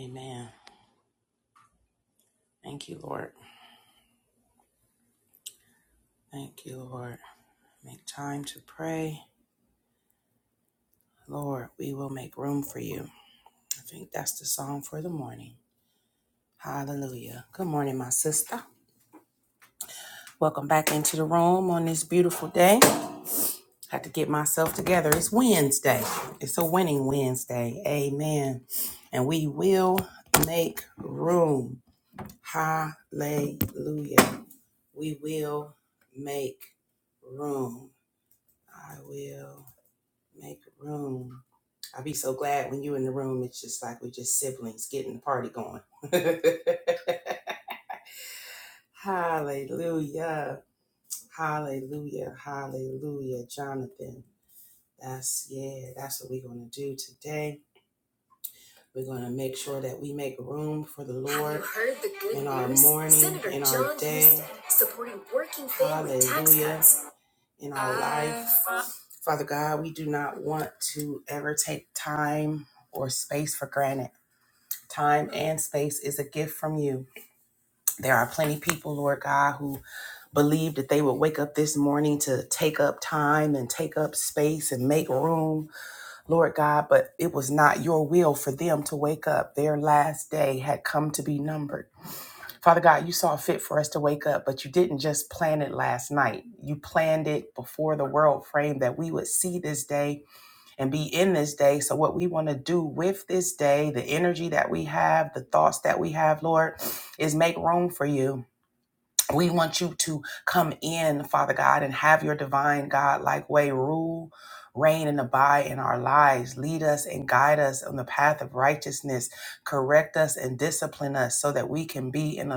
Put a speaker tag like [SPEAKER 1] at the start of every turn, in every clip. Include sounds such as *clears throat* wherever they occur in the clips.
[SPEAKER 1] Amen. Thank you, Lord. Thank you, Lord. Make time to pray. Lord, we will make room for you. I think that's the song for the morning. Hallelujah. Good morning, my sister. Welcome back into the room on this beautiful day. Had to get myself together. It's Wednesday. It's a winning Wednesday. Amen. And we will make room. Hallelujah. We will make room. I will. Make room. I'll be so glad when you in the room. It's just like we are just siblings getting the party going. *laughs* hallelujah. Hallelujah. Hallelujah. Jonathan. That's yeah, that's what we're gonna do today. We're gonna make sure that we make room for the Lord in our morning, in our day. supporting working family tax Hallelujah. in our life. Father God, we do not want to ever take time or space for granted. Time and space is a gift from you. There are plenty people, Lord God, who believe that they would wake up this morning to take up time and take up space and make room Lord God, but it was not your will for them to wake up. Their last day had come to be numbered. Father God, you saw fit for us to wake up, but you didn't just plan it last night. You planned it before the world framed that we would see this day and be in this day. So, what we want to do with this day, the energy that we have, the thoughts that we have, Lord, is make room for you we want you to come in, Father God, and have your divine God like way rule, reign, and abide in our lives. Lead us and guide us on the path of righteousness. Correct us and discipline us so that we can be in a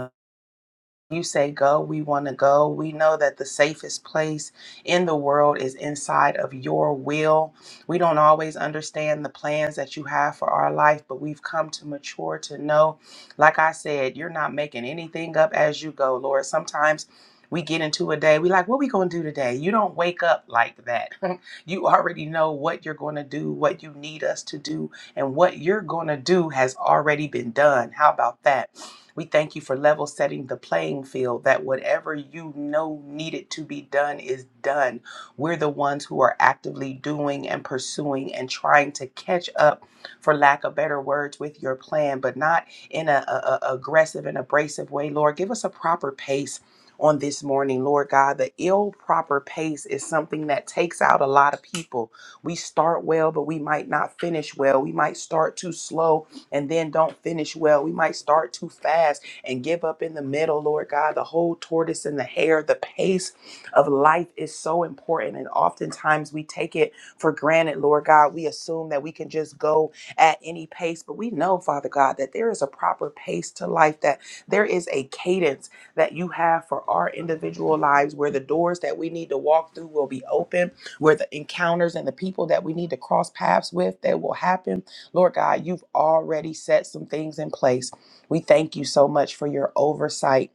[SPEAKER 1] you say go, we want to go. We know that the safest place in the world is inside of your will. We don't always understand the plans that you have for our life, but we've come to mature to know, like I said, you're not making anything up as you go, Lord. Sometimes we get into a day, we like, what we going to do today? You don't wake up like that. *laughs* you already know what you're going to do, what you need us to do, and what you're going to do has already been done. How about that? We thank you for level setting the playing field that whatever you know needed to be done is done. We're the ones who are actively doing and pursuing and trying to catch up, for lack of better words, with your plan, but not in a, a- a- aggressive and abrasive way. Lord, give us a proper pace on this morning, Lord God. The ill proper pace is something that takes out a lot of people. We start well, but we might not finish well. We might start too slow and then don't finish well. We might start too fast and give up in the middle, Lord God. The whole tortoise and the hare, the pace of life is so important. And oftentimes we take it for granted, Lord God. We assume that we can just go at any pace, but we know, Father God, that there is a proper pace to life, that there is a cadence that you have for our individual lives where the doors that we need to walk through will be open, where the encounters and the people that we need to cross paths with that will happen Lord God, you've already set some things in place. We thank you so much for your oversight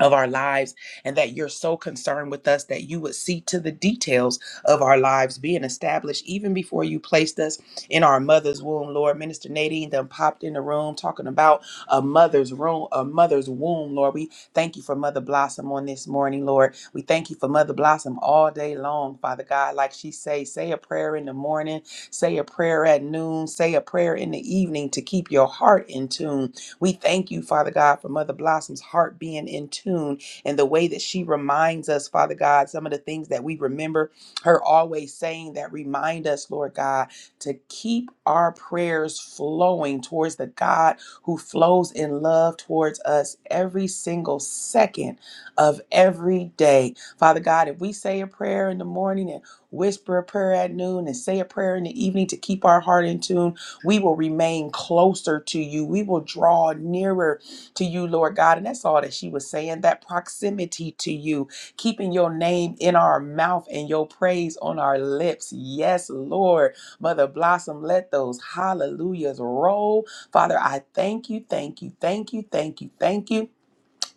[SPEAKER 1] of our lives and that you're so concerned with us that you would see to the details of our lives being established even before you placed us in our mother's womb lord minister nadine then popped in the room talking about a mother's room a mother's womb lord we thank you for mother blossom on this morning lord we thank you for mother blossom all day long father god like she say say a prayer in the morning say a prayer at noon say a prayer in the evening to keep your heart in tune we thank you, Father God, for Mother Blossom's heart being in tune and the way that she reminds us, Father God, some of the things that we remember her always saying that remind us, Lord God, to keep our prayers flowing towards the God who flows in love towards us every single second of every day. Father God, if we say a prayer in the morning and whisper a prayer at noon and say a prayer in the evening to keep our heart in tune, we will remain closer to you. We will draw nearer to you, Lord God. And that's all that she was saying that proximity to you, keeping your name in our mouth and your praise on our lips. Yes, Lord. Mother Blossom, let those hallelujahs roll. Father, I thank you, thank you, thank you, thank you, thank you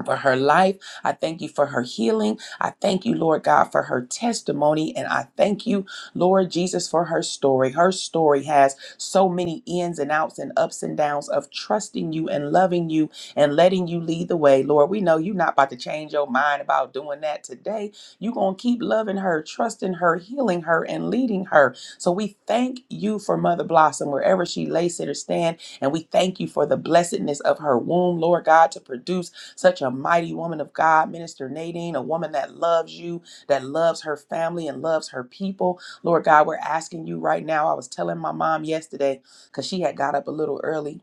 [SPEAKER 1] for her life. I thank you for her healing. I thank you, Lord God, for her testimony. And I thank you, Lord Jesus, for her story. Her story has so many ins and outs and ups and downs of trusting you and loving you and letting you lead the way. Lord, we know you're not about to change your mind about doing that today. You're going to keep loving her, trusting her, healing her, and leading her. So we thank you for Mother Blossom, wherever she lay, sit, or stand. And we thank you for the blessedness of her womb, Lord God, to produce such a mighty woman of God, Minister Nadine, a woman that loves you, that loves her family and loves her people. Lord God, we're asking you right now. I was telling my mom yesterday because she had got up a little early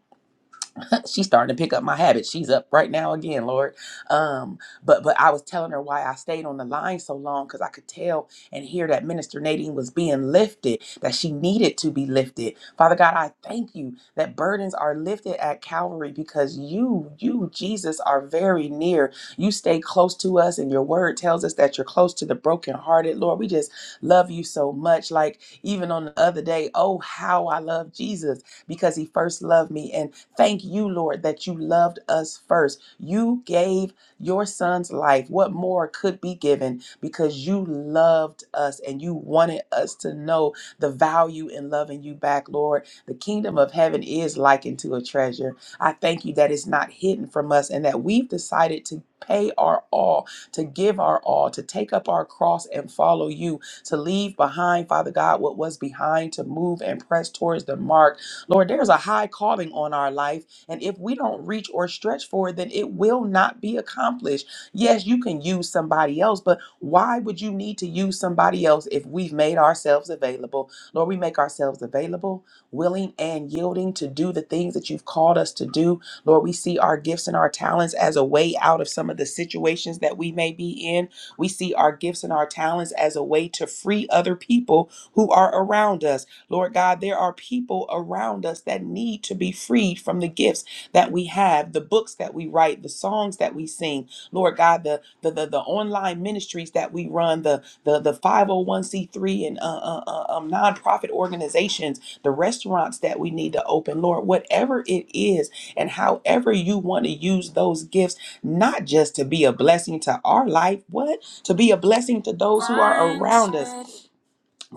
[SPEAKER 1] *laughs* she's starting to pick up my habits. She's up right now again, Lord. Um, but but I was telling her why I stayed on the line so long because I could tell and hear that Minister Nadine was being lifted, that she needed to be lifted. Father God, I thank you that burdens are lifted at Calvary because you, you, Jesus, are very near. You stay close to us, and your word tells us that you're close to the brokenhearted. Lord, we just love you so much. Like even on the other day, oh how I love Jesus because he first loved me. And thank you, Lord, that you loved us first. You gave your son's life. What more could be given because you loved us and you wanted us to know the value in loving you back, Lord? The kingdom of heaven is likened to a treasure. I thank you that it's not hidden from us and that we've decided to pay our all, to give our all, to take up our cross and follow you, to leave behind, Father God, what was behind, to move and press towards the mark Lord, there's a high calling on our life. And if we don't reach or stretch for it, then it will not be accomplished. Yes, you can use somebody else, but why would you need to use somebody else if we've made ourselves available? Lord, we make ourselves available, willing and yielding to do the things that you've called us to do. Lord, we see our gifts and our talents as a way out of some of the situations that we may be in. We see our gifts and our talents as a way to free other people who are around us. Lord God, there are people around us that need to be freed from the gifts that we have, the books that we write, the songs that we sing, Lord God, the the the, the online ministries that we run, the the the 501c3 and uh, uh, uh, um, nonprofit organizations, the restaurants that we need to open, Lord, whatever it is, and however you want to use those gifts, not just to be a blessing to our life, what to be a blessing to those who are around us,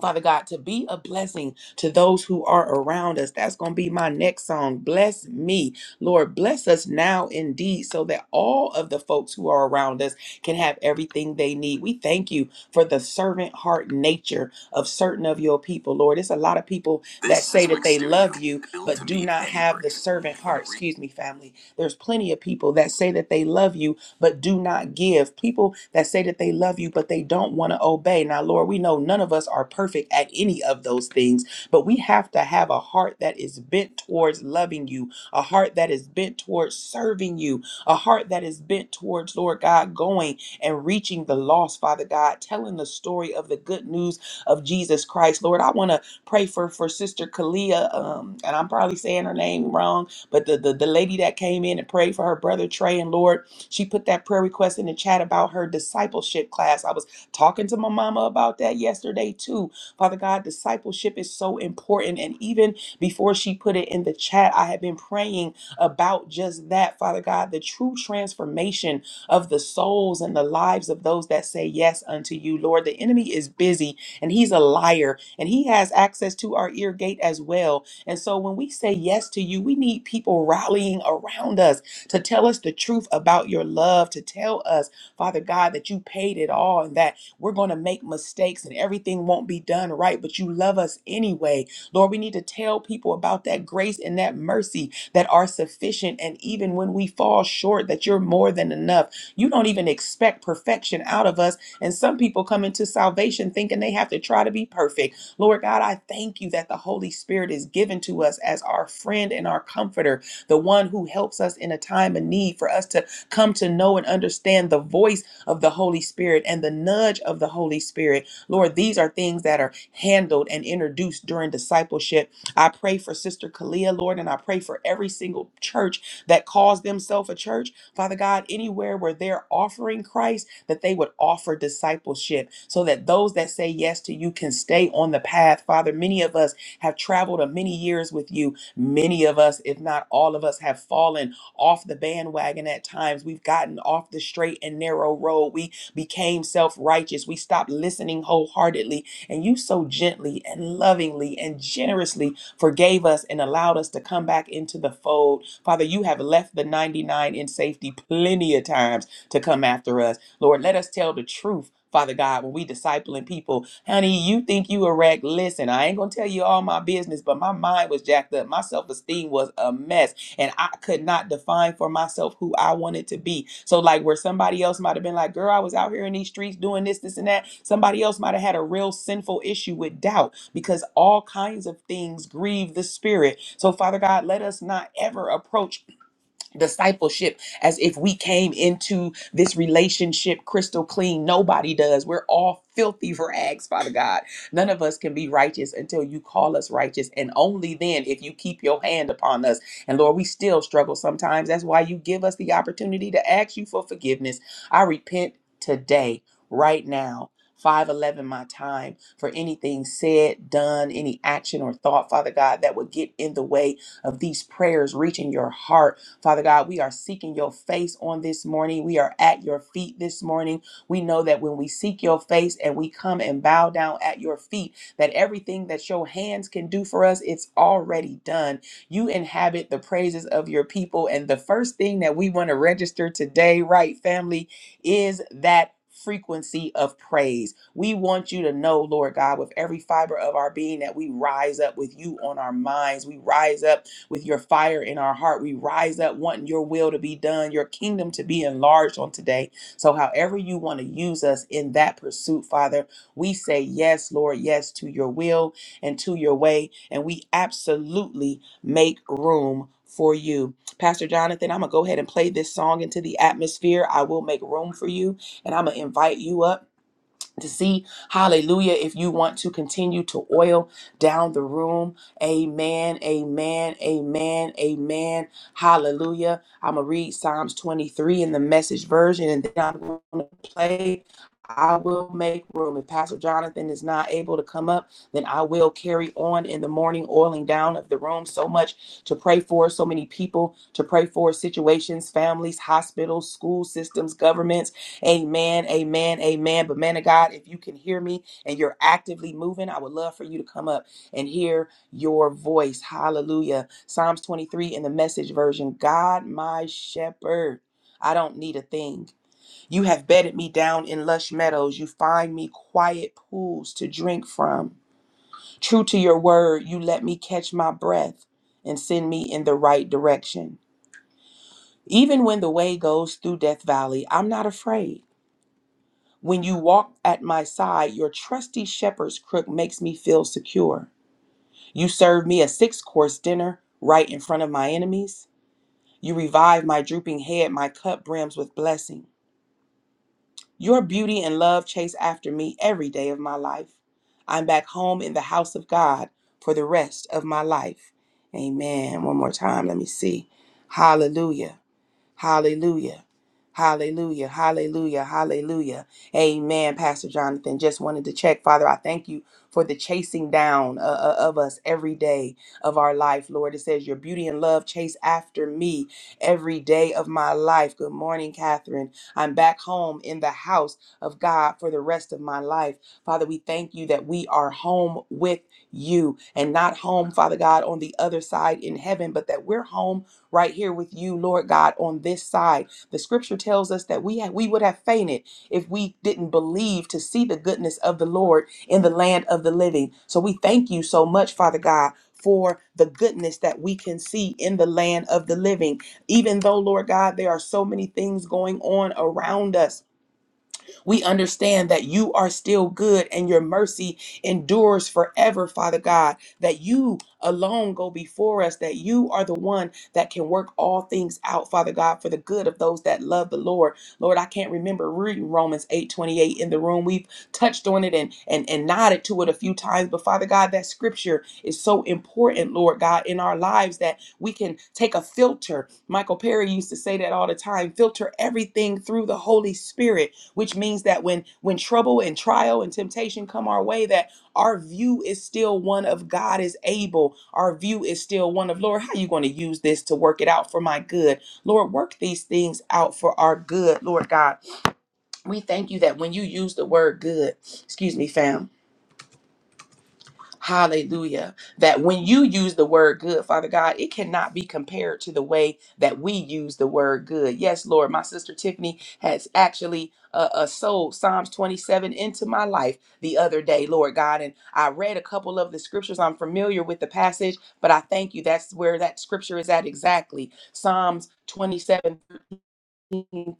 [SPEAKER 1] Father God, to be a blessing to those who are around us. That's going to be my next song. Bless me. Lord, bless us now indeed so that all of the folks who are around us can have everything they need. We thank you for the servant heart nature of certain of your people, Lord. It's a lot of people that This say is that they stereo, love Studio, you, built but to do meet not have the Amber's servant heart. Excuse me, family. There's plenty of people that say that they love you, but do not give. People that say that they love you, but they don't want to obey. Now, Lord, we know none of us are perfect at any of those things, but we have to have a heart that is bent towards loving you, a heart that is bent towards serving you, a heart that is bent towards, Lord God, going and reaching the lost, Father God, telling the story of the good news of Jesus Christ. Lord, I want to pray for for Sister Kalia, um, and I'm probably saying her name wrong, but the, the the lady that came in and prayed for her brother Trey and Lord. She put that prayer request in the chat about her discipleship class. I was talking to my mama about that yesterday too. Father God, discipleship is so important. And even before she put it in the chat, I had been praying about just that, Father God, the true transformation of the souls and the lives of those that say yes unto you, Lord. The enemy is busy and he's a liar and he has access to our ear gate as well. And so when we say yes to you, we need people rallying around us to tell us the truth about your love, to tell us, Father God, that you paid it all and that we're going to make mistakes and everything won't be done right, but you love us anyway. Lord, we need to tell people about that grace and that mercy that are sufficient. And even when we fall short, that you're more than enough. You don't even expect perfection out of us. And some people come into salvation thinking they have to try to be perfect. Lord God, I thank you that the Holy Spirit is given to us as our friend and our comforter the one who helps us in a time of need, for us to come to know and understand the voice of the Holy Spirit and the nudge of the Holy Spirit. Lord, these are things that are handled and introduced during discipleship. I pray for Sister Kalia, Lord, and I pray for every single church that calls themselves a church. Father God, anywhere where they're offering Christ, that they would offer discipleship so that those that say yes to you can stay on the path. Father, many of us have traveled a many years with you Many of us, if not all of us, have fallen off the bandwagon at times. We've gotten off the straight and narrow road. We became self righteous. We stopped listening wholeheartedly. And you so gently and lovingly and generously forgave us and allowed us to come back into the fold. Father, you have left the 99 in safety plenty of times to come after us. Lord, let us tell the truth Father God, when we discipling people, honey, you think you a wreck. Listen, I ain't gonna tell you all my business, but my mind was jacked up. My self-esteem was a mess. And I could not define for myself who I wanted to be. So, like where somebody else might have been like, girl, I was out here in these streets doing this, this, and that. Somebody else might have had a real sinful issue with doubt because all kinds of things grieve the spirit. So, Father God, let us not ever approach discipleship as if we came into this relationship crystal clean. Nobody does. We're all filthy *laughs* rags, Father God. None of us can be righteous until you call us righteous. And only then if you keep your hand upon us. And Lord, we still struggle sometimes. That's why you give us the opportunity to ask you for forgiveness. I repent today, right now. 511 my time for anything said, done, any action or thought, Father God, that would get in the way of these prayers reaching your heart Father God, we are seeking your face on this morning. We are at your feet this morning. We know that when we seek your face and we come and bow down at your feet, that everything that your hands can do for us, it's already done. You inhabit the praises of your people. And the first thing that we want to register today, right, family, is that. Frequency of praise. We want you to know, Lord God, with every fiber of our being, that we rise up with you on our minds. We rise up with your fire in our heart. We rise up wanting your will to be done, your kingdom to be enlarged on today. So, however you want to use us in that pursuit, Father, we say yes, Lord, yes to your will and to your way. And we absolutely make room for you. Pastor Jonathan, I'm going to go ahead and play this song into the atmosphere. I will make room for you and I'm going to invite you up to see. Hallelujah. If you want to continue to oil down the room, amen, amen, amen, amen. Hallelujah. I'm going to read Psalms 23 in the message version and then I'm going to play. I will make room. If Pastor Jonathan is not able to come up, then I will carry on in the morning oiling down of the room. So much to pray for, so many people to pray for, situations, families, hospitals, school systems, governments Amen, amen, amen. But man of God, if you can hear me and you're actively moving, I would love for you to come up and hear your voice. Hallelujah. Psalms 23 in the message version God, my shepherd. I don't need a thing. You have bedded me down in lush meadows. You find me quiet pools to drink from. True to your word, you let me catch my breath and send me in the right direction. Even when the way goes through Death Valley, I'm not afraid. When you walk at my side, your trusty shepherd's crook makes me feel secure. You serve me a six course dinner right in front of my enemies. You revive my drooping head, my cup brims with blessing. Your beauty and love chase after me every day of my life. I'm back home in the house of God for the rest of my life. Amen. One more time, let me see. Hallelujah. Hallelujah. Hallelujah. Hallelujah. Hallelujah. Amen, Pastor Jonathan. Just wanted to check, Father, I thank you for the chasing down uh, uh, of us every day of our life, Lord. It says, Your beauty and love chase after me every day of my life. Good morning, Catherine. I'm back home in the house of God for the rest of my life. Father, we thank you that we are home with you and not home, Father God, on the other side in heaven, but that we're home right here with you, Lord God, on this side. The scripture tells us that we ha- we would have fainted if we didn't believe to see the goodness of the Lord in the land of the living. So we thank you so much, Father God, for the goodness that we can see in the land of the living. Even though, Lord God, there are so many things going on around us, we understand that you are still good and your mercy endures forever, Father God, that you alone go before us, that you are the one that can work all things out, Father God, for the good of those that love the Lord. Lord, I can't remember reading Romans 8 28 in the room. We've touched on it and, and, and nodded to it a few times, but Father God, that scripture is so important, Lord God, in our lives that we can take a filter. Michael Perry used to say that all the time filter everything through the Holy Spirit which means that when when trouble and trial and temptation come our way that our view is still one of god is able our view is still one of lord how are you going to use this to work it out for my good lord work these things out for our good lord god we thank you that when you use the word good excuse me fam Hallelujah. That when you use the word good, Father God, it cannot be compared to the way that we use the word good. Yes, Lord, my sister Tiffany has actually uh, uh, sold Psalms 27 into my life the other day, Lord God. And I read a couple of the scriptures. I'm familiar with the passage, but I thank you. That's where that scripture is at exactly. Psalms 27 through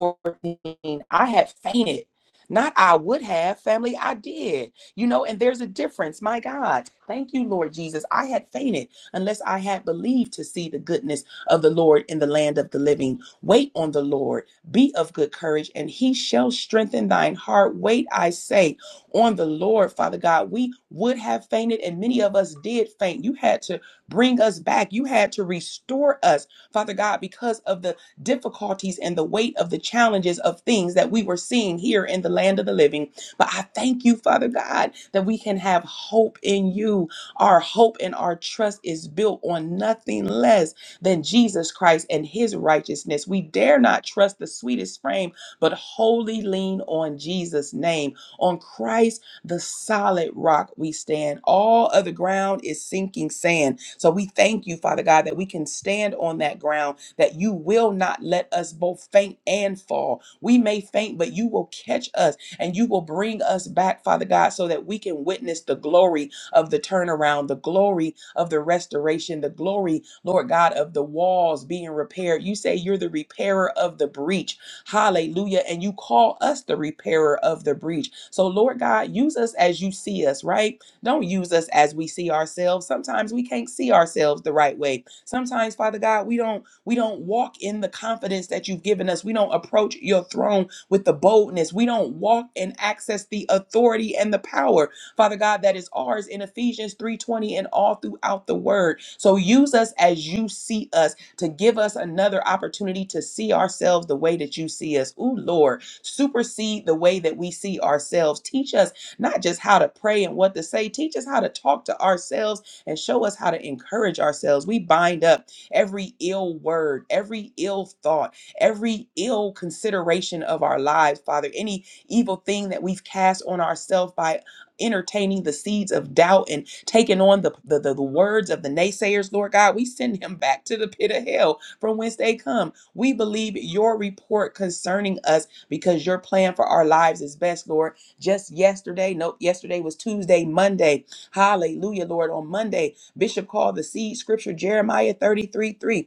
[SPEAKER 1] 14, I had fainted. Not I would have, family, I did. You know, and there's a difference. My God, thank you, Lord Jesus. I had fainted unless I had believed to see the goodness of the Lord in the land of the living. Wait on the Lord, be of good courage, and he shall strengthen thine heart. Wait, I say, on the Lord, Father God. We would have fainted, and many of us did faint. You had to bring us back, you had to restore us, Father God, because of the difficulties and the weight of the challenges of things that we were seeing here in the land of the living. But I thank you, Father God, that we can have hope in you. Our hope and our trust is built on nothing less than Jesus Christ and his righteousness. We dare not trust the sweetest frame, but wholly lean on Jesus' name, on Christ the solid rock we stand. All other ground is sinking sand. So we thank you, Father God, that we can stand on that ground, that you will not let us both faint and fall. We may faint, but you will catch us and you will bring us back, Father God, so that we can witness the glory of the turnaround, the glory of the restoration, the glory, Lord God, of the walls being repaired. You say you're the repairer of the breach. Hallelujah. And you call us the repairer of the breach. So, Lord God, use us as you see us, right? Don't use us as we see ourselves. Sometimes we can't see ourselves the right way. Sometimes, Father God, we don't we don't walk in the confidence that you've given us. We don't approach your throne with the boldness. We don't walk and access the authority and the power Father God, that is ours in Ephesians 3:20 and all throughout the word. So use us as you see us to give us another opportunity to see ourselves the way that you see us. Ooh, Lord, supersede the way that we see ourselves. Teach us not just how to pray and what to say, teach us how to talk to ourselves and show us how to encourage ourselves. We bind up every ill word, every ill thought, every ill consideration of our lives, Father, any evil thing that we've cast on ourselves by entertaining the seeds of doubt and taking on the, the, the, the words of the naysayers, Lord God. We send him back to the pit of hell from whence they come. We believe your report concerning us because your plan for our lives is best, Lord. Just yesterday, nope, yesterday was Tuesday, Monday. Hallelujah, Lord. On Monday, Bishop called the seed scripture Jeremiah 33 3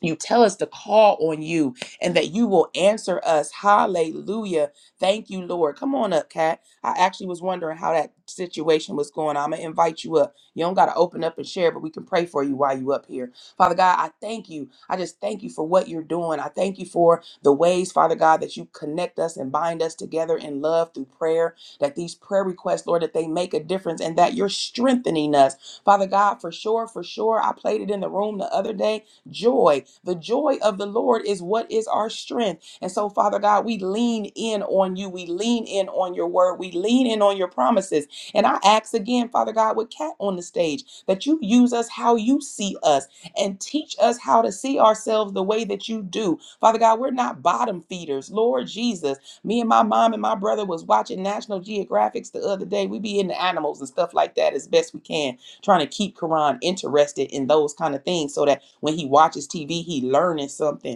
[SPEAKER 1] you tell us to call on you and that you will answer us. Hallelujah. Thank you, Lord. Come on up, Kat. I actually was wondering how that situation was going. I'm going to invite you up. You don't got to open up and share, but we can pray for you while you up here. Father God, I thank you. I just thank you for what you're doing. I thank you for the ways, Father God, that you connect us and bind us together in love through prayer, that these prayer requests, Lord, that they make a difference and that you're strengthening us. Father God, for sure, for sure, I played it in the room the other day joy. The joy of the Lord is what is our strength. And so, Father God, we lean in on you. We lean in on your word. We lean in on your promises. And I ask again, Father God, with Kat on the stage, that you use us how you see us and teach us how to see ourselves the way that you do. Father God, we're not bottom feeders. Lord Jesus, me and my mom and my brother was watching National Geographics the other day. We be in the animals and stuff like that as best we can, trying to keep Quran interested in those kind of things so that when he watches TV, he learning something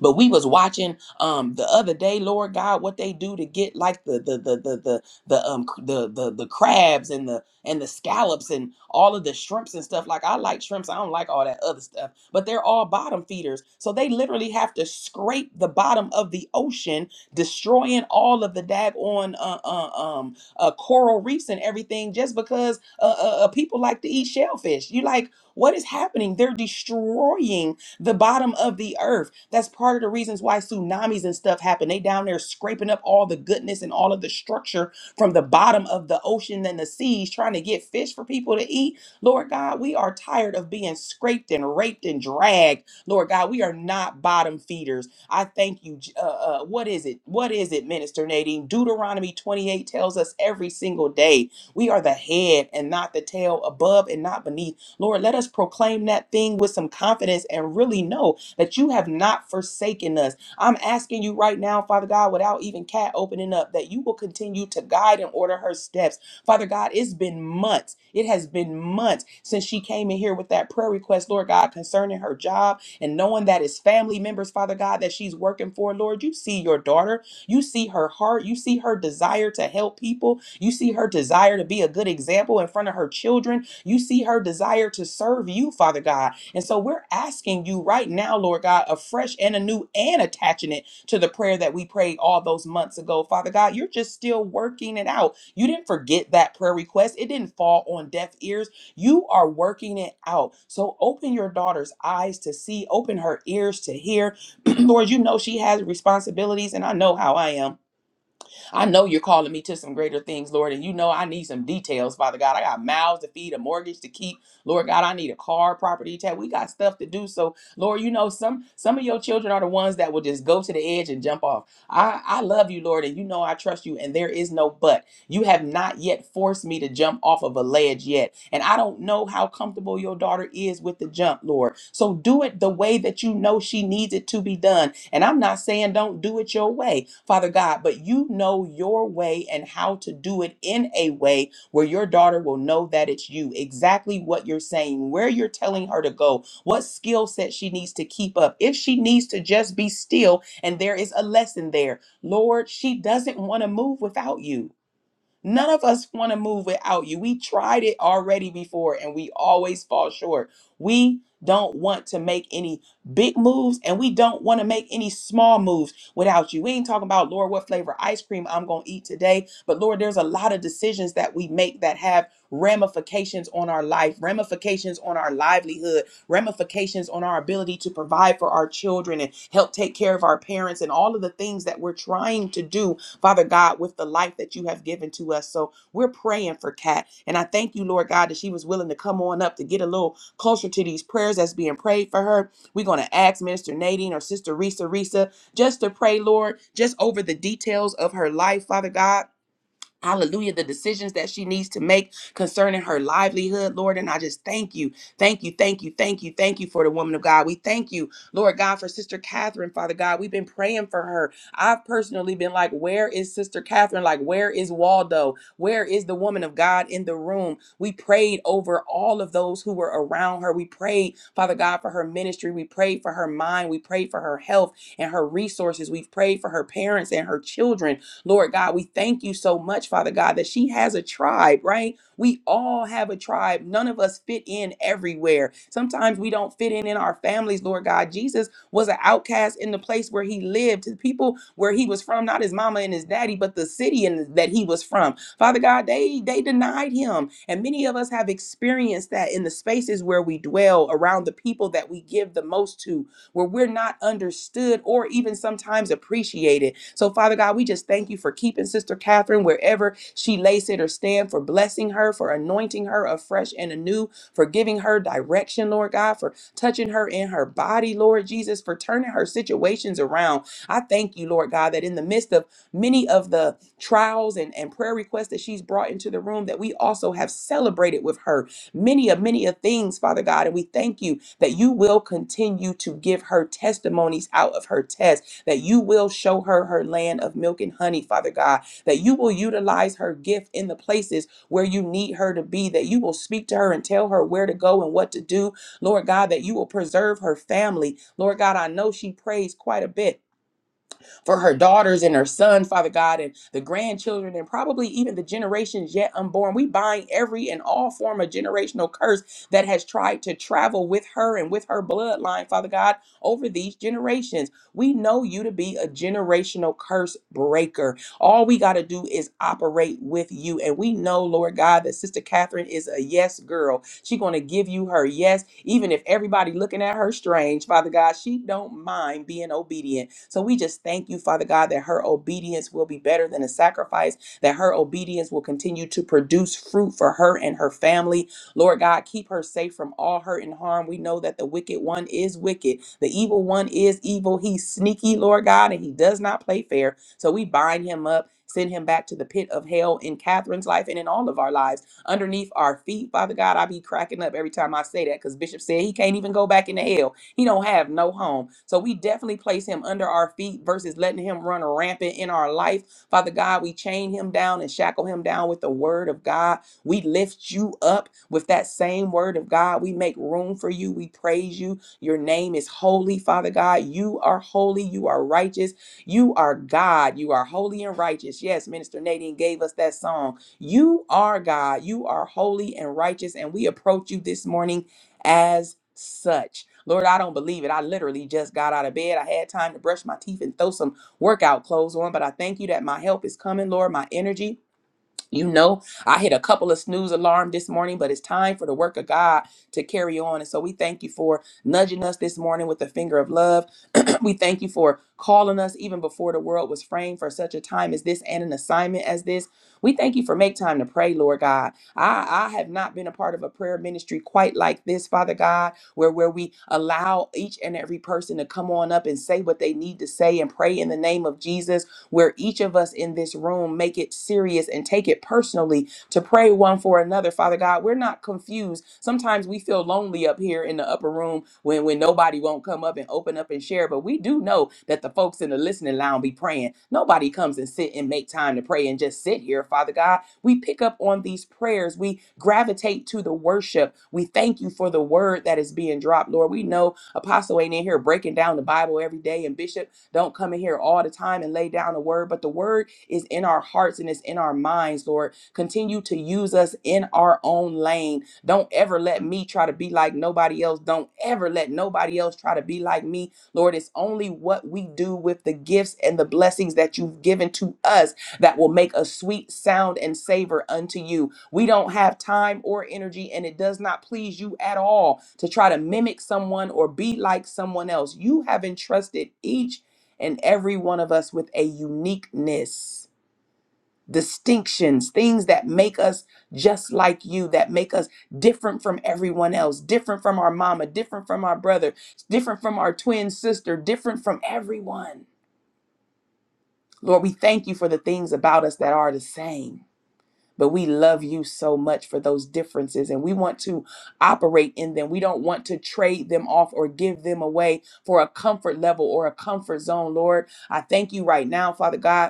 [SPEAKER 1] but we was watching um the other day, Lord God, what they do to get like the the the the the the um c- the the, the crabs and the and the scallops and all of the shrimps and stuff. Like I like shrimps, I don't like all that other stuff. But they're all bottom feeders, so they literally have to scrape the bottom of the ocean, destroying all of the daggone uh, uh, um uh, coral reefs and everything, just because uh, uh, uh, people like to eat shellfish. You like what is happening? They're destroying the bottom of the earth. That's part of the reasons why tsunamis and stuff happen. They down there scraping up all the goodness and all of the structure from the bottom of the ocean and the seas, trying to get fish for people to eat. Lord God, we are tired of being scraped and raped and dragged. Lord God, we are not bottom feeders. I thank you. J- Uh, uh, what is it? What is it, Minister Nadine? Deuteronomy 28 tells us every single day we are the head and not the tail, above and not beneath Lord, let us proclaim that thing with some confidence and really know that you have not forsaken us. I'm asking you right now, Father God, without even Kat opening up, that you will continue to guide and order her steps. Father God, it's been months. It has been months since she came in here with that prayer request, Lord God, concerning her job and knowing that it's family members, Father God, that she's working for. Lord, you see your daughter. You see her heart. You see her desire to help people. You see her desire to be a good example in front of her children. You see her desire to serve you, Father God. And so we're asking you right now, Lord God, a fresh and a new and attaching it to the prayer that we prayed all those months ago. Father God, you're just still working it out. You didn't forget that prayer request, it didn't fall on deaf ears. You are working it out. So open your daughter's eyes to see, open her ears to hear. *clears throat* Lord, you know she has responsibilities, and I know how I am. I know you're calling me to some greater things, Lord, and you know I need some details, Father God. I got mouths to feed, a mortgage to keep. Lord God, I need a car, property tax. We got stuff to do. So, Lord, you know some some of your children are the ones that will just go to the edge and jump off. I I love you, Lord, and you know I trust you and there is no but. You have not yet forced me to jump off of a ledge yet, and I don't know how comfortable your daughter is with the jump, Lord. So do it the way that you know she needs it to be done and I'm not saying don't do it your way, Father God, but you know your way and how to do it in a way where your daughter will know that it's you, exactly what you're saying, where you're telling her to go, what skill set she needs to keep up, if she needs to just be still and there is a lesson there. Lord, she doesn't want to move without you. None of us want to move without you. We tried it already before and we always fall short. We don't want to make any big moves and we don't want to make any small moves without you. We ain't talking about, Lord, what flavor ice cream I'm going to eat today. But Lord, there's a lot of decisions that we make that have ramifications on our life, ramifications on our livelihood, ramifications on our ability to provide for our children and help take care of our parents and all of the things that we're trying to do Father God, with the life that you have given to us. So we're praying for Kat. And I thank you, Lord God, that she was willing to come on up to get a little closer to these prayers that's being prayed for her. We're going to ask Minister Nadine or Sister Risa Risa just to pray, Lord, just over the details of her life, Father God Hallelujah. The decisions that she needs to make concerning her livelihood, Lord. And I just thank you. Thank you. Thank you. Thank you. Thank you for the woman of God. We thank you, Lord God, for Sister Catherine, Father God. We've been praying for her. I've personally been like, where is Sister Catherine? Like, where is Waldo? Where is the woman of God in the room? We prayed over all of those who were around her. We prayed, Father God, for her ministry. We prayed for her mind. We prayed for her health and her resources. We've prayed for her parents and her children. Lord God, we thank you so much, Father God, that she has a tribe, right? We all have a tribe. None of us fit in everywhere. Sometimes we don't fit in in our families, Lord God. Jesus was an outcast in the place where he lived, to the people where he was from, not his mama and his daddy, but the city in, that he was from. Father God, they they denied him. And many of us have experienced that in the spaces where we dwell, around the people that we give the most to, where we're not understood or even sometimes appreciated. So, Father God, we just thank you for keeping Sister Catherine wherever she lays it or stand, for blessing her, for anointing her afresh and anew, for giving her direction, Lord God, for touching her in her body, Lord Jesus, for turning her situations around. I thank you, Lord God, that in the midst of many of the trials and, and prayer requests that she's brought into the room, that we also have celebrated with her many of many of things, Father God. And we thank you that you will continue to give her testimonies out of her test, that you will show her her land of milk and honey, Father God, that you will utilize her gift in the places where you need her to be, that you will speak to her and tell her where to go and what to do, Lord God, that you will preserve her family. Lord God, I know she prays quite a bit for her daughters and her son, Father God, and the grandchildren, and probably even the generations yet unborn. We bind every and all form of generational curse that has tried to travel with her and with her bloodline, Father God, over these generations. We know you to be a generational curse breaker. All we got to do is operate with you. And we know, Lord God, that Sister Catherine is a yes girl. She's going to give you her yes, even if everybody looking at her strange. Father God, she don't mind being obedient. So we just thank you, Father God, that her obedience will be better than a sacrifice, that her obedience will continue to produce fruit for her and her family. Lord God, keep her safe from all hurt and harm. We know that the wicked one is wicked. The evil one is evil. He's sneaky, Lord God, and he does not play fair. So we bind him up, send him back to the pit of hell in Catherine's life and in all of our lives underneath our feet. Father God, I be cracking up every time I say that because Bishop said he can't even go back into hell. He don't have no home. So we definitely place him under our feet versus letting him run rampant in our life. Father God, we chain him down and shackle him down with the word of God. We lift you up with that same word of God. We make room for you. We praise you. Your name is holy, Father God. You are holy. You are righteous. You are God. You are holy and righteous. Yes, Minister Nadine gave us that song. You are God. You are holy and righteous. And we approach you this morning as such. Lord, I don't believe it. I literally just got out of bed. I had time to brush my teeth and throw some workout clothes on, but I thank you that my help is coming, Lord, my energy. You know, I hit a couple of snooze alarm this morning, but it's time for the work of God to carry on. And so we thank you for nudging us this morning with the finger of love *clears throat* we thank you for calling us even before the world was framed for such a time as this and an assignment as this. We thank you for make time to pray, Lord God. I, I have not been a part of a prayer ministry quite like this, Father God, where, where we allow each and every person to come on up and say what they need to say and pray in the name of Jesus, where each of us in this room make it serious and take it personally to pray one for another. Father God, we're not confused. Sometimes we feel lonely up here in the upper room when, when nobody won't come up and open up and share. But we do know that the folks in the listening lounge be praying. Nobody comes and sit and make time to pray and just sit here, Father God. We pick up on these prayers. We gravitate to the worship. We thank you for the word that is being dropped, Lord. We know Apostle ain't in here breaking down the Bible every day, and Bishop don't come in here all the time and lay down a word, but the word is in our hearts and it's in our minds, Lord. Continue to use us in our own lane. Don't ever let me try to be like nobody else. Don't ever let nobody else try to be like me. Lord, it's only what we do with the gifts and the blessings that you've given to us that will make a sweet sound and savor unto you. We don't have time or energy, and it does not please you at all to try to mimic someone or be like someone else. You have entrusted each and every one of us with a uniqueness distinctions, things that make us just like you, that make us different from everyone else, different from our mama, different from our brother, different from our twin sister, different from everyone. Lord, we thank you for the things about us that are the same. But we love you so much for those differences and we want to operate in them. We don't want to trade them off or give them away for a comfort level or a comfort zone, Lord. I thank you right now, Father God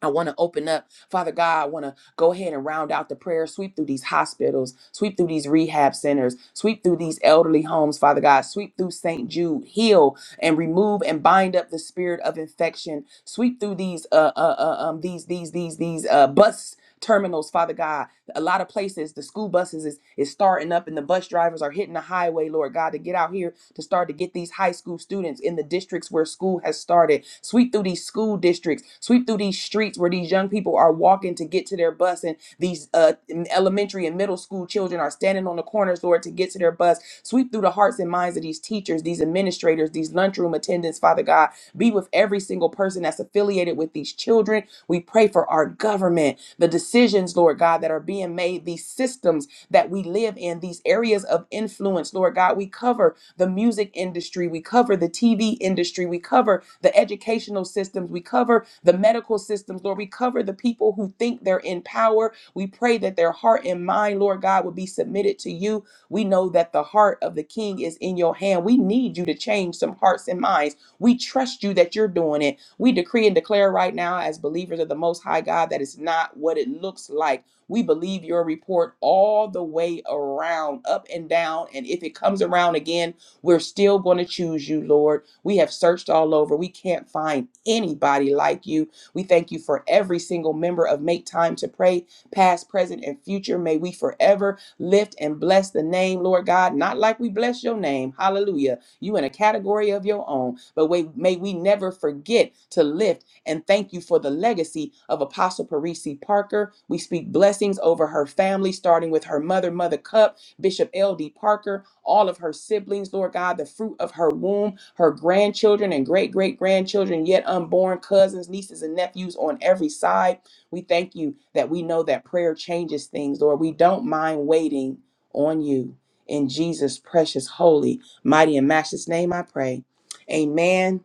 [SPEAKER 1] I want to open up, Father God. I want to go ahead and round out the prayer, sweep through these hospitals, sweep through these rehab centers, sweep through these elderly homes, Father God, sweep through St. Jude, heal and remove and bind up the spirit of infection, sweep through these, uh, uh, uh um, these, these, these, these, uh, bus terminals, Father God. A lot of places, the school buses is, is starting up and the bus drivers are hitting the highway, Lord God, to get out here to start to get these high school students in the districts where school has started. Sweep through these school districts, sweep through these streets where these young people are walking to get to their bus, and these uh, elementary and middle school children are standing on the corners, Lord, to get to their bus. Sweep through the hearts and minds of these teachers, these administrators, these lunchroom attendants, Father God. Be with every single person that's affiliated with these children. We pray for our government, the decisions, Lord God, that are being made, these systems that we live in, these areas of influence, Lord God. We cover the music industry, we cover the TV industry, we cover the educational systems, we cover the medical systems, Lord. We cover the people who think they're in power. We pray that their heart and mind, Lord God, would be submitted to you. We know that the heart of the king is in your hand. We need you to change some hearts and minds. We trust you that you're doing it. We decree and declare right now, as believers of the Most High God, that it's not what it looks like. We believe your report all the way around, up and down. And if it comes around again, we're still going to choose you, Lord. We have searched all over. We can't find anybody like you. We thank you for every single member of Make Time to Pray, past, present, and future. May we forever lift and bless the name, Lord God, not like we bless your name. Hallelujah. You in a category of your own, but we, may we never forget to lift and thank you for the legacy of Apostle Parisi Parker. We speak blessings over her family, starting with her mother, Mother Cup, Bishop L.D. Parker, all of her siblings, Lord God, the fruit of her womb, her grandchildren and great great grandchildren, yet unborn cousins, nieces, and nephews on every side. We thank you that we know that prayer changes things, Lord. We don't mind waiting on you. In Jesus' precious, holy, mighty, and matchless name, I pray. Amen.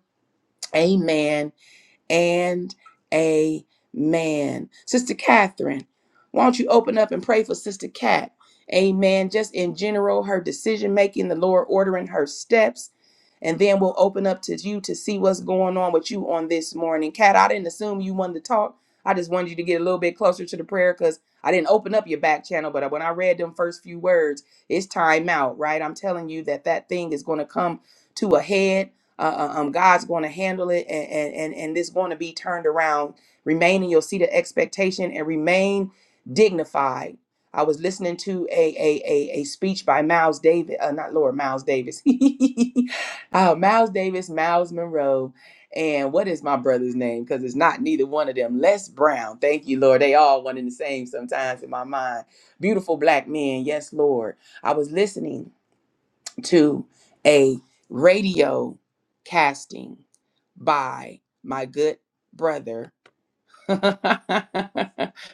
[SPEAKER 1] Amen and amen. Sister Catherine, why don't you open up and pray for Sister Cat? Amen. Just in general, her decision making, the Lord ordering her steps and then we'll open up to you to see what's going on with you on this morning. Kat, I didn't assume you wanted to talk. I just wanted you to get a little bit closer to the prayer because I didn't open up your back channel. But when I read them first few words, it's time out, right? I'm telling you that that thing is going to come to a head. Uh, uh, um, God's going to handle it, and and and, and this going to be turned around. Remain in your seat of expectation and remain dignified. I was listening to a a a, a speech by Miles Davis, uh, not Lord Miles Davis. *laughs* Oh, Miles Davis, Miles Monroe, and what is my brother's name? Because it's not neither one of them. Les Brown. Thank you, Lord. They all one and the same sometimes in my mind. Beautiful black men. Yes, Lord. I was listening to a radio casting by my good brother, *laughs*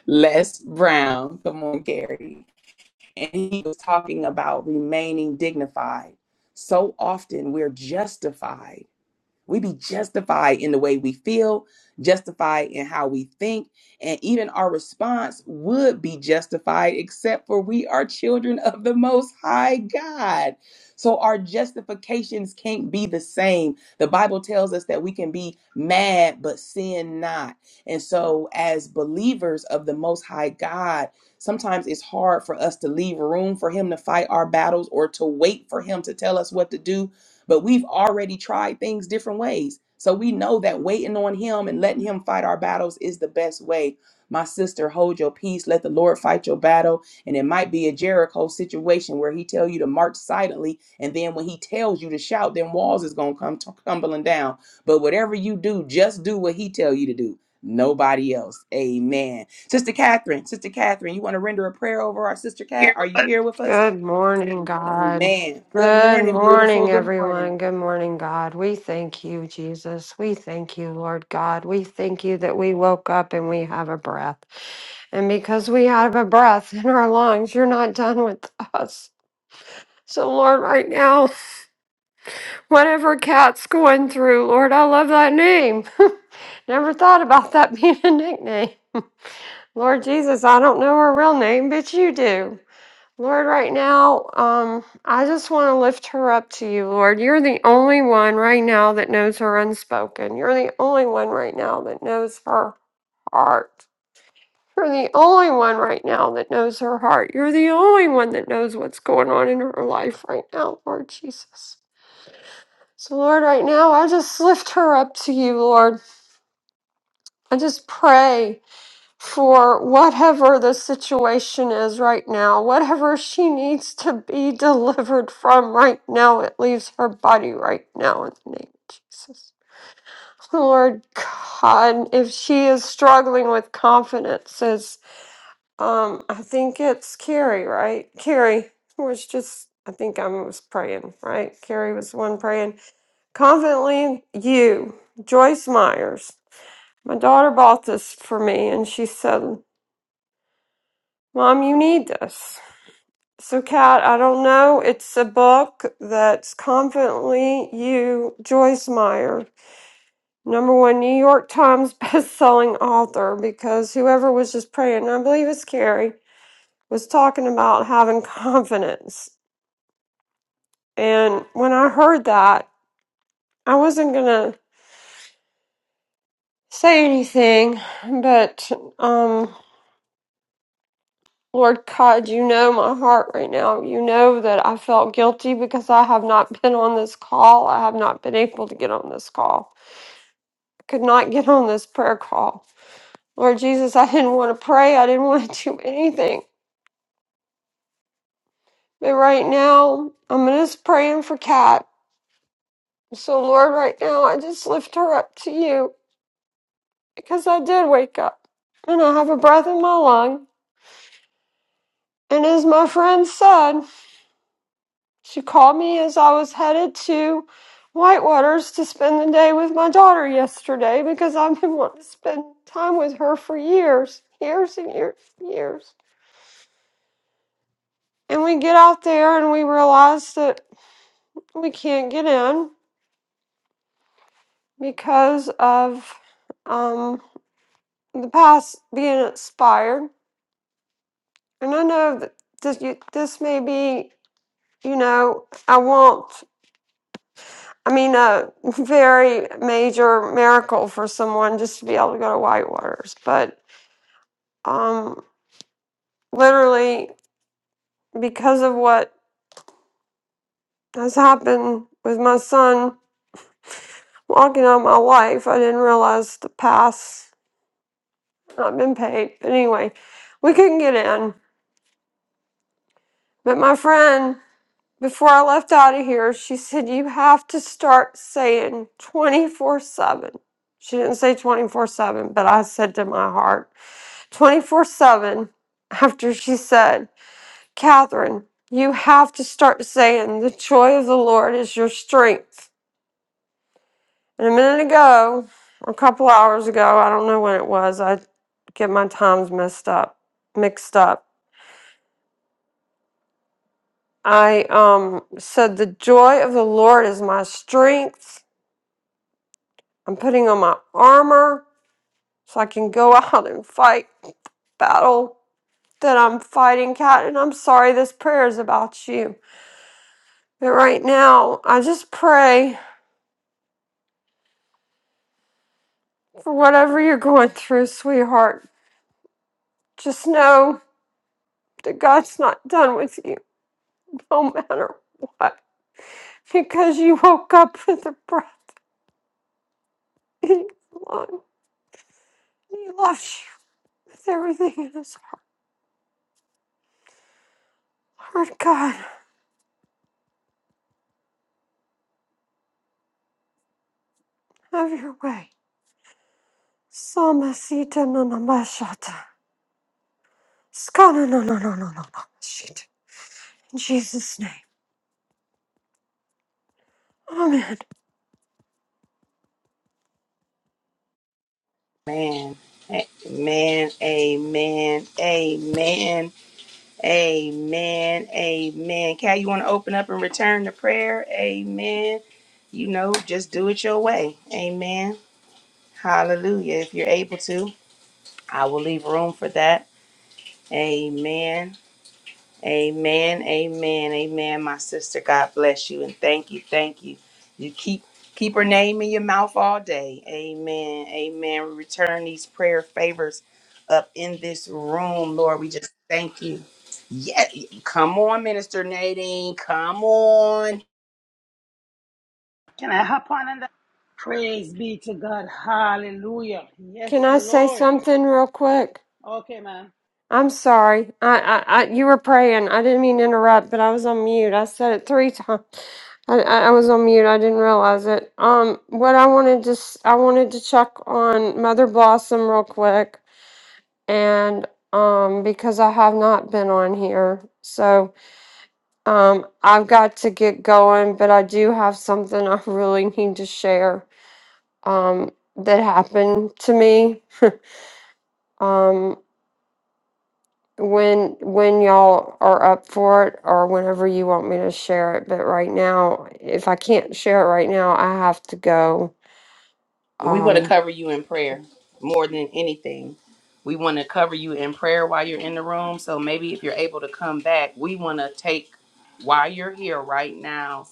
[SPEAKER 1] Les Brown. Come on, Gary. And he was talking about remaining dignified. So often we're justified we be justified in the way we feel, justified in how we think, and even our response would be justified, except for we are children of the Most High God. So our justifications can't be the same. The Bible tells us that we can be mad, but sin not. And so, as believers of the Most High God, sometimes it's hard for us to leave room for Him to fight our battles or to wait for Him to tell us what to do but we've already tried things different ways. So we know that waiting on Him and letting Him fight our battles is the best way. My sister, hold your peace. Let the Lord fight your battle. And it might be a Jericho situation where He tell you to march silently, and then when He tells you to shout, then walls is gonna come t- tumbling down. But whatever you do, just do what He tell you to do. Nobody else. Amen. Sister Catherine, Sister Catherine, you want to render a prayer over our sister Cat?
[SPEAKER 2] Here,
[SPEAKER 1] Are you
[SPEAKER 2] but-
[SPEAKER 1] here with us?
[SPEAKER 2] Good morning, God.
[SPEAKER 1] Amen. Good
[SPEAKER 2] Good
[SPEAKER 1] morning, beautiful.
[SPEAKER 2] morning,
[SPEAKER 1] Good
[SPEAKER 2] everyone. Good morning, God. We thank you, Jesus. We thank you, Lord God. We thank you that we woke up and we have a breath. And because we have a breath in our lungs, you're not done with us. So, Lord, right now, whatever cat's going through, Lord, I love that name. *laughs* Never thought about that being a nickname. Lord Jesus, I don't know her real name, but you do. Lord, right now, um, I just want to lift her up to you, Lord. You're the only one right now that knows her unspoken. You're the only one right now that knows her heart. You're the only one right now that knows her heart. You're the only one that knows what's going on in her life right now, Lord Jesus. So, Lord, right now, I just lift her up to you, Lord. I just pray for whatever the situation is right now, whatever she needs to be *laughs* delivered from right now, it leaves her body right now in the name of Jesus. Lord God, if she is struggling with confidence, is um, I think it's Carrie, right? Carrie was just, I think I was praying, right? Carrie was the one praying confidently. You, Joyce Myers, my daughter bought this for me, and she said. Mom, you need this. So, Kat, I don't know. It's a book that's confidently you, Joyce Meyer, number one New York Times *laughs* best-selling author, because whoever was just praying, and I believe it's Carrie, was talking about having confidence. And when I heard that, I wasn't gonna say anything, but um. Lord God, you know my heart right now. You know that I felt guilty because I have not been on this call. I have not been able to get on this call. I could not get on this prayer call. Lord Jesus, I didn't want to pray. I didn't *laughs* want to do anything. But right now, I'm just praying for Kat. So, Lord, right now, I just lift her up to you because I did wake up and I have a breath in my lung. And as my friend said, She called me as I was headed to Whitewaters to spend the day with my daughter yesterday because I've been wanting to spend time with her for years, years and years and years. And we get out there and we realize that we can't get in because of um, the past being expired. And I know that this, you- this may be, you know, I won't. I mean, a very major miracle for someone just to be able to go to Whitewaters. But um, literally, because of what has happened with my son walking out my life, I didn't realize the pass not been paid. But anyway, we couldn't get in. But my friend, before I left out of here, she said, You have to start saying 24 7. She didn't say 24 7, but I said to my heart, 24 7 after she said, Catherine, you have to start saying the joy of the Lord is your strength. And a minute ago, a couple hours ago, I don't know when it was, I get my times messed up, mixed up. I um said the joy of the Lord is my strength. I'm putting on my armor so I can go *laughs* out and fight battle that I'm fighting, Cat. And I'm sorry this prayer is about you. But right now, I just pray for whatever you're going through, sweetheart. Just know that God's not done with you, *laughs* no matter what, because you woke up with a breath in your lung. He loves you with everything in his heart. Lord God, have your way. Samasita nanamashata. Skana nananananamashita. In Jesus' name. Amen.
[SPEAKER 1] Amen. Amen. Amen. Amen. Amen. Amen. Cal, you want to open up and return the prayer? Amen. You know, just do it your way. Amen. Hallelujah. If you're able to, I will leave room for that. Amen. Amen, amen, amen. My sister, God bless you and thank you, thank you. You keep keep her name in your mouth all day. Amen, amen. We return these prayer favors up in this room, Lord. We just thank you. Yeah, come on, Minister Nadine. Come on.
[SPEAKER 3] Can I hop on and praise be to God? Hallelujah.
[SPEAKER 2] Can
[SPEAKER 3] Yes,
[SPEAKER 2] I say
[SPEAKER 3] Lord.
[SPEAKER 2] something real quick?
[SPEAKER 3] Okay, ma'am.
[SPEAKER 2] I'm sorry. I, I, I, you were praying. I didn't mean to interrupt, but I was on mute. I said it three times. I, I I was on mute. I didn't realize it. Um, what I wanted to, s- I wanted to check on Mother Blossom real quick, and um, because I have not been on here, so um, I've got to get going. But I do have something *laughs* I really need to share. Um, that happened to me. Um, when when y'all are up for it or whenever you want me to share it but right now if i can't share it right now i have to go
[SPEAKER 1] We want to
[SPEAKER 2] um
[SPEAKER 1] cover you in prayer more than anything. We want to cover you in prayer while you're in the room. So maybe if you're able to come back, we want to take while you're here right now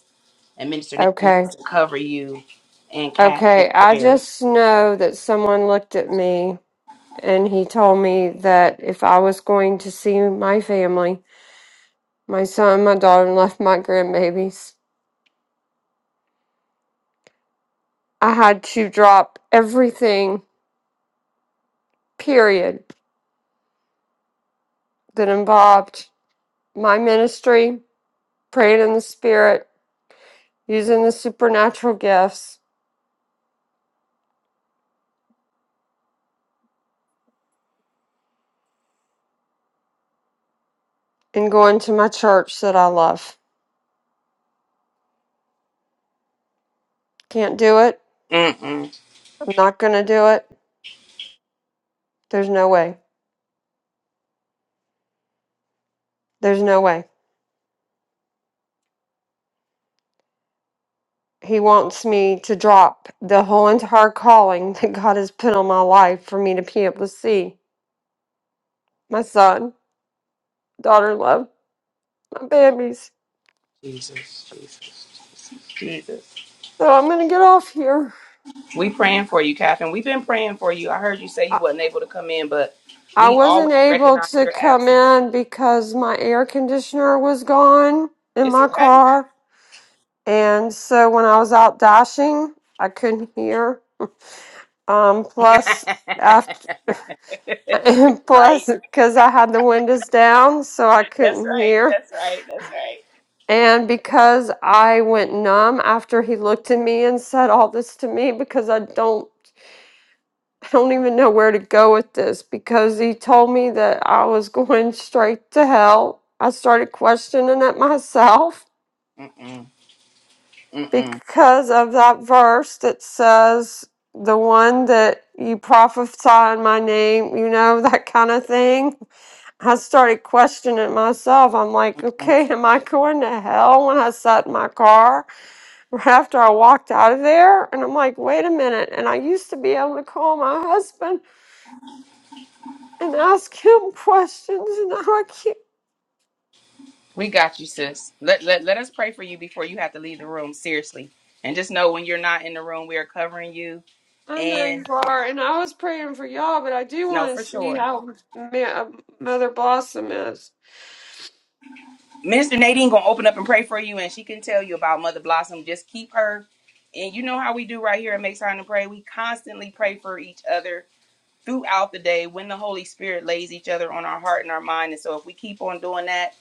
[SPEAKER 1] And Minister Nate
[SPEAKER 2] okay
[SPEAKER 1] wants to cover you and Kat in
[SPEAKER 2] okay i
[SPEAKER 1] prayer.
[SPEAKER 2] just know that someone looked at me and he told me that if i was going to see my family my son my daughter and left *laughs* my grandbabies i had to drop everything period that involved my ministry praying in the spirit using the supernatural gifts and going to my church that I love. Can't do it.
[SPEAKER 1] Mm-mm.
[SPEAKER 2] I'm not going to do it. There's no way. There's no way. He wants me to drop the whole entire calling *laughs* that God has put on my life for me to be able to see my son, daughter, love, my babies.
[SPEAKER 1] Jesus, Jesus, Jesus, Jesus.
[SPEAKER 2] So I'm going to get off here.
[SPEAKER 1] We praying for you, Catherine. We've been praying for you. I heard you say you
[SPEAKER 2] I
[SPEAKER 1] wasn't able to come in, but
[SPEAKER 2] I
[SPEAKER 1] we
[SPEAKER 2] wasn't
[SPEAKER 1] always
[SPEAKER 2] able
[SPEAKER 1] recognize
[SPEAKER 2] to
[SPEAKER 1] your
[SPEAKER 2] come
[SPEAKER 1] absence.
[SPEAKER 2] in because my air conditioner was gone in
[SPEAKER 1] It's
[SPEAKER 2] my
[SPEAKER 1] okay.
[SPEAKER 2] car And so when I was out dashing, I couldn't hear. Um, plus, after
[SPEAKER 1] *laughs*
[SPEAKER 2] *laughs* plus
[SPEAKER 1] right.
[SPEAKER 2] because I had the windows down, so I
[SPEAKER 1] That's
[SPEAKER 2] couldn't
[SPEAKER 1] right.
[SPEAKER 2] hear.
[SPEAKER 1] That's right. That's right.
[SPEAKER 2] And because I went numb after he looked at me and said all this to me, because I don't, I don't even know where to go with this. Because he told me that I was *laughs* going straight to hell. I started questioning it myself
[SPEAKER 1] Mm-mm. Mm-mm.
[SPEAKER 2] because of that verse that says the one that you prophesy in my name, you know, *laughs* that kind of thing. I started questioning myself. I'm like, okay, am I going to hell when I sat in my car *laughs* right after I walked out of there? And I'm like, wait a minute. And I used to be able to call my husband and ask him *laughs* questions, and now I can't.
[SPEAKER 1] We got you, sis. Let, let let us pray for you before you have to leave the room. Seriously, and just know when you're not in the room, we are covering you
[SPEAKER 2] I know you
[SPEAKER 1] And
[SPEAKER 2] are, and I was praying for y'all, but I do
[SPEAKER 1] no,
[SPEAKER 2] want to
[SPEAKER 1] for
[SPEAKER 2] see
[SPEAKER 1] sure.
[SPEAKER 2] how Ma- Mother Blossom is.
[SPEAKER 1] Minister Nadine gonna open up and pray for you, and she can tell you about Mother Blossom. Just keep her, and you know how we do right here at Make Time to Pray. We constantly pray for each other throughout the day when the Holy Spirit lays each other on our heart and our mind. And so if we keep on doing that,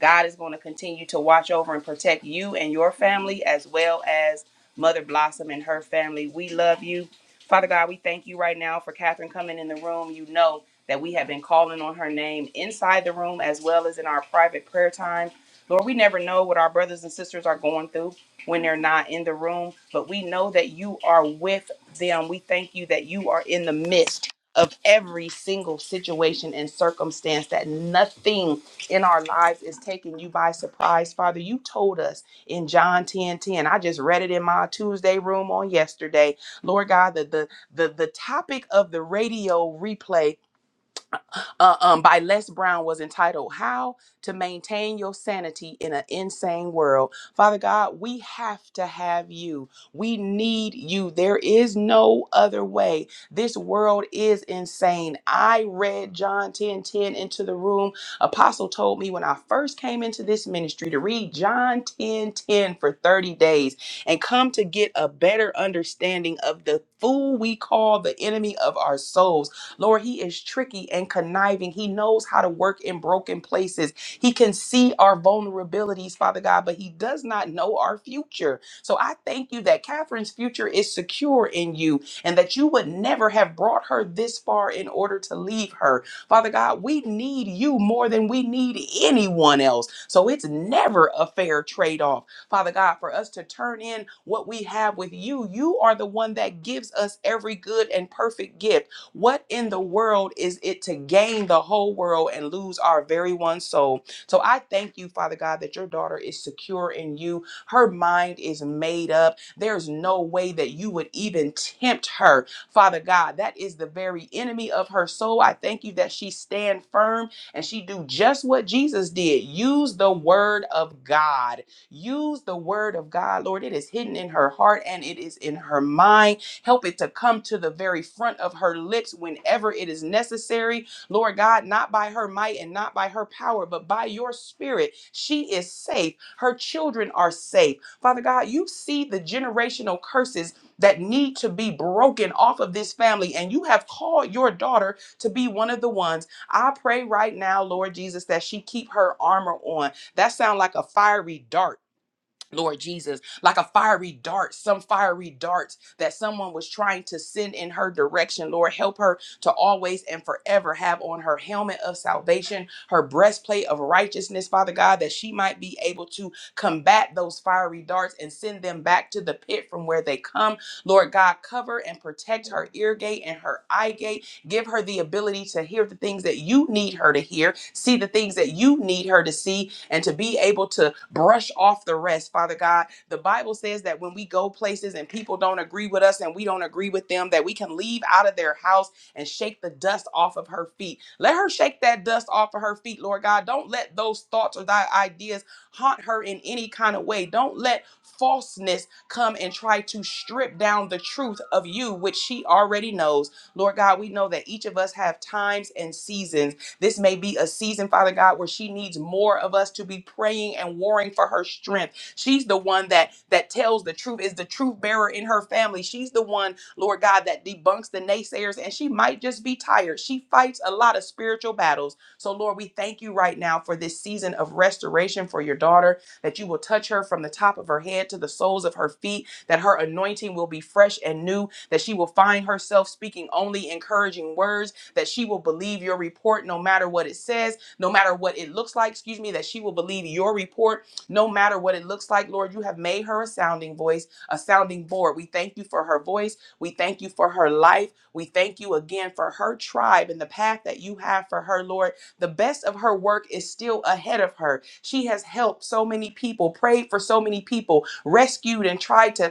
[SPEAKER 1] God is going to continue to watch over and protect you and your family as well as Mother Blossom and her family. We love you. Father God, we thank you right now for Catherine coming in the room. You know that we have been calling on her name inside the room as well as in our private prayer time. Lord, we never know what our brothers and sisters are going through when they're not in the room, but we know that you are with them. We thank you that you are in the midst of every single situation and circumstance, that nothing in our lives is taking you by surprise. Father, you told us in John 10:10. I just read it in my Tuesday room on yesterday. Lord God, the the the, the topic of the radio replay uh, um, by Les Brown was entitled How to Maintain Your Sanity in an Insane World. Father God, we have to have you. We need you. There is no other way. This world is insane. I read John 10 10 into the room. Apostle told me when I first came into this ministry to read John 10 ten for 30 days and come to get a better understanding of the fool we call the enemy of our souls Lord, he is tricky and conniving. He knows how to work in broken places. He can see our vulnerabilities, Father God, but he does not know our future. So I thank you that Catherine's future is secure in you and that you would never have brought her this far in order to leave her. Father God, we need you more than we need anyone else. So it's never a fair trade off. Father God, for us to turn in what we have with you. You are the one that gives us every good and perfect gift. What in the world is it to gain the whole world and lose our very one soul? So I thank you, Father God, that your daughter is secure in you. Her mind is made up. There's no way that you would even tempt her, Father God. That is the very enemy of her soul. I thank you that she stand firm and she do just what Jesus did. Use the word of God. Use the word of God, Lord. It is hidden in her heart and it is in her mind Help it to come to the very front of her lips whenever it is necessary. Lord God, not by her might and not by her power, but by your spirit, she is safe. Her children are safe. Father God, you see the generational curses that need to be broken off of this family, and you have called your daughter to be one of the ones. I pray right now, Lord Jesus, that she keep her armor on. That sound like a fiery dart Lord Jesus, like a fiery dart, some fiery darts that someone was trying to send in her direction. Lord, help her to always and forever have on her helmet of salvation, her breastplate of righteousness, Father God, that she might be able to combat those fiery darts and send them back to the pit from where they come. Lord God, cover and protect her ear gate and her eye gate. Give her the ability to hear the things that you need her to hear, see the things that you need her to see, and to be able to brush off the rest, Father God. The Bible says that when we go places and people don't agree with us and we don't agree with them, that we can leave out of their house and shake the dust off of her feet. Let her shake that dust off of her feet, Lord God. Don't let those thoughts or thy ideas haunt her in any kind of way. Don't let falseness come and try to strip down the truth of you, which she already knows. Lord God, we know that each of us have times and seasons this may be a season, Father God, where she needs more of us to be praying and warring for her strength. She's the one that that tells the truth, is the truth bearer in her family. She's the one, Lord God, that debunks the naysayers, and she might just be tired. She fights a lot of spiritual battles. So, Lord, we thank you right now for this season of restoration for your daughter, that you will touch her from the top of her head to the soles of her feet, that her anointing will be fresh and new, that she will find herself speaking only encouraging words that she will believe your report no matter what it says, no matter what it looks like, excuse me, that she will believe your report no matter what it looks like. Lord, you have made her a sounding voice, a sounding board. We thank you for her voice. We thank you for her life. We thank you again for her tribe and the path that you have for her, Lord. The best of her work is still ahead of her. She has helped so many people, prayed for so many people, rescued and tried to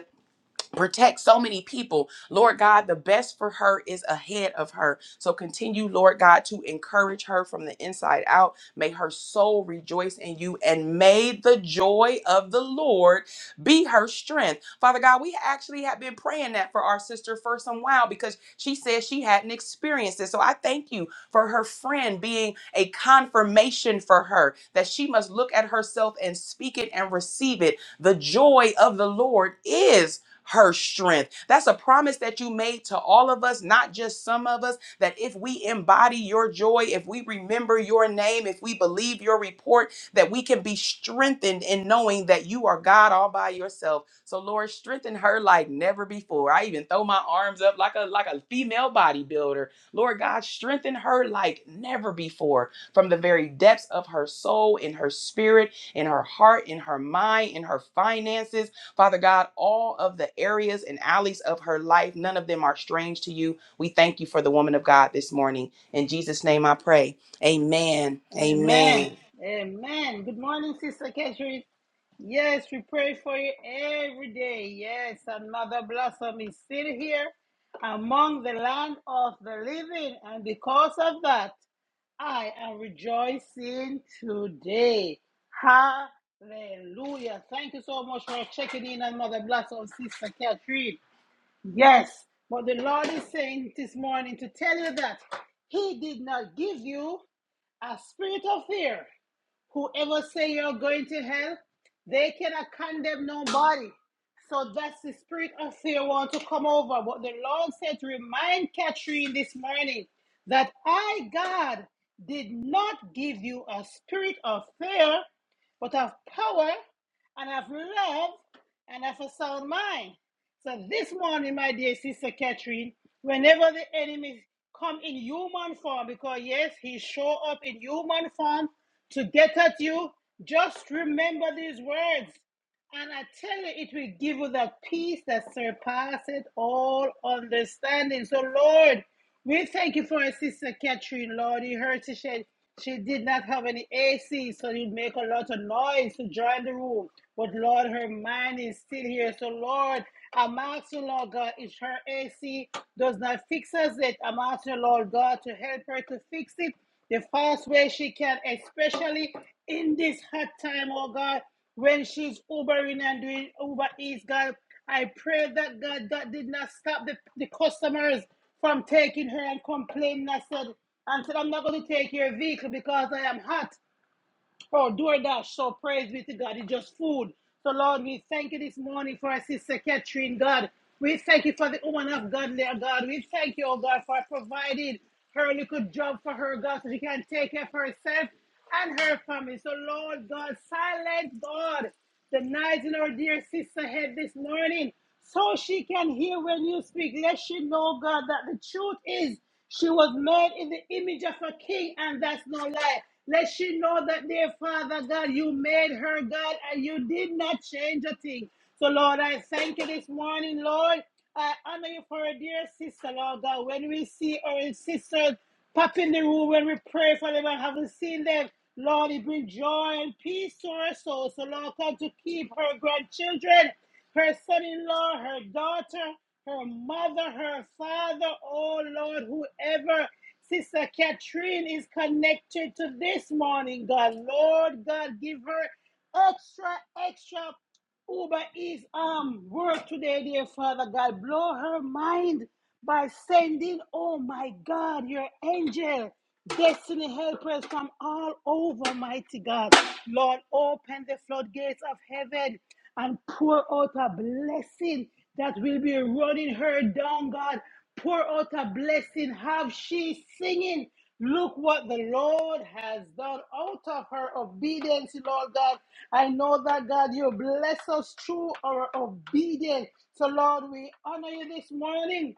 [SPEAKER 1] protect so many people. Lord God, the best for her is ahead of her. So continue, Lord God, to encourage her from the inside out. May her soul rejoice in you and may the joy of the Lord be her strength. Father God, we actually have been praying that for our sister for some while because she said she hadn't experienced it. So I thank you for her friend being a confirmation for her that she must look at herself and speak it and receive it. The joy of the Lord is her strength. That's a promise that you made to all of us, not just some of us, that if we embody your joy, if we remember your name, if we believe your report, that we can be strengthened in knowing that you are God all by yourself. So Lord, strengthen her like never before. I even throw my arms up like a like a female bodybuilder. Lord God, strengthen her like never before from the very depths of her soul, in her spirit, in her heart, in her mind, in her finances Father God, all of the areas and alleys of her life, none of them are strange to you. We thank you for the woman of God this morning. In Jesus' name I pray. Amen.
[SPEAKER 3] Amen.
[SPEAKER 1] Amen.
[SPEAKER 3] Amen. Good morning, Sister Catherine. Yes, we pray for you every day. Yes, and Mother Blossom is still here among the land of the living. And because of that, I am rejoicing today. Hallelujah. Thank you so much for checking in on Mother Blossom, Sister Catherine. Yes, but the Lord is saying this morning to tell you that He did not give you a spirit of fear, Whoever say you're going to hell, they cannot condemn nobody. So that's the spirit of fear want to come over. But the Lord said to remind Catherine this morning that I, God, did not give you a spirit of fear, but of power and of love and of a sound mind. So this morning, my dear sister Catherine, whenever the enemy come in human form, because yes, he show up in human form to get at you, just remember these words. And I tell you, it will give you that peace that surpasses all understanding. So, Lord, we thank you for our sister Catherine, Lord. You heard she said she did not have any AC, so it make a lot of noise to join the room. But, Lord, her mind is still here. So, Lord, I'm asking, Lord God, if her AC does not fix us it, I'm asking, Lord God, to help her to fix it the fast way she can, especially in this hot time, oh God, when she's Ubering and doing Uber Eats, God. I pray that God that did not stop the, the customers from taking her and complaining. I said, and said, I'm not going to take your vehicle because I am hot. Oh, DoorDash. So praise be to God. It's just food. So Lord, we thank you this morning for our sister Catherine, God. We thank you for the woman of God there, God. We thank you, oh God, for providing her little job for her, God, so she can take care of herself and her family. So Lord God, silence God the night in our dear sister head this morning so she can hear when you speak. Let she know, God, that the truth is she was made in the image of a king, and that's no lie. Let she know that, dear Father God, you made her God and you did not change a thing. So, Lord, I thank you this morning, Lord. I honor you for a dear sister, Lord God. When we see our sisters Pop in the room when we pray for them and haven't seen them. Lord, it bring joy and peace to her soul. So, Lord, come to keep her grandchildren, her son in law, her daughter, her mother, her father. Oh, Lord, whoever Sister Catherine is connected to this morning, God, Lord, God, give her extra, extra Uber His um work today, dear Father God. Blow her mind by sending, oh my God, your angel, destiny helpers from all over, mighty God. Lord, open the floodgates of heaven and pour out a blessing that will be running her down, God. Pour out a blessing. Have she singing? Look what the Lord has done out of her obedience, Lord God. I know that, God, you bless us through our obedience. So, Lord, we honor you this morning.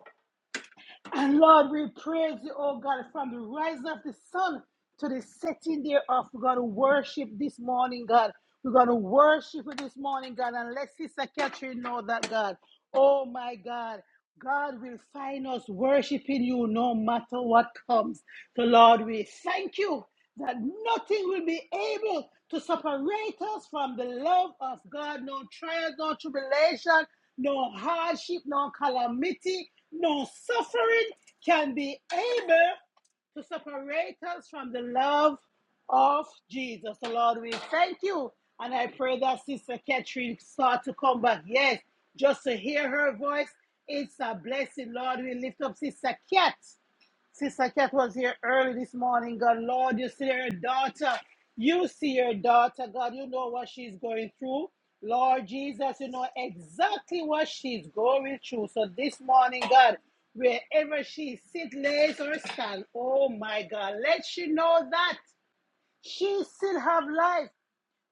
[SPEAKER 3] And Lord, we praise you, oh God, from the rising of the sun to the setting thereof. We're going to worship this morning, God. We're going to worship you this morning, God. And let Sister Catherine know that, God. Oh, my God. God will find us worshiping you no matter what comes. So, Lord, we thank you that nothing will be able to separate us from the love of God, no trials, no tribulation, no hardship, no calamity, no suffering can be able to separate us from the love of Jesus. So, Lord, we thank you. And I pray that Sister Catherine start to come back. Yes, just to hear her voice, it's a blessing. Lord, we lift up Sister Cat. Sister Kat was here early this morning. God, Lord, you see her daughter. You see her daughter. God, you know what she's going through. Lord Jesus, you know exactly what she's going through. So this morning, God, wherever she sit, lays or stand, oh my God, let she know that she still have life.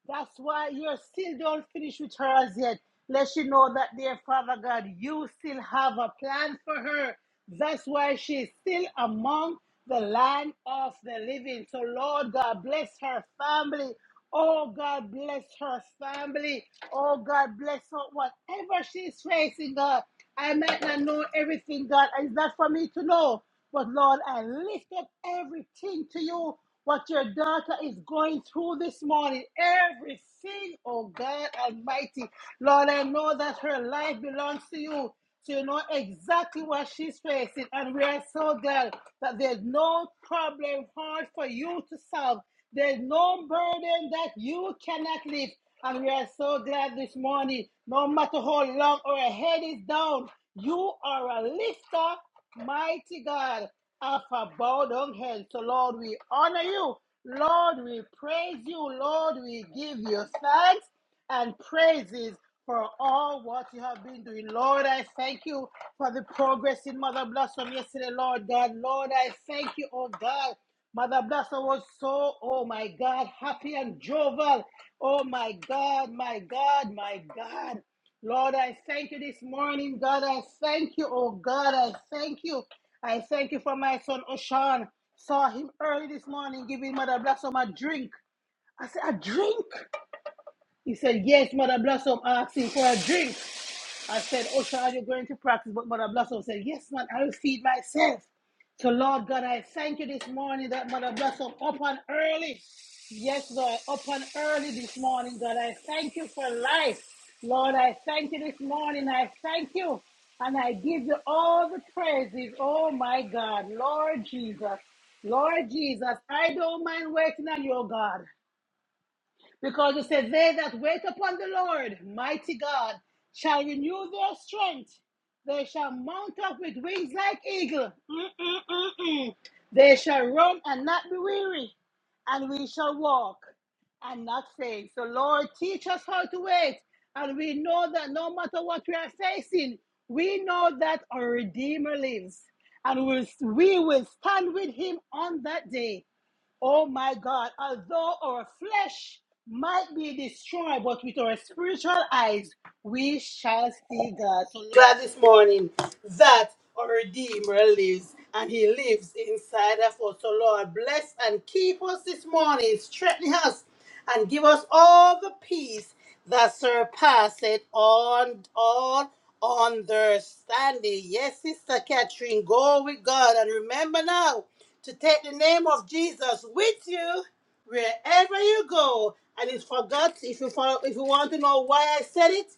[SPEAKER 3] That's why you still don't finish with her as yet. Let she know that, dear Father God, you still have a plan for her. That's why she's still among the land of the living. So, Lord God, bless her family. Oh, God, bless her family. Oh, God, bless her. Whatever she's facing, God, I might not know everything, God. It's not for me to know. But, Lord, I lift up everything to you what your daughter is going through this morning. Everything, oh God Almighty. Lord, I know that her life belongs to you. So you know exactly what she's facing. And we are so glad that there's no problem hard for you to solve. There's no burden that you cannot lift. And we are so glad this morning, no matter how long our head is down, you are a lifter, mighty God of our bowed down heads. So, Lord, we honor you. Lord, we praise you. Lord, we give you thanks and praises for all what you have been doing. Lord, I thank you for the progress in Mother Blossom yesterday, Lord God. Lord, I thank you, oh God. Mother Blossom was so, oh my God, happy and jovial. Oh my God, my God, my God. Lord, I thank you this morning. God, I thank you. Oh, God, I thank you. I thank you for my son, Oshan. Saw him early this morning giving Mother Blossom a drink. I said, A drink? He said, Yes, Mother Blossom asked him for a drink. I said, Osha, are you going to practice? But Mother Blossom said, Yes, man, I will feed myself. So, Lord God, I thank you this morning that Mother Blossom up and early. Yes, Lord, up and early this morning, God. I thank you for life. Lord, I thank you this morning. I thank you. And I give you all the praises. Oh, my God. Lord Jesus. Lord Jesus, I don't mind waiting on you, oh God. Because it says, They that wait upon the Lord, mighty God, shall renew their strength. They shall mount up with wings like eagle. Mm-mm-mm-mm. They shall run and not be weary, and we shall walk and not faint. So, Lord, teach us how to wait. And we know that no matter what we are facing, we know that our Redeemer lives. And we'll, we will stand with him on that day. Oh my God, although our flesh might be destroyed, but with our spiritual eyes, we shall see God. So glad this morning that our Redeemer lives and He lives inside of us. So, Lord, bless and keep us this morning, strengthen us and give us all the peace that surpasseth on all understanding. Yes, Sister Catherine, go with God and remember now to take the name of Jesus with you wherever you go. And it's forgot if you follow, if you want to know why I said it,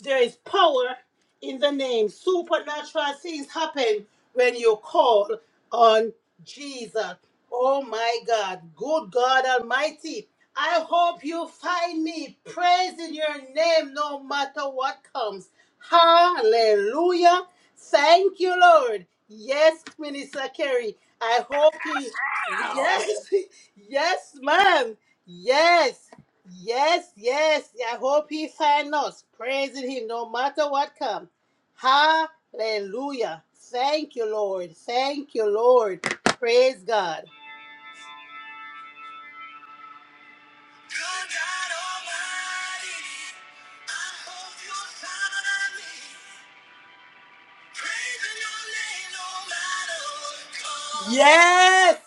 [SPEAKER 3] there is power in the name. Supernatural things happen when you call on Jesus. Oh my God. Good God Almighty. I hope you find me praising your name no matter what comes. Hallelujah. Thank you, Lord. Yes, Minister Kerry. I hope you. Yes, *laughs* yes, ma'am. Yes, yes, yes. I hope he finds us praising him no matter what comes. Hallelujah. Thank you, Lord. Thank you, Lord. Praise God. Yes!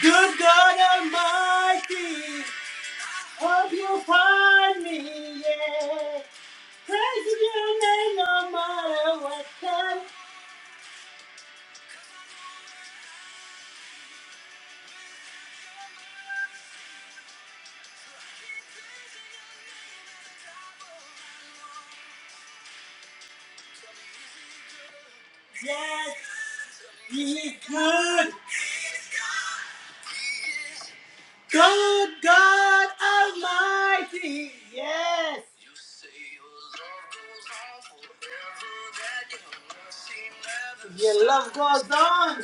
[SPEAKER 3] Good God Almighty, hope you find me. Yeah. Praise your name no matter what time. Yes, He is good. Good God Almighty. Yes. Of God's on.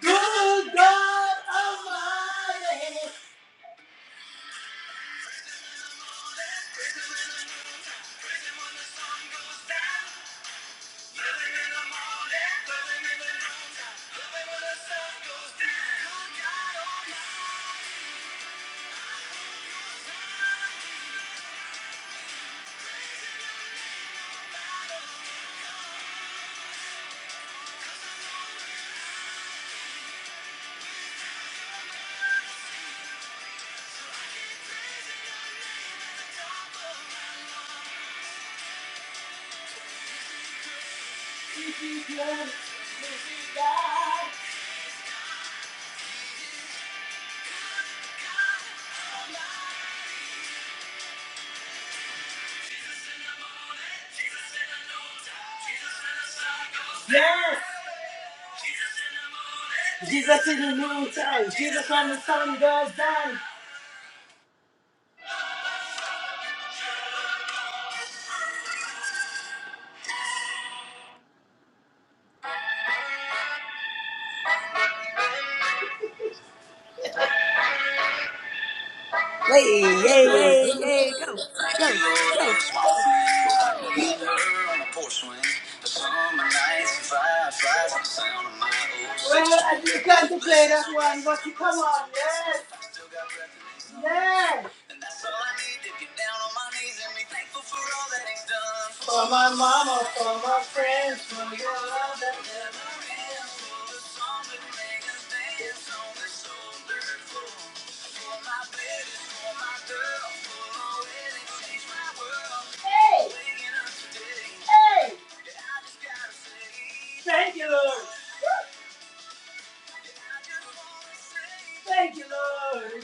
[SPEAKER 3] Good God Almighty. He is good. Yes. Jesus in time. Jesus when the sun goes down.
[SPEAKER 1] Hey, yay, yay, yay, go, go, go.
[SPEAKER 3] As you can. Yes. my mama, for my friends, for your Thank you, Lord. Yeah, Thank you, Lord.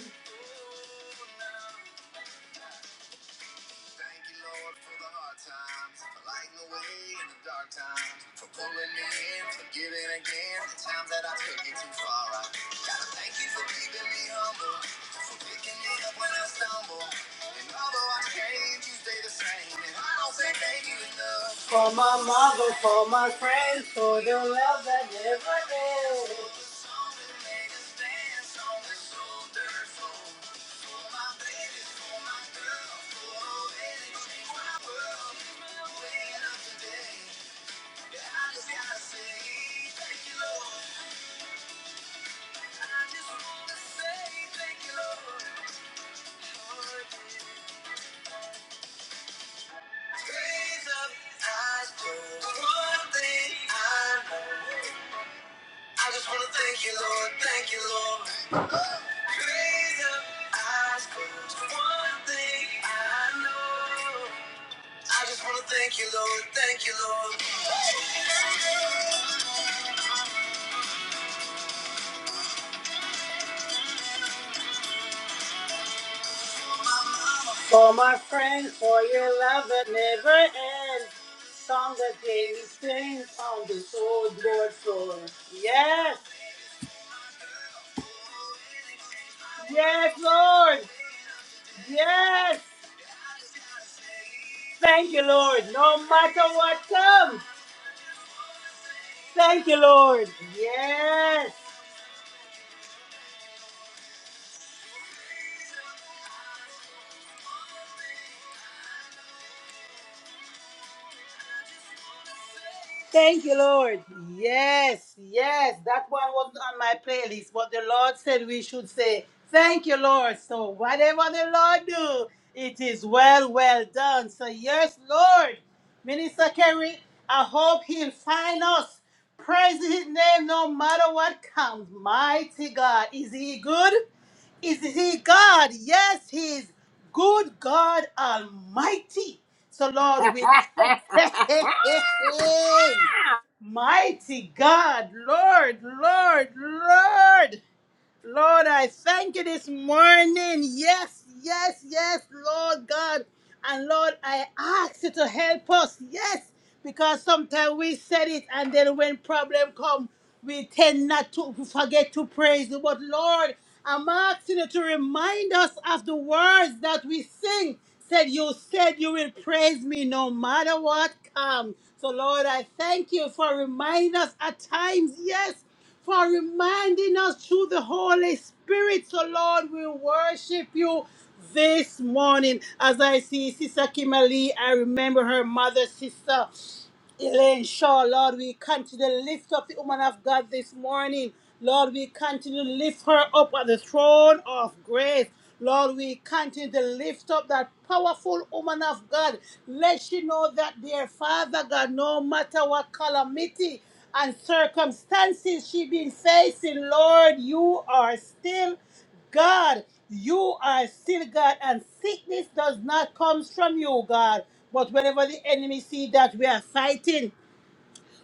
[SPEAKER 3] For my friend, for your love that never ends. Song that gave me strength on this old board floor. Yes! Yes, Lord. Yes. Thank you, Lord. No matter what comes. Thank you, Lord. Yes. Thank you, Lord. Yes, yes. That one wasn't on my playlist, but the Lord said we should say, Thank you, Lord. So whatever the Lord do, it is well, well done. So yes, Lord. Minister Kerry, I hope he'll find us. Praise his name no matter what comes. Mighty God. Is he good? Is he God? Yes, he's good God Almighty. So Lord, we *laughs* Hey, hey, hey, hey. Mighty God, Lord, Lord, Lord, Lord, I thank you this morning. Yes, yes, yes, Lord God. And Lord, I ask you to help us. Yes, because sometimes we said it and then when problem come, we tend not to forget to praise you. But Lord, I'm asking you to remind us of the words that we sing. Said, You said you will praise me no matter what comes. So, Lord, I thank you for reminding us at times, yes, for reminding us through the Holy Spirit. So, Lord, we worship you this morning. As I see Sister Kimberly, I remember her mother, sister. Elaine Shaw, Lord, we continue to lift up the woman of God this morning. Lord, we continue to lift her up at the throne of grace. Lord, we continue to lift up that powerful woman of God. Let she know that, dear Father God, no matter what calamity and circumstances she been facing, Lord, you are still God, you are still God, and sickness does not come from you, God. But whenever the enemy see that we are fighting,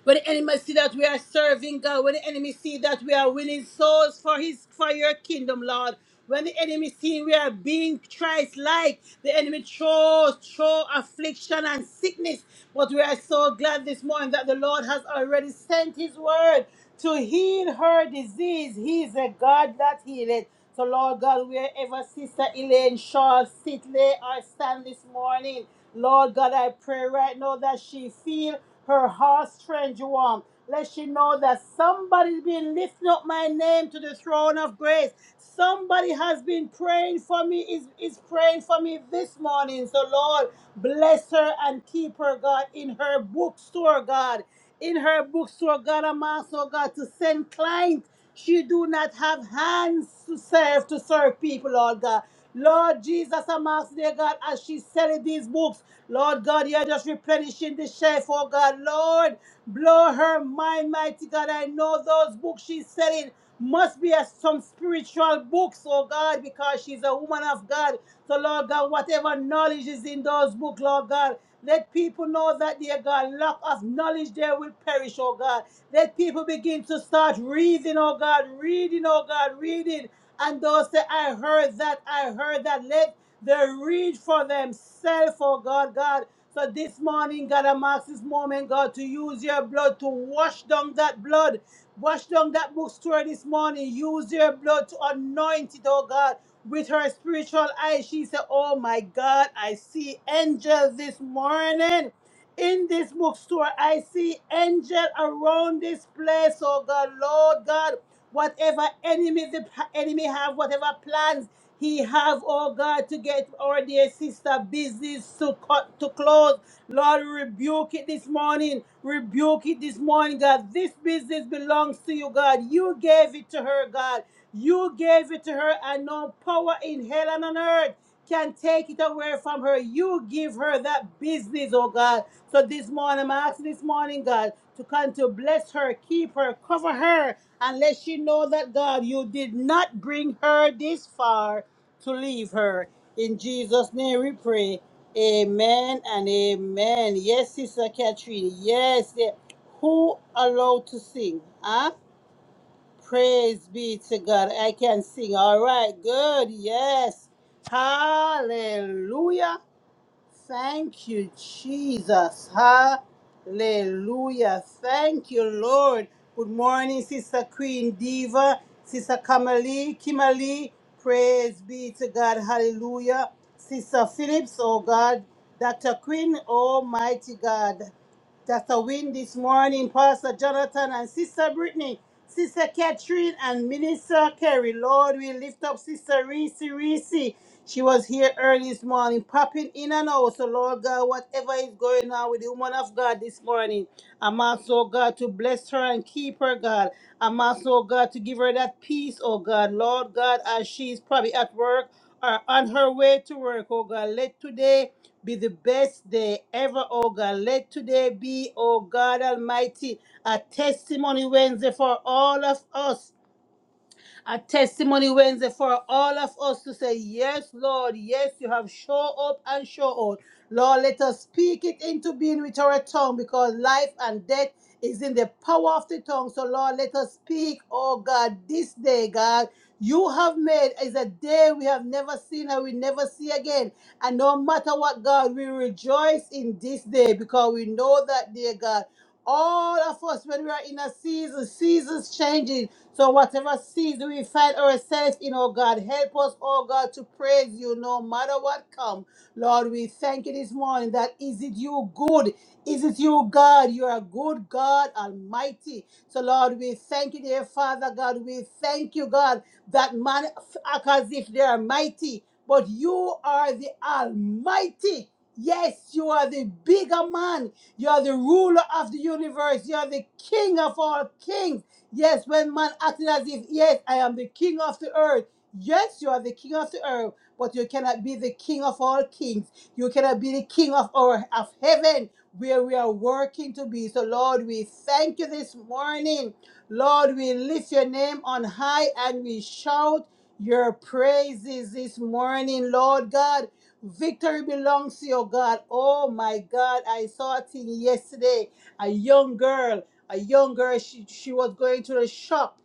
[SPEAKER 3] when the enemy see that we are serving God, when the enemy see that we are winning souls for his for your kingdom, Lord. When the enemy see we are being Christ like, the enemy throws throw affliction and sickness. But we are so glad this morning that the Lord has already sent his word to heal her disease. He is a God that healeth. So, Lord God, wherever Sister Elaine Shaw sit, lay, or stand this morning, Lord God, I pray right now that she feel her heart's strength, Juwan. Let she know that somebody's been lifting up my name to the throne of grace. Somebody has been praying for me, is, is praying for me this morning. So, Lord, bless her and keep her, God, in her bookstore, God. In her bookstore, God, I'm asking, oh God, to send clients she do not have hands to serve to serve people, Lord God. Lord Jesus, I'm asking, dear God, as she selling these books, Lord God, you're just replenishing the shelf, oh God. Lord, blow her mind, mighty God. I know those books she's selling must be as some spiritual books, oh God, because she's a woman of God. So, Lord God, whatever knowledge is in those books, Lord God. Let people know that, dear God, lack of knowledge there will perish, oh God. Let people begin to start reading, oh God, reading, oh God, reading. And those say, I heard that, I heard that. Let them read for themselves, oh God, God. So this morning, God, I'm asking this moment, God, to use your blood to wash down that blood Wash down that bookstore this morning. Use your blood to anoint it, oh God. With her spiritual eyes, she said, Oh my God, I see angels this morning. In this bookstore, I see angel around this place, oh God, Lord God. Whatever enemy the p- enemy have, whatever plans. He have, oh God, to get our dear sister business to cut to close. Lord, rebuke it this morning. Rebuke it this morning, God. This business belongs to you, God. You gave it to her, God. You gave it to her, and no power in hell and on earth can take it away from her. You give her that business, oh God. So this morning, I'm asking this morning, God, to come to bless her, keep her, cover her, and let she know that, God, you did not bring her this far to leave her. In Jesus' name we pray. Amen and amen. Yes, Sister Katrina. Yes. yeah. Who allowed to sing? Huh? Praise be to God. I can sing. All right. Good. Yes. Hallelujah. Thank you, Jesus. Hallelujah. Thank you, Lord. Good morning, Sister Queen Diva, Sister Kamali, Kimali. Praise be to God. Hallelujah. Sister Phillips, oh God. Dr. Queen, Almighty God. That's a win this morning, Pastor Jonathan and Sister Brittany, Sister Catherine and Minister Kerry. Lord, we lift up Sister Reese Reese. She was here early this morning, popping in and out. So, Lord God, whatever is going on with the woman of God this morning, I'm also, God, to bless her and keep her, God. I'm also, God, to give her that peace, oh God. Lord God, as she's probably at work or on her way to work, oh God, let today be the best day ever, oh God. Let today be, oh God Almighty, a testimony Wednesday for all of us a testimony Wednesday for all of us to say, Yes, Lord, yes, you have show up and show out. Lord, let us speak it into being with our tongue because life and death is in the power of the tongue. So, Lord, let us speak, oh God, this day, God. You have made is a day we have never seen and we never see again. And no matter what, God, we rejoice in this day because we know that, dear God all of us when we are in a season, seasons changing. So whatever season we find ourselves in, oh God, help us, oh God, to praise you no matter what come. Lord, we thank you this morning that is it you good? Is it you, God? You are a good God Almighty. So Lord, we thank you, dear Father God. We thank you, God, that man act as if they are mighty, but you are the Almighty. Yes, you are the bigger man. You are the ruler of the universe. You are the king of all kings. Yes, when man acted as if, yes, I am the king of the earth. Yes, you are the king of the earth, but you cannot be the king of all kings. You cannot be the king of our of heaven where we are working to be. So Lord, we thank you this morning. Lord, we lift your name on high and we shout your praises this morning, Lord God. Victory belongs to your God. Oh my God, I saw a thing yesterday. A young girl, a young girl, she, she was going to the shop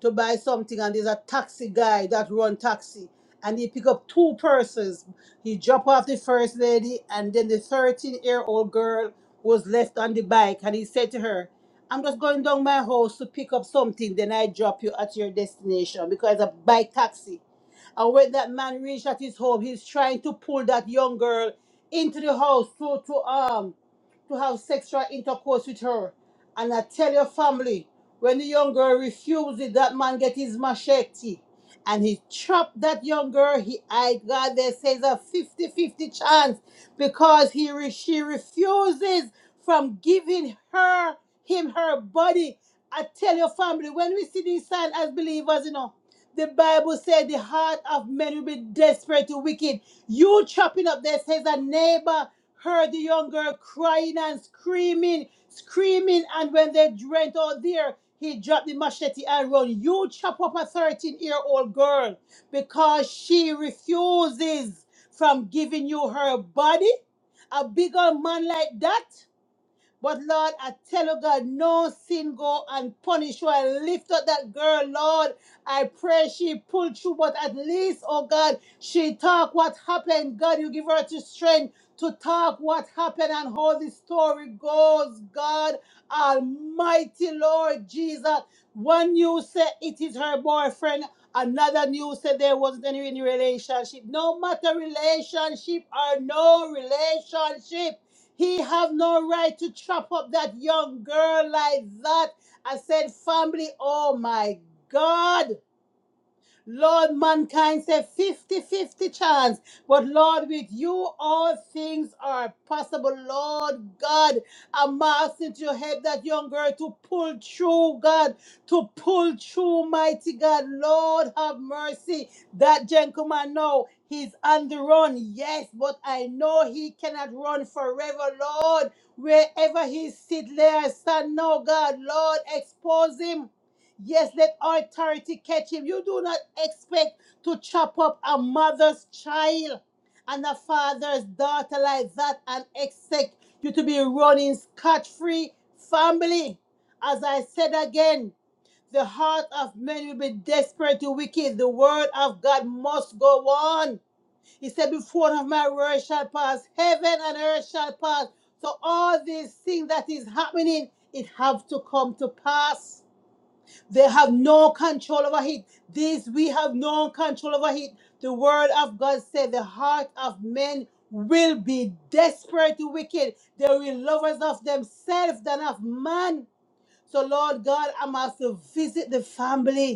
[SPEAKER 3] to buy something, and there's a taxi guy that run taxi, and he pick up two persons. He drop off the first lady, and then the 13 year old girl was left on the bike, and he said to her, "I'm just going down my house to pick up something. Then I drop you at your destination because it's a bike taxi." And when that man reached at his home, he's trying to pull that young girl into the house to, to um to have sexual intercourse with her. And I tell your family, when the young girl refuses, that man get his machete and he chopped that young girl. He, I God, they say it's a fifty-fifty chance because he re- she refuses from giving her him her body. I tell your family, when we see these signs as believers, you know. The Bible said the heart of men will be desperate to wicked. You chopping up there says a neighbor heard the young girl crying and screaming, screaming, and when they went out there, he dropped the machete and run. You chop up a 13-year-old girl because she refuses from giving you her body. A bigger man like that. But Lord, I tell you, God, no sin go unpunished. So I lift up that girl, Lord. I pray she pulled through, but at least, oh God, she talk what happened. God, you give her the strength to talk what happened and how the story goes. God, Almighty Lord Jesus. One news said it is her boyfriend. Another news said there wasn't any relationship. No matter relationship or no relationship. He have no right to chop up that young girl like that. I said, family, oh my God. Lord, mankind said fifty-fifty chance. But Lord, with you, all things are possible. Lord God, I'm asking to help that young girl to pull through, God, to pull through, mighty God. Lord, have mercy. That gentleman now, he's on the run, yes, but I know he cannot run forever, Lord. Wherever he sit there, stand now, God, Lord, expose him. Yes, let authority catch him. You do not expect to chop up a mother's child and a father's daughter like that and expect you to be running scot free family. As I said again, the heart of men will be desperate to wicked. The word of God must go on. He said, Before of my word shall pass, heaven and earth shall pass. So all these things that is happening, it have to come to pass. They have no control over it. This we have no control over it. The word of God said the heart of men will be desperately wicked. They will be lovers of themselves than of man. So Lord God, i must visit the family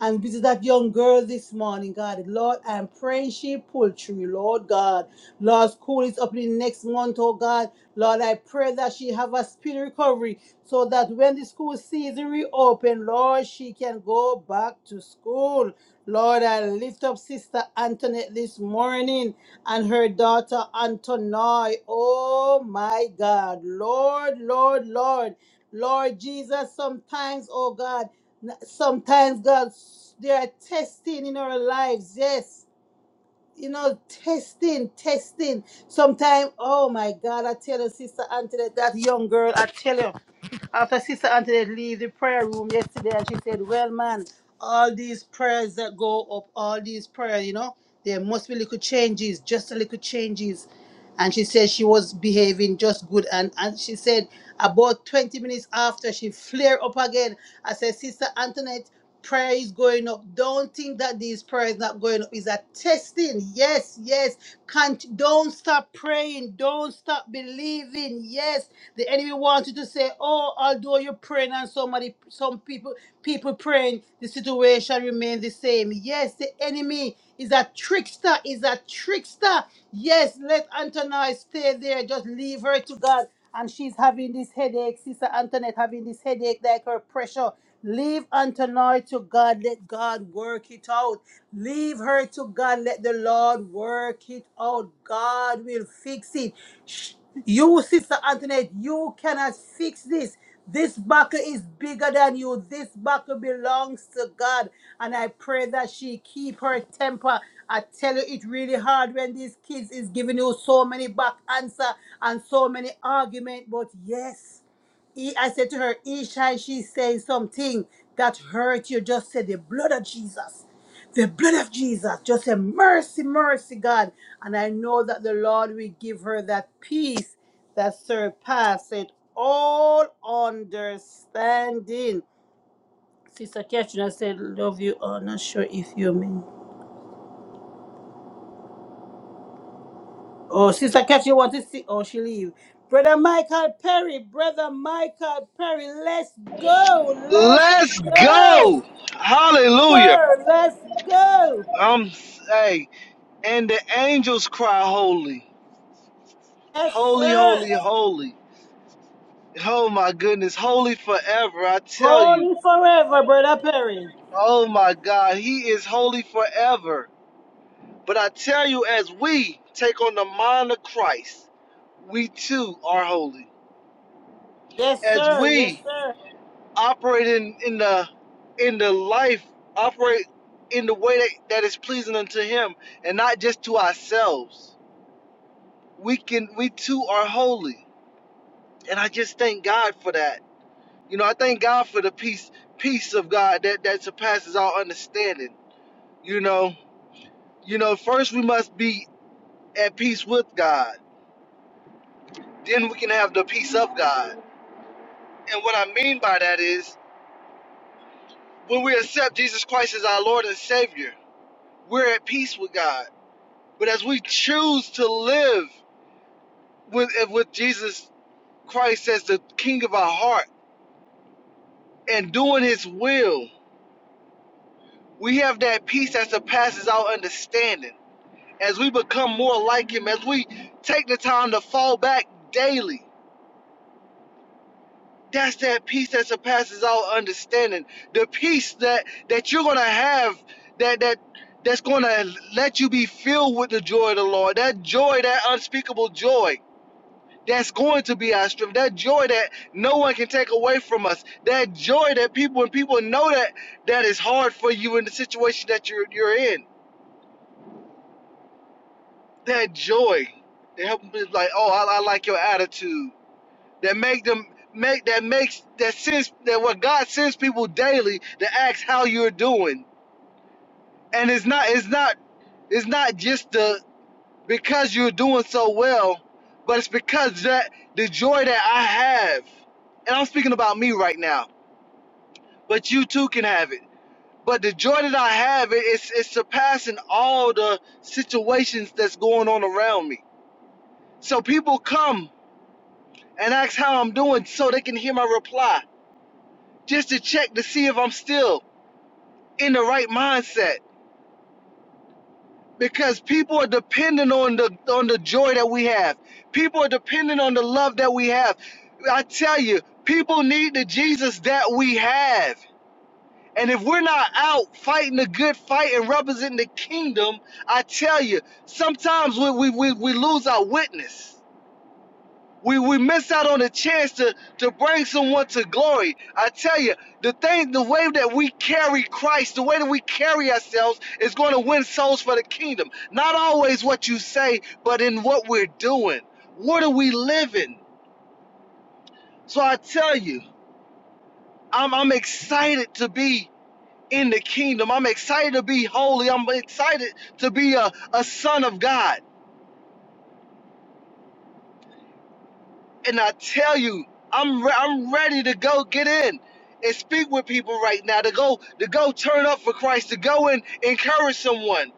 [SPEAKER 3] and visit that young girl this morning, God. Lord, I'm praying she pull through, Lord God. Lord, school is up in next month, oh God. Lord, I pray that she have a speedy recovery so that when the school season reopen, Lord, she can go back to school. Lord, I lift up Sister Antoinette this morning and her daughter Antonoy. Oh my God. Lord, Lord, Lord. Lord Jesus, sometimes, oh God. Sometimes, God, there are testing in our lives, yes you know, testing, testing. Sometime, oh my God, I tell you, Sister Antoinette, that young girl, I tell you, after Sister Antoinette leave the prayer room yesterday, and she said, well, man, all these prayers that go up, all these prayers, you know, there must be little changes, just a little changes. And she said she was behaving just good. And, and she said about 20 minutes after, she flare up again. I said, Sister Antoinette, prayer is going up. Don't think that this prayer is not going up. It's a testing. Yes, yes. Can't, don't stop praying. Don't stop believing. Yes. The enemy wants you to say, Oh, although you're praying and somebody some people people praying, the situation remains the same. Yes, the enemy is a trickster, is a trickster. Yes, let Antonia stay there. Just leave her to God. And she's having this headache. Sister Antoinette having this headache, like her pressure. Leave Antonoy to God. Let God work it out. Leave her to God. Let the Lord work it out. God will fix it. Sh- You, Sister Antoinette, you cannot fix this. This buckle is bigger than you. This buckle belongs to God. And I pray that she keep her temper. I tell you, it's really hard when these kids is giving you so many back answer and so many argument. But yes. E- I said to her, each time she says something that hurt you, just say the blood of Jesus. The blood of Jesus. Just say, mercy, mercy, God. And I know that the Lord will give her that peace that surpasses all understanding. Sister Catherine, I said, love you. Oh, not sure if you mean. Oh, Sister Catherine want to see. Oh, she leave. Brother Michael Perry, Brother Michael Perry, let's go, let's
[SPEAKER 4] Let's
[SPEAKER 3] go.
[SPEAKER 4] go. Hallelujah.
[SPEAKER 3] sir. Let's go.
[SPEAKER 4] Um hey, and the angels cry holy.
[SPEAKER 3] Yes,
[SPEAKER 4] Holy,
[SPEAKER 3] sir.
[SPEAKER 4] holy, holy. Oh my goodness, holy forever. I tell you.
[SPEAKER 3] Holy forever, Brother Perry.
[SPEAKER 4] Oh my God, he is holy forever. But I tell you as we take on the mind of Christ, we too are holy.
[SPEAKER 3] Yes,
[SPEAKER 4] As
[SPEAKER 3] sir. Yes,
[SPEAKER 4] we
[SPEAKER 3] sir.
[SPEAKER 4] operate in, in the in the life, operate in the way that, that is pleasing unto him and not just to ourselves. we can we too are holy and i just thank god for that you know i thank god for the peace peace of god that that surpasses all understanding you know you know first we must be at peace with god then we can have the peace of god and what i mean by that is when we accept jesus christ as our lord and savior we're at peace with god but as we choose to live with with jesus christ as the king of our heart and doing his will We have that peace that surpasses our understanding as we become more like Him, as we take the time to fall back daily. That's that peace that surpasses our understanding. The peace that that you're gonna have, that that that's gonna let you be filled with the joy of the Lord. That joy, that unspeakable joy, that's going to be our strength. That joy that no one can take away from us. That joy that people when people know that that is hard for you in the situation that you're you're in that joy they help them be like, oh, I, I like your attitude. That make them make that makes that sense that what God sends people daily to ask how you're doing. And it's not it's not it's not just the because you're doing so well, but it's because that the joy that I have, and I'm speaking about me right now, but you too can have it. But the joy that I have it, it's it's surpassing all the situations that's going on around me. So people come and ask how I'm doing so they can hear my reply, just to check to see if I'm still in the right mindset. Because people are dependent on the on the joy that we have. People are dependent on the love that we have. I tell you, people need the Jesus that we have. And if we're not out fighting the good fight and representing the kingdom, I tell you, sometimes we, we, we, we lose our witness. we we miss out on the chance to to bring someone to glory. I tell you, the thing, the way that we carry Christ, the way that we carry ourselves, is going to win souls for the kingdom. Not always what you say, but in what we're doing. What are we living? So I tell you, I'm I'm excited to be in the kingdom. I'm excited to be holy. I'm excited to be a, a son of God. And I tell you, I'm re- I'm ready to go get in and speak with people right now to go to go turn up for Christ to go and encourage someone.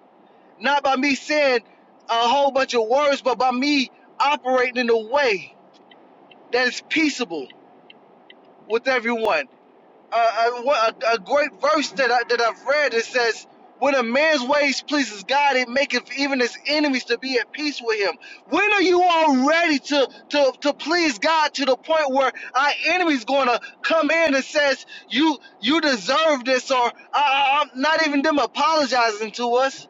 [SPEAKER 4] Not by me saying a whole bunch of words, but by me operating in a way that is peaceable with everyone uh, uh, a, a great verse that I, that I've read. It says, "When a man's ways pleases God, it maketh even his enemies to be at peace with him." When are you all ready to to to please God to the point where our enemy's going to come in and says, "You you deserve this," or I, am not even them apologizing to us,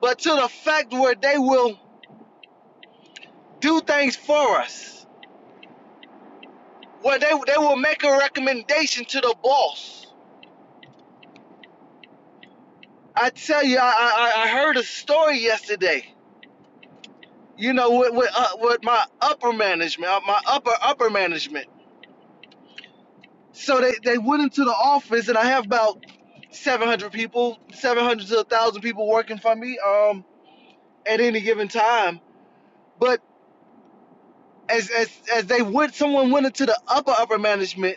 [SPEAKER 4] but to the fact where they will do things for us, where they they will make a recommendation to the boss I tell you, I, I, I heard a story yesterday. You know, with with, uh, with my upper management, uh, my upper upper management. So they, they went into the office, and I have about 700 people, 700 to 1,000 people working for me um, at any given time. But as, as as they went, someone went into the upper upper management,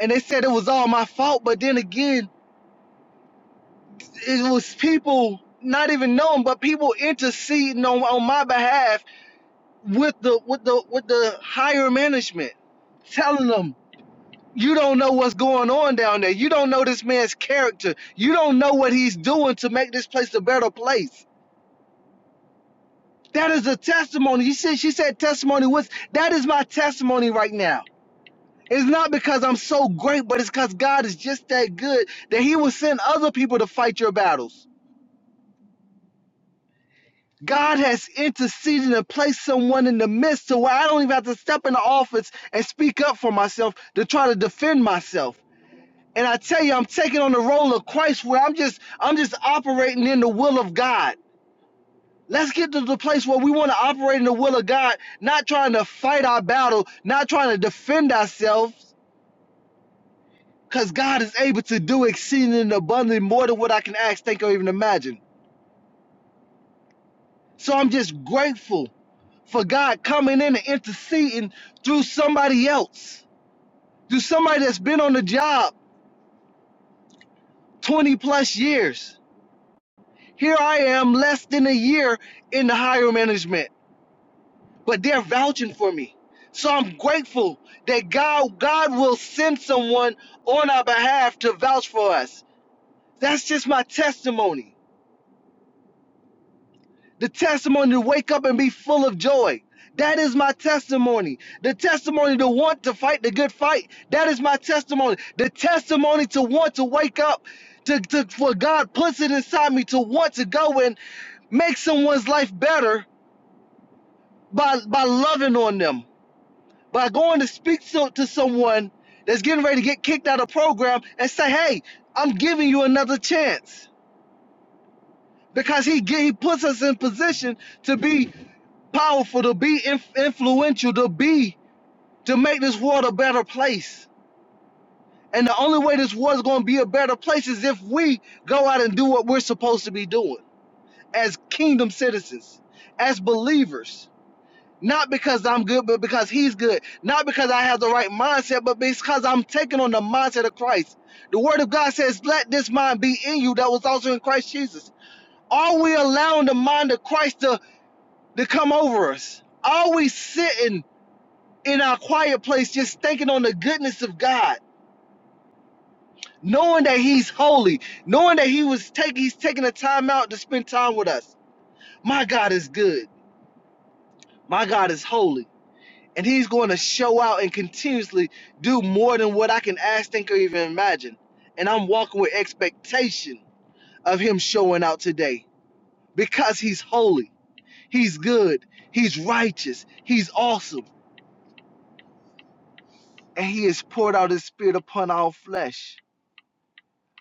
[SPEAKER 4] and they said it was all my fault. But then again, it was people not even knowing, but people interceding on on my behalf with the with the with the higher management telling them you don't know what's going on down there you don't know this man's character you don't know what he's doing to make this place a better place that is a testimony you said she said testimony was that is my testimony right now it's not because i'm so great but it's because god is just that good that he will send other people to fight your battles God has interceded and placed someone in the midst to where I don't even have to step into office and speak up for myself to try to defend myself. And I tell you, I'm taking on the role of Christ where I'm just I'm just operating in the will of God. Let's get to the place where we want to operate in the will of God, not trying to fight our battle, not trying to defend ourselves, because God is able to do exceeding and abundantly more than what I can ask, think, or even imagine. So I'm just grateful for God coming in and interceding through somebody else, through somebody that's been on the job 20 plus years. Here I am, less than a year in the higher management, but they're vouching for me. So I'm grateful that God, God will send someone on our behalf to vouch for us. That's just my testimony. The testimony to wake up and be full of joy. That is my testimony. The testimony to want to fight the good fight. That is my testimony. The testimony to want to wake up, to, to for God puts it inside me to want to go and make someone's life better by by loving on them, by going to speak to, to someone that's getting ready to get kicked out of program and say, "Hey, I'm giving you another chance," because he he puts us in position to be powerful, to be inf- influential, to be to make this world a better place. And the only way this world's going to be a better place is if we go out and do what we're supposed to be doing as kingdom citizens, as believers. Not because I'm good, but because he's good. Not because I have the right mindset, but because I'm taking on the mindset of Christ. The word of God says, Let this mind be in you that was also in Christ Jesus. Are we allowing the mind of Christ to, to come over us? Are we sitting in our quiet place, just thinking on the goodness of God, knowing that He's holy, knowing that He was taking He's taking the time out to spend time with us. My God is good. My God is holy. And he's going to show out and continuously do more than what I can ask, think, or even imagine. And I'm walking with expectation of him showing out today because he's holy, he's good, he's righteous, he's awesome, and he has poured out his spirit upon our flesh.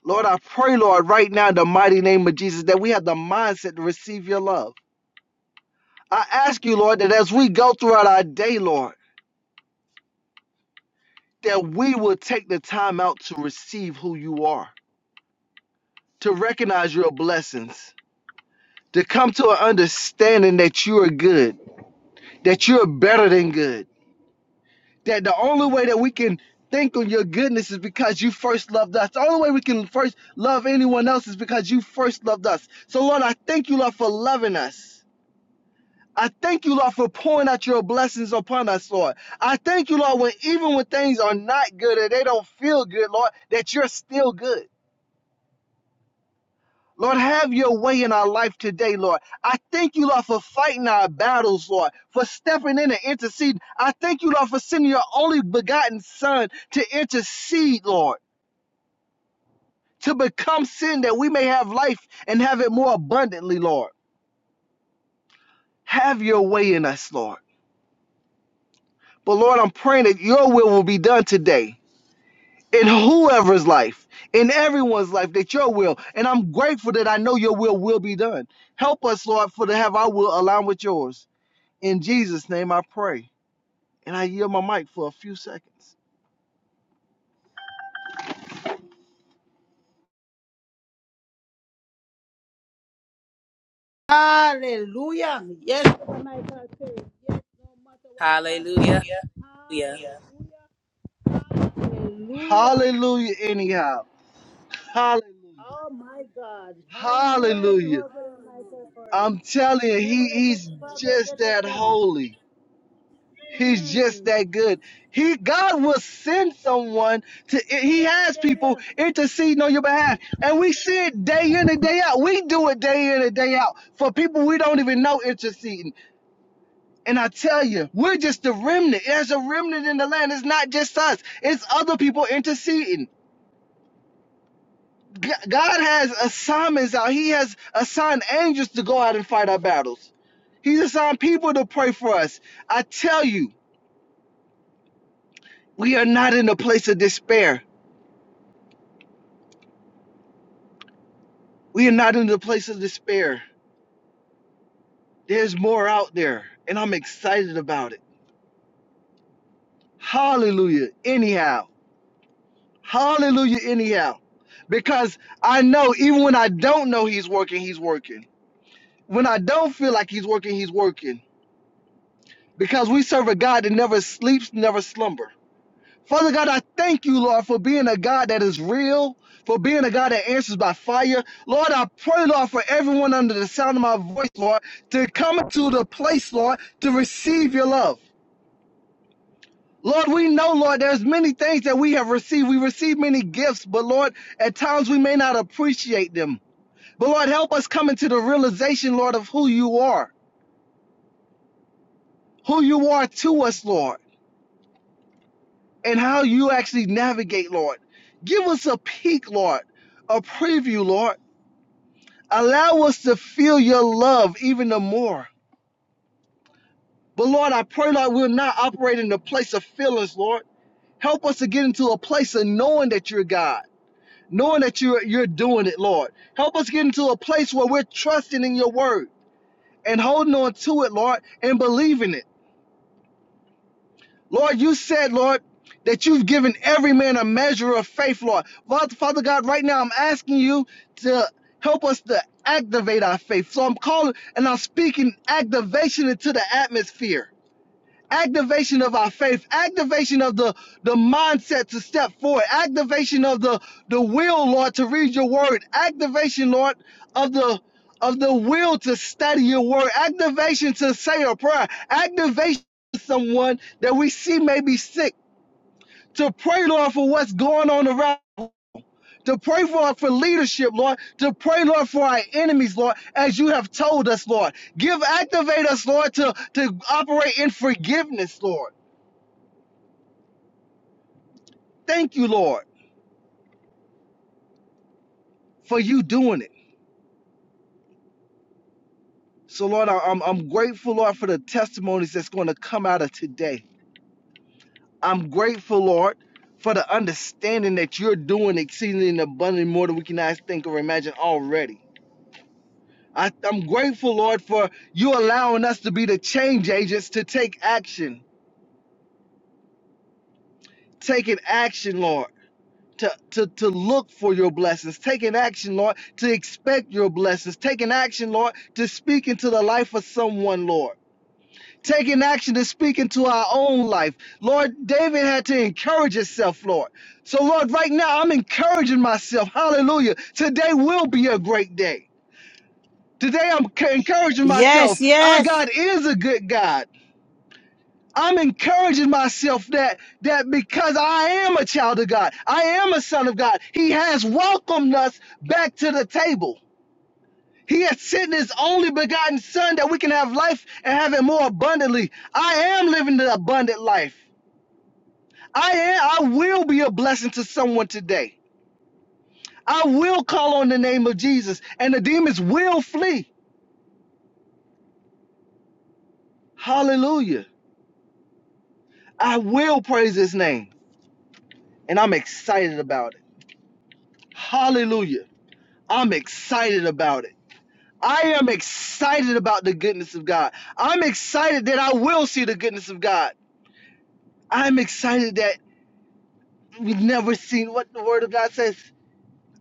[SPEAKER 4] Lord, I pray, Lord, right now in the mighty name of Jesus, that we have the mindset to receive your love. I ask you, Lord, that as we go throughout our day, Lord, that we will take the time out to receive who you are, to recognize your blessings, to come to an understanding that you are good, that you're better than good, that the only way that we can think on your goodness is because you first loved us. The only way we can first love anyone else is because you first loved us. So, Lord, I thank you, Lord, for loving us. I thank you, Lord, for pouring out your blessings upon us, Lord. I thank you, Lord, when even when things are not good and they don't feel good, Lord, that you're still good. Lord, have your way in our life today, Lord. I thank you, Lord, for fighting our battles, Lord, for stepping in and interceding. I thank you, Lord, for sending your only begotten Son to intercede, Lord, to become sin that we may have life and have it more abundantly, Lord. Have your way in us, Lord. But Lord, I'm praying that your will will be done today in whoever's life, in everyone's life, that your will. And I'm grateful that I know your will will be done. Help us, Lord, for to have our will align with yours. In Jesus' name I pray. And I yield my mic for a few seconds.
[SPEAKER 3] Hallelujah. Yes, Brother Michael Perry. Yes, no matter what
[SPEAKER 1] Hallelujah.
[SPEAKER 3] comes.
[SPEAKER 1] Hallelujah.
[SPEAKER 3] Hallelujah. Hallelujah.
[SPEAKER 4] Hallelujah, anyhow. Hallelujah.
[SPEAKER 3] Oh, my God. Hallelujah. Hallelujah,
[SPEAKER 4] Hallelujah.
[SPEAKER 3] Brother Michael Perry.
[SPEAKER 4] I'm telling you,
[SPEAKER 3] Never
[SPEAKER 4] he,
[SPEAKER 3] let us
[SPEAKER 4] he's
[SPEAKER 3] problem get
[SPEAKER 4] just
[SPEAKER 3] us
[SPEAKER 4] that
[SPEAKER 3] down.
[SPEAKER 4] holy. He's just
[SPEAKER 3] Mm.
[SPEAKER 4] that good. He God will send someone to He has
[SPEAKER 3] Tell
[SPEAKER 4] people
[SPEAKER 3] you.
[SPEAKER 4] interceding on your behalf. And we see it day in and day out. We do it day in and day out for people we don't even know interceding. And I tell you, we're just the remnant. There's a remnant in the land. It's not just us, it's other people interceding. God has assignments out. He has assigned angels to go out and fight our battles. He's assigned people to pray for us. I tell you, we are not in a place of despair. We are not in the place of despair. There's more out there, and I'm excited about it. Hallelujah, anyhow. Hallelujah, anyhow. Because I know even when I don't know He's working, He's working. When I don't feel like He's working, He's working. Because we serve a God that never sleeps, never slumber. Father God, I thank you, Lord, for being a God that is real, for being a God that answers by fire. Lord, I pray, Lord, for everyone under the sound of my voice, Lord, to come to the place, Lord, to receive your love. Lord, we know, Lord, there's many things that we have received. We receive many gifts, but Lord, at times we may not appreciate them. But Lord, help us come into the realization, Lord, of who you are, who you are to us, Lord, and how you actually navigate, Lord. Give us a peek, Lord, a preview, Lord Allow us to feel your love even the more. But Lord, I pray, Lord, we'll not operate in the place of feelings, Lord. Help us to get into a place of knowing that you're God, knowing that you're, you're doing it, Lord. Help us get into a place where we're trusting in your word and holding on to it, Lord, and believing it. Lord, you said, Lord, that you've given every man a measure of faith, Lord. Father, God, right now I'm asking you to help us to activate our faith. So I'm calling and I'm speaking activation into the atmosphere activation of our faith activation of the the mindset to step forward activation of the the will lord to read your word activation lord of the of the will to study your word activation to say a prayer activation to someone that we see may be sick to pray lord for what's going on around to pray for for leadership, Lord, to pray, Lord, for our enemies, Lord, as you have told us, Lord. Give activate us, Lord, to, to operate in forgiveness, Lord Thank you, Lord, for you doing it. So, Lord, I- I'm, I'm grateful, Lord, for the testimonies that's going to come out of today. I'm grateful, Lord, for the understanding that you're doing exceedingly and abundantly more than we can ask, think, or imagine already. I, I'm grateful, Lord, for you allowing us to be the change agents to take action. Taking action, Lord, to, to, to look for your blessings. Taking action, Lord, to expect your blessings. Taking action, Lord, to speak into the life of someone, Lord. taking action and speaking to our own life. Lord, David had to encourage himself, Lord. So, Lord, right now I'm encouraging myself. Hallelujah. Today will be a great day. Today I'm c- encouraging myself.
[SPEAKER 3] Yes,
[SPEAKER 4] Our
[SPEAKER 3] yes.
[SPEAKER 4] God is a good God. I'm encouraging myself that that because I am a child of God, I am a son of God. He has welcomed us back to the table. He has sent his only begotten son that we can have life and have it more abundantly. I am living the abundant life. I am, I will be a blessing to someone today. I will call on the name of Jesus and the demons will flee. Hallelujah. I will praise his name and I'm excited about it. Hallelujah. I'm excited about it. I am excited about the goodness of God. I'm excited that I will see the goodness of God. I'm excited that we've never seen what the word of God says.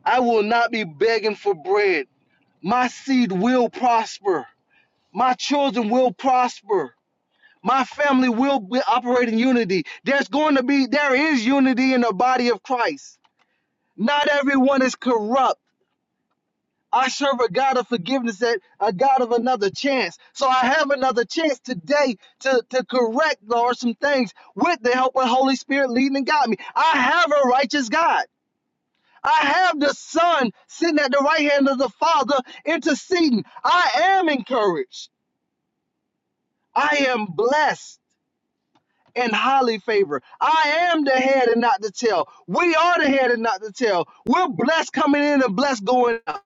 [SPEAKER 4] I will not be begging for bread. My seed will prosper. My children will prosper. My family will be, operate in unity. There's going to be, there is unity in the body of Christ. Not everyone is corrupt. I serve a God of forgiveness, that a God of another chance. So I have another chance today to, to correct, Lord, some things with the help of the Holy Spirit leading and guiding me. I have a righteous God. I have the Son sitting at the right hand of the Father interceding. I am encouraged. I am blessed. and highly favored. I am the head and not the tail. We are the head and not the tail. We're blessed coming in and blessed going out.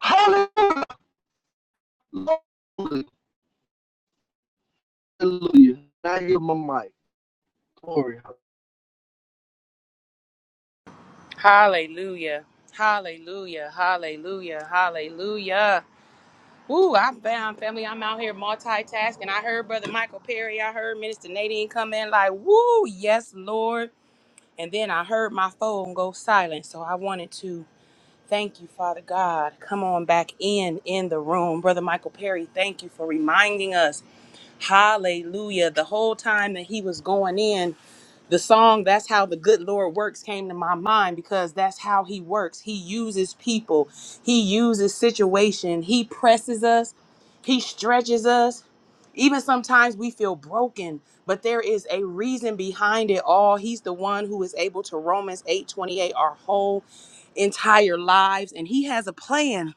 [SPEAKER 4] Hallelujah. Hallelujah. I hear my mic. Glory.
[SPEAKER 1] Hallelujah. Hallelujah. Hallelujah. Hallelujah. Ooh, I am bound, family. I'm out here multitasking. I heard Brother Michael Perry. I heard Minister Nadine come in like, woo, yes, Lord. And then I heard my phone go silent. So I wanted to thank you, Father God. Come on back in in the room. Brother Michael Perry, thank you for reminding us. Hallelujah. The whole time that he was going in, the song that's how the good lord works came to my mind because that's how he works he uses people he uses situation he presses us he stretches us even sometimes we feel broken but there is a reason behind it all he's the one who is able to romans 8 28 our whole entire lives and he has a plan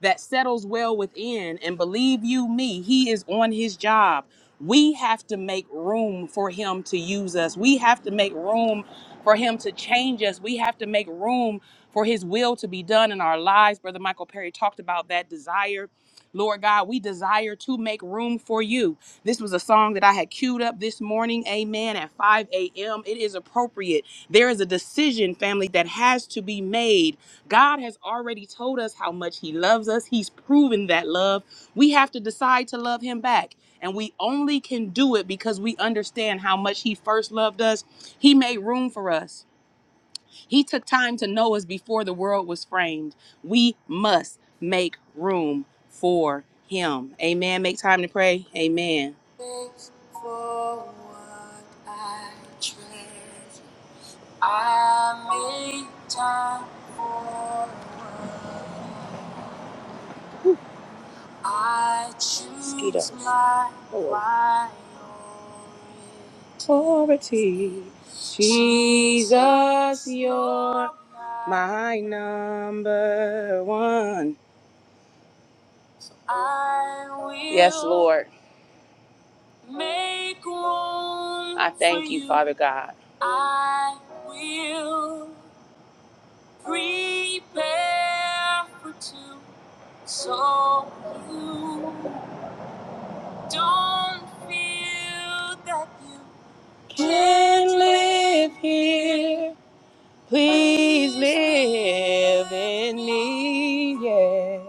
[SPEAKER 1] that settles well within and believe you me he is on his job we have to make room for him to use us. We have to make room for him to change us. We have to make room for his will to be done in our lives. Brother Michael Perry talked about that desire. Lord God, we desire to make room for you. This was a song that I had queued up this morning, amen, at 5 a.m. It is appropriate. There is a decision, family, that has to be made God has already told us how much He loves us. He's proven that love. We have to decide to love Him back. And we only can do it because we understand how much He first loved us. He made room for us, He took time to know us before the world was framed. We must make room for Him. Amen. Make time to pray. Amen. Authority. Jesus, you're my number one. Yes, Lord. Make room I thank you, Father God. I will prepare for two so you don't feel that you can live here. Please live in me, yeah.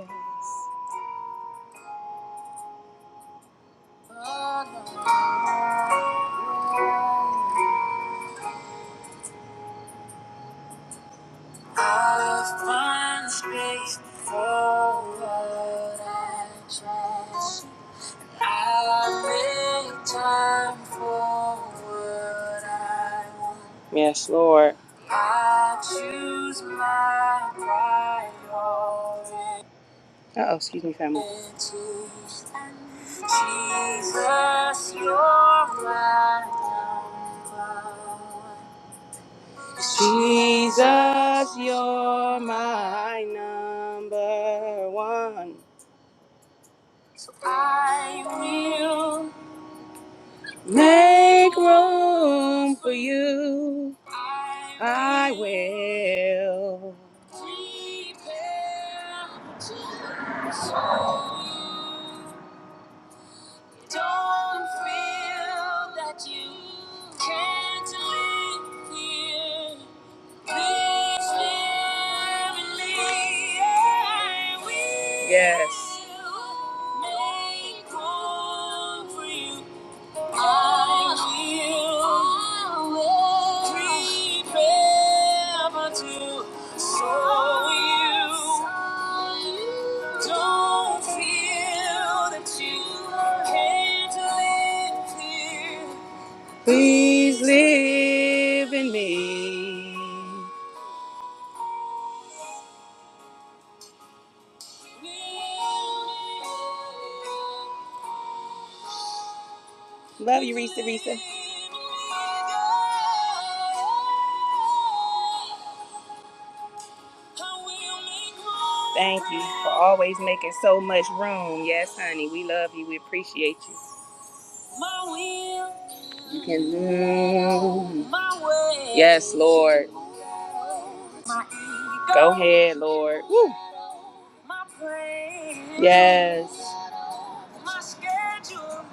[SPEAKER 1] Yes, Lord. I choose my pride. Uh oh, excuse me, family. Jesus, you're my pride. Jesus, you're my number one. I will make room for you. I will prepare to show you. Don't feel that you can't live here. Please live and leave. Yes. Make room for you. Please live in me. Love you, Risa, Risa. Thank you for always making so much room. Yes, honey, we love you. We appreciate you. My will. You can move. My way. Yes, Lord. My ego. Go ahead, Lord. Woo. My praise. Yes. My schedule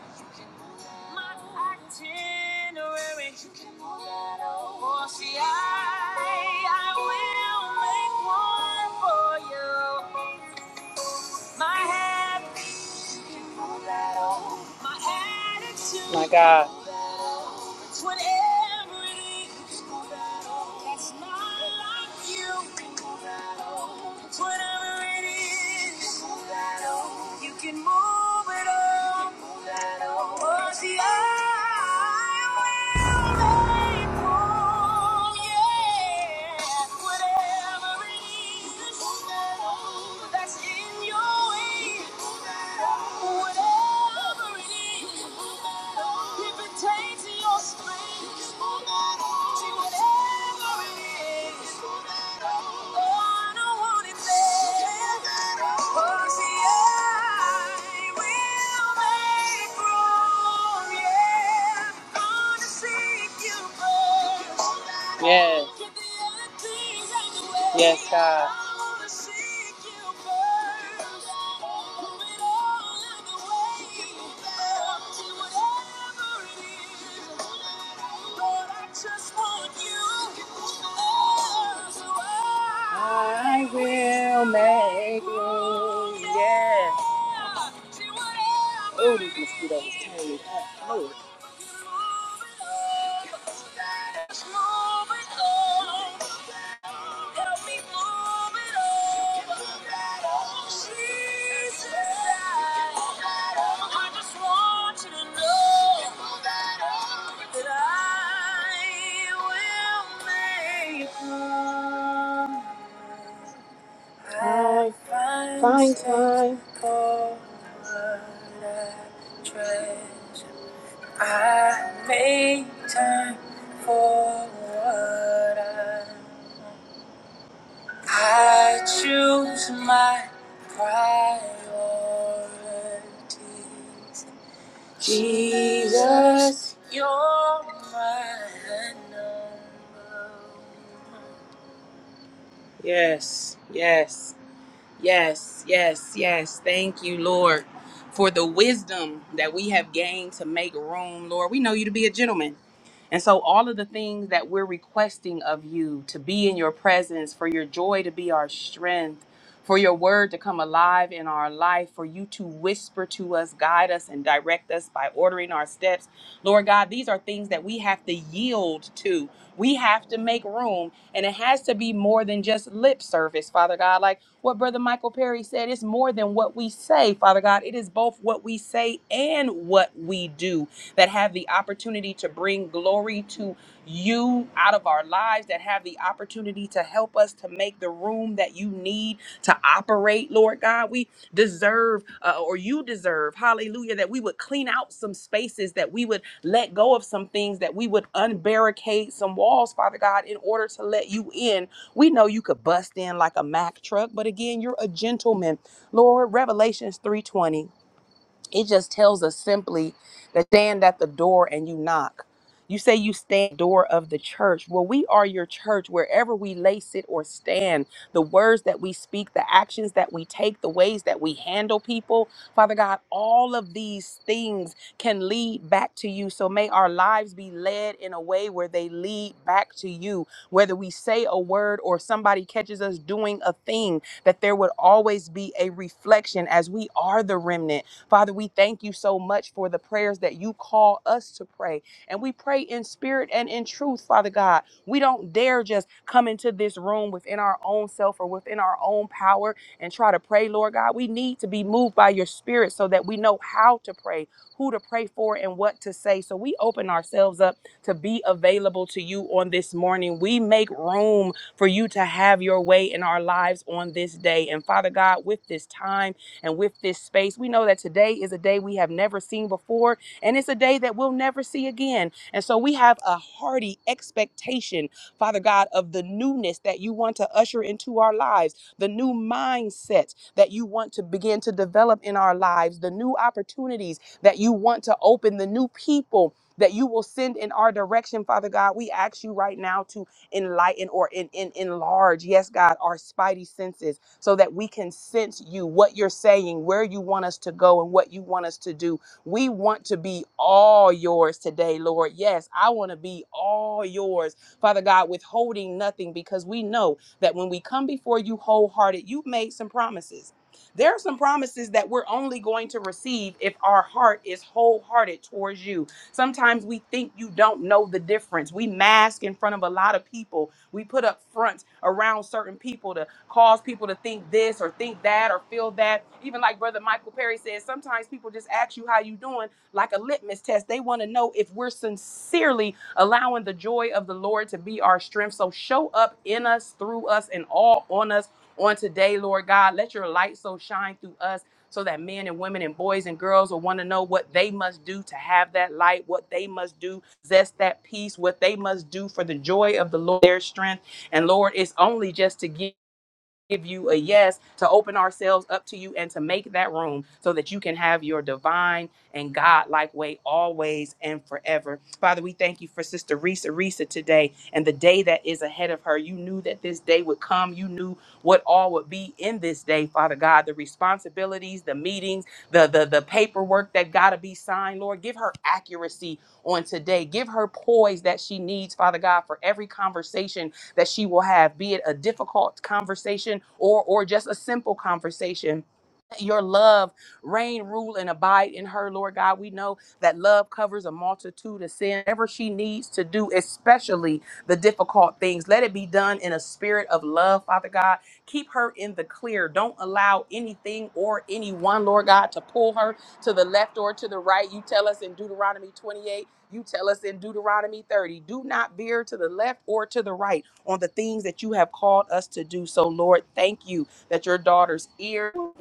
[SPEAKER 1] my itinerary. You can pull that over. Oh, see, I, I will make one for you. My happy, you can pull that over. My attitude. My God. It's whatever it is that's not like you. It's whatever it is, you can move it all. Cause the I will make room, yeah. Whatever it is that's in your way. Oh, Oh, yeah. Yes. Yes, God. I will make room. Yes. Oh, these mosquitoes is turning me up. Lord. I find time. for what I treasure. I make time for what I, I choose my priorities. Jesus, you're my number. one. Yes, yes. Yes, yes, yes. Thank you, Lord, for the wisdom that we have gained to make room, Lord. We know you to be a gentleman. And so, all of the things that we're requesting of you to be in your presence, for your joy to be our strength, for your word to come alive in our life, for you to whisper to us, guide us, and direct us by ordering our steps. Lord God, these are things that we have to yield to. We have to make room, and it has to be more than just lip service, Father God. Like what Brother Michael Perry said, it's more than what we say, Father God. It is both what we say and what we do that have the opportunity to bring glory to you out of our lives, that have the opportunity to help us to make the room that you need to operate, Lord God. We deserve uh, or you deserve, hallelujah, that we would clean out some spaces, that we would let go of some things, that we would unbarricade some walls, Father God, in order to let you in. We know you could bust in like a Mack truck, but again, you're a gentleman. Lord, Revelations 3:20. It just tells us simply that stand at the door and you knock. You say you stand at the door of the church. Well, we are your church wherever we lay, sit, or stand. The words that we speak, the actions that we take, the ways that we handle people, Father God, all of these things can lead back to you. So may our lives be led in a way where they lead back to you. Whether we say a word or somebody catches us doing a thing, that there would always be a reflection as we are the remnant Father, we thank you so much for the prayers that you call us to pray. And we pray in spirit and in truth, Father God. We don't dare just come into this room within our own self or within our own power and try to pray, Lord God. We need to be moved by your spirit so that we know how to pray, who to pray for, and what to say. So we open ourselves up to be available to you on this morning. We make room for you to have your way in our lives on this day. And Father God, with this time, and with this space. We know that today is a day we have never seen before, and it's a day that we'll never see again. And so we have a hearty expectation, Father God, of the newness that you want to usher into our lives, the new mindsets that you want to begin to develop in our lives, the new opportunities that you want to open, the new people. That you will send in our direction, Father God. We ask you right now to enlighten or in, in, enlarge, yes, God, our spidey senses so that we can sense you, what you're saying, where you want us to go, and what you want us to do. We want to be all yours today, Lord. Yes, I want to be all yours, Father God, withholding nothing because we know that when we come before you wholehearted, you've made some promises. There are some promises that we're only going to receive if our heart is wholehearted towards you. Sometimes we think you don't know the difference. We mask in front of a lot of people. We put up fronts around certain people cause people to think this or think that or feel that. Even like Brother Michael Perry says, sometimes people just ask you how you doing, like a litmus test. They want to know if we're sincerely allowing the joy of the Lord to be our strength. So show up in us, through us, and all on us on today, Lord God. Let your light so shine through us so that men and women and boys and girls will want to know what they must do to have that light, what they must do, zest that peace, what they must do for the joy of the Lord, their strength. And Lord, it's only just to give give you a yes, to open ourselves up to you, and to make that room so that you can have your divine and God like way always and forever. Father, we thank you for Sister Risa Risa today and the day that is ahead of her. You knew that this day would come. You knew what all would be in this day, Father God, the responsibilities, the meetings, the the, the paperwork that gotta be signed, Lord. Give her accuracy on today. Give her poise that she needs, Father God, for every conversation that she will have, be it a difficult conversation or or just a simple conversation your love reign, rule, and abide in her, Lord God. We know that love covers a multitude of sin. Whatever she needs to do, especially the difficult things, let it be done in a spirit of love, Father God. Keep her in the clear. Don't allow anything or anyone, Lord God, to pull her to the left or to the right. You tell us in Deuteronomy 28. You tell us in Deuteronomy 30, do not veer to the left or to the right on the things that you have called us to do. So, Lord, thank you that your daughter's ears, *laughs*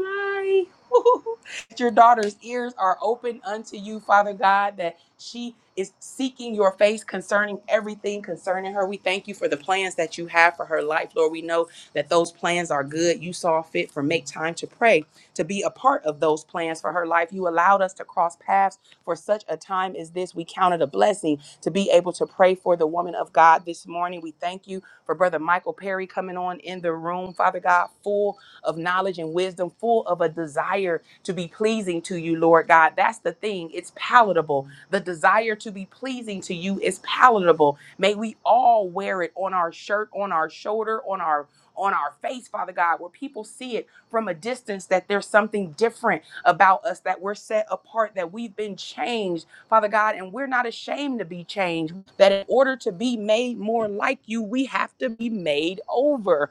[SPEAKER 1] that your daughter's ears are open unto you, Father God, that she is seeking your face concerning everything concerning her. We thank you for the plans that you have for her life. Lord, we know that those plans are good. You saw fit for make time to pray, to be a part of those plans for her life. You allowed us to cross paths for such a time as this. We count it a blessing to be able to pray for the woman of God this morning. We thank you for Brother Michael Perry coming on in the room, Father God, full of knowledge and wisdom, full of a desire to be pleasing to you, Lord God. That's the thing. It's palatable. The desire to be pleasing to you is palatable. May we all wear it on our shirt, on our shoulder, on our on our face, Father God, where people see it from a distance that there's something different about us, that we're set apart, that we've been changed, Father God, and we're not ashamed to be changed. That in order to be made more like you, we have to be made over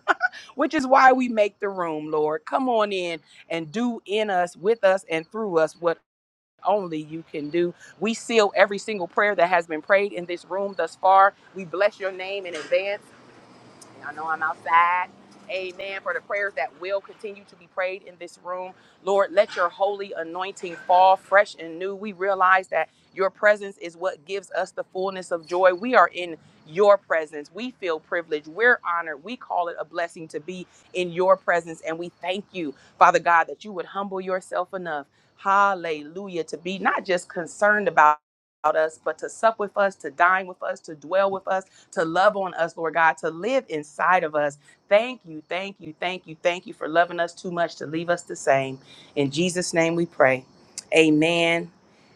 [SPEAKER 1] which is why we make the room, Lord. Come on in and do in us, with us, and through us what only you can do. We seal every single prayer that has been prayed in this room thus far. We bless your name in advance. Y'all know I'm outside. Amen. For the prayers that will continue to be prayed in this room. Lord, let your holy anointing fall fresh and new. We realize that your presence is what gives us the fullness of joy. We are in your presence. We feel privileged. We're honored. We call it a blessing to be in your presence. And we thank you, Father God, that you would humble yourself enough. Hallelujah. To be not just concerned about us, but to sup with us, to dine with us, to dwell with us to love on us, Lord God, to live inside of us. Thank you, thank you, thank you, thank you for loving us too much to leave us the same. In Jesus' name we pray. Amen,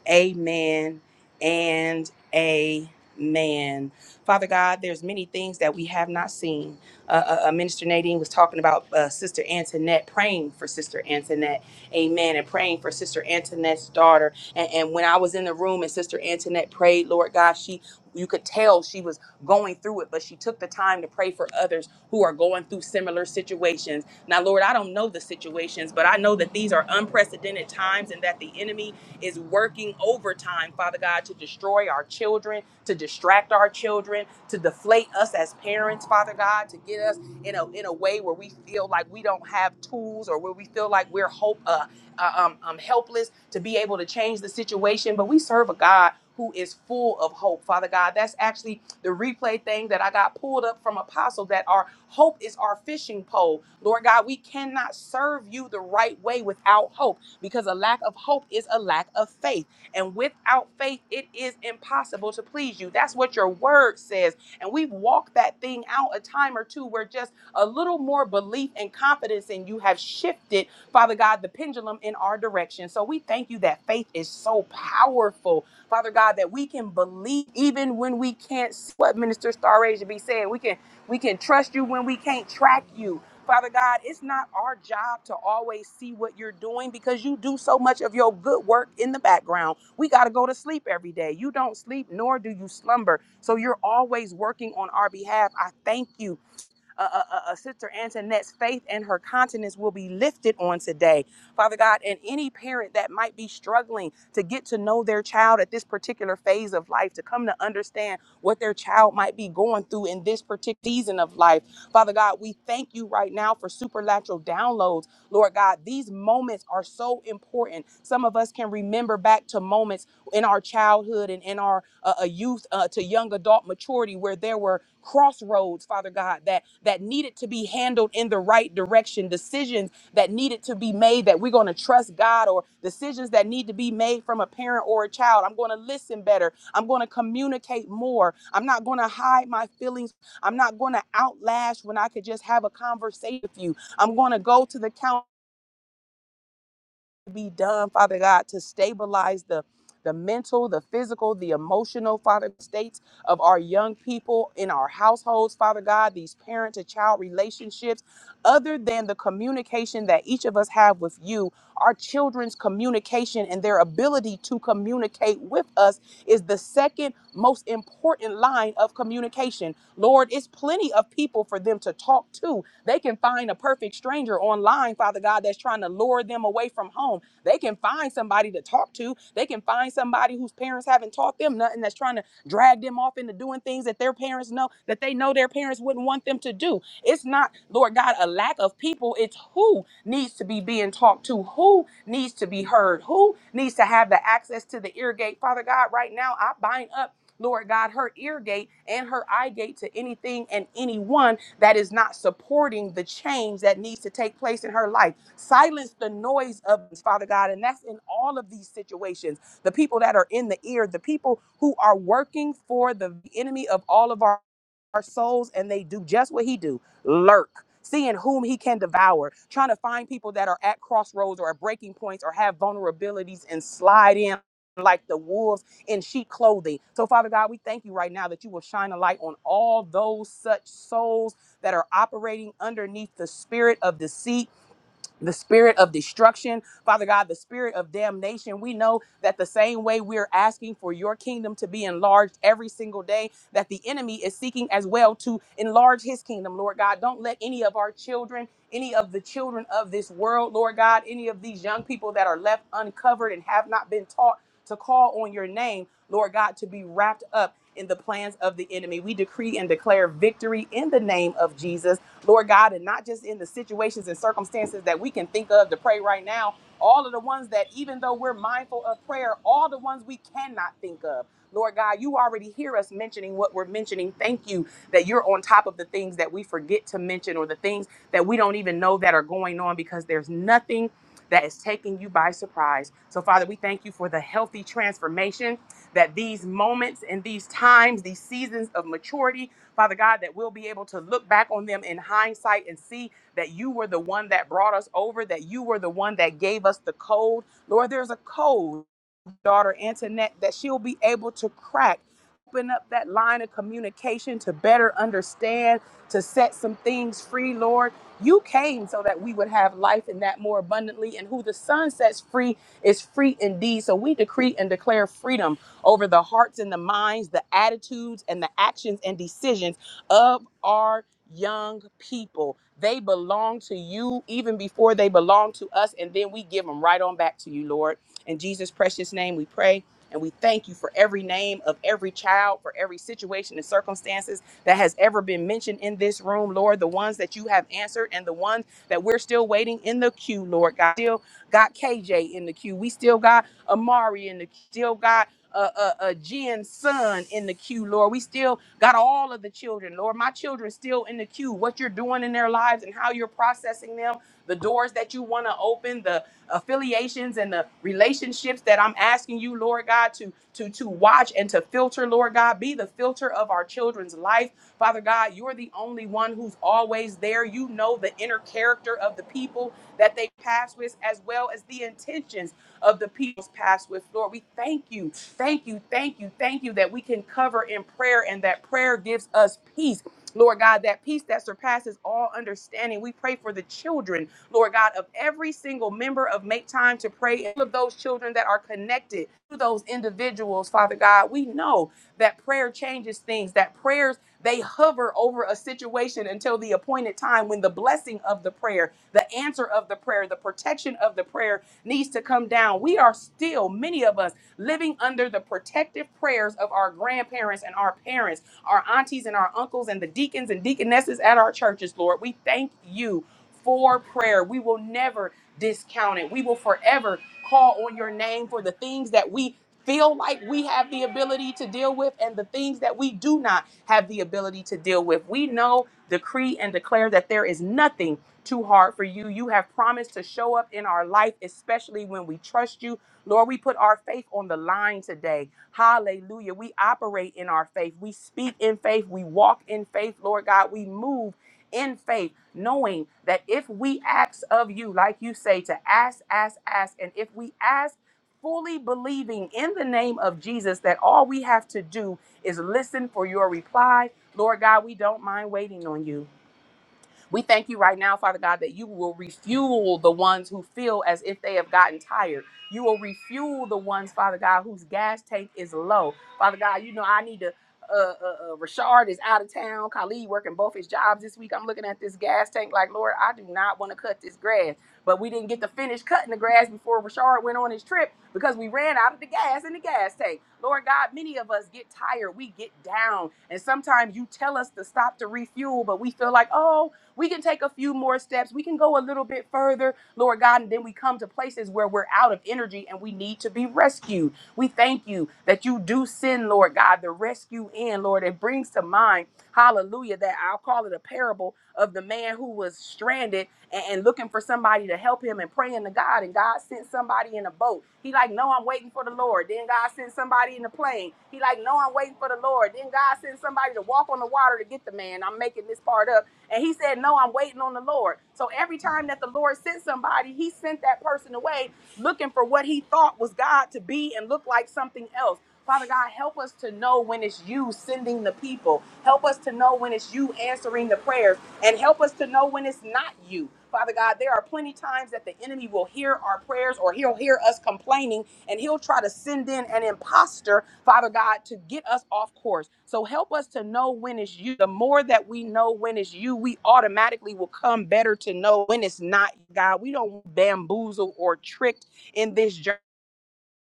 [SPEAKER 1] amen, and amen. Father God, there's many things that we have not seen. Uh, uh, uh, Minister Nadine was talking about uh, Sister Antoinette, praying for Sister Antoinette, amen, and praying for Sister Antoinette's daughter. And, and when I was in the room and Sister Antoinette prayed, Lord God, she you could tell she was going through it, but she took the time to pray for others who are going through similar situations. Now, Lord, I don't know the situations, but I know that these are unprecedented times and that the enemy is working overtime, Father God, to destroy our children, to distract our children, to deflate us as parents, Father God, to get us in a in a way where we feel like we don't have tools or where we feel like we're hope uh, uh, um, um, helpless to be able to change the situation. But we serve a God who is full of hope, Father God. That's actually the replay thing that I got pulled up from Apostle that our hope is our fishing pole. Lord God, we cannot serve you the right way without hope because a lack of hope is a lack of faith. And without faith, it is impossible to please you. That's what your word says. And we've walked that thing out a time or two where just a little more belief and confidence in you have shifted Father God, the pendulum in our direction. So we thank you that faith is so powerful, Father God, that we can believe even when we can't see what Minister Starage Asia be saying. We can we can trust you when we can't track you. Father God, it's not our job to always see what you're doing because you do so much of your good work in the background. We got to go to sleep every day. You don't sleep, nor do you slumber. So you're always working on our behalf. I thank you uh, uh, uh, uh, Sister Antoinette's faith and her continence will be lifted on today. Father God, and any parent that might be struggling to get to know their child at this particular phase of life, to come to understand what their child might be going through in this particular season of life. Father God, we thank you right now for supernatural downloads Lord God, these moments are so important. Some of us can remember back to moments in our childhood and in our uh, uh, youth uh, to young adult maturity where there were crossroads, Father God, that that needed to be handled in the right direction, decisions that needed to be made that we're going to trust God or decisions that need to be made from a parent or a child. I'm going to listen better. I'm going to communicate more. I'm not going to hide my feelings. I'm not going to outlash when I could just have a conversation with you I'm going to go to the county be done, Father God, to stabilize the the mental, the physical, the emotional, Father, states of our young people in our households, Father God, these parent to child relationships, other than the communication that each of us have with you, our children's communication and their ability to communicate with us is the second most important line of communication. Lord, it's plenty of people for them to talk to. They can find a perfect stranger online, Father God, that's trying to lure for them away from home. They can find somebody to talk to. They can find somebody whose parents haven't taught them nothing that's trying to drag them off into doing things that their parents know that they know their parents wouldn't want them to do. It's not, Lord God, a lack of people. It's who needs to be being talked to, who needs to be heard, who needs to have the access to the ear gate. Father God, right now I bind up. Lord God, her ear gate and her eye gate to anything and anyone that is not supporting the change that needs to take place in her life. Silence the noise of this, Father God. And that's in all of these situations. The people that are in the ear, the people who are working for the enemy of all of our, our souls, and they do just what he do, lurk. Seeing whom he can devour, trying to find people that are at crossroads or at breaking points or have vulnerabilities and slide in like the wolves in sheep clothing. So, Father God, we thank you right now that you will shine a light on all those such souls that are operating underneath the spirit of deceit the spirit of destruction, Father God, the spirit of damnation. We know that the same way we're asking for your kingdom to be enlarged every single day, that the enemy is seeking as well to enlarge his kingdom, Lord God. Don't let any of our children, any of the children of this world, Lord God, any of these young people that are left uncovered and have not been taught to call on your name, Lord God, to be wrapped up in the plans of the enemy. We decree and declare victory in the name of Jesus. Lord God, and not just in the situations and circumstances that we can think of to pray right now, all of the ones that, even though we're mindful of prayer, all the ones we cannot think of. Lord God, you already hear us mentioning what we're mentioning. Thank you that you're on top of the things that we forget to mention or the things that we don't even know that are going on because there's nothing that is taking you by surprise. So, Father, we thank you for the healthy transformation that these moments and these times, these seasons of maturity, Father God, that we'll be able to look back on them in hindsight and see that you were the one that brought us over, that you were the one that gave us the code. Lord, there's a code daughter Antoinette that she'll be able to crack, open up that line of communication to better understand, to set some things free, Lord. You came so that we would have life in that more abundantly, and who the Son sets free is free indeed. So we decree and declare freedom over the hearts and the minds, the attitudes and the actions and decisions of our young people. They belong to you even before they belong to us, and then we give them right on back to you, Lord. In Jesus' precious name, we pray. And we thank you for every name of every child, for every situation and circumstances that has ever been mentioned in this room, Lord. The ones that you have answered and the ones that we're still waiting in the queue, Lord God. Still got KJ in the queue. We still got Amari in the queue. Still got uh, uh, uh, Jen's son in the queue, Lord. We still got all of the children, Lord. My children still in the queue. What you're doing in their lives and how you're processing them, the doors that you want to open, affiliations and the relationships that I'm asking you, Lord God, to to to watch and to filter, Lord God, be the filter of our children's life. Father God, you're the only one who's always there. You know the inner character of the people that they pass with as well as the intentions of the people's pass with. Lord, we thank you. Thank you. Thank you. Thank you that we can cover in prayer and that prayer gives us peace. Lord God, that peace that surpasses all understanding. We pray for the children Lord God, of every single member of Make Time to Pray and all of those children that are connected to those individuals, Father God. We know that prayer changes things, that prayers they hover over a situation until the appointed time when the blessing of the prayer, the answer of the prayer, the protection of the prayer needs to come down. We are still, many of us, living under the protective prayers of our grandparents and our parents, our aunties and our uncles, and the deacons and deaconesses at our churches, Lord. We thank you for prayer. We will never discount it. We will forever call on your name for the things that we feel like we have the ability to deal with and the things that we do not have the ability to deal with. We know, decree, and declare that there is nothing too hard for you. You have promised to show up in our life, especially when we trust you. Lord, we put our faith on the line today. Hallelujah. We operate in our faith. We speak in faith. We walk in faith, Lord God. We move in faith, knowing that if we ask of you, like you say, to ask, ask, ask, and if we ask, fully believing in the name of Jesus that all we have to do is listen for your reply. Lord God, we don't mind waiting on you. We thank you right now, Father God, that you will refuel the ones who feel as if they have gotten tired. You will refuel the ones, Father God, whose gas tank is low. Father God, you know, I need to. Uh, uh, uh, Rashard is out of town. Khalid working both his jobs this week. I'm looking at this gas tank like, Lord, I do not want to cut this grass. But we didn't get to finish cutting the grass before Rashard went on his trip because we ran out of the gas in the gas tank. Lord God, many of us get tired. We get down. And sometimes you tell us to stop to refuel, but we feel like, oh, we can take a few more steps. We can go a little bit further, Lord God, and then we come to places where we're out of energy and we need to be rescued. We thank you that you do send, Lord God, the rescue in, Lord. It brings to mind, hallelujah, that I'll call it a parable of the man who was stranded and, and looking for somebody to help him and praying to God. And God sent somebody in a boat. He like, no, I'm waiting for the Lord. Then God sent somebody in a plane. He like, no, I'm waiting for the Lord. Then God sent somebody to walk on the water to get the man. I'm making this part up. And he said, no, I'm waiting on the Lord. So every time that the Lord sent somebody, he sent that person away looking for what he thought was God to be and look like something else. Father God, help us to know when it's you sending the people. Help us to know when it's you answering the prayers. And help us to know when it's not you. Father God, there are plenty times that the enemy will hear our prayers or he'll hear us complaining and he'll try to send in an imposter, Father God, to get us off course. So help us to know when it's you. The more that we know when it's you, we automatically will come better to know when it's not God. We don't bamboozle or tricked in this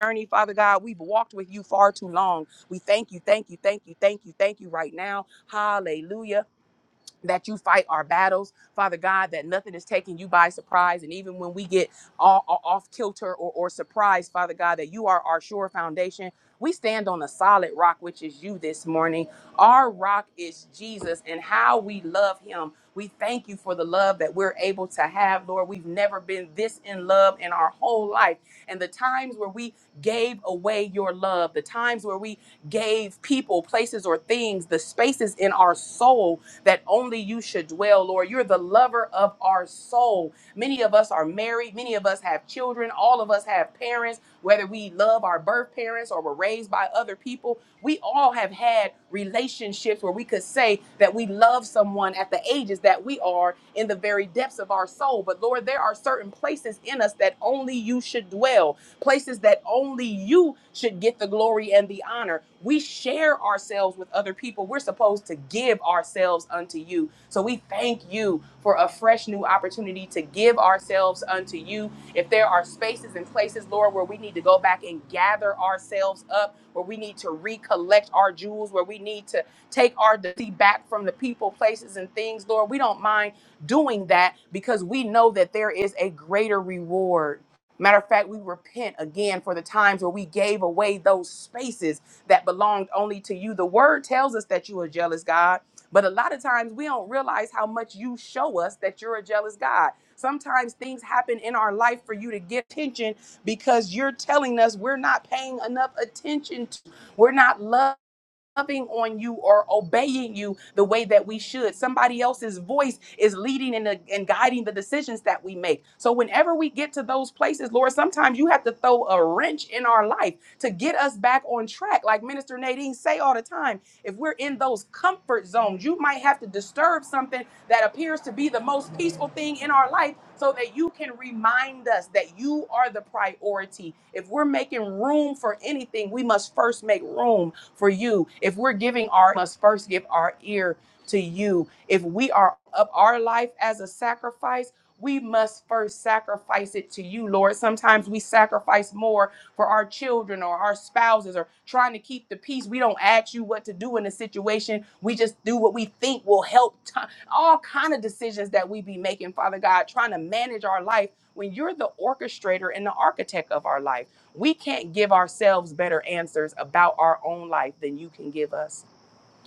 [SPEAKER 1] journey, Father God. We've walked with you far too long. We thank you, thank you, thank you, thank you, thank you right now. Hallelujah that you fight our battles, Father God, that nothing is taking you by surprise. And even when we get all, all- off kilter or, or surprised, Father God, that you are our sure foundation. We stand on a solid rock, which is you this morning. Our rock is Jesus and how we love him. We thank you for the love that we're able to have, Lord. We've never been this in love in our whole life. And the times where we gave away your love, the times where we gave people, places, or things, the spaces in our soul that only you should dwell, Lord. You're the lover of our soul. Many of us are married, many of us have children, all of us have parents, whether we love our birth parents or were raised by other people. We all have had relationships where we could say that we love someone at the ages that we are in the very depths of our soul. But Lord, there are certain places in us that only you should dwell places that only you should get the glory and the honor. We share ourselves with other people. We're supposed to give give ourselves unto you. So we thank you for a fresh new opportunity to give ourselves unto you. If there are spaces and places, Lord, where we need to go back and gather ourselves up, where we need to recollect our jewels, where we need to take our defeat back from the people, places, and things, Lord, we don't mind doing that because we know that there is a greater reward. Matter of fact, we repent again for the times where we gave away those spaces that belonged only to you. The word tells us that you are jealous, God. But a lot of times we don't realize how much you show us that you're a jealous God. Sometimes things happen in our life for you to get attention because you're telling us we're not paying enough attention to, we're not loving loving on you or obeying you the way that we should. Somebody else's voice is leading and, uh, and guiding the decisions that we make. So, whenever we get to those places, Lord, sometimes you have to throw a wrench in our life to get us back on track. Like Minister Nadine say all the time, if we're in those comfort zones, you might have to disturb something that appears to be the most peaceful thing in our life so that you can remind us that you are the priority. If we're making room for anything, we must first make room for you. If we're giving our must first give our ear to you. If we are up our life as a sacrifice, we must first sacrifice it to you, Lord. Sometimes we sacrifice more for our children or our spouses or trying to keep the peace. We don't ask you what to do in a situation. We just do what we think will help. ti- all kind of decisions that we be making, Father God, trying to manage our life when you're the orchestrator and the architect of our life. We can't give ourselves better answers about our own life than you can give us.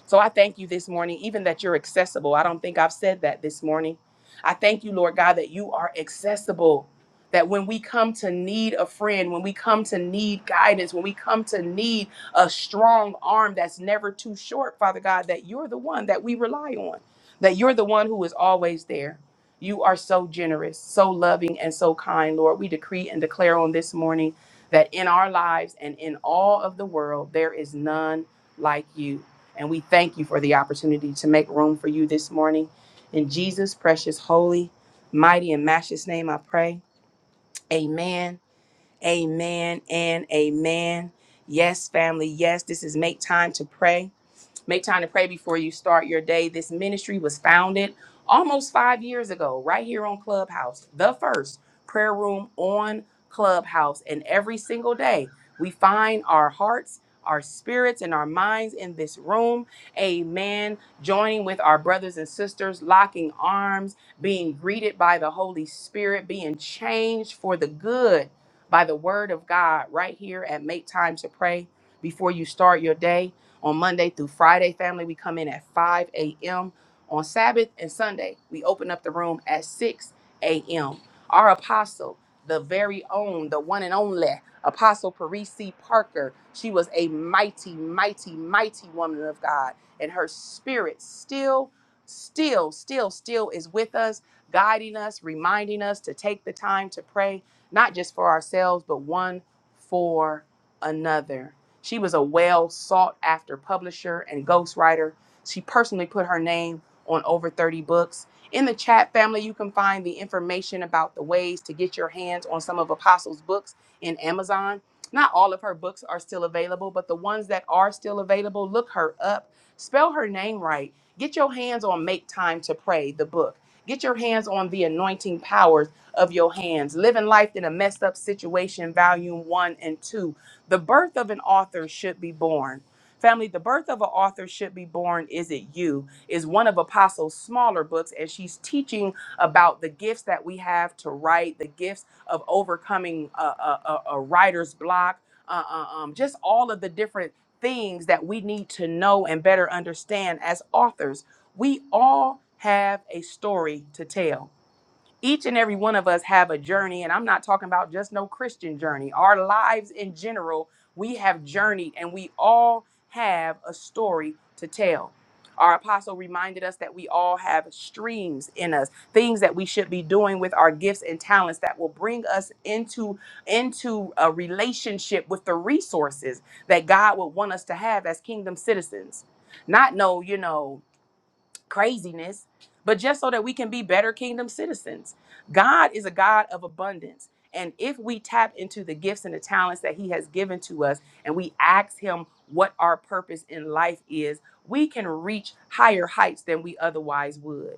[SPEAKER 1] So I thank you this morning, even that you're accessible. I don't think I've said that this morning. I thank you, Lord God, that you are accessible. That when we come to need a friend, when we come to need guidance, when we come to need a strong arm that's never too short, Father God, that you're the one that we rely on, that you're the one who is always there. You are so generous, so loving, and so kind, Lord. We decree and declare on this morning that in our lives and in all of the world, there is none like you. And we thank you for the opportunity to make room for you this morning. In Jesus' precious, holy, mighty, and matchless name, I pray. Amen, amen, and amen. Yes, family, yes, this is Make Time to Pray. Make time to pray before you start your day. This ministry was founded almost five years ago, right here on Clubhouse, the first prayer room on Clubhouse. And every single day, we find our hearts, our spirits, and our minds in this room. Amen. Joining with our brothers and sisters, locking arms, being greeted by the Holy Spirit, being changed for the good by the word of God right here at Make Time to Pray before you start your day. On Monday through Friday, family, we come in at 5 a.m. On Sabbath and Sunday, we open up the room at 6 a.m. Our apostle, the very own, the one and only Apostle Parisi Parker, she was a mighty, mighty, mighty woman of God, and her spirit still, still, still, still is with us, guiding us, reminding us to take the time to pray, not just for ourselves, but one for another. She was a well sought after publisher and ghostwriter. She personally put her name on over 30 books. In the chat family, you can find the information about the ways to get your hands on some of Apostle's books in Amazon. Not all of her books are still available, but the ones that are still available, look her up. Spell her name right. Get your hands on Make Time to Pray, the book. Get your hands on The Anointing Powers of Your Hands, Living Life in a Messed Up Situation, Volume 1 and 2. The birth of an author should be born. Family, the birth of an author should be born. Is it you? Is one of Apostle's smaller books, and she's teaching about the gifts that we have to write, the gifts of overcoming a, a, a- a writer's block, uh, uh, um, just all of the different things that we need to know and better understand as authors. We all have a story to tell each and every one of us have a journey and i'm not talking about just no christian journey our lives in general we have journeyed and we all have a story to tell our apostle reminded us that we all have streams in us things that we should be doing with our gifts and talents that will bring us into into a relationship with the resources that god would want us to have as kingdom citizens not no you know craziness, but just so that we can be better kingdom citizens. God is a God of abundance. And if we tap into the gifts and the talents that He has given to us and we ask Him what our purpose in life is, we can reach higher heights than we otherwise would.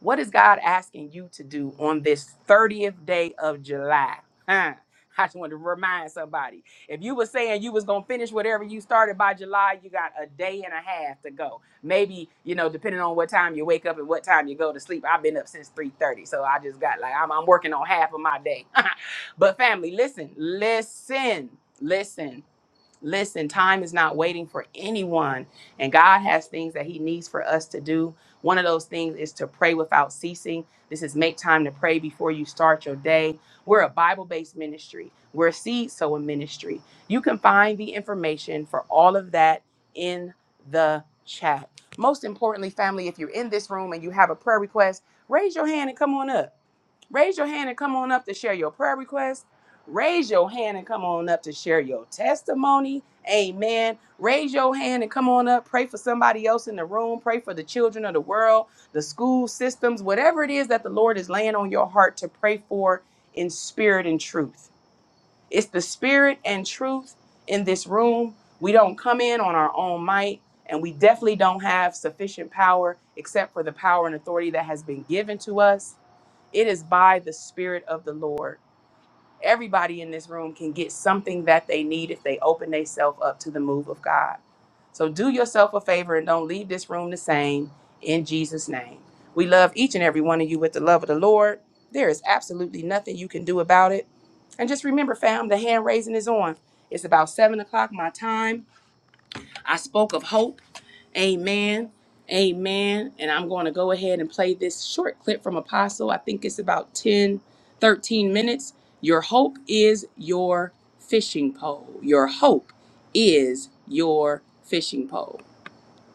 [SPEAKER 1] What is God asking you to do on this 30th day of July? Huh? I just wanted to remind somebody. If you were saying you was gonna finish whatever you started by July, you got a day and a half to go. Maybe you know, depending on what time you wake up and what time you go to sleep. I've been up since three thirty, so I just got like I'm, I'm working on half of my day. *laughs* but family, listen, listen, listen. Listen, time is not waiting for anyone, and God has things that He needs for us to do. One of those things is to pray without ceasing. This is make time to pray before you start your day. We're a Bible based ministry, we're a seed sowing ministry. You can find the information for all of that in the chat. Most importantly, family, if you're in this room and you have a prayer request, raise your hand and come on up. Raise your hand and come on up to share your prayer request. Raise your hand and come on up to share your testimony. Amen. Raise your hand and come on up. Pray for somebody else in the room. Pray for the children of the world, the school systems, whatever it is that the Lord is laying on your heart to pray for in spirit and truth. It's the spirit and truth in this room. We don't come in on our own might, and we definitely don't have sufficient power except for the power and authority that has been given to us. It is by the Spirit of the Lord. Everybody in this room can get something that they need if they open themselves up to the move of God. So do yourself a favor and don't leave this room the same in Jesus' name. We love each and every one of you with the love of the Lord. There is absolutely nothing you can do about it. And just remember, fam, the hand raising is on. It's about seven o'clock my time. I spoke of hope. Amen. Amen. And I'm going to go ahead and play this short clip from Apostle. I think it's about 10, 13 minutes. Your hope is your fishing pole. Your hope is your fishing pole.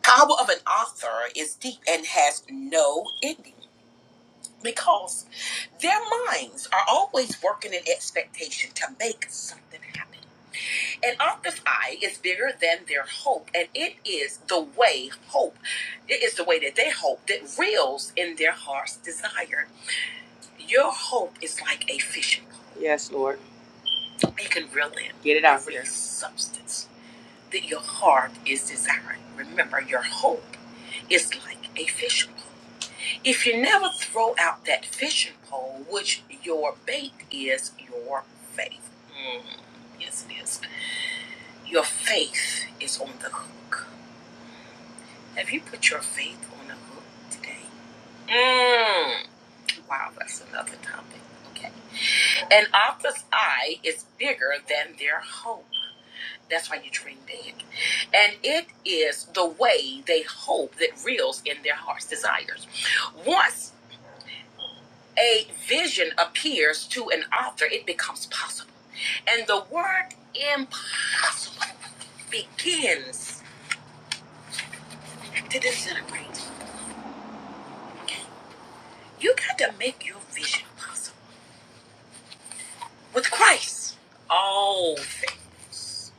[SPEAKER 1] Power of an author is deep and has no ending because their minds are always working in expectation to make something happen. An octa's eye is bigger than their hope, and it is the way hope, it is the way that they hope that reels in their heart's desire. Your hope is like a fishing pole. Yes, Lord. It can reel in. Get it out every there. Substance that your heart is desiring. Remember, your hope is like a fishing pole. If you never throw out that fishing pole, which your bait is your faith. Mm, yes, it is Your faith is on the hook. Have you put your faith on the hook today? Mm. Wow, that's another topic. Okay. An author's eye is bigger than their hope. That's why you dream big. And it is the way they hope that reels in their heart's desires. Once a vision appears to an author, it becomes possible. And the word impossible begins to disintegrate. You got to make your vision possible. With Christ, all things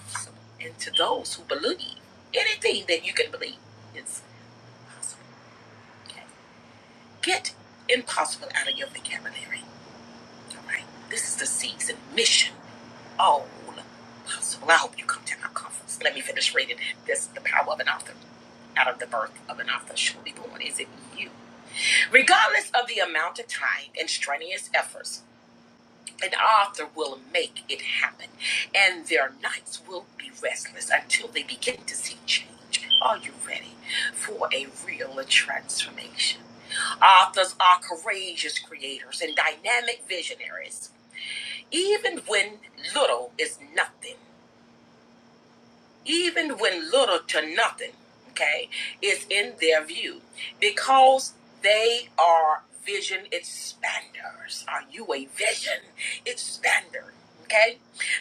[SPEAKER 1] are possible. And to those who believe, anything that you can believe is possible. Okay? Get impossible out of your vocabulary. All right? This is the season mission. All possible. I hope you come to our conference. Let me finish reading this The Power of an Author out of the birth of an author shall be born. Is it you? Regardless of the amount of time and strenuous efforts An author will make it happen, and their nights will be restless until they begin to see change. Are you ready for a real transformation? Authors are courageous creators and dynamic visionaries, even when little is nothing even when little to nothing, okay, is in their view, because they are vision expanders. Are you a vision expander? Okay?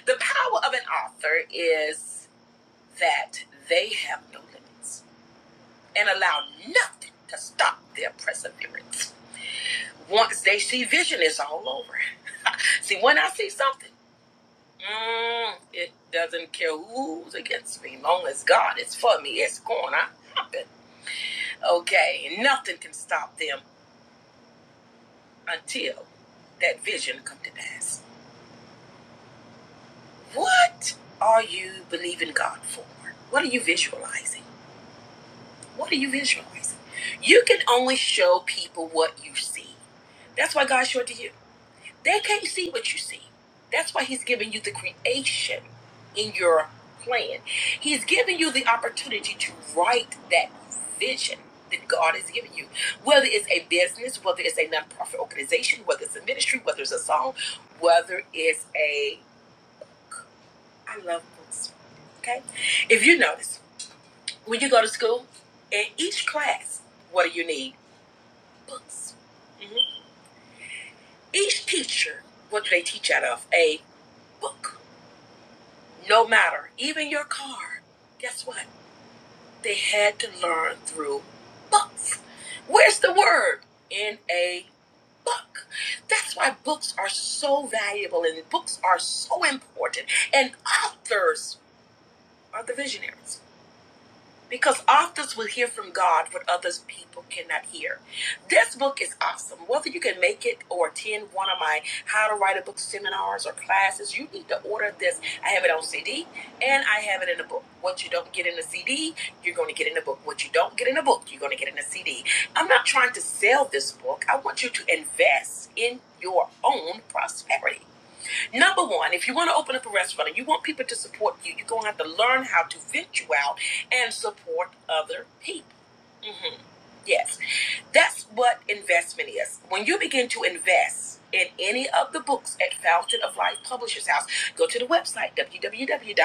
[SPEAKER 1] The power of an author is that they have no limits and allow nothing to stop their perseverance. Once they see vision, it's all over. *laughs* see, when I see something, Mm, it doesn't care who's against me, long as God is for me. It's gonna happen. Okay, and nothing can stop them until that vision come to pass. What are you believing God for? What are you visualizing? What are you visualizing? You can only show people what you see. That's why God showed it to you. They can't see what you see. That's why he's giving you the creation in your plan. He's giving you the opportunity to write that vision that God has given you. Whether it's a business, whether it's a nonprofit organization, whether it's a ministry, whether it's a song, whether it's a I love books. Okay? If you notice, when you go to school, in each class, what do you need? Books. Mhm. Each teacher, what do they teach out of? A book No matter, even your car. Guess what? They had to learn through books. Where's the word? In a book. That's why books are so valuable and books are so important. And authors are the visionaries because authors will hear from God what others people cannot hear. This book is awesome. Whether you can make it or attend one of my how to write a book seminars or classes, you need to order this. I have it on CD and I have it in a book. What you don't get in a CD, you're going to get in a book. What you don't get in a book, you're going to get in a CD. I'm not trying to sell this book. I want you to invest in your own prosperity. Number one, if you want to open up a restaurant and you want people to support you, you're going to have to learn how to venture out and support other people. hmm Yes. That's what investment is. When you begin to invest in any of the books at Fountain of Life Publishers House, go to the website www.the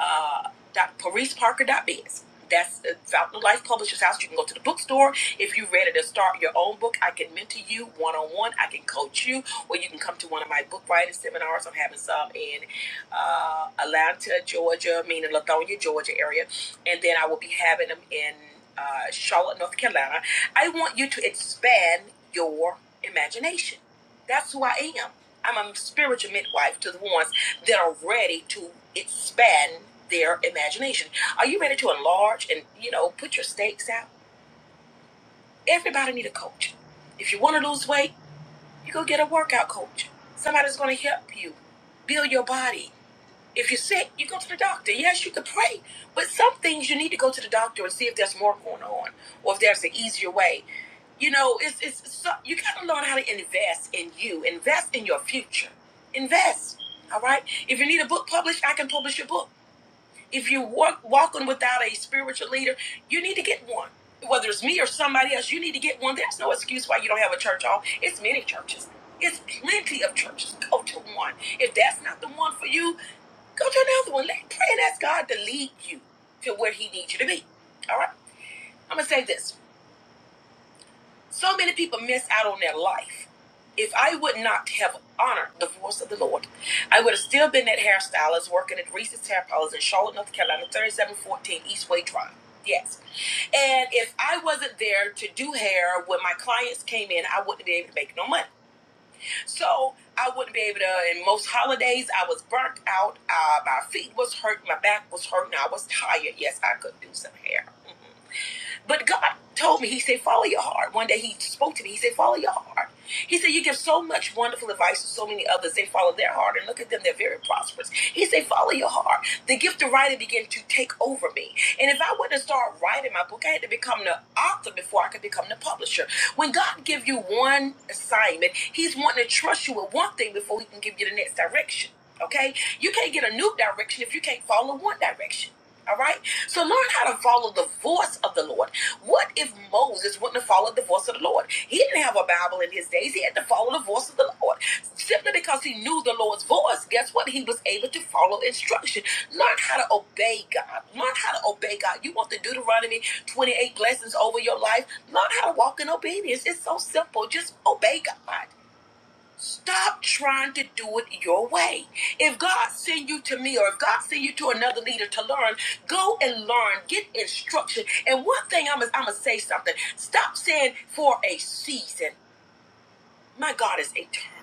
[SPEAKER 1] uh, dot parise parker. dot biz. That's uh, Fountain of Life Publishers House. You can go to the bookstore. If you're ready to start your own book, I can mentor you one on one. I can coach you, or you can come to one of my book writing seminars. I'm having some in uh, Atlanta, Georgia, meaning Lithonia, Georgia area. And then I will be having them in uh, Charlotte, North Carolina I want you to expand your imagination. That's who I am. I'm a spiritual midwife to the ones that are ready to expand their imagination. Are you ready to enlarge and, you know, put your stakes out? Everybody need a coach. If you want to lose weight, you go get a workout coach. Somebody's going to help you build your body. If you're sick, you go to the doctor. Yes, you can pray, but some things you need to go to the doctor and see if there's more going on or if there's an easier way you know, it's it's so, you gotta learn how to invest in you, invest in your future, invest. All right. If you need a book published, I can publish your book. If you walk walking without a spiritual leader, you need to get one. Whether it's me or somebody else, you need to get one. There's no excuse why you don't have a church home. It's many churches. It's plenty of churches. Go to one. If that's not the one for you, go to another one. Let pray and ask God to lead you to where He needs you to be. All right. I'm gonna say this. So many people miss out on their life. If I would not have honored the voice of the Lord, I would have still been that hairstylist working at Reese's Hair Parlors in Charlotte, North Carolina, 3714 Eastway Drive. Yes. And if I wasn't there to do hair when my clients came in, I wouldn't be able to make no money. So I wouldn't be able to. In most holidays, I was burnt out. Uh, my feet was hurt. My back was hurt, and I was tired. Yes, I could do some hair. Mm-hmm. But God told me, He said, follow your heart. One day He spoke to me, He said, follow your heart. He said, you give so much wonderful advice to so many others. They follow their heart and look at them, they're very prosperous. He said, follow your heart. The gift of writing began to take over me. And if I wouldn't start writing my book, I had to become the author before I could become the publisher. When God gives you one assignment, He's wanting to trust you with one thing before He can give you the next direction. Okay? You can't get a new direction if you can't follow one direction. All right? So learn how to follow the voice of the Lord. What if Moses wouldn't have followed the voice of the Lord? He didn't have a Bible in his days. He had to follow the voice of the Lord. Simply because he knew the Lord's voice, guess what? He was able to follow instruction. Learn how to obey God. Learn how to obey God. You want the Deuteronomy 28 blessings over your life? Learn how to walk in obedience. It's so simple. Just obey God. Stop trying to do it your way. If God send you to me or if God send you to another leader to learn, go and learn, get instruction. And one thing I'm gonna I'm gonna say something. Stop saying for a season. My God is eternal.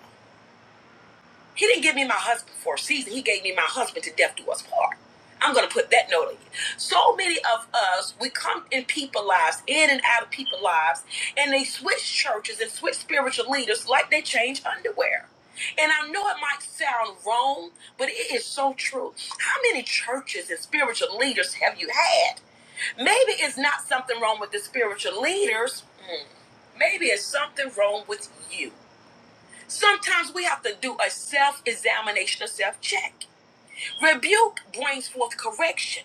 [SPEAKER 1] He didn't give me my husband for a season. He gave me my husband to death do us part. I'm going to put that note in. you. So many of us, we come in people lives, in and out of people lives, and they switch churches and switch spiritual leaders like they change underwear. And I know it might sound wrong, but it is so true. How many churches and spiritual leaders have you had? Maybe it's not something wrong with the spiritual leaders. Hmm. Maybe it's something wrong with you. Sometimes we have to do a self examination, a self check. Rebuke brings forth correction.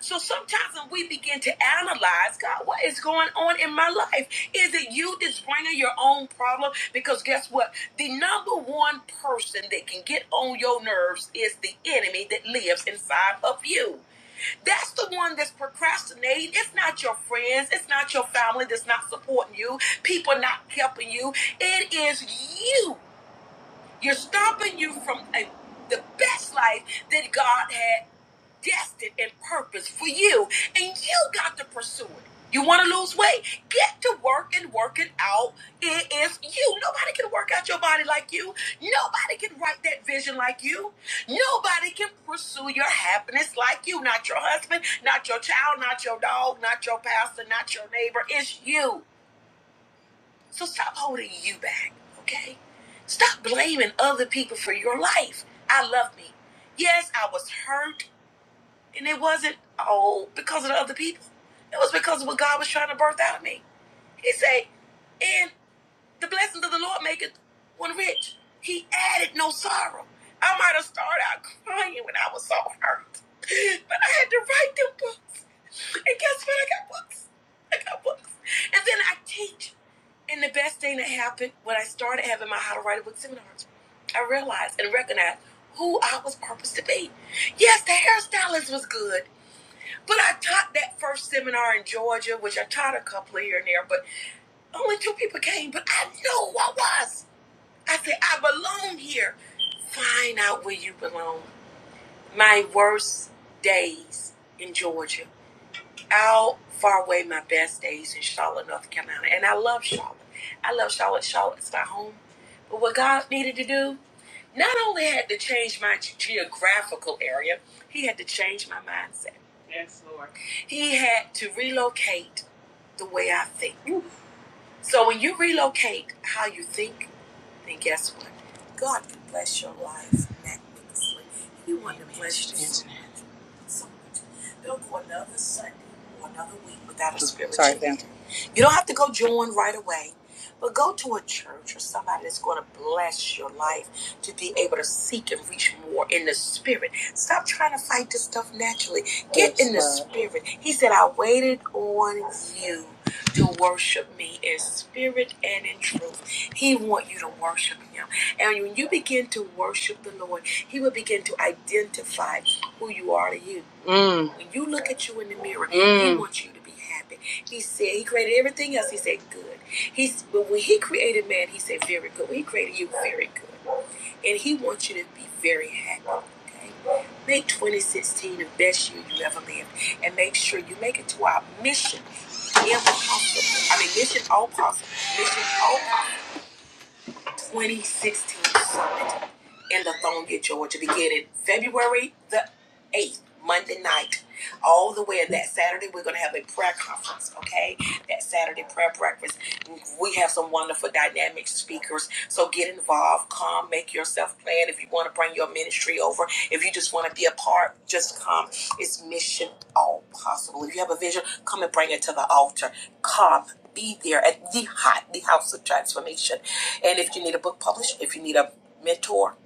[SPEAKER 1] So sometimes when we begin to analyze, God, what is going on in my life? Is it you that's bringing your own problem? Because guess what? The number one person that can get on your nerves is the enemy that lives inside of you. That's the one that's procrastinating. It's not your friends. It's not your family that's not supporting you. People not helping you. It is you you're stopping you from a, the best life that God had destined and purposed for you, and you got to pursue it. You want to lose weight? Get to work and work it out. It is you. Nobody can work out your body like you. Nobody can write that vision like you. Nobody can pursue your happiness like you. Not your husband, not your child, not your dog, not your pastor, not your neighbor. It's you. So stop holding you back, okay? Stop blaming other people for your life. I love me. Yes, I was hurt. And it wasn't, oh, because of the other people. It was because of what God was trying to birth out of me. He said, and the blessings of the Lord maketh one rich. He added no sorrow. I might have started out crying when I was so hurt. But I had to write them books. And guess what? I got books. I got books. And then I teach. And the best thing that happened when I started having my How to Write a Book seminars, I realized and recognized who I was purposed to be. Yes, the hairstylist was good. But I taught that first seminar in Georgia, which I taught a couple here and there, but only two people came. But I knew who I was. I said, I belong here. Find out where you belong. My worst days in Georgia out far away my best days in Charlotte, North Carolina. And I love Charlotte. I love Charlotte. Charlotte's my home. But what God needed to do, not only had to change my ge- geographical area, he had to change my mindset. He had to relocate the way I think. So when you relocate how you think, then guess what? God can bless your life magnificently. He wants to bless you. So much. They'll go another Sunday or another week without a spiritual Sorry, fam. leader. You don't have to go join right away, but go to a church or somebody that's going to bless your life to be able to seek and reach more in the spirit. Stop trying to fight this stuff naturally. Get in the Yes, spirit. He said, I waited on you to worship me in spirit and in truth. He want you to worship him. And when you begin to worship the Lord, He will begin to identify who you are to you. Mm. When you look at you in the mirror, mm. He Mm. wants you to be happy. He said He created everything else. He said good. He's but when He created man, He said very good. When He created you, very good. And He wants you to be very happy. Okay, make 2016 the best year you ever lived, and make sure you make it to our mission impossible. I mean, mission all possible. Mission all possible. 2016 summit in Lithonia, Georgia, beginning February the 8th, Monday night, all the way And that Saturday. We're going to have a prayer conference, okay? That Saturday prayer breakfast. We have some wonderful dynamic speakers, so get involved, come, make yourself plan. If you want to bring your ministry over, if you just want to be a part, just come. It's mission all possible. If you have a vision, come and bring it to the altar. Come, be there at the hot, the house of transformation. And if you need a book published, if you need a mentor,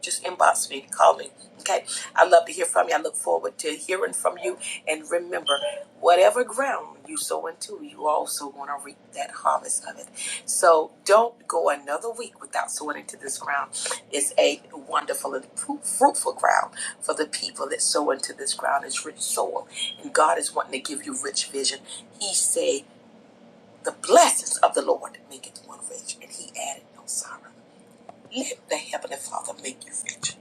[SPEAKER 1] just inbox me, call me. Okay. I love to hear from you. I look forward to hearing from you. And remember, whatever ground you sow into, you also want to reap that harvest of it. So don't go another week without sowing into this ground. It's a wonderful and fru- fruitful ground for the people that sow into this ground. It's rich soil. And God is wanting to give you rich vision. He said, the blessings of the Lord make it one rich, and he added no sorrow. Let the Heavenly Father make you rich.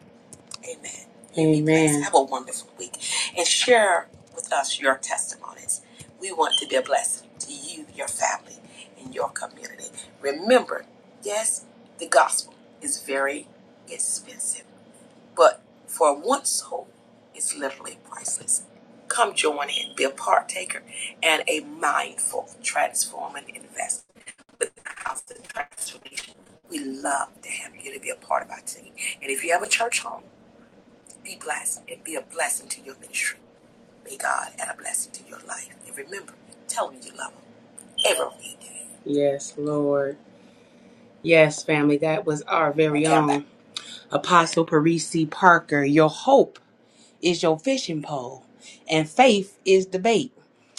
[SPEAKER 1] Amen. You be blessed. Amen. Have a wonderful week. And share with us your testimonies. We want to be a blessing to you, your family, and your community. Remember, yes, the gospel is very expensive. But for one soul, it's literally priceless. Come join in, be a partaker, and a mindful, transforming investor with the house of transformation. We love to have you to be a part of our team. And if you have a church home, be blessed and be a blessing to your ministry. May God add a blessing to your life. And remember, tell them you love them every day. Yes, Lord. Yes, family, that was our very own Apostle Parisi Parker, your hope is your fishing pole, and faith is the bait.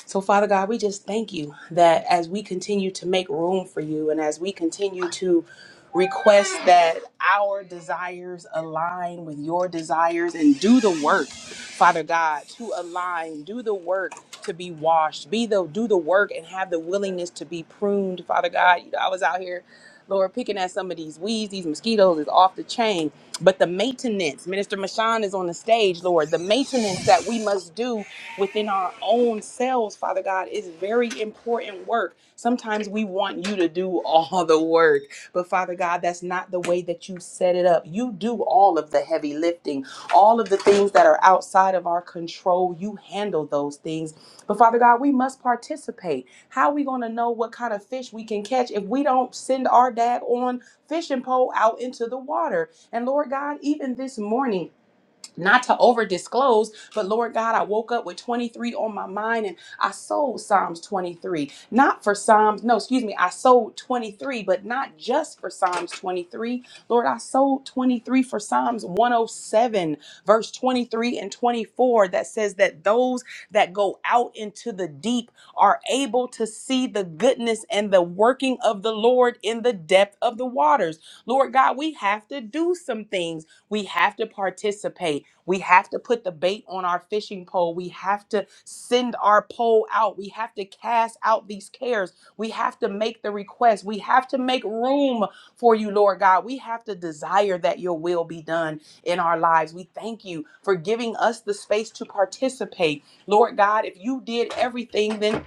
[SPEAKER 1] So, Father God, we just thank you that as we continue to make room for you and as we continue to request that our desires align with your desires and do the work father god to align do the work to be washed be the do the work and have the willingness to be pruned father god you know i was out here lord picking at some of these weeds these mosquitoes is off the chain but the maintenance minister mashan is on the stage lord the maintenance that we must do within our own selves father god is very important work sometimes we want you to do all the work but Father God, that's not the way that you set it up. You do all of the heavy lifting, all of the things that are outside of our control. You handle those things. But Father God, we must participate. How are we going to know what kind of fish we can catch if we don't send our dag on fishing pole out into the water? And Lord God, even this morning, not to over disclose, but Lord God, I woke up with 23 on my mind and I sold Psalms 23. Not for Psalms, no, excuse me, I sold 23, but not just for Psalms 23. Lord, I sold 23 for Psalms 107, verse 23 and 24, that says that those that go out into the deep are able to see the goodness and the working of the Lord in the depth of the waters. Lord God, we have to do some things, we have to participate. We have to put the bait on our fishing pole. We have to send our pole out. We have to cast out these cares. We have to make the request. We have to make room for you, Lord God. We have to desire that your will be done in our lives. We thank you for giving us the space to participate. Lord God, if you did everything, then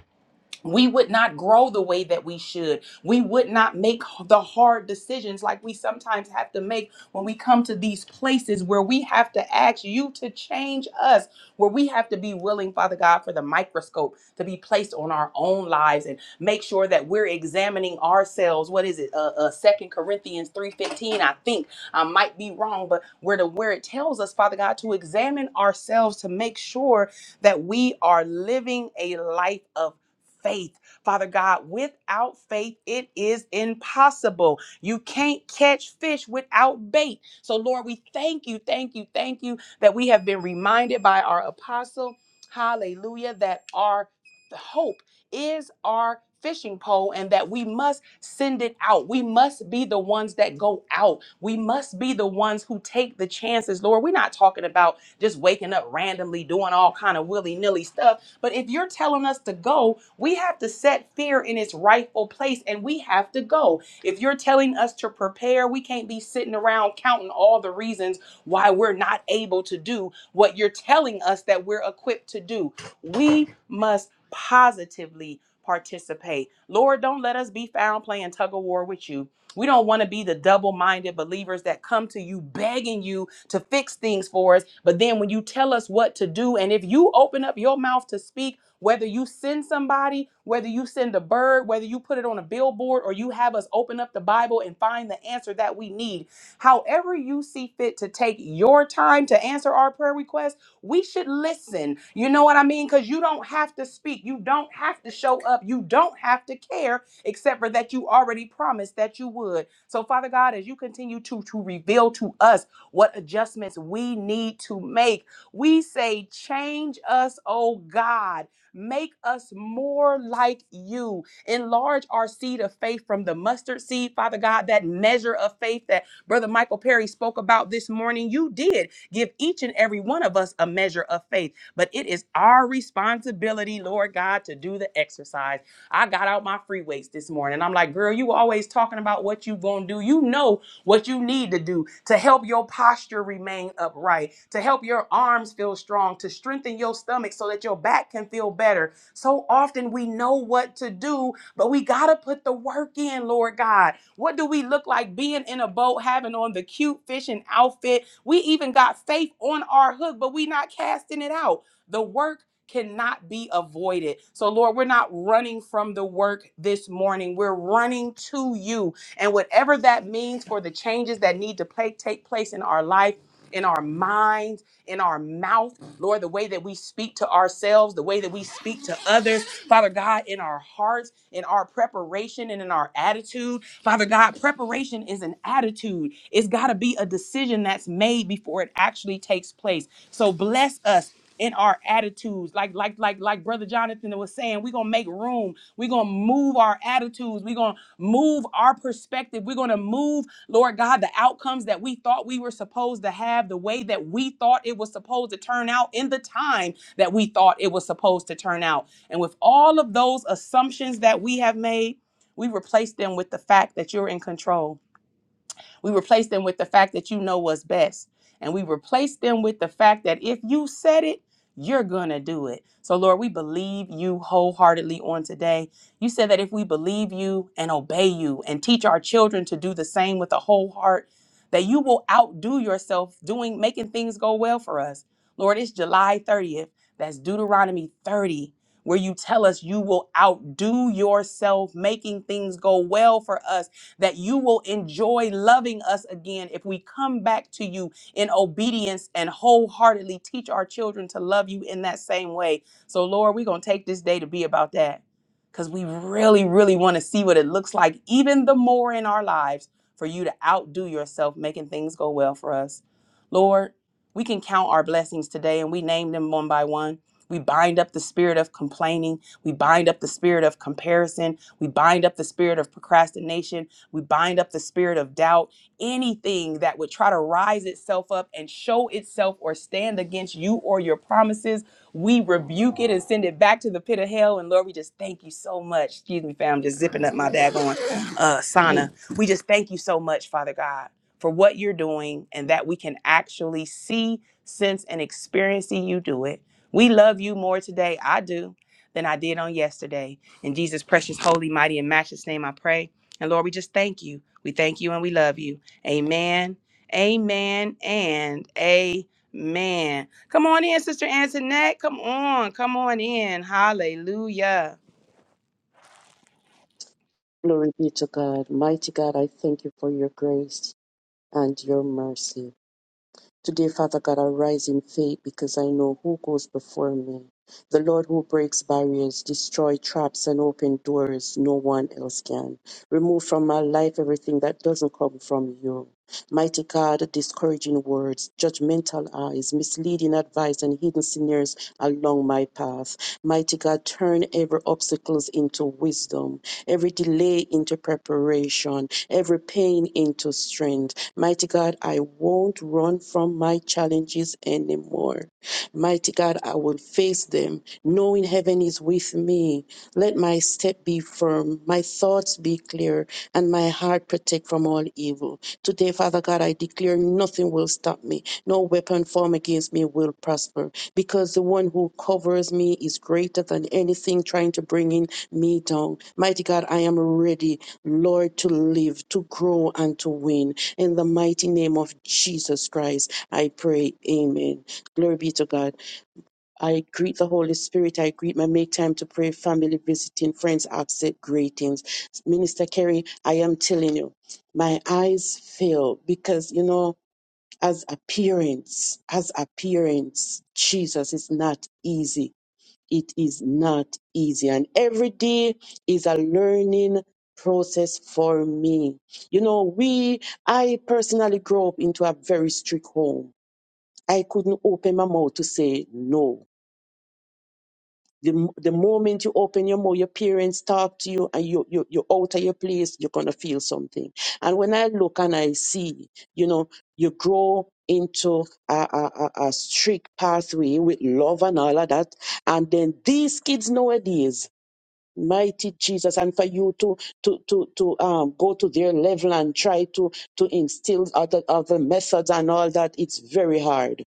[SPEAKER 1] we would not grow the way that we should. We would not make the hard decisions like we sometimes have to make when we come to these places where we have to ask you to change us, where we have to be willing, Father God, for the microscope to be placed on our own lives and make sure that we're examining ourselves. What is it? Uh, uh, 2 Corinthians 3.15, I think. I might be wrong, but where, the, where it tells us, Father God, to examine ourselves to make sure that we are living a life of faith. Father God, without faith, it is impossible. You can't catch fish without bait. So, Lord, we thank you, thank you, thank you that we have been reminded by our apostle, hallelujah, that our hope is our fishing pole and that we must send it out. We must be the ones that go out. We must be the ones who take the chances. Lord, we're not talking about just waking up randomly doing all kind of willy-nilly stuff but if you're telling us to go, we have to set fear in its rightful place and we have to go. If you're telling us to prepare, we can't be sitting around counting all the reasons why we're not able to do what you're telling us that we're equipped to do. We must positively participate. Lord, don't let us be found playing tug of war with you. We don't want to be the double minded believers that come to you begging you to fix things for us. But then when you tell us what to do, and if you open up your mouth to speak, whether you send somebody, whether you send a bird, whether you put it on a billboard, or you have us open up the Bible and find the answer that we need, however you see fit to take your time to answer our prayer request, we should listen. You know what I mean? Because you don't have to speak, you don't have to show up, you don't have to care except for that you already promised that you would. So, Father God, as you continue to, to reveal to us what adjustments we need to make, we say, Change us, oh God. Make us more like you. Enlarge our seed of faith from the mustard seed, Father God, that measure of faith that Brother Michael Perry spoke about this morning. You did give each and every one of us a measure of faith, but it is our responsibility, Lord God, to do the exercise. I got out my free weights this morning. I'm like, girl, you always talking about what you gonna do. You know what you need to do to help your posture remain upright, to help your arms feel strong, to strengthen your stomach so that your back can feel better. So often we know what to do, but we gotta put the work in, Lord God. What do we look like being in a boat, having on the cute fishing outfit? We even got faith on our hook, but we not casting it out. The work cannot be avoided. So, Lord, we're not running from the work this morning. We're running to you. And whatever that means for the changes that need to play, take place in our life, in our minds, in our mouth, Lord, the way that we speak to ourselves, the way that we speak to others, Father God, in our hearts, in our preparation, and in our attitude. Father God, preparation is an attitude. It's got to be a decision that's made before it actually takes place. So bless us in our attitudes like like like like brother jonathan was saying we're gonna make room we're gonna move our attitudes we're gonna move our perspective we're gonna move lord god the outcomes that we thought we were supposed to have the way that we thought it was supposed to turn out in the time that we thought it was supposed to turn out and with all of those assumptions that we have made we replace them with the fact that you're in control we replace them with the fact that you know what's best. And we replace them with the fact that if you said it, you're going to do it. So, Lord, we believe you wholeheartedly on today. You said that if we believe you and obey you and teach our children to do the same with a whole heart, that you will outdo yourself doing making things go well for us. Lord, it's July 30th. That's Deuteronomy 30 where you tell us you will outdo yourself making things go well for us that you will enjoy loving us again if we come back to you in obedience and wholeheartedly teach our children to love you in that same way. So, Lord, we're going to take this day to be about that because we really, really want to see what it looks like, even the more in our lives, for you to outdo yourself, making things go well for us. Lord, we can count our blessings today and we name them one by one. We bind up the spirit of complaining. We bind up the spirit of comparison. We bind up the spirit of procrastination we bind up the spirit of doubt, anything that would try to rise itself up and show itself or stand against you or your promises. We rebuke it and send it back to the pit of hell. And Lord, we just thank you so much. Excuse me, fam, just zipping up my daggone uh, sauna. We just thank you so much, Father God, for what you're doing and that we can actually see, sense, and experience that you do it. We love you more today. I do. Than I did on yesterday. In Jesus' precious, holy, mighty, and matchless name, I pray. And Lord, we just thank you. We thank you and we love you. Amen. Amen and amen. Come on in, Sister Antoinette. Come on. Come on in. Hallelujah.
[SPEAKER 5] Glory be to God. Mighty God, I thank you for your grace and your mercy. Today, Father God, I rise in faith because I know who goes before me. The Lord who breaks barriers, destroy traps, and open doors no one else can. Remove from my life everything that doesn't come from you. Mighty God, discouraging words, judgmental eyes, misleading advice, and hidden snares along my path. Mighty God, turn every obstacles into wisdom, every delay into preparation, every pain into strength. Mighty God, I won't run from my challenges anymore. Mighty God, I will face them, knowing heaven is with me. Let my step be firm, my thoughts be clear, and my heart protect from all evil. Today, Father God, I declare nothing will stop me. No weapon formed against me will prosper, because the one who covers me is greater than anything trying to bring in me down. Mighty God, I am ready, Lord, to live, to grow, and to win. In the mighty name of Jesus Christ, I pray. Amen. Glory be to God. I greet the Holy Spirit. I greet my make time to pray, family visiting, friends, absent greetings. Minister Kerry, I am telling you, my eyes fail because, you know, as appearance, as appearance, Jesus is not easy it is not easy. And every day is a learning process for me. You know, we, I personally grew up into a very strict home. I couldn't open my mouth to say no. The, m- the moment you open your mouth, your parents talk to you and you, you, you're out of your place, you're going to feel something. And when I look and I see, you know, you grow into a, a, a a strict pathway with love and all of that. And then these kids nowadays, mighty Jesus, and for you to to to to um go to their level and try to to instill other other methods and all that. It's very hard.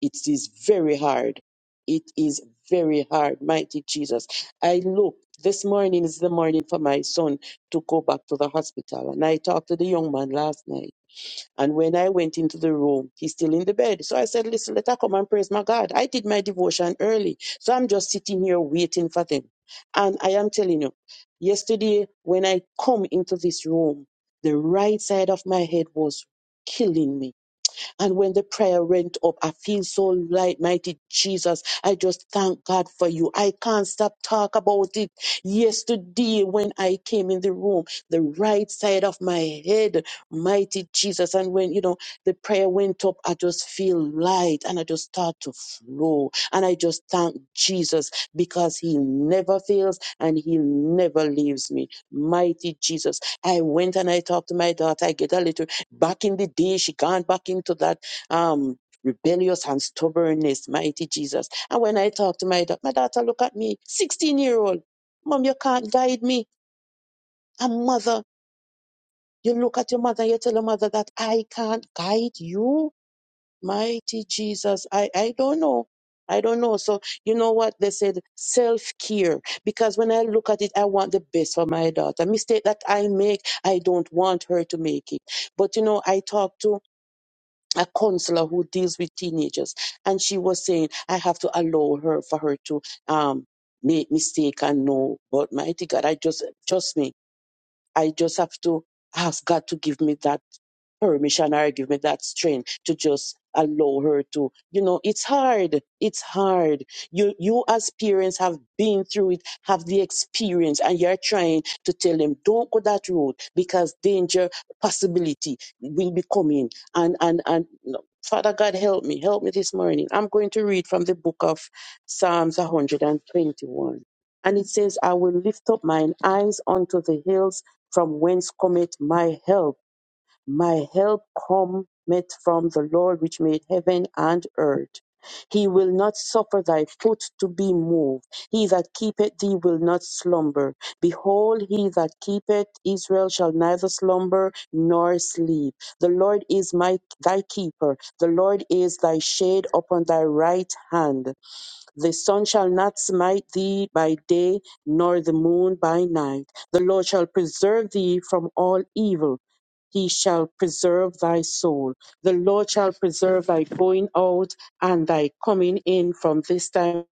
[SPEAKER 5] It is very hard. It is very hard, mighty Jesus. I look this morning is the morning for my son to go back to the hospital, and I talked to the young man last night and when I went into the room, he's still in the bed. So I said, Listen, let her come and praise my God. I did my devotion early. So I'm just sitting here waiting for them. And I am telling you, yesterday when I come into this room, the right side of my head was killing me and when the prayer went up, I feel so light, mighty Jesus. I just thank God for you. I can't stop talk about it. Yesterday, when I came in the room, the right side of my head, mighty Jesus. And when, you know, the prayer went up, I just feel light and I just start to flow. And I just thank Jesus because he never fails and he never leaves me. Mighty Jesus. I went and I talked to my daughter. I get a little Back in the day, she gone back into that um rebellious and stubbornness, mighty Jesus. And when I talk to my daughter, my daughter look at me, 16 year old, Mom, you can't guide me. And mother, you look at your mother, you tell your mother that I can't guide you, mighty Jesus. I, I don't know. I don't know. So you know what they said? Self care. Because when I look at it, I want the best for my daughter. Mistake that I make, I don't want her to make it. But you know, I talk to a counselor who deals with teenagers, and she was saying, I have to allow her for her to um make mistake and know. But mighty God, I just trust me. I just have to ask God to give me that permission or give me that strength to just allow her to you know it's hard it's hard you you as parents have been through it have the experience and you're trying to tell them don't go that road because danger possibility will be coming and and and no. father god help me help me this morning i'm going to read from the book of psalms 121 and it says i will lift up mine eyes unto the hills from whence cometh my help? My help cometh from the Lord which made heaven and earth. He will not suffer thy foot to be moved. He that keepeth thee will not slumber. Behold, he that keepeth Israel shall neither slumber nor sleep. The Lord is my thy keeper. The Lord is thy shade upon thy right hand. The sun shall not smite thee by day, nor the moon by night. The Lord shall preserve thee from all evil. He shall preserve thy soul. The Lord shall preserve thy going out and thy coming in from this time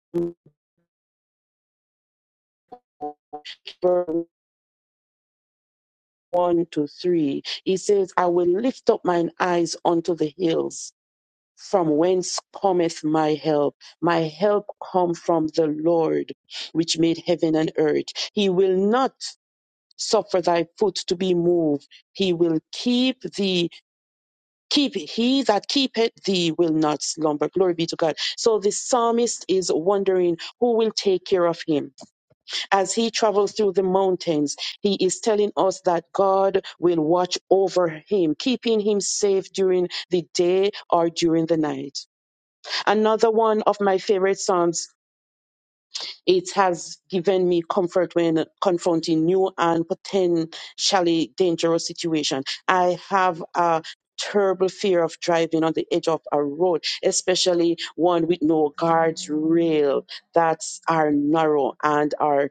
[SPEAKER 5] forward." 1 to 3. He says, I will lift up mine eyes unto the hills. From whence cometh my help? My help come from the Lord, which made heaven and earth. He will not suffer thy foot to be moved. He will keep thee, keep he that keepeth thee will not slumber. Glory be to God. So the psalmist is wondering who will take care of him. As he travels through the mountains, he is telling us that God will watch over him, keeping him safe during the day or during the night. Another one of my favorite psalms It has given me comfort when confronting new and potentially dangerous situations. I have a terrible fear of driving on the edge of a road, especially one with no guardrail that are narrow and are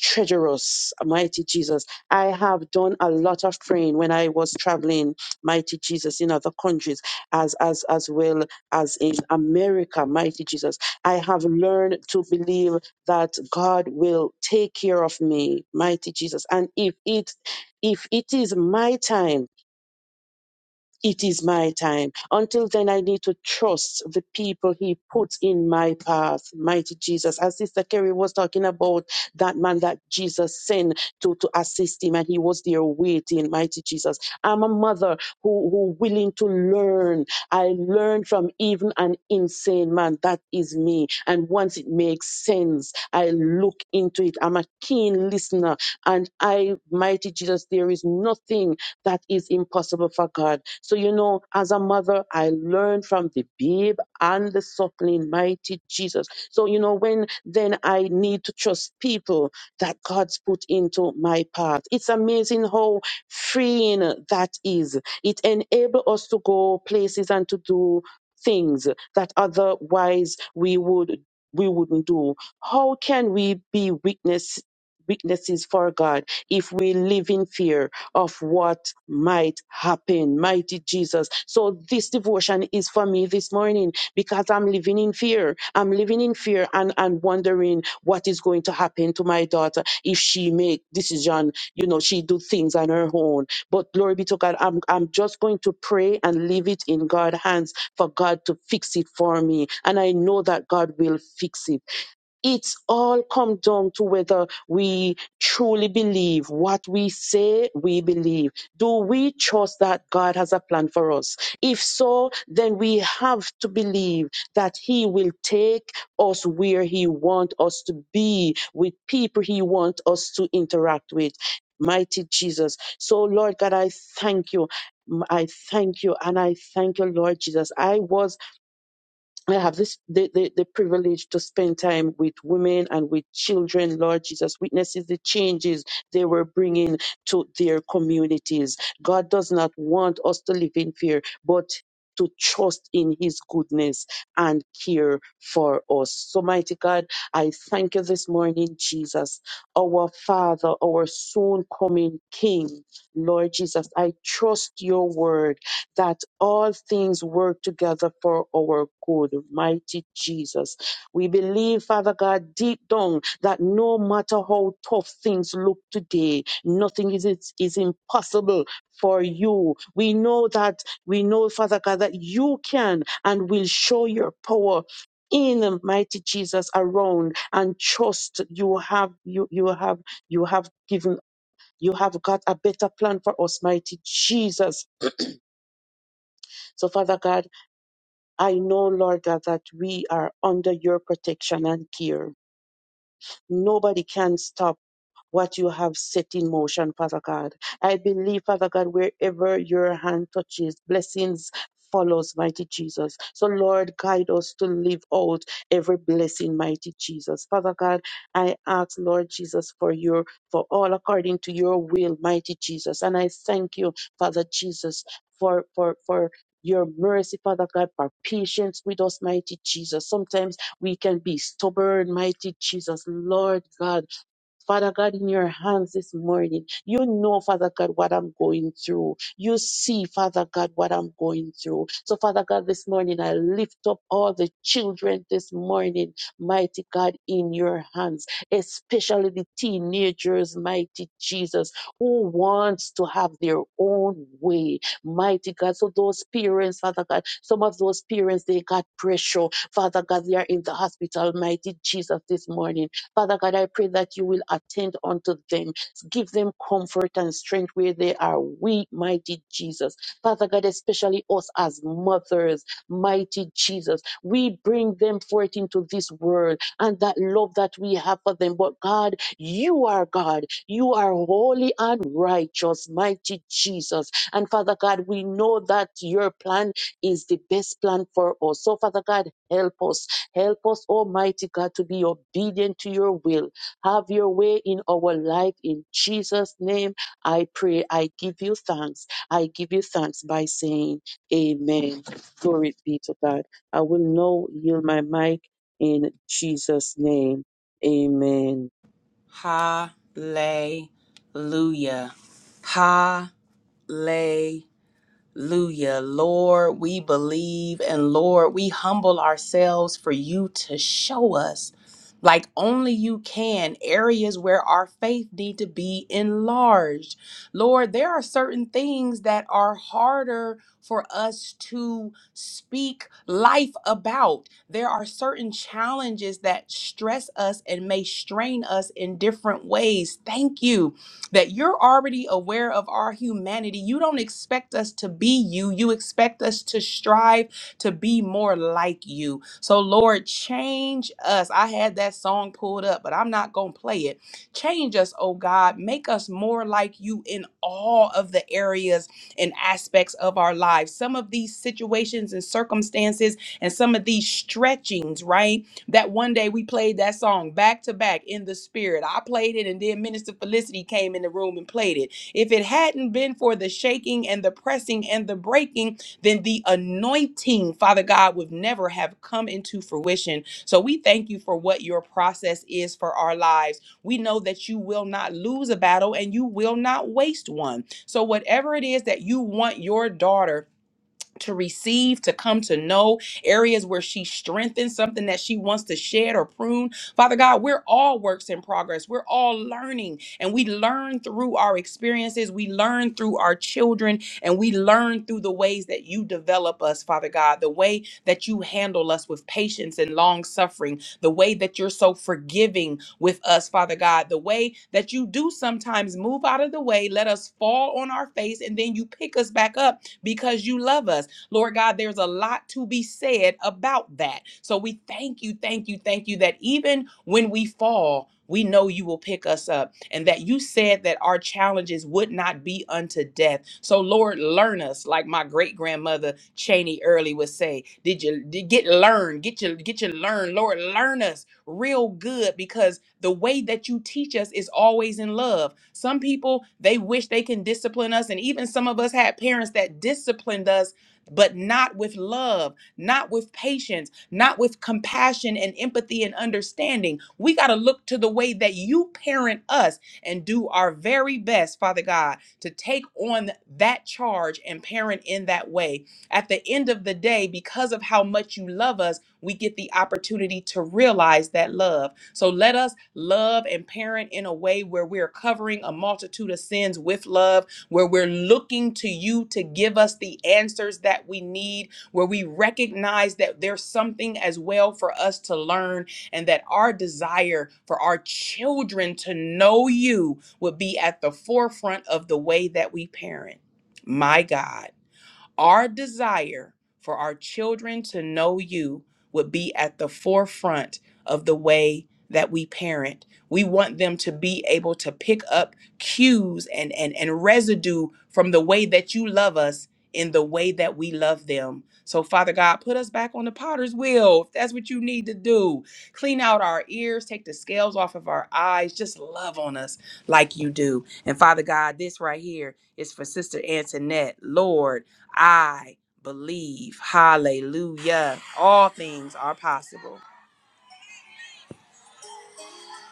[SPEAKER 5] treacherous, mighty Jesus. I have done a lot of praying when I was traveling, mighty Jesus, in other countries as as as well as in America, mighty Jesus. I have learned to believe that God will take care of me, mighty Jesus. And if it if it is my time it is my time. Until then, I need to trust the people he puts in my path. Mighty Jesus. As Sister Kerry was talking about that man that Jesus sent to, to assist him and he was there waiting. Mighty Jesus. I'm a mother who, who willing to learn. I learned from even an insane man. That is me. And once it makes sense, I look into it. I'm a keen listener and I, mighty Jesus, there is nothing that is impossible for God. So, you know, as a mother, I learned from the babe and the suckling, mighty Jesus. So, you know, when then I need to trust people that God's put into my path, it's amazing how freeing that is. It enables us to go places and to do things that otherwise we would we wouldn't do how can we be witness witnesses for god if we live in fear of what might happen. Mighty Jesus. So this devotion is for me this morning because I'm living in fear. I'm living in fear and, and wondering what is going to happen to my daughter if she make decision, you know, she do things on her own. But glory be to God, I'm I'm just going to pray and leave it in God's hands for God to fix it for me. And I know that God will fix it it's all come down to whether we truly believe what we say we believe. Do we trust that God has a plan for us? If so, then we have to believe that He will take us where He wants us to be with people He wants us to interact with. Mighty Jesus. So, Lord God, I thank you. I thank you and I thank you, Lord Jesus. I was I have this the, the, the privilege to spend time with women and with children, Lord Jesus, witnesses the changes they were bringing to their communities. God does not want us to live in fear, but to trust in his goodness and care for us. So, mighty God, I thank you this morning, Jesus, our Father, our soon coming King. Lord Jesus, I trust your word that all things work together for our good. Mighty Jesus. We believe, Father God, deep down that no matter how tough things look today, nothing is, is, is impossible for you. We know that, we know, Father God, that you can and will show your power in mighty Jesus around and trust you have you you have you have given you have got a better plan for us mighty Jesus so father god I know, Lord God, that we are under your protection and care. Nobody can stop what you have set in motion, Father God. I believe, Father God, wherever your hand touches, blessings follows, mighty Jesus. So, Lord, guide us to live out every blessing, mighty Jesus. Father God, I ask, Lord Jesus, for your for all according to your will, mighty Jesus. And I thank you, Father Jesus, for for for your mercy, Father God, for patience with us, mighty Jesus. Sometimes we can be stubborn, mighty Jesus, Lord God. Father God, in your hands this morning, you know, Father God, what I'm going through. You see, Father God, what I'm going through. So, Father God, this morning, I lift up all the children this morning, mighty God, in your hands, especially the teenagers, mighty Jesus, who wants to have their own way, mighty God. So, those parents, Father God, some of those parents, they got pressure. Father God, they are in the hospital, mighty Jesus, this morning. Father God, I pray that you will attend unto them. Give them comfort and strength where they are weak, mighty Jesus. Father God, especially us as mothers, mighty Jesus. We bring them forth into this world and that love that we have for them. But God, you are God. You are holy and righteous, mighty Jesus. And Father God, we know that your plan is the best plan for us. So, Father God, help us Help us, Almighty God, to be obedient to your will. Have your way in our life. In Jesus' name, I pray. I give you thanks. I give you thanks by saying, Amen. Glory be to God. I will now yield my mic in Jesus' name. Amen.
[SPEAKER 1] Hallelujah. Hallelujah. Hallelujah. Lord, we believe and Lord, we humble ourselves for you to show us like only you can areas where our faith need to be enlarged. Lord, there are certain things that are harder for us to speak life about. There are certain challenges that stress us and may strain us in different ways. Thank you that you're already aware of our humanity. You don't expect us to be you, you expect us to strive to be more like you. So, Lord, change us. I had that song pulled up, but I'm not going to play it. Change us, oh God. Make us more like you in all of the areas and aspects of our lives. Some of these situations and circumstances and some of these stretchings, right? that one day we played that song back to back in the spirit. I played it and then Minister Felicity came in the room and played it. If it hadn't been for the shaking and the pressing and the breaking, then the anointing, Father God, would never have come into fruition. So we thank you for what your process is for our lives. We know that you will not lose a battle and you will not waste one. So whatever it is that you want your daughter to receive, to come to know, areas where she strengthens something that she wants to shed or prune. Father God, we're all works in progress. We're all learning, and we learn through our experiences. We learn through our children, and we learn through the ways that you develop us, Father God, the way that you handle us with patience and long suffering, the way that you're so forgiving with us, Father God, the way that you do sometimes move out of the way, let us fall on our face, and then you pick us back up because you love us. Lord God, there's a lot to be said about that. So we thank you, thank you, thank you that even when we fall, we know you will pick us up and that you said that our challenges would not be unto death. So Lord, learn us like my great grandmother Cheney Early would say, did you did get learned, get your get your learn, Lord, learn us real good because the way that you teach us is always in love. Some people they wish they can discipline us and even some of us had parents that disciplined us but not with love, not with patience, not with compassion and empathy and understanding. We got to look to the way that you parent us and do our very best, Father God, to take on that charge and parent in that way. At the end of the day, because of how much you love us, we get the opportunity to realize that love. So let us love and parent in a way where we're covering a multitude of sins with love where we're looking to you to give us the answers that we need, where we recognize that there's something as well for us to learn, and that our desire for our children to know you would be at the forefront of the way that we parent. My God. Our desire for our children to know you would be at the forefront of the way that we parent. We want them to be able to pick up cues and, and, and residue from the way that you love us in the way that we love them. So, Father God, put us back on the potter's wheel if that's what you need to do. Clean out our ears, take the scales off of our eyes, just love on us like you do. And Father God, this right here is for Sister Antoinette. Lord, I believe. Hallelujah. All things are possible.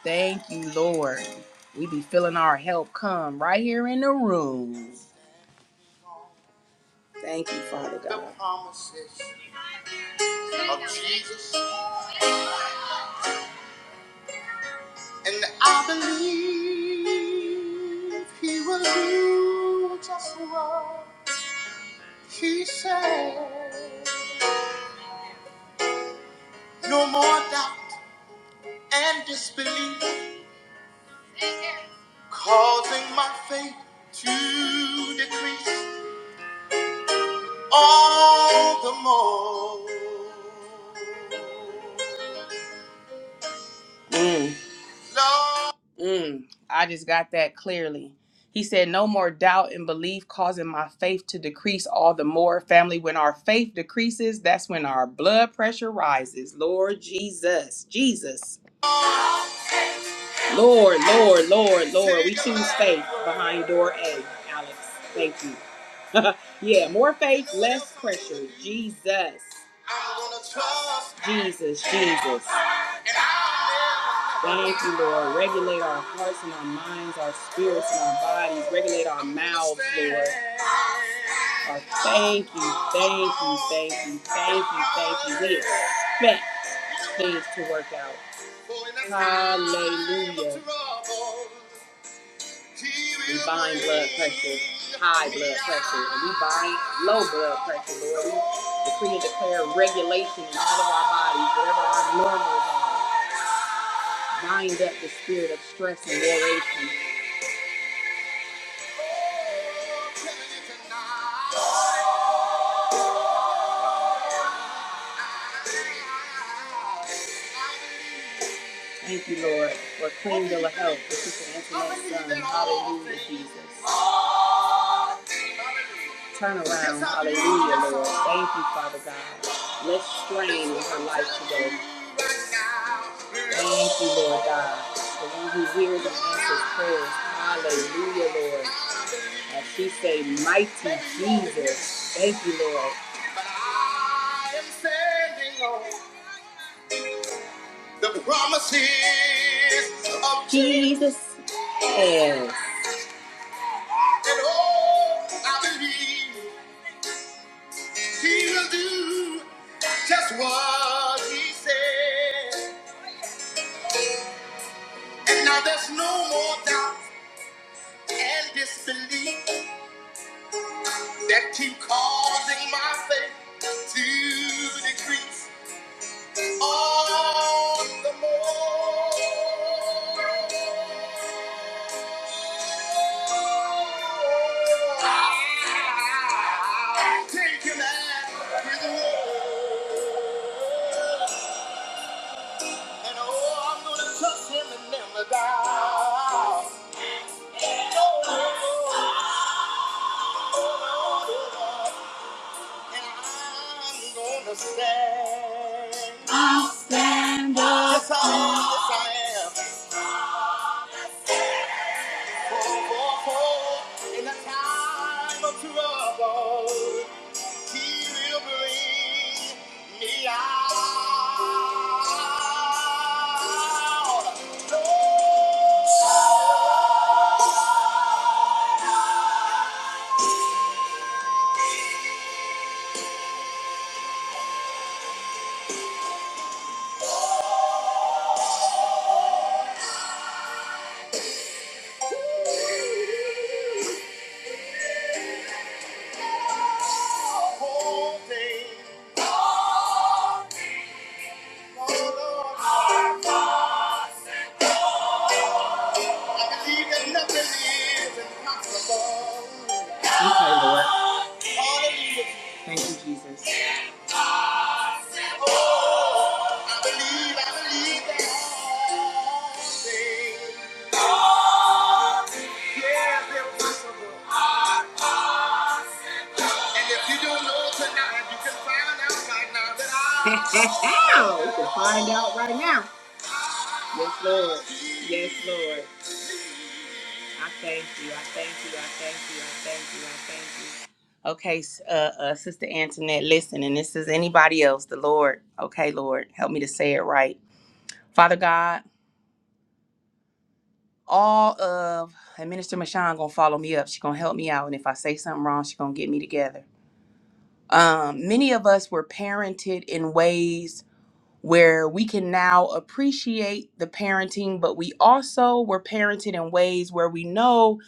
[SPEAKER 1] Thank you, Lord. We be feeling our help come right here in the room. Thank you, Father God. The promises of Jesus, and I believe He will do just what He said. No more doubt and disbelief, causing my faith to decrease. all the more. Mm. Lord. Mm. I just got that clearly. He said, No more doubt and belief causing my faith to decrease all the more. Family, when our faith decreases, that's when our blood pressure rises. Lord Jesus, Jesus. Lord, Lord, Lord, Lord. We choose faith behind door A, Alex. Thank you. *laughs* yeah, more faith, less pressure. Jesus. Jesus, Jesus. Thank you, Lord. Regulate our hearts and our minds, our spirits and our bodies. Regulate our mouths, Lord. Our thank you, thank you, thank you, thank you, thank you. We expect days to work out. Hallelujah. We bind blood pressure, high blood pressure, and we bind low blood pressure, Lord. We declare regulation in all of our bodies, whatever our normals are. Bind up the acceleration. Thank you, Lord, for clean bill of health for Sister Antoinette's son. Hallelujah, Jesus. Turn around, hallelujah, Lord. Thank you, Father God. Let's strain in her life today. Thank you, Lord God. The one who hears and answers prayers. Hallelujah. As she say, mighty Jesus. Thank you, Lord. But I am standing on the promises of Jesus. Yes. And oh, I believe he will do. Just what he said. And now there's no more disbelief that keep causing my faith to decrease. All the more. I'll take him at his word. And oh, I'm gonna trust him and never doubt. Oh, and I'm gonna stand. Yes, I am. Yes, I am. In the time of trouble, he will bring me out. Whole thing, oh Lord, I believe that nothing is impossible. Hallelujah. I believe, I believe that all things. Yeah. And if you don't know tonight, you can find out right now that I. Yes, Lord. Yes, Lord. I thank you. I thank you. I thank you. I thank you. I thank you. Okay, s- uh, uh, Sister Antoinette, listen, and this is anybody else, the Lord. Okay, Lord, help me to say it right. Father God, all of and Minister Mashawn gonna follow me up. She gonna help me out, and if I say something wrong, she gonna get me together. Um, many of us were parented in ways where we can now appreciate the parenting, but we also were parented in ways where we know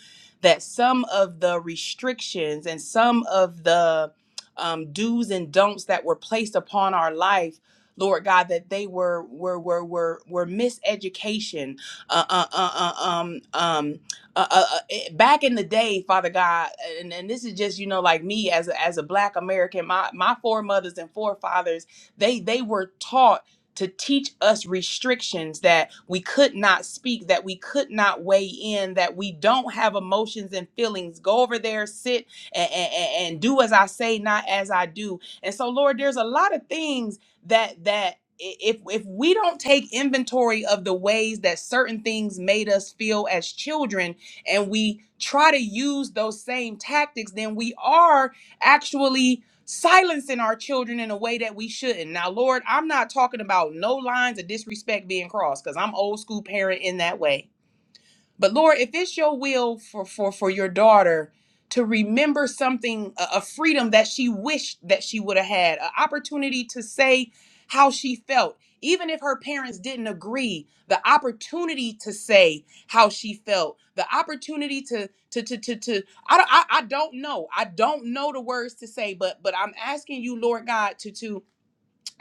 [SPEAKER 1] that some of the restrictions and some of the um, do's and don'ts that were placed upon our life, Lord God, that they were were were were were miseducation. Uh, uh, uh, uh, um, um, uh, uh, uh, eh, back in the day, Father God, and, and this is just you know like me as a, as a Black American, my my foremothers and forefathers they they were taught to teach us restrictions that we could not speak, that we could not weigh in, that we don't have emotions and feelings. Go over there, sit, and, and, and do as I say, not as I do. And so, Lord, there's a lot of things that that i- if if we don't take inventory of the ways that certain things made us feel as children, and we try to use those same tactics, then we are actually silencing our children in a way that we shouldn't. Now, Lord, I'm not talking about no lines of disrespect being crossed because I'm old school parent in that way. But Lord, if it's your will for for for your daughter to remember something, a, a freedom that she wished that she would have had, an opportunity to say how she felt, even if her parents didn't agree, the opportunity to say how she felt, the opportunity to to to to, to I, don't- I I don't know, I don't know the words to say, but but I'm asking you, Lord God, to to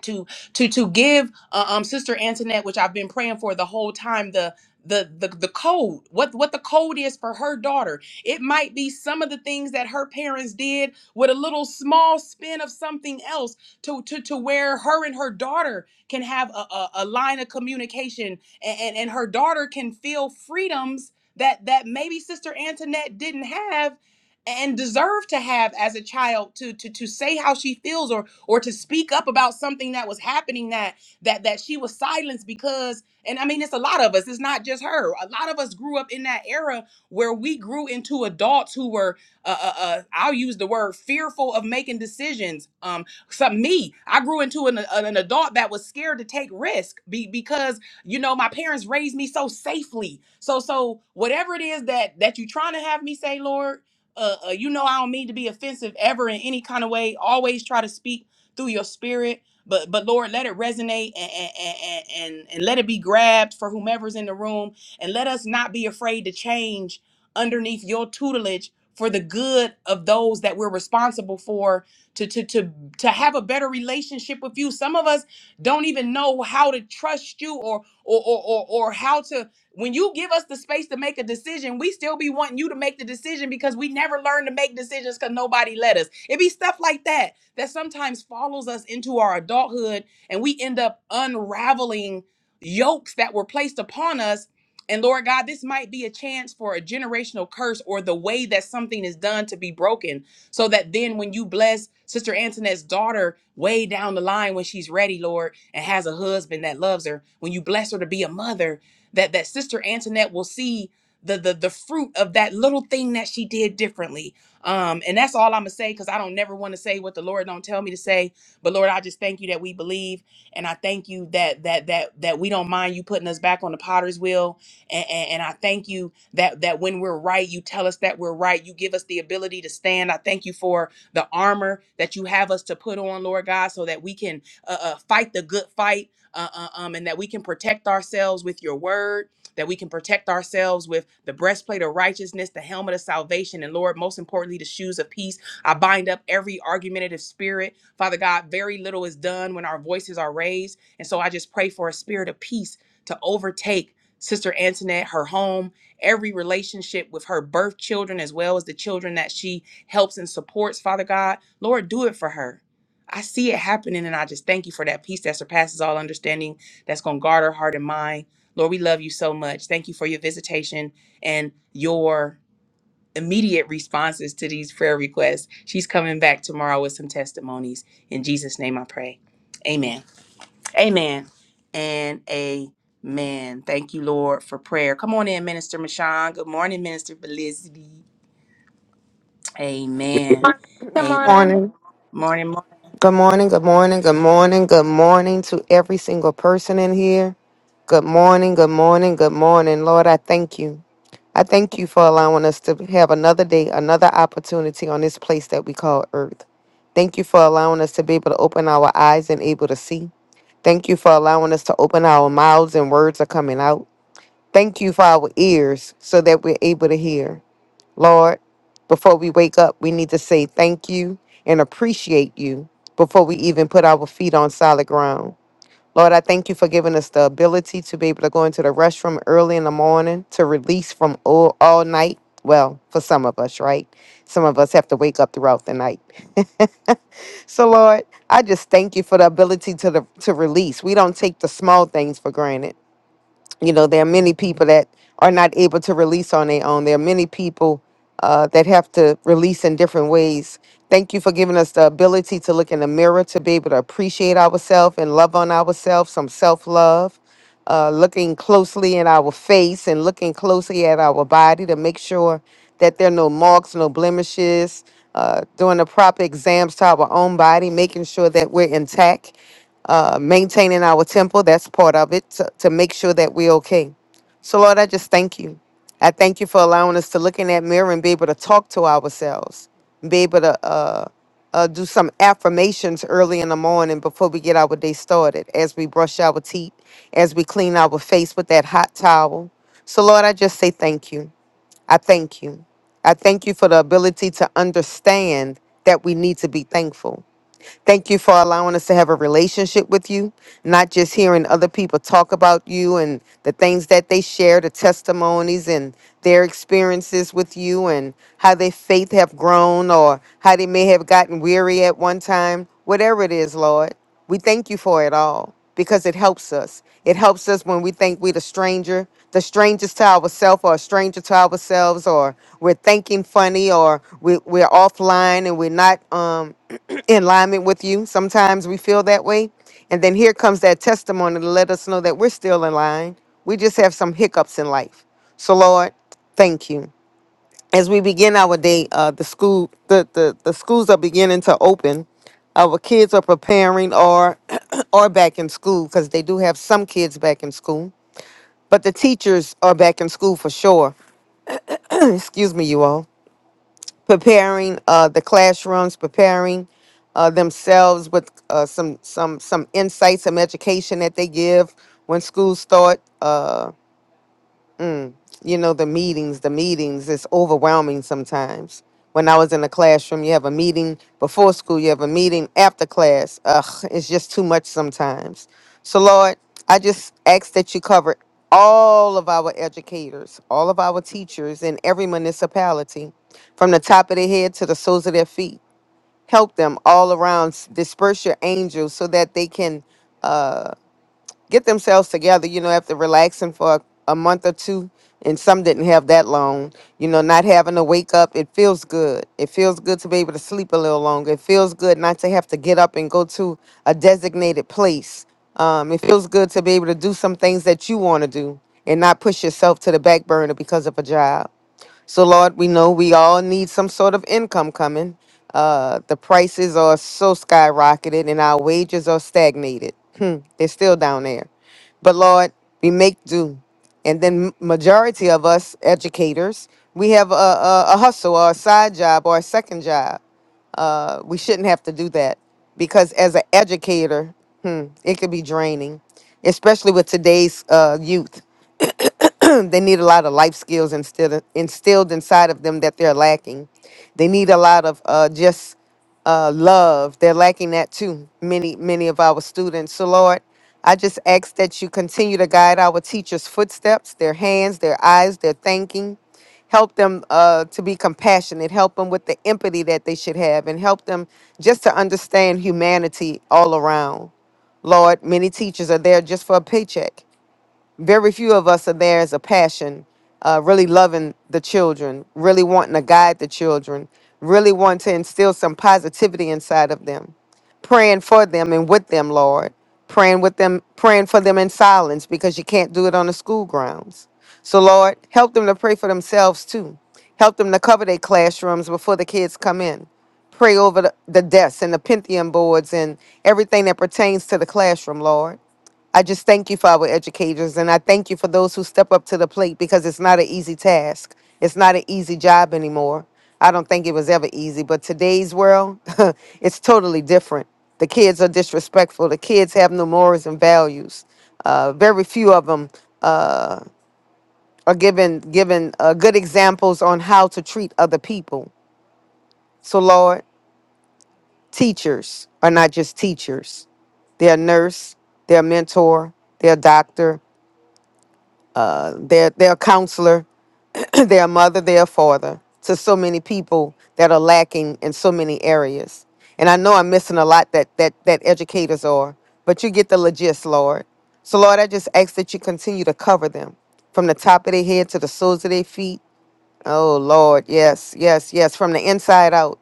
[SPEAKER 1] to to to give uh, um sister antoinette which i've been praying for the whole time the the, the the code what what the code is for her daughter it might be some of the things that her parents did with a little small spin of something else to to to where her and her daughter can have a, a, a line of communication and, and and her daughter can feel freedoms that that maybe sister antoinette didn't have and deserve to have as a child to to to say how she feels or or to speak up about something that was happening that that that she was silenced because and I mean it's a lot of us it's not just her a lot of us grew up in that era where we grew into adults who were uh, uh, uh I'll use the word fearful of making decisions um some me I grew into an, an an adult that was scared to take risk be, because you know my parents raised me so safely so so whatever it is that that you trying to have me say Lord uh, uh, you know, I don't mean to be offensive ever in any kind of way. Always try to speak through your spirit, but but Lord, let it resonate and and and and, and let it be grabbed for whomever's in the room, and let us not be afraid to change underneath your tutelage for the good of those that we're responsible for to to to to have a better relationship with you. Some of us don't even know how to trust you or or or or, or how to when you give us the space to make a decision, we still be wanting you to make the decision because we never learned to make decisions because nobody let us. It be stuff like that that sometimes follows us into our adulthood and we end up unraveling yokes that were placed upon us and Lord God, this might be a chance for a generational curse or the way that something is done to be broken. So that then when you bless Sister Antoinette's daughter way down the line when she's ready, Lord, and has a husband that loves her, when you bless her to be a mother, that that sister antoinette will see the the, the fruit of that little thing that she did differently um and that's all i'm gonna say because i don't never want to say what the lord don't tell me to say but lord i just thank you that we believe and i thank you that that that that we don't mind you putting us back on the potter's wheel and and, and i thank you that that when we're right you tell us that we're right you give us the ability to stand i thank you for the armor that you have us to put on lord god so that we can uh, uh, fight the good fight uh, uh, um, and that we can protect ourselves with your word, that we can protect ourselves with the breastplate of righteousness, the helmet of salvation, and Lord, most importantly, the shoes of peace. I bind up every argumentative spirit. Father God, very little is done when our voices are raised. And so I just pray for a spirit of peace to overtake Sister Antoinette, her home, every relationship with her birth children, as well as the children that she helps and supports, Father God. Lord, do it for her. I see it happening, and I just thank you for that peace that surpasses all understanding that's going to guard our heart and mind. Lord, we love you so much. Thank you for your visitation and your immediate responses to these prayer requests. She's coming back tomorrow with some testimonies. In Jesus' name I pray. Amen. Amen. And amen. Thank you, Lord, for prayer. Come on in, Minister Mashawn. Good morning, Minister Felicity. Amen.
[SPEAKER 6] Good
[SPEAKER 1] Amen.
[SPEAKER 7] Good
[SPEAKER 6] morning.
[SPEAKER 7] morning.
[SPEAKER 1] Morning, morning.
[SPEAKER 7] Good morning. Good morning. Good morning. Good morning to every single person in here. Good morning. Good morning. Good morning. Lord, I thank you. I thank you for allowing us to have another day, another opportunity on this place that we call earth. Thank you for allowing us to be able to open our eyes and able to see. Thank you for allowing us to open our mouths and words are coming out. Thank you for our ears so that we're able to hear. Lord, before we wake up, we need to say thank you and appreciate you before we even put our feet on solid ground. Lord, I thank you for giving us the ability to be able to go into the restroom early in the morning to release from all, all night. Well, for some of us, right? Some of us have to wake up throughout the night. *laughs* so, Lord, I just thank you for the ability to the, to release. We don't take the small things for granted you know there are many people that are not able to release on their own there are many people uh, that have to release in different ways Thank you for giving us the ability to look in the mirror, to be able to appreciate ourselves and love on ourselves, some self love, uh, looking closely in our face and looking closely at our body to make sure that there are no marks, no blemishes, uh, doing the proper exams to our own body, making sure that we're intact, uh, maintaining our temple. That's part of it to, to make sure that we're okay. So, Lord, I just thank you. I thank you for allowing us to look in that mirror and be able to talk to ourselves, be able to uh, uh, do some affirmations early in the morning before we get our day started, as we brush our teeth, as we clean our face with that hot towel. So, Lord, I just say thank you. I thank you. I thank you for the ability to understand that we need to be thankful. Thank you for allowing us to have a relationship with you, not just hearing other people talk about you and the things that they share, the testimonies and their experiences with you and how their faith have grown or how they may have gotten weary at one time. Whatever it is, Lord, we thank you for it all because it helps us. It helps us when we think we're the stranger, the strangers to ourselves, or a stranger to ourselves, or we're thinking funny, or we, we're offline and we're not um, *clears throat* in alignment with you. Sometimes we feel that way. And then here comes that testimony to let us know that we're still in line. We just have some hiccups in life. So, Lord, thank you as we begin our day, uh, the school the, the the schools are beginning to open. Our kids are preparing or *clears throat* are back in school because they do have some kids back in school, but the teachers are back in school for sure. *clears throat* Excuse me, you all. Preparing uh, the classrooms, preparing uh, themselves with uh, some some some insights, some education that they give when schools start. Uh, Mm. You know, the meetings, the meetings, it's overwhelming sometimes. When I was in the classroom, you have a meeting before school, you have a meeting after class. Ugh, it's just too much sometimes. So, Lord, I just ask that you cover all of our educators, all of our teachers in every municipality, from the top of their head to the soles of their feet. Help them all around. Disperse your angels so that they can uh, get themselves together, you know, after relaxing for a, a month or two. And some didn't have that long, you know, not having to wake up. It feels good. It feels good to be able to sleep a little longer. It feels good not to have to get up and go to a designated place. Um, it feels good to be able to do some things that you want to do and not push yourself to the back burner because of a job. So, Lord, we know we all need some sort of income coming. Uh, the prices are so skyrocketed and our wages are stagnated. Hmm, they're still down there. But, Lord, we make do. And then, m- majority of us educators, we have a, a, a hustle or a side job or a second job. Uh, we shouldn't have to do that because, as an educator, hmm, it could be draining, especially with today's uh, youth. *clears throat* they need a lot of life skills instilled instilled inside of them that they're lacking. They need a lot of uh, just uh, love. They're lacking that too. Many many of our students. So Lord, I just ask that you continue to guide our teachers' footsteps, their hands, their eyes, their thinking. Help them uh, to be compassionate. Help them with the empathy that they should have, and help them just to understand humanity all around. Lord, many teachers are there just for a paycheck very few of us are there as a passion, uh, really loving the children, really wanting to guide the children, really wanting to instill some positivity inside of them, praying for them and with them, Lord, praying with them, praying for them in silence because you can't do it on the school grounds. So, Lord, help them to pray for themselves too. Help them to cover their classrooms before the kids come in. Pray over the, the desks and the Pentium boards and everything that pertains to the classroom, Lord. I just thank you for our educators and I thank you for those who step up to the plate because it's not an easy task. It's not an easy job anymore. I don't think it was ever easy, but today's world, *laughs* it's totally different. The kids are disrespectful. The kids have no morals and values. Uh, very few of them uh, are given given uh, good examples on how to treat other people. So, Lord, teachers are not just teachers. They're a nurse, they're a mentor, they're a doctor, They're, they're a counselor, *clears throat* they're a mother, they're a father to so many people that are lacking in so many areas. And I know I'm missing a lot that, that, that educators are, but you get the legist, Lord. So, Lord, I just ask that you continue to cover them from the top of their head to the soles of their feet. Oh, Lord, yes, yes, yes, from the inside out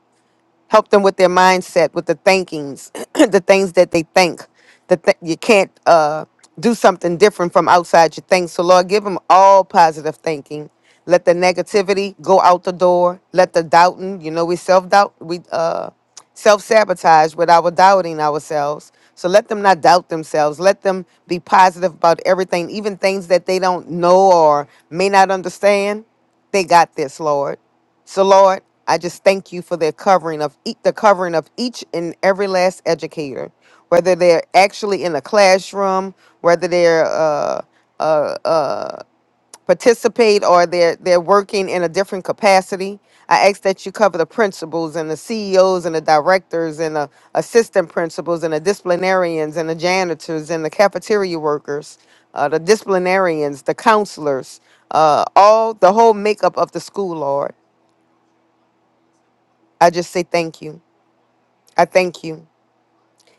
[SPEAKER 7] help them with their mindset, with the thinkings, *clears throat* the things that they think. That th- you can't uh, do something different from outside your things. So Lord, give them all positive thinking. Let the negativity go out the door. Let the doubting, you know, we self doubt, we uh, self sabotage with our doubting ourselves. So let them not doubt themselves. Let them be positive about everything, even things that they don't know or may not understand. They got this, Lord. So Lord, I just thank you for their covering of ea- the covering of each and every last educator, whether they're actually in a classroom, whether they're uh, uh, uh, participate or they're they're working in a different capacity. I ask that you cover the principals and the CEOs and the directors and the assistant principals and the disciplinarians and the janitors and the cafeteria workers, uh, the disciplinarians, the counselors, uh, all the whole makeup of the school, Lord. I just say thank you. I thank you.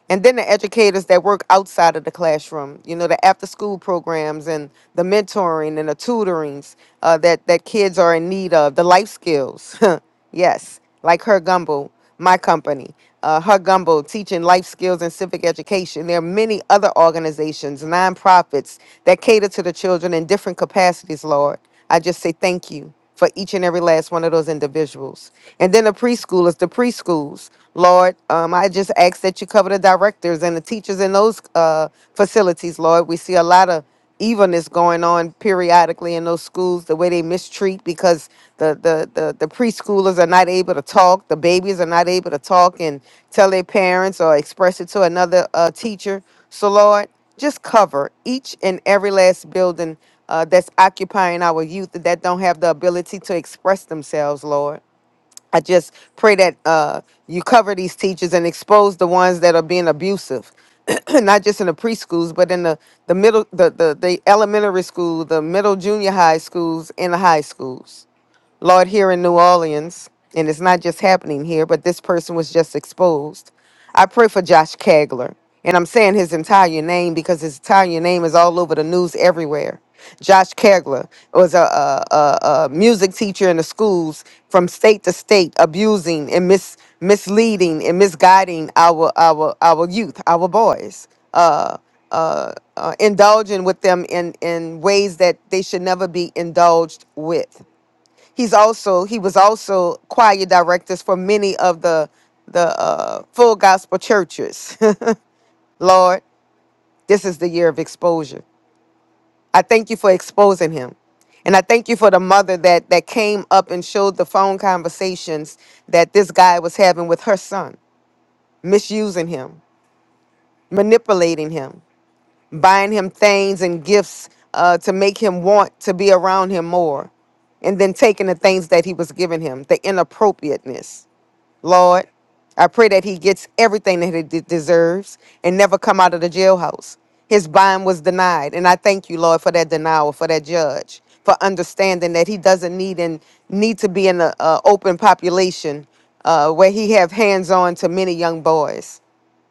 [SPEAKER 7] And then the educators that work outside of the classroom, you know, the after school programs and the mentoring and the tutorings uh, that, that kids are in need of, the life skills. *laughs* Yes, like her gumbo, my company, uh, her gumbo, teaching life skills and civic education. There are many other organizations, nonprofits that cater to the children in different capacities, Lord. I just say thank you for each and every last one of those individuals. And then the preschoolers, the preschools, Lord, um, I just ask that you cover the directors and the teachers in those uh, facilities, Lord. We see a lot of evilness going on periodically in those schools, the way they mistreat because the, the, the, the preschoolers are not able to talk, the babies are not able to talk and tell their parents or express it to another uh, teacher. So, Lord, just cover each and every last building uh, that's occupying our youth that don't have the ability to express themselves, Lord. I just pray that uh, you cover these teachers and expose the ones that are being abusive, *clears throat* not just in the preschools, but in the, the middle, the, the, the elementary school, the middle junior high schools, and the high schools. Lord, here in New Orleans, and it's not just happening here, but this person was just exposed. I pray for Josh Kagler, and I'm saying his entire name because his entire name is all over the news everywhere. Josh Kagler was a, a, a, a music teacher in the schools from state to state, abusing and mis, misleading and misguiding our our our youth, our boys. Uh, uh, uh, indulging with them in, in ways that they should never be indulged with. He's also he was also choir directors for many of the the uh, full gospel churches. *laughs* Lord, this is the year of exposure. I thank you for exposing him. And I thank you for the mother that that came up and showed the phone conversations that this guy was having with her son, misusing him, manipulating him, buying him things and gifts uh, to make him want to be around him more, and then taking the things that he was giving him, the inappropriateness. Lord. I pray that he gets everything that he de- deserves and never come out of the jailhouse. His bond was denied. And I thank you, Lord, for that denial, for that judge, for understanding that he doesn't need and need to be in an open population uh, where he have hands on to many young boys.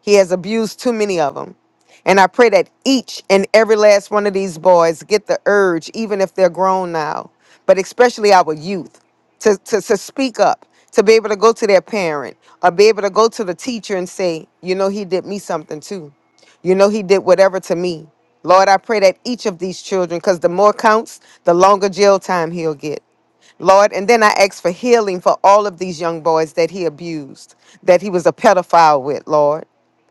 [SPEAKER 7] He has abused too many of them. And I pray that each and every last one of these boys get the urge, even if they're grown now, but especially our youth, to, to, to speak up, to be able to go to their parent or be able to go to the teacher and say, you know, he did me something too. You know, he did whatever to me. Lord, I pray that each of these children, because the more counts, the longer jail time he'll get. Lord, and then I ask for healing for all of these young boys that he abused, that he was a pedophile with, Lord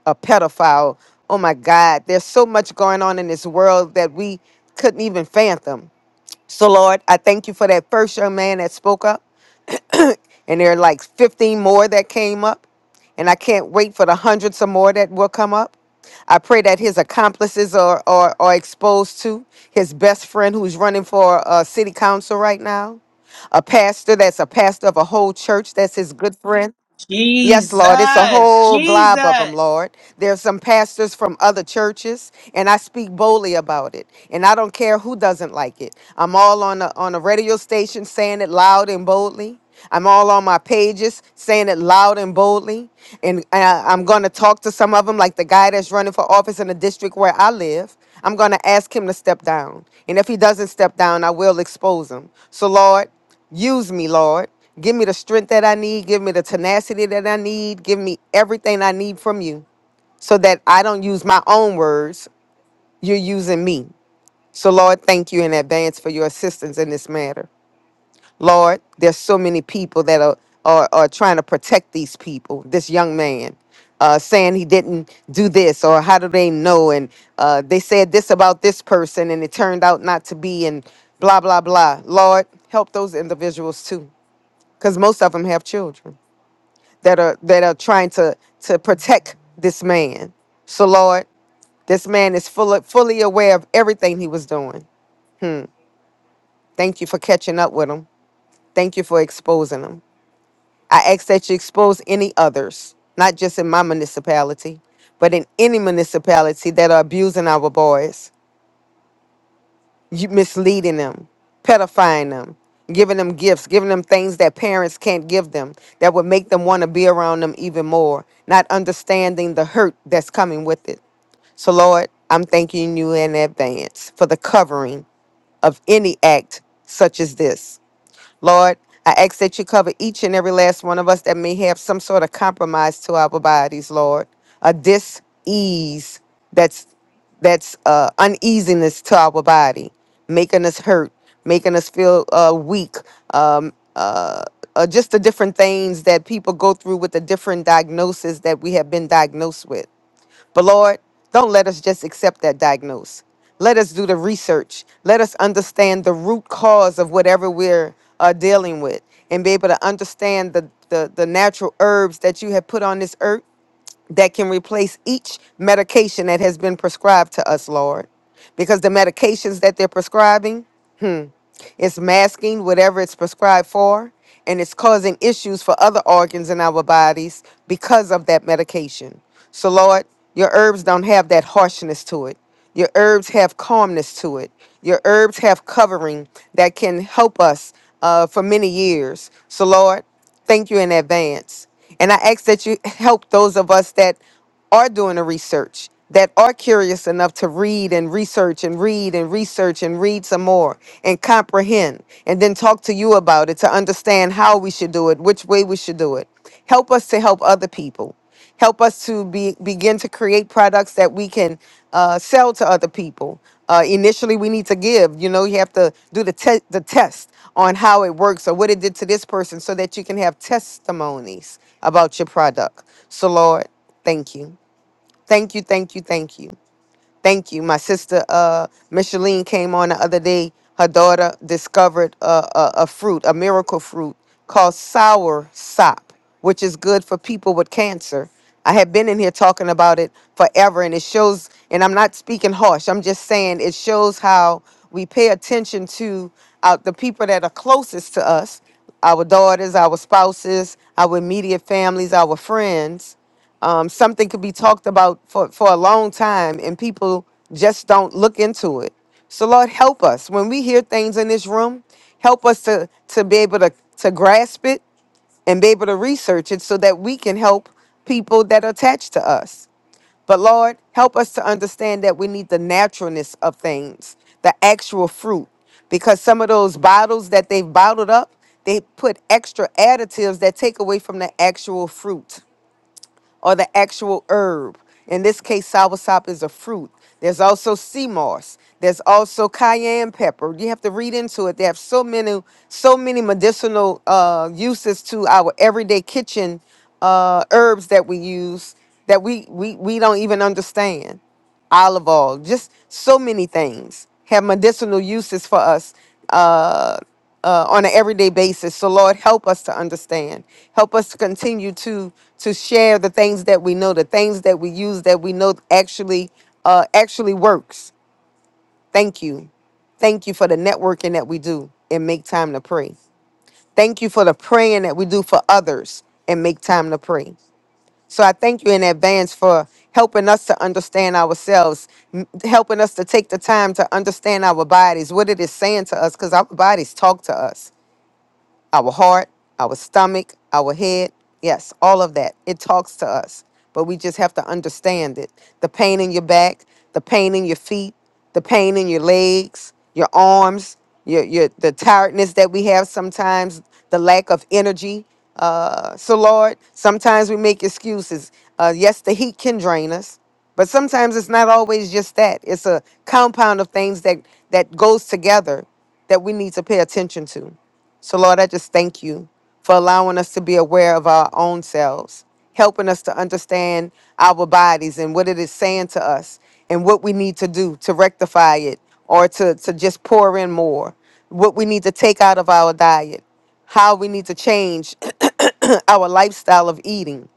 [SPEAKER 7] a pedophile. Oh my God, there's so much going on in this world that we couldn't even fathom. So, Lord, I thank you for that first young man that spoke up, and there are like 15 more that came up, and I can't wait for the hundreds or more that will come up. I pray that his accomplices are, are, are exposed to his best friend who's running for uh, city council right now, a pastor that's a pastor of a whole church that's his good friend. Yes, Lord. It's a
[SPEAKER 1] Jesus,
[SPEAKER 7] whole blob of
[SPEAKER 1] Jesus.
[SPEAKER 7] them, Lord. There's some pastors from other churches, and I speak boldly about it. And I don't care who doesn't like it. I'm all on a, on a radio station saying it loud and boldly. I'm all on my pages saying it loud and boldly. And uh, I'm going to talk to some of them, like the guy that's running for office in the district where I live. I'm going to ask him to step down. And if he doesn't step down, I will expose him. So, Lord, Use me, Lord. Give me the strength that I need. Give me the tenacity that I need. Give me everything I need from you so that I don't use my own words. You're using me. So, Lord, thank you in advance for your assistance in this matter. Lord, there's so many people that are, are, are trying to protect these people, this young man uh, saying he didn't do this or how do they know and uh, they said this about this person and it turned out not to be and blah blah blah lord help those individuals too because most of them have children that are that are trying to to protect this man. So Lord, this man is full, fully aware of everything he was doing. Thank you for catching up with him. Thank you for exposing him. I ask that you expose any others, not just in my municipality, but in any municipality that are abusing our boys. you misleading them, pedifying them, giving them gifts, giving them things that parents can't give them that would make them want to be around them even more, not understanding the hurt that's coming with it. So, Lord, I'm thanking you in advance for the covering of any act such as this. Lord, I ask that you cover each and every last one of us that may have some sort of compromise to our bodies, Lord, a dis-ease that's that's uh, uneasiness to our body, making us hurt, making us feel uh, weak, um, uh, uh, just the different things that people go through with the different diagnoses that we have been diagnosed with. But Lord, don't let us just accept that diagnose. Let us do the research. Let us understand the root cause of whatever we're uh, dealing with and be able to understand the, the, the natural herbs that you have put on this earth that can replace each medication that has been prescribed to us, Lord. Because the medications that they're prescribing it's masking whatever it's prescribed for, and it's causing issues for other organs in our bodies because of that medication. So, Lord, your herbs don't have that harshness to it. Your herbs have calmness to it. Your herbs have covering that can help us uh, for many years. So, Lord, thank you in advance. And I ask that you help those of us that are doing the research, that are curious enough to read and research and read and research and read some more and comprehend and then talk to you about it to understand how we should do it, which way we should do it. Help us to help other people. Help us to be, begin to create products that we can uh, sell to other people. Uh, initially, we need to give. You know, you have to do the te- the test on how it works or what it did to this person, so that you can have testimonies about your product. So, Lord. Thank you. Thank you, thank you, thank you. Thank you. My sister uh Micheline came on the other day. Her daughter discovered a, a, a fruit, a miracle fruit called sour sop, which is good for people with cancer. I have been in here talking about it forever and it shows and I'm not speaking harsh. I'm just saying it shows how we pay attention to uh, the people that are closest to us, our daughters, our spouses, our immediate families, our friends um, something could be talked about for, for a long time and people just don't look into it so lord help us when we hear things in this room help us to to be able to to grasp it and be able to research it so that we can help people that are attached to us but lord help us to understand that we need the naturalness of things the actual fruit because some of those bottles that they've bottled up they put extra additives that take away from the actual fruit or the actual herb. In this case, soursop is a fruit. There's also sea moss. There's also cayenne pepper. You have to read into it. They have so many, so many medicinal uh, uses to our everyday kitchen uh, herbs that we use that we, we we don't even understand olive oil, just so many things have medicinal uses for us uh, uh, on an everyday basis. So, Lord, help us to understand. Help us to continue to to share the things that we know, the things that we use that we know actually uh, actually works. Thank you. Thank you for the networking that we do and make time to pray. Thank you for the praying that we do for others and make time to pray. So I thank you in advance for helping us to understand ourselves, m- helping us to take the time to understand our bodies, what it is saying to us, because our bodies talk to us our heart, our stomach, our head. Yes, all of that. It talks to us, but we just have to understand it. The pain in your back, the pain in your feet, the pain in your legs, your arms, your, your the tiredness that we have sometimes, the lack of energy. Uh, so, Lord, sometimes we make excuses. Uh, yes, the heat can drain us, but sometimes it's not always just that. It's a compound of things that that goes together that we need to pay attention to. So, Lord, I just thank you for allowing us to be aware of our own selves, helping us to understand our bodies and what it is saying to us and what we need to do to rectify it or to, to just pour in more, what we need to take out of our diet, how we need to change *clears throat* our lifestyle of eating.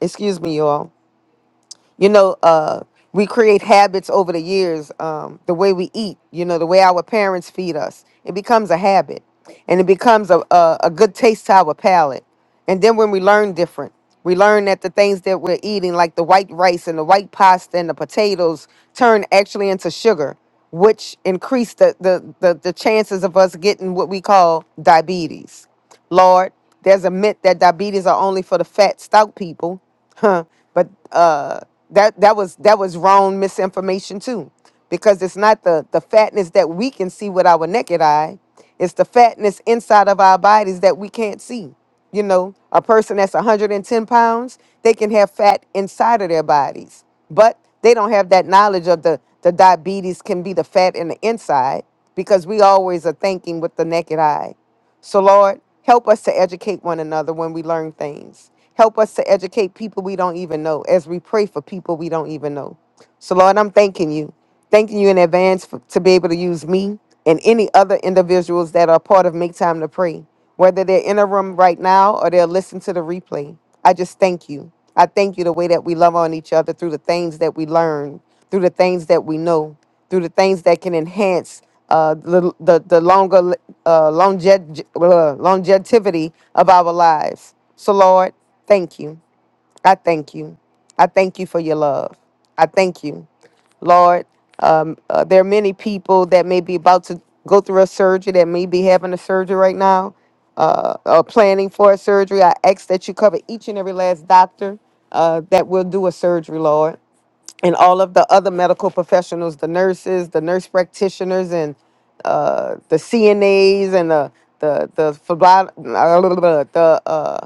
[SPEAKER 7] Excuse me, y'all you know uh we create habits over the years um the way we eat you know the way our parents feed us it becomes a habit and it becomes a, a, a good taste to our palate and then when we learn different we learn that the things that we're eating like the white rice and the white pasta and the potatoes turn actually into sugar which increase the the the, the chances of us getting what we call diabetes Lord, there's a myth that diabetes are only for the fat, stout people. Huh. But uh that that was that was wrong misinformation too. Because it's not the the fatness that we can see with our naked eye. It's the fatness inside of our bodies that we can't see. You know, a person that's 110 pounds, they can have fat inside of their bodies, but they don't have that knowledge of the the diabetes can be the fat in the inside because we always are thinking with the naked eye. So, Lord, help us to educate one another when we learn things. Help us to educate people we don't even know as we pray for people we don't even know. So, Lord, I'm thanking you. Thanking you in advance for, to be able to use me and any other individuals that are part of Make Time to Pray, whether they're in a room right now or they'll listen to the replay. I just thank you. I thank you the way that we love on each other through the things that we learn, through the things that we know, through the things that can enhance uh, the, the, the longer uh, longe- uh, longevity of our lives. So, Lord, thank you. I thank you. I thank you for your love. I thank you, Lord. Um, uh, there are many people that may be about to go through a surgery that may be having a surgery right now, uh, or planning for a surgery. I ask that you cover each and every last doctor uh, that will do a surgery, Lord, and all of the other medical professionals, the nurses, the nurse practitioners, and uh, the CNAs and the the the phlebo- uh, the uh,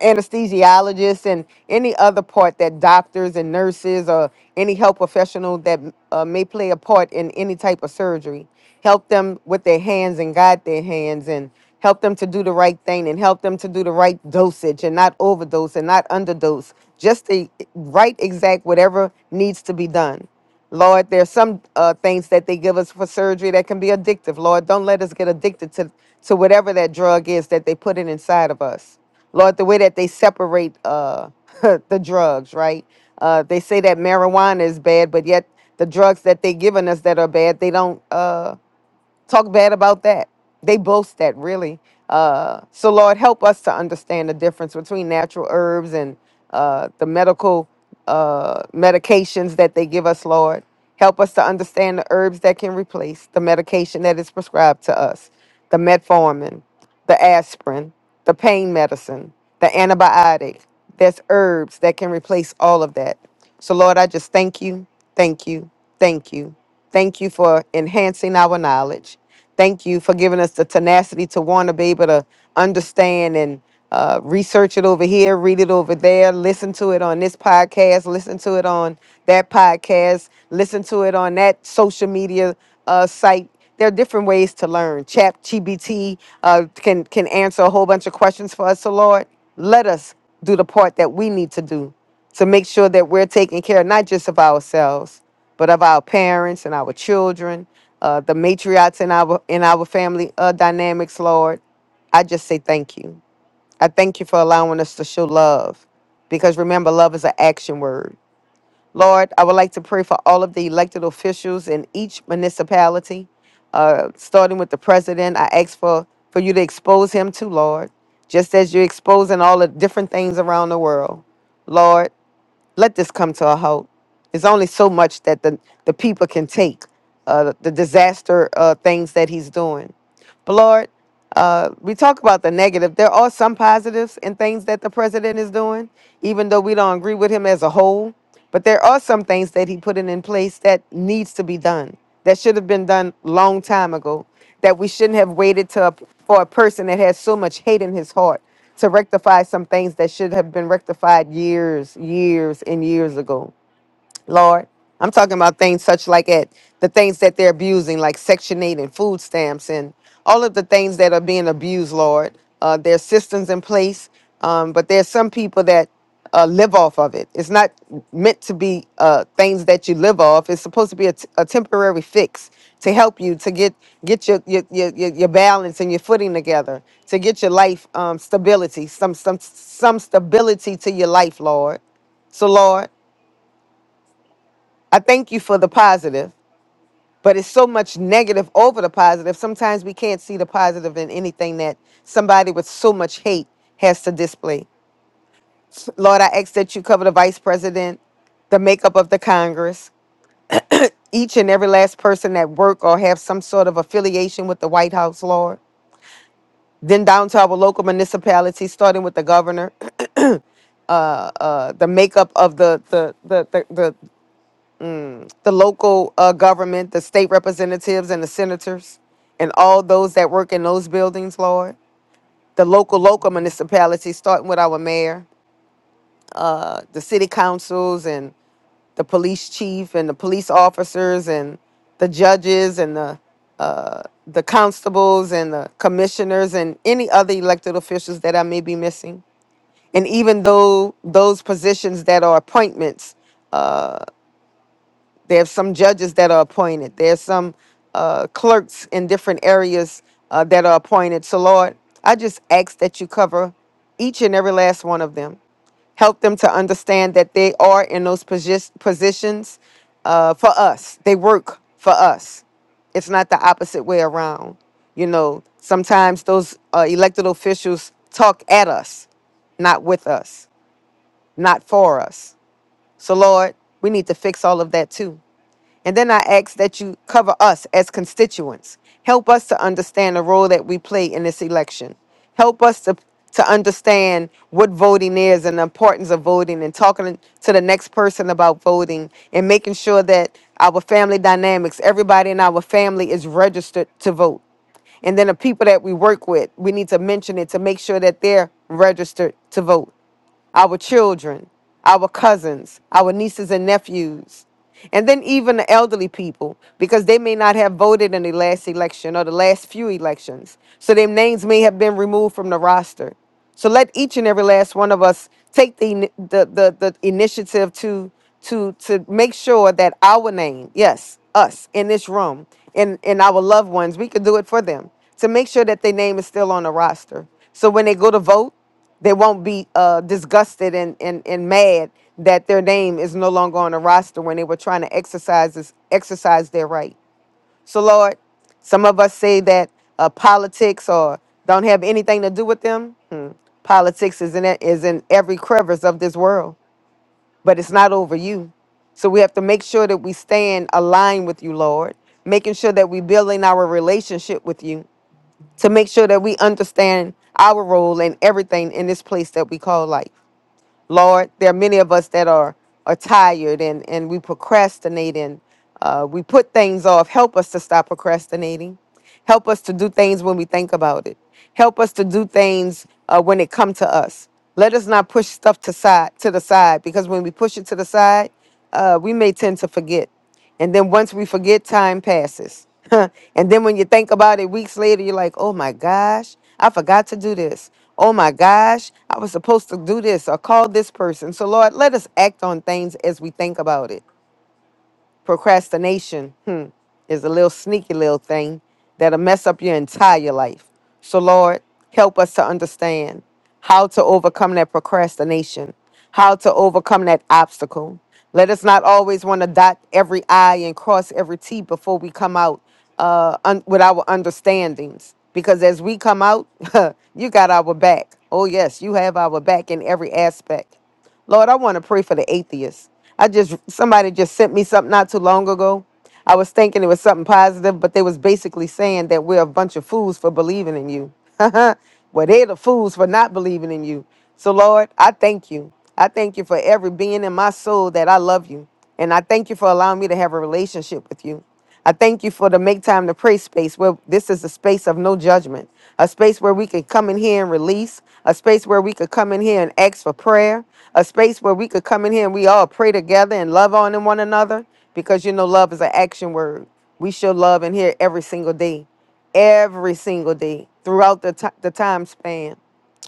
[SPEAKER 7] anesthesiologists and any other part that doctors and nurses or any health professional that uh, may play a part in any type of surgery help them with their hands and guide their hands and help them to do the right thing and help them to do the right dosage and not overdose and not underdose just the right exact whatever needs to be done Lord, there's some uh, things that they give us for surgery that can be addictive. Lord, don't let us get addicted to, to whatever that drug is that they put in inside of us. Lord, the way that they separate uh, *laughs* the drugs, right? Uh, they say that marijuana is bad, but yet the drugs that they giving us that are bad, they don't. Uh, talk bad about that. They boast that really. Uh, so Lord, help us to understand the difference between natural herbs and uh, the medical uh, medications that they give us, Lord. Help us to understand the herbs that can replace the medication that is prescribed to us, the metformin the aspirin, the pain medicine, the antibiotic. There's herbs that can replace all of that. So, Lord, I just thank you, thank you, thank you. Thank you for enhancing our knowledge. Thank you for giving us the tenacity to want to be able to understand and uh, research it over here, read it over there, listen to it on this podcast, listen to it on that podcast, listen to it on that social media uh, site there are different ways to learn. Chat GBT uh, can can answer a whole bunch of questions for us. So Lord, let us do the part that we need to do to make sure that we're taking care not just of ourselves, but of our parents and our children, uh, the matriarchs in our in our family uh, dynamics. Lord, I just say thank you. I thank you for allowing us to show love, because remember, love is an action word. Lord, I would like to pray for all of the elected officials in each municipality, uh, starting with the president. I ask for, for you to expose him too, Lord, just as you're exposing all the different things around the world. Lord, let this come to a halt. There's only so much that the, the people can take, uh, the disaster uh, things that he's doing. But Lord, uh, we talk about the negative. There are some positives in things that the president is doing, even though we don't agree with him as a whole. But there are some things that he put in, in place that needs to be done, that should have been done long time ago, that we shouldn't have waited to, for a person that has so much hate in his heart to rectify some things that should have been rectified years, years, and years ago. Lord. I'm talking about things such like at the things that they're abusing, like Section 8 and food stamps and all of the things that are being abused, Lord. Uh, there's systems in place, um, but there's some people that uh, live off of it. It's not meant to be uh, things that you live off. It's supposed to be a, t- a temporary fix to help you to get get your your, your your your balance and your footing together, to get your life um, stability, some some some stability to your life, Lord. So, Lord. I thank you for the positive, but it's so much negative over the positive. Sometimes we can't see the positive in anything that somebody with so much hate has to display. Lord, I ask that you cover the vice president, the makeup of the Congress, each and every last person that work or have some sort of affiliation with the White House, Lord. Then down to our local municipalities, starting with the governor, uh, the makeup of the the the the, the the local uh, government, the state representatives, and the senators, and all those that work in those buildings, Lord. The local, local municipalities, starting with our mayor, uh, the city councils, and the police chief, and the police officers, and the judges, and the uh, the constables, and the commissioners, and any other elected officials that I may be missing, and even though those positions that are appointments uh, There's some judges that are appointed. There's some uh, clerks in different areas uh, that are appointed. So, Lord, I just ask that you cover each and every last one of them. Help them to understand that they are in those posi- positions uh, for us. They work for us. It's not the opposite way around. You know, sometimes those uh, elected officials talk at us, not with us, not for us. So, Lord, we need to fix all of that too. And then I ask that you cover us as constituents. Help us to understand the role that we play in this election. Help us to, to understand what voting is and the importance of voting and talking to the next person about voting and making sure that our family dynamics, everybody in our family is registered to vote. And then the people that we work with, we need to mention it to make sure that they're registered to vote our children, our cousins, our nieces and nephews, and then even the elderly people, because they may not have voted in the last election or the last few elections. So their names may have been removed from the roster. So let each and every last one of us take the ini- the the, the initiative to to to make sure that our name, yes, us in this room and and our loved ones, we can do it for them to make sure that their name is still on the roster. So when they go to vote, they won't be uh, disgusted and, and, and mad that their name is no longer on the roster when they were trying to exercise this, exercise their right. So Lord, some of us say that uh, politics or don't have anything to do with them. Hmm. Politics is in it, is in every crevice of this world, but it's not over you. So we have to make sure that we stand aligned with you, Lord, making sure that we building our relationship with you to make sure that we understand our role and everything in this place that we call life. Lord, there are many of us that are are tired and and we procrastinate and uh, we put things off. Help us to stop procrastinating. Help us to do things when we think about it. Help us to do things uh, when it come to us. Let us not push stuff to side to the side because when we push it to the side, uh, we may tend to forget. And then once we forget, time passes. *laughs* and then when you think about it weeks later, you're like, oh my gosh, I forgot to do this. Oh my gosh, I was supposed to do this or call this person. So, Lord, let us act on things as we think about it. Procrastination hmm, is a little sneaky little thing that'll mess up your entire life. So, Lord, help us to understand how to overcome that procrastination, how to overcome that obstacle. Let us not always want to dot every I and cross every T before we come out uh, un- with our understandings. Because as we come out, *laughs* you got our back. Oh, yes, you have our back in every aspect. Lord, I want to pray for the atheists. I just somebody just sent me something not too long ago. I was thinking it was something positive, but they was basically saying that we're a bunch of fools for believing in you. *laughs* well, they're the fools for not believing in you. So Lord, I thank you. I thank you for every being in my soul that I love you. And I thank you for allowing me to have a relationship with you. I thank you for the make time to pray space where this is a space of no judgment, a space where we can come in here and release, a space where we could come in here and ask for prayer, a space where we could come in here and we all pray together and love on one another because you know love is an action word. We show love in here every single day, every single day throughout the, ti- the time span,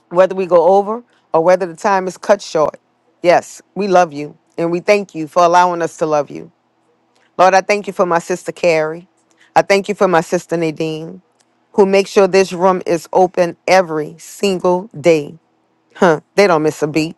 [SPEAKER 7] whether we go over or whether the time is cut short. Yes, we love you and we thank you for allowing us to love you. Lord, I thank you for my sister Carrie. I thank you for my sister Nadine, who makes sure this room is open every single day. Huh, they don't miss a beat.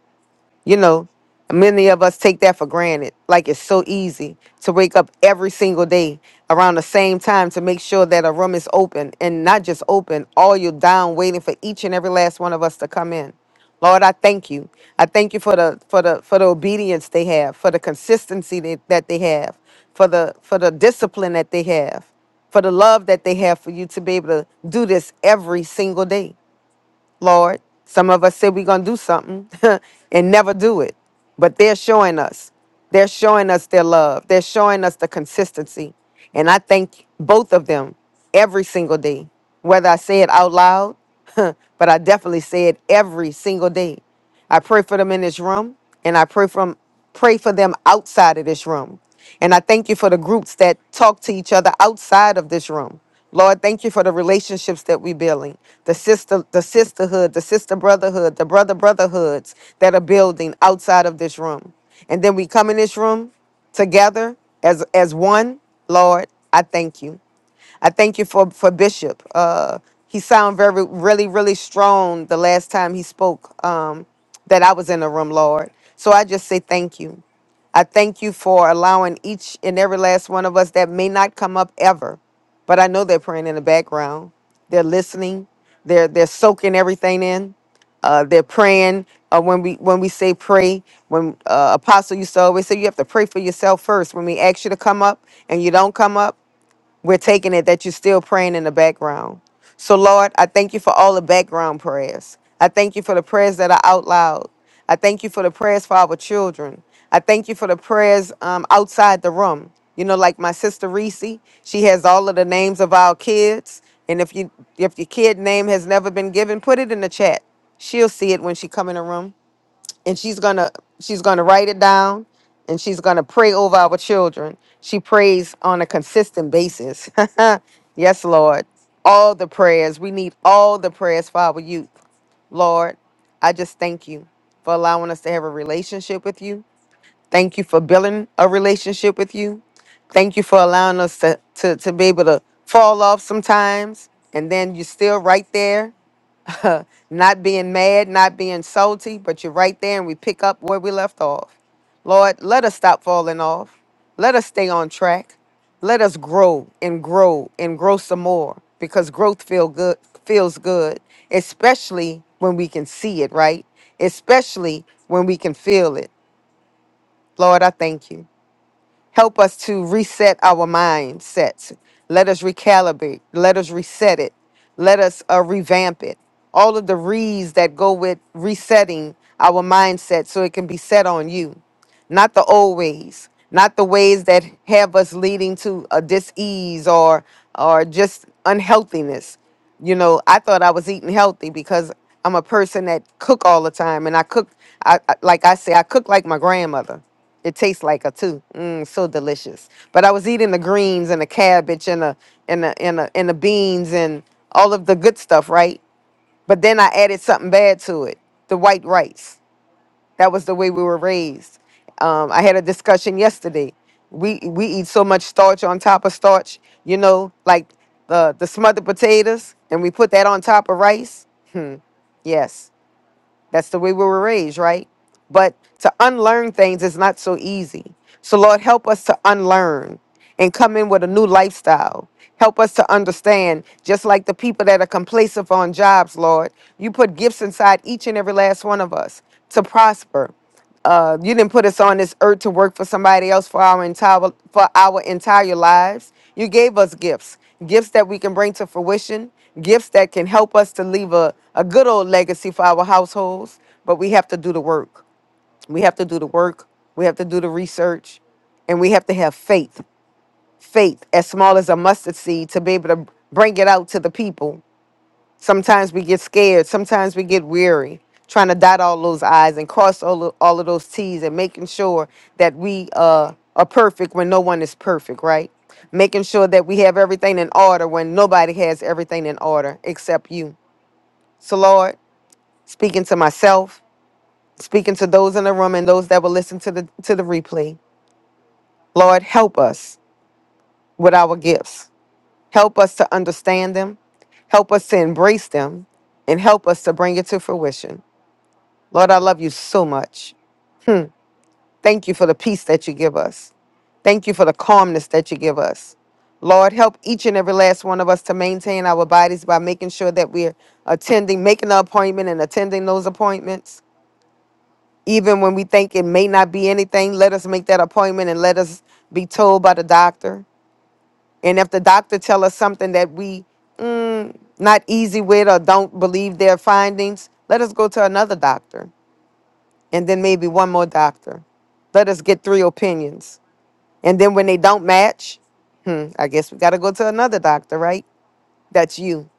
[SPEAKER 7] You know, many of us take that for granted. Like it's so easy to wake up every single day around the same time to make sure that a room is open and not just open, all you down waiting for each and every last one of us to come in. Lord, I thank you. I thank you for the for the for the obedience they have, for the consistency that, that they have, for the for the discipline that they have, for the love that they have for you to be able to do this every single day. Lord. Some of us said we're going to do something *laughs* and never do it. But they're showing us. They're showing us their love. They're showing us the consistency. And I thank both of them every single day, whether I say it out loud, *laughs* but I definitely say it every single day. I pray for them in this room, and I pray from pray for them outside of this room. And I thank you for the groups that talk to each other outside of this room. Lord, thank you for the relationships that we're building, the sister, the sisterhood, the sister brotherhood, the brother brotherhoods that are building outside of this room. And then we come in this room together as as one. Lord, I thank you. I thank you for for Bishop. Uh, he sound very really really strong the last time he spoke um, that I was in the room, Lord. So I just say thank you. I thank you for allowing each and every last one of us that may not come up ever, but I know they're praying in the background. They're listening. They're they're soaking everything in. Uh, they're praying. Uh, when we when we say pray, when uh, Apostle used to always say you have to pray for yourself first. When we ask you to come up and you don't come up, we're taking it that you're still praying in the background. So, Lord, I thank you for all the background prayers. I thank you for the prayers that are out loud. I thank you for the prayers for our children. I thank you for the prayers um, outside the room. You know, like my sister Reese, she has all of the names of our kids. And if you if your kid name has never been given, put it in the chat. She'll see it when she come in the room and she's gonna she's gonna write it down and she's gonna pray over our children she prays on a consistent basis *laughs* yes lord all the prayers we need all the prayers for our youth lord i just thank you for allowing us to have a relationship with you thank you for building a relationship with you thank you for allowing us to to, to be able to fall off sometimes and then you're still right there not being mad, not being salty, but you're right there and we pick up where we left off. Lord, let us stop falling off. Let us stay on track. Let us grow and grow and grow some more because growth feel good feels good, especially when we can see it, right? Especially when we can feel it. Lord, I thank you. Help us to reset our mindsets. Let us recalibrate. Let us reset it. Let us uh, revamp it. All of the re's that go with resetting our mindset so it can be set on you not the old ways, not the ways that have us leading to a dis-ease or or just unhealthiness. You know, I thought I was eating healthy because I'm a person that cook all the time, and I cook. I, I like I say, I cook like my grandmother. It tastes like her too. Mm, so delicious. But I was eating the greens and the cabbage and the and the and the, and the beans and all of the good stuff, right? But then I added something bad to it, the white rice. That was the way we were raised. Um, I had a discussion yesterday. We we eat so much starch on top of starch, you know, like the the smothered potatoes, and we put that on top of rice. Yes, that's the way we were raised, right? But to unlearn things is not so easy. So Lord, help us to unlearn and come in with a new lifestyle. Help us to understand, just like the people that are complacent on jobs, Lord, you put gifts inside each and every last one of us to prosper uh, you didn't put us on this earth to work for somebody else for our entire for our entire lives. You gave us gifts, gifts that we can bring to fruition, gifts that can help us to leave a, a good old legacy for our households. But we have to do the work. We have to do the work. We have to do the research, and we have to have faith. Faith as small as a mustard seed to be able to bring it out to the people Sometimes we get scared. Sometimes we get weary trying to dot all those I's and cross all, of- all of those T's and making sure that we uh, are perfect when no one is perfect, right? Making sure that we have everything in order when nobody has everything in order except you. So, Lord, speaking to myself, speaking to those in the room and those that will listen to the, to the replay, Lord, help us with our gifts. Help us to understand them. Help us to embrace them and help us to bring it to fruition. Lord, I love you so much. Thank you for the peace that you give us. Thank you for the calmness that you give us. Lord, help each and every last one of us to maintain our bodies by making sure that we're attending, making the appointment and attending those appointments. Even when we think it may not be anything, let us make that appointment and let us be told by the doctor. And if the doctor tell us something that we not easy with or don't believe their findings, let us go to another doctor. and then maybe one more doctor. Let us get three opinions. And then when they don't match, hmm, I guess we got to go to another doctor, right? That's you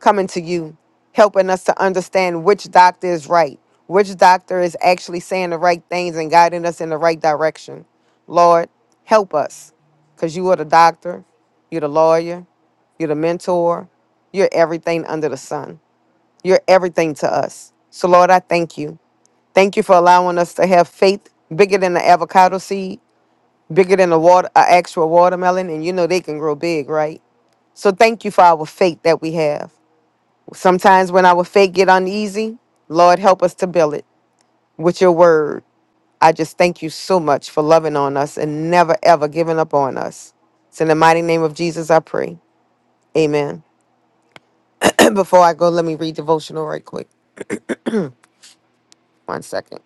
[SPEAKER 7] coming to you, helping us to understand which doctor is right, which doctor is actually saying the right things and guiding us in the right direction. Lord, help us because you are the doctor, you're the lawyer, you're the mentor, you're everything under the sun, you're everything to us. So, Lord, I thank you. Thank you for allowing us to have faith bigger than the avocado seed, bigger than the water, an actual watermelon, and you know they can grow big, right? So thank you for our faith that we have. Sometimes when our faith get uneasy, Lord help us to build it with your word. I just thank you so much for loving on us and never ever giving up on us. It's in the mighty name of Jesus I pray. Amen. *clears throat* Before I go, let me read devotional right quick. One second.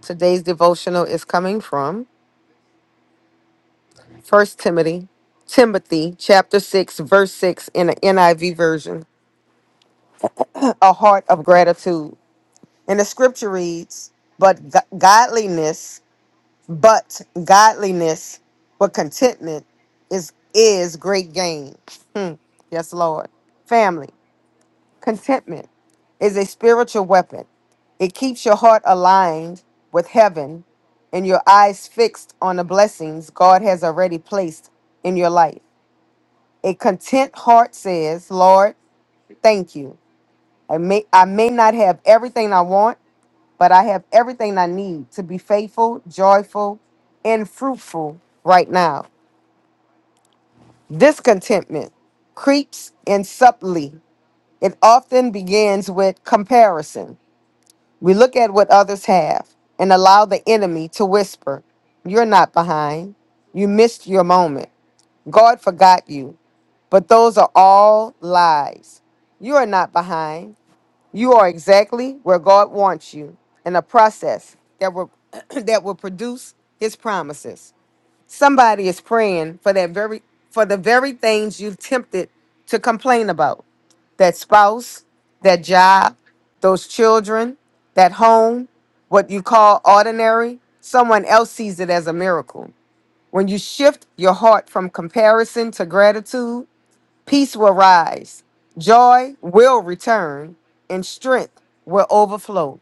[SPEAKER 7] Today's devotional is coming from First Timothy, Timothy chapter 6, verse 6 in the NIV version, a heart of gratitude. And the scripture reads, but go- godliness, but godliness with contentment is is great gain. Hmm. Yes, Lord. Family, contentment is a spiritual weapon. It keeps your heart aligned with heaven and your eyes fixed on the blessings God has already placed in your life. A content heart says, Lord, thank you. I may, I may not have everything I want, but I have everything I need to be faithful, joyful, and fruitful right now. Discontentment creeps in subtly. It often begins with comparison. We look at what others have and allow the enemy to whisper, You're not behind. You missed your moment. God forgot you. But those are all lies. You are not behind. You are exactly where God wants you in a process that will *clears throat* that will produce his promises. Somebody is praying for that very for the very things you have tempted to complain about. That spouse, that job, those children, that home, what you call ordinary, someone else sees it as a miracle. When you shift your heart from comparison to gratitude, Peace will rise, joy will return, and strength will overflow.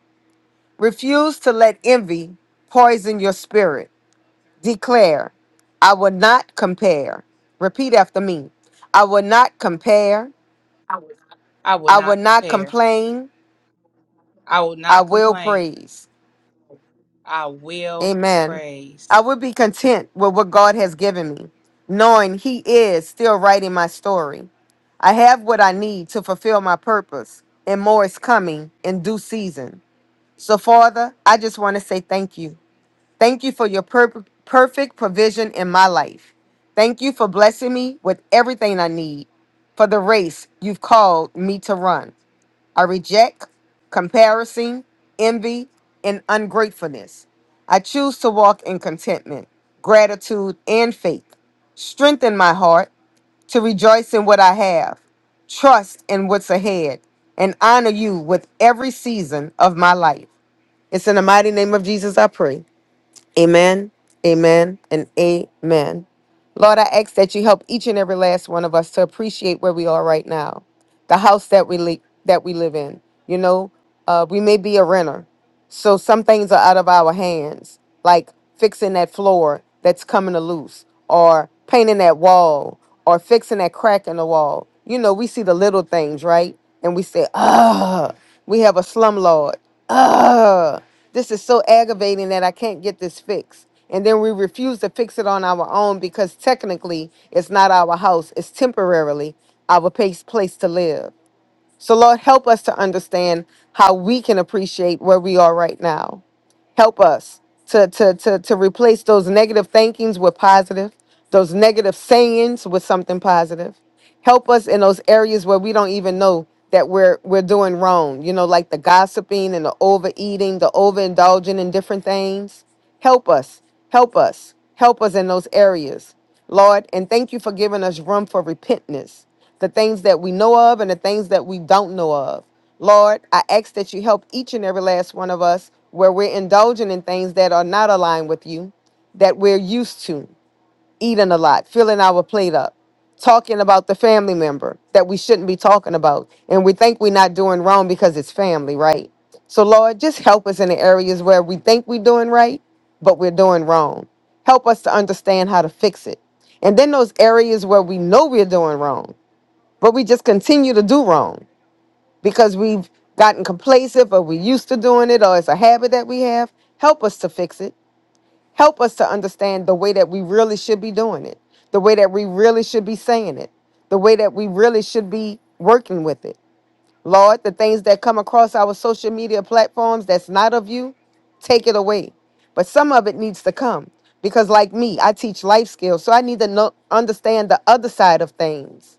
[SPEAKER 7] Refuse to let envy poison your spirit. Declare, I will not compare. Repeat after me I will not compare.
[SPEAKER 1] I will
[SPEAKER 7] I will
[SPEAKER 1] not
[SPEAKER 7] not
[SPEAKER 1] compare.
[SPEAKER 7] complain.
[SPEAKER 1] I will
[SPEAKER 7] I
[SPEAKER 1] not
[SPEAKER 7] will
[SPEAKER 1] complain.
[SPEAKER 7] praise.
[SPEAKER 1] I will
[SPEAKER 7] Amen. I
[SPEAKER 1] praise.
[SPEAKER 7] would be content with what God has given me, knowing He is still writing my story. I have what I need to fulfill my purpose, and more is coming in due season. So, Father, I just want to say thank you. Thank you for your per- perfect provision in my life. Thank you for blessing me with everything I need for the race you've called me to run. I reject comparison, envy, and ungratefulness. I choose to walk in contentment, gratitude, and faith. Strengthen my heart to rejoice in what I have, trust in what's ahead, and honor you with every season of my life. It's in the mighty name of Jesus I pray. Amen, amen, and amen. Lord, I ask that you help each and every last one of us to appreciate where we are right now, the house that we li- that we live in. You know, uh, we may be a renter, so some things are out of our hands, like fixing that floor that's coming to loose, or painting that wall, or fixing that crack in the wall. You know, we see the little things, right? And we say, "Ah, we have a slumlord. Ah, this is so aggravating that I can't get this fixed." And then we refuse to fix it on our own because technically it's not our house; it's temporarily our place place to live. So, Lord, help us to understand how we can appreciate where we are right now. Help us to, to, to, to replace those negative thinkings with positive, those negative sayings with something positive help us in those areas where we don't even know that we're we're doing wrong you know like the gossiping and the overeating the overindulging in different things help us help us help us in those areas lord and thank you for giving us room for repentance the things that we know of and the things that we don't know of lord i ask that you help each and every last one of us where we're indulging in things that are not aligned with you that we're used to eating a lot, filling our plate up, talking about the family member that we shouldn't be talking about. And we think we're not doing wrong because it's family, right? So, Lord, just help us in the areas where we think we're doing right, but we're doing wrong. Help us to understand how to fix it. And then those areas where we know we're doing wrong, but we just continue to do wrong because we've gotten complacent or we're used to doing it or it's a habit that we have. Help us to fix it Help us to understand the way that we really should be doing it, the way that we really should be saying it, the way that we really should be working with it. Lord, the things that come across our social media platforms that's not of you, take it away. But some of it needs to come because, like me, I teach life skills. So I need to know, understand the other side of things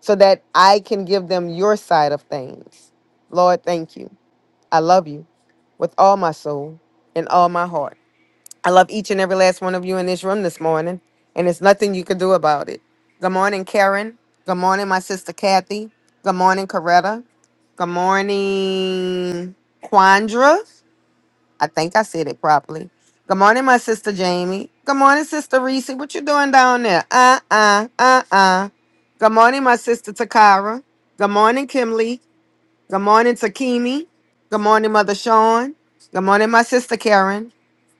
[SPEAKER 7] so that I can give them your side of things. Lord, thank you. I love you with all my soul and all my heart. I love each and every last one of you in this room this morning, and there's nothing you can do about it. Good morning, Karen. Good morning, my sister Kathy. Good morning, Coretta. Good morning, Quandra. I think I said it properly. Good morning, my sister Jamie. Good morning, sister Reese. What you doing down there? Uh uh uh uh. Good morning, my sister Takara. Good morning, Kimley. Good morning, Takimi. Good morning, Mother Sean. Good morning, my sister Karen.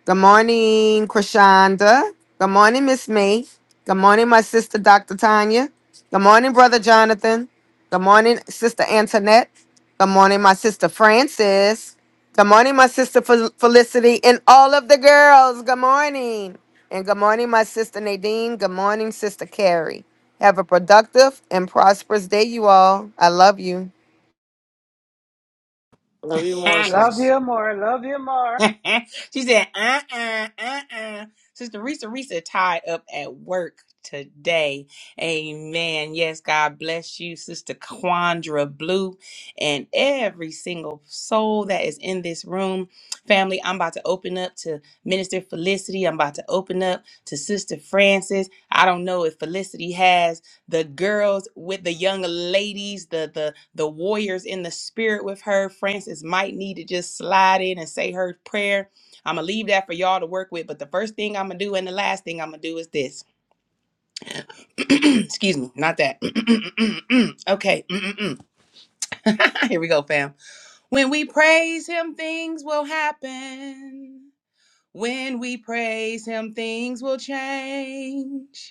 [SPEAKER 7] Good morning, Krishanda. Good morning, Miss May. Good morning, my sister, Dr. Tanya. Good morning, Brother Jonathan. Good morning, Sister Antoinette. Good morning, my sister Frances. Good morning, my sister Fel- Felicity and all of the girls. Good morning. And good morning, my sister Nadine. Good morning, Sister Carrie. Have a productive and prosperous day, you all. I love you.
[SPEAKER 8] Love you
[SPEAKER 1] *laughs*
[SPEAKER 8] more,
[SPEAKER 3] Love
[SPEAKER 8] sis.
[SPEAKER 3] you more. Love you more.
[SPEAKER 1] she said, uh uh, uh uh. Sister Risa Risa tied up at work today. Amen. Yes, God bless you, Sister Quandra Blue, and every single soul that is in this room. Family, I'm about to open up to Minister Felicity. I'm about to open up to Sister Francis. I don't know if Felicity has. the girls with the young ladies, the the the warriors in the spirit with her. Francis might need to just slide in and say her prayer. I'm gonna leave that for y'all to work with. But the first thing I'm gonna do and the last thing I'm gonna do is this. *clears throat* Excuse me, not that. *clears throat* okay. *laughs* Here we go, fam. When we praise him, things will happen. When we praise him, things will change.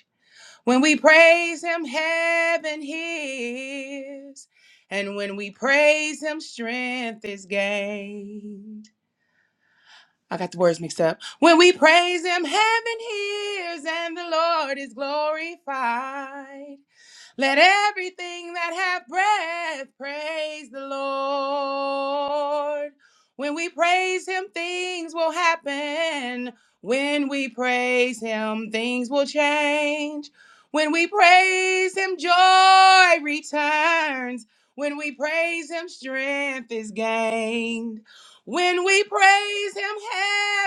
[SPEAKER 1] When we praise him, heaven hears. And when we praise him, strength is gained. I got the words mixed up. When we praise him, heaven hears and the Lord is glorified. Let everything that have breath praise the Lord. When we praise Him, things will happen. When we praise Him, things will change. When we praise Him, joy returns. When we praise Him, strength is gained. When we praise Him,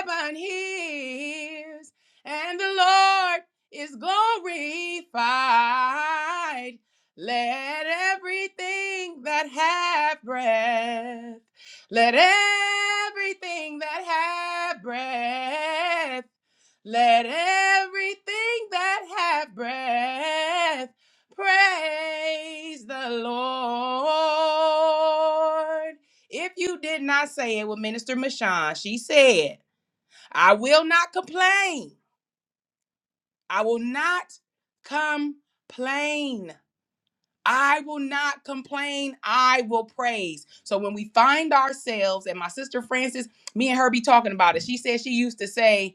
[SPEAKER 1] heaven hears. And the Lord is glorified. Let everything that hath breath, let everything that hath breath, let everything that hath breath praise the Lord. If you did not say it with Minister Mashawn, she said, I will not complain. I will not complain. I will not complain. I will praise. So when we find ourselves, and my sister Frances, me and her be talking about it. She said she used to say,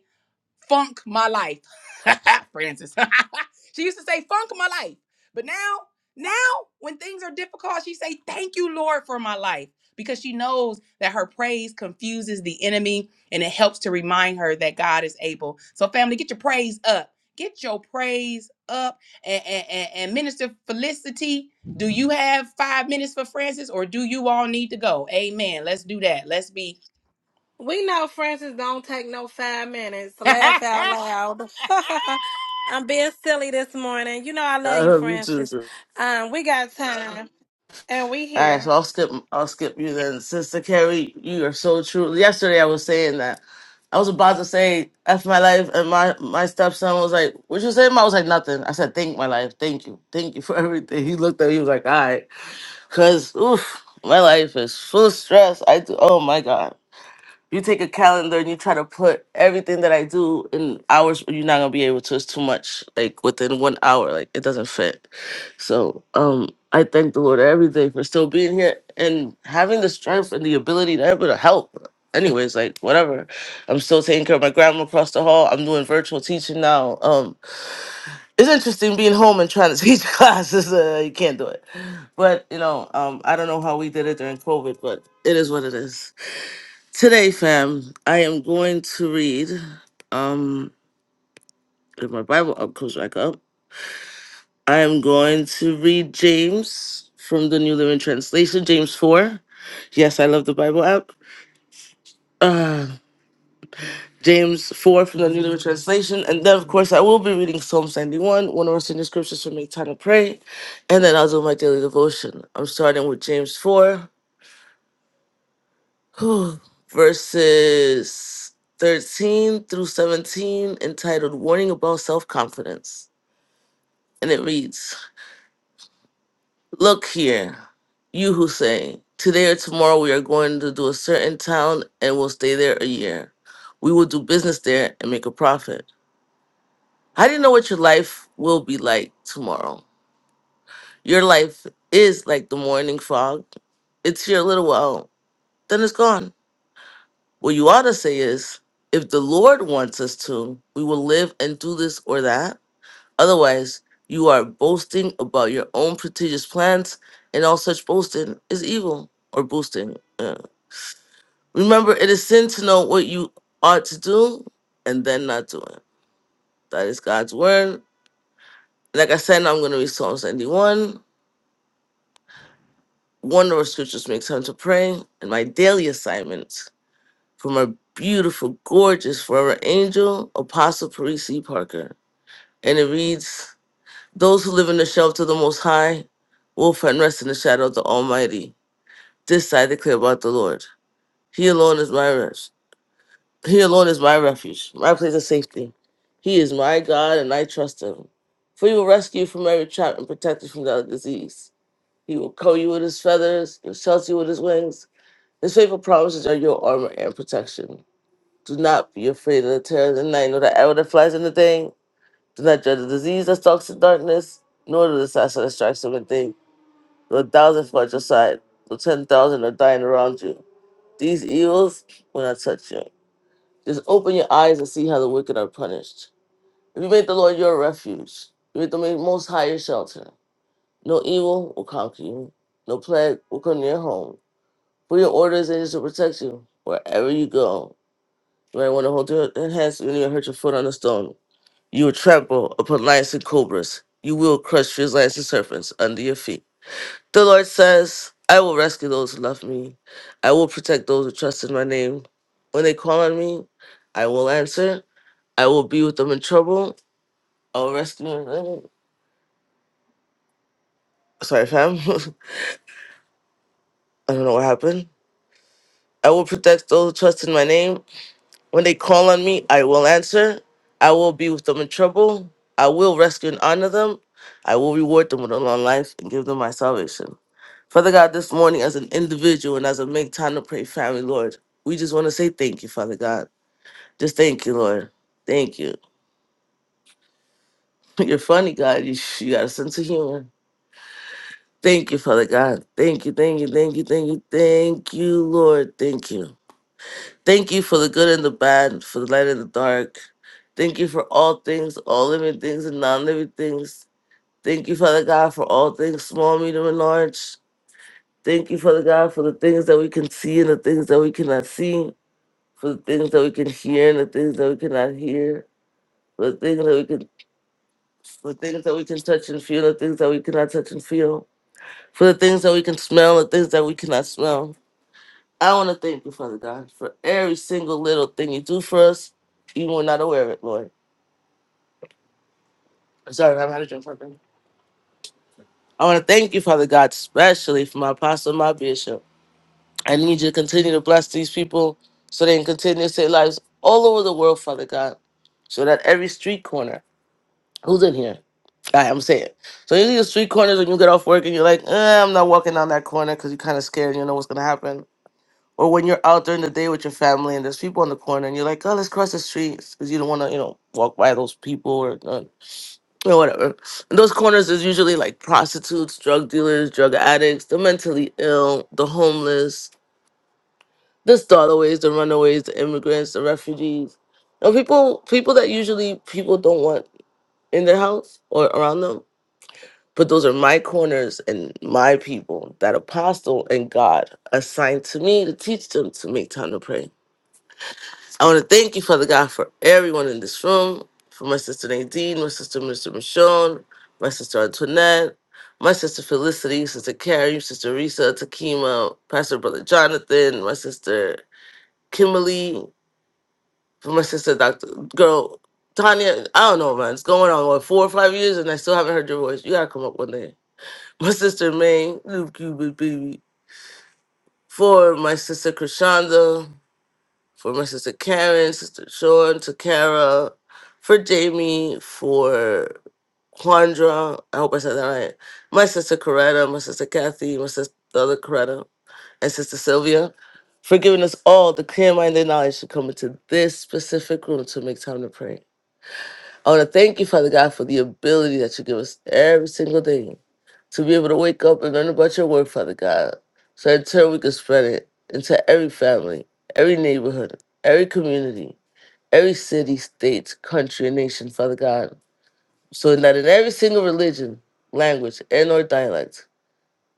[SPEAKER 1] funk my life. *laughs* Francis. *laughs* she used to say funk my life. But now, now when things are difficult, she say thank you Lord for my life because she knows that her praise confuses the enemy and it helps to remind her that God is able. So family, get your praise up. Get your praise up and, and, and, and Minister Felicity, do you have five minutes for Francis or do you all need to go? Amen. Let's do that. Let's be
[SPEAKER 6] We know Francis don't take no five minutes to laugh out
[SPEAKER 1] *laughs*
[SPEAKER 6] loud. *laughs* I'm being silly this morning. You know I
[SPEAKER 8] I
[SPEAKER 6] love you,
[SPEAKER 8] love you too,
[SPEAKER 6] Francis.
[SPEAKER 8] sis. All
[SPEAKER 6] Um, we got time and we
[SPEAKER 8] right, so
[SPEAKER 6] here.
[SPEAKER 8] I'll skip. I'll skip you then, Sister Carrie. You are so true. Yesterday, I was saying that I was about to say "f my life," and my my stepson was like, "What you say?" Mom?" I was like, "Nothing." I said, "Thank my life. Thank you. Thank you for *laughs* everything." He looked at me. He was like, "All right," because oof, my life is full of stress. I do. Oh my god. you take a calendar and you try to put everything that I do in hours, you're not gonna be able to. It's too much. Like within one hour, like it doesn't fit. So um I thank the Lord every day for still being here and having the strength and the ability to able to help. Anyways, like whatever. I'm still taking care of my grandma across the hall. I'm doing virtual teaching now. Um it's interesting being home and trying to *laughs* teach classes. Uh, you can't do it. But you know, um I don't know how we did it during COVID, but it is what it is. Today, fam, I am going to read. Um, if my Bible up comes back up, I am going to read James from the New Living Translation, James four. Yes, I love the Bible app. Uh, James four from the New Living Translation, and then of course I will be reading Psalm seventy one, one of our senior scriptures for make time to pray, and then I'll do my daily devotion. I'm starting with James four, *sighs* whew, verses thirteen through seventeen, entitled "Warning About Self Confidence." and it reads, Look here, you who say, Today or tomorrow we are going to do a certain town and will stay there a year. We will do business there and make a profit. I do not know what your life will be like tomorrow. Your life is like the morning fog. It's here a little while, then it's gone. What you ought to say is, if the Lord wants us to, we will live and do this or that Otherwise, you are boasting about your own prestigious plans, and all such boasting is evil or boasting. yeah. Remember, it is sin to know what you ought to do and then not do it. That is God's word. Like I said, I'm going to read Psalms 91. One of our scriptures makes time to pray, and my daily assignments from our beautiful, gorgeous, forever angel, Apostle Parisi Parker. And it reads, Those who live in the shelter of the Most High will find rest in the shadow of the Almighty. This I declare about the Lord. He alone is my rest. He alone is my refuge, my place of safety. He is my God, and I trust him. For he will rescue you from every trap and protect you from deadly disease. He will cover you with his feathers and shelter you with his wings. His faithful promises are your armor and protection. Do not be afraid of the terror of the night, nor the arrow that flies in the day. Do not dread the disease that stalks in darkness, nor the disaster that strikes in the day. The thousands at your side, the ten thousand are dying around you. These evils will not touch you. Just open your eyes and see how the wicked are punished. If you make the Lord your refuge, you make the Most High your shelter. No evil will conquer you. No plague will come near your home. For your orders and to protect you wherever you go. You might want to hold your hands when you hurt your foot on a stone. You will trample upon lions and cobras. You will crush fierce lions and serpents under your feet. The Lord says, I will rescue those who love me. I will protect those who trust in my name. When they call on me, I will answer. I will be with them in trouble. I will rescue them. Sorry, fam. *laughs* I don't know what happened. I will protect those who trust in my name. When they call on me, I will answer. I will be with them in trouble. I will rescue and honor them. I will reward them with a long life and give them my salvation. Father God, this morning as an individual and as a make time to pray family, Lord, we just want to say thank you, Father God. Just thank you, Lord. Thank you. *laughs* You're funny, God. You, you got a sense of humor. Thank you, Father God. Thank you, thank you, thank you, thank you, thank you, Lord. Thank you. Thank you for the good and the bad, for the light and the dark. Thank you for all things, all living things and non living things. Thank you, Father God, for all things, small, medium, and large. Thank you, Father God, for the things that we can see and the things that we cannot see. for the things that we can hear and the things that we cannot hear, for the things that we can for the things that we can touch and feel, the things that we cannot touch and feel, for the things that we can smell, the things that we cannot smell. I want to thank you, Father God, for every single little thing you do for us, even when not aware of it, Lord. I'm sorry, I haven't had a drink something. I want to thank you, Father God, especially for my apostle, and my bishop. I need you to continue to bless these people so they can continue to save lives all over the world, Father God, so that every street corner, who's in here? I, am saying. So you the street corners when you get off work and you're like, eh, I'm not walking down that corner because you're kind of scared. You know what's gonna happen. Or when you're out during the day with your family and there's people on the corner and you're like, oh, let's cross the streets because you don't want to, you know, walk by those people or uh, or whatever. And those corners is usually like prostitutes, drug dealers, drug addicts, the mentally ill, the homeless, the stallaways, the runaways, the immigrants, the refugees. You know, people people that usually people don't want in their house or around them But those are my corners and my people that apostle and God assigned to me to teach them to make time to pray. I want to thank you, Father God, for everyone in this room, for my sister Nadine, my sister Mr. Michonne, my sister Antoinette, my sister Felicity, sister Carrie, sister Risa, Takima, Pastor Brother Jonathan, my sister Kimberly, for my sister Dr. Girl, Tanya. I don't know, man. It's going on, what, four or five years, and I still haven't heard your voice. You got to come up one day my sister May, Lube Cuban Baby, for my sister Krishanda, for my sister Karen, sister Sean, Takara, for Jamie, for Quandra, I hope I said that right, my sister Coretta, my sister Kathy, my sister the other Coretta, and sister Sylvia, for giving us all the clear-minded knowledge to come into this specific room to make time to pray. I want to thank you, Father God, for the ability that you give us every single day to be able to wake up and learn about your word, Father God. So in turn, we can spread it into every family, every neighborhood, every community, every city, state, country, and nation, Father God. So that in every single religion, language, and or dialect,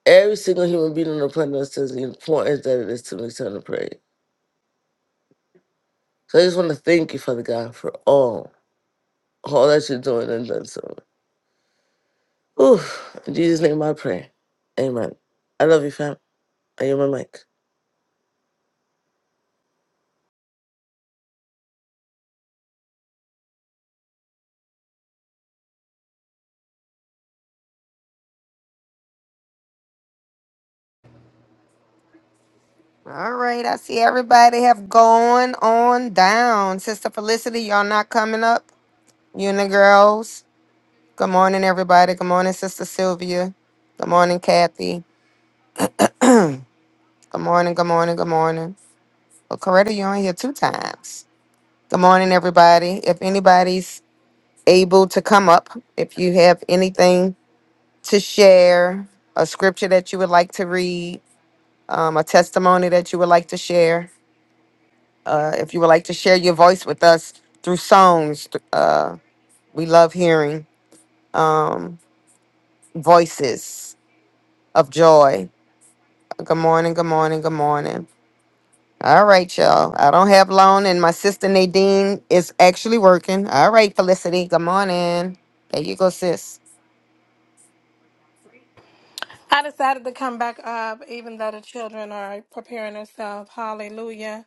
[SPEAKER 8] every single human being on the planet understands the importance that it is to make time to pray. So I just want to thank you, Father God, for all, all that you're doing and done so. Ooh, in Jesus' name I pray. Amen. I love you, fam. I am my mic.
[SPEAKER 7] All right, I see everybody have gone on down. Sister Felicity, y'all not coming up? Una girls. Good morning, everybody. Good morning, Sister Sylvia. Good morning, Kathy. Good morning, good morning, good morning. Well, Coretta, you're on here two times. Good morning, everybody. If anybody's able to come up, if you have anything to share, a scripture that you would like to read, um, a testimony that you would like to share, uh, if you would like to share your voice with us through songs, th- uh, we love hearing um, voices of joy Good morning, good morning, good morning. All right, y'all. I don't have long, and my sister Nadine is actually working. All right, Felicity, good morning. There you go, sis.
[SPEAKER 6] I decided to come back up even though the children are preparing themselves. Hallelujah.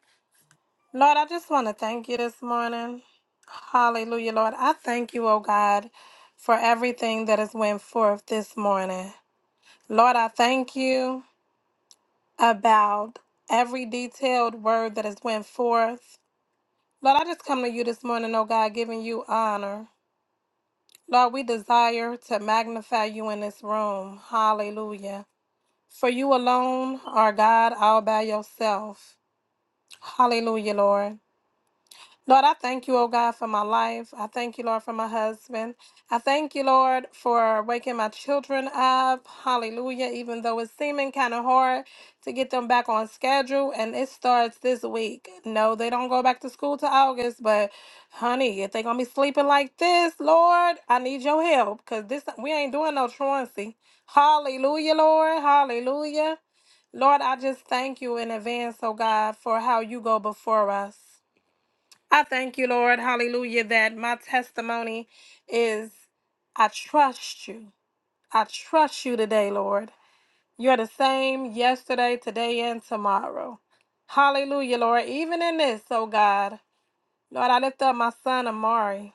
[SPEAKER 6] Lord, I just want to thank you this morning. Hallelujah, Lord. I thank you, oh God, for everything that has went forth this morning. Lord, I thank you. about every detailed word that has went forth. Lord, I just come to you this morning, oh God, giving you honor. Lord, we desire to magnify you in this room. Hallelujah. For you alone are God all by yourself. Hallelujah, Lord. Lord, I thank you, oh God, for my life. I thank you, Lord, for my husband. I thank you, Lord, for waking my children up. Hallelujah. Even though it's seeming kind of hard to get them back on schedule, and it starts this week. No, they don't go back to school to August, but honey, if they're going to be sleeping like this, Lord, I need your help because this we ain't doing no truancy. Hallelujah, Lord. Hallelujah. Lord, I just thank you in advance, oh God, for how you go before us. I thank you, Lord, hallelujah, that my testimony is I trust you. I trust you today, Lord. You're the same yesterday, today, and tomorrow. Hallelujah, Lord. Even in this, oh God. Lord, I lift up my son Amari.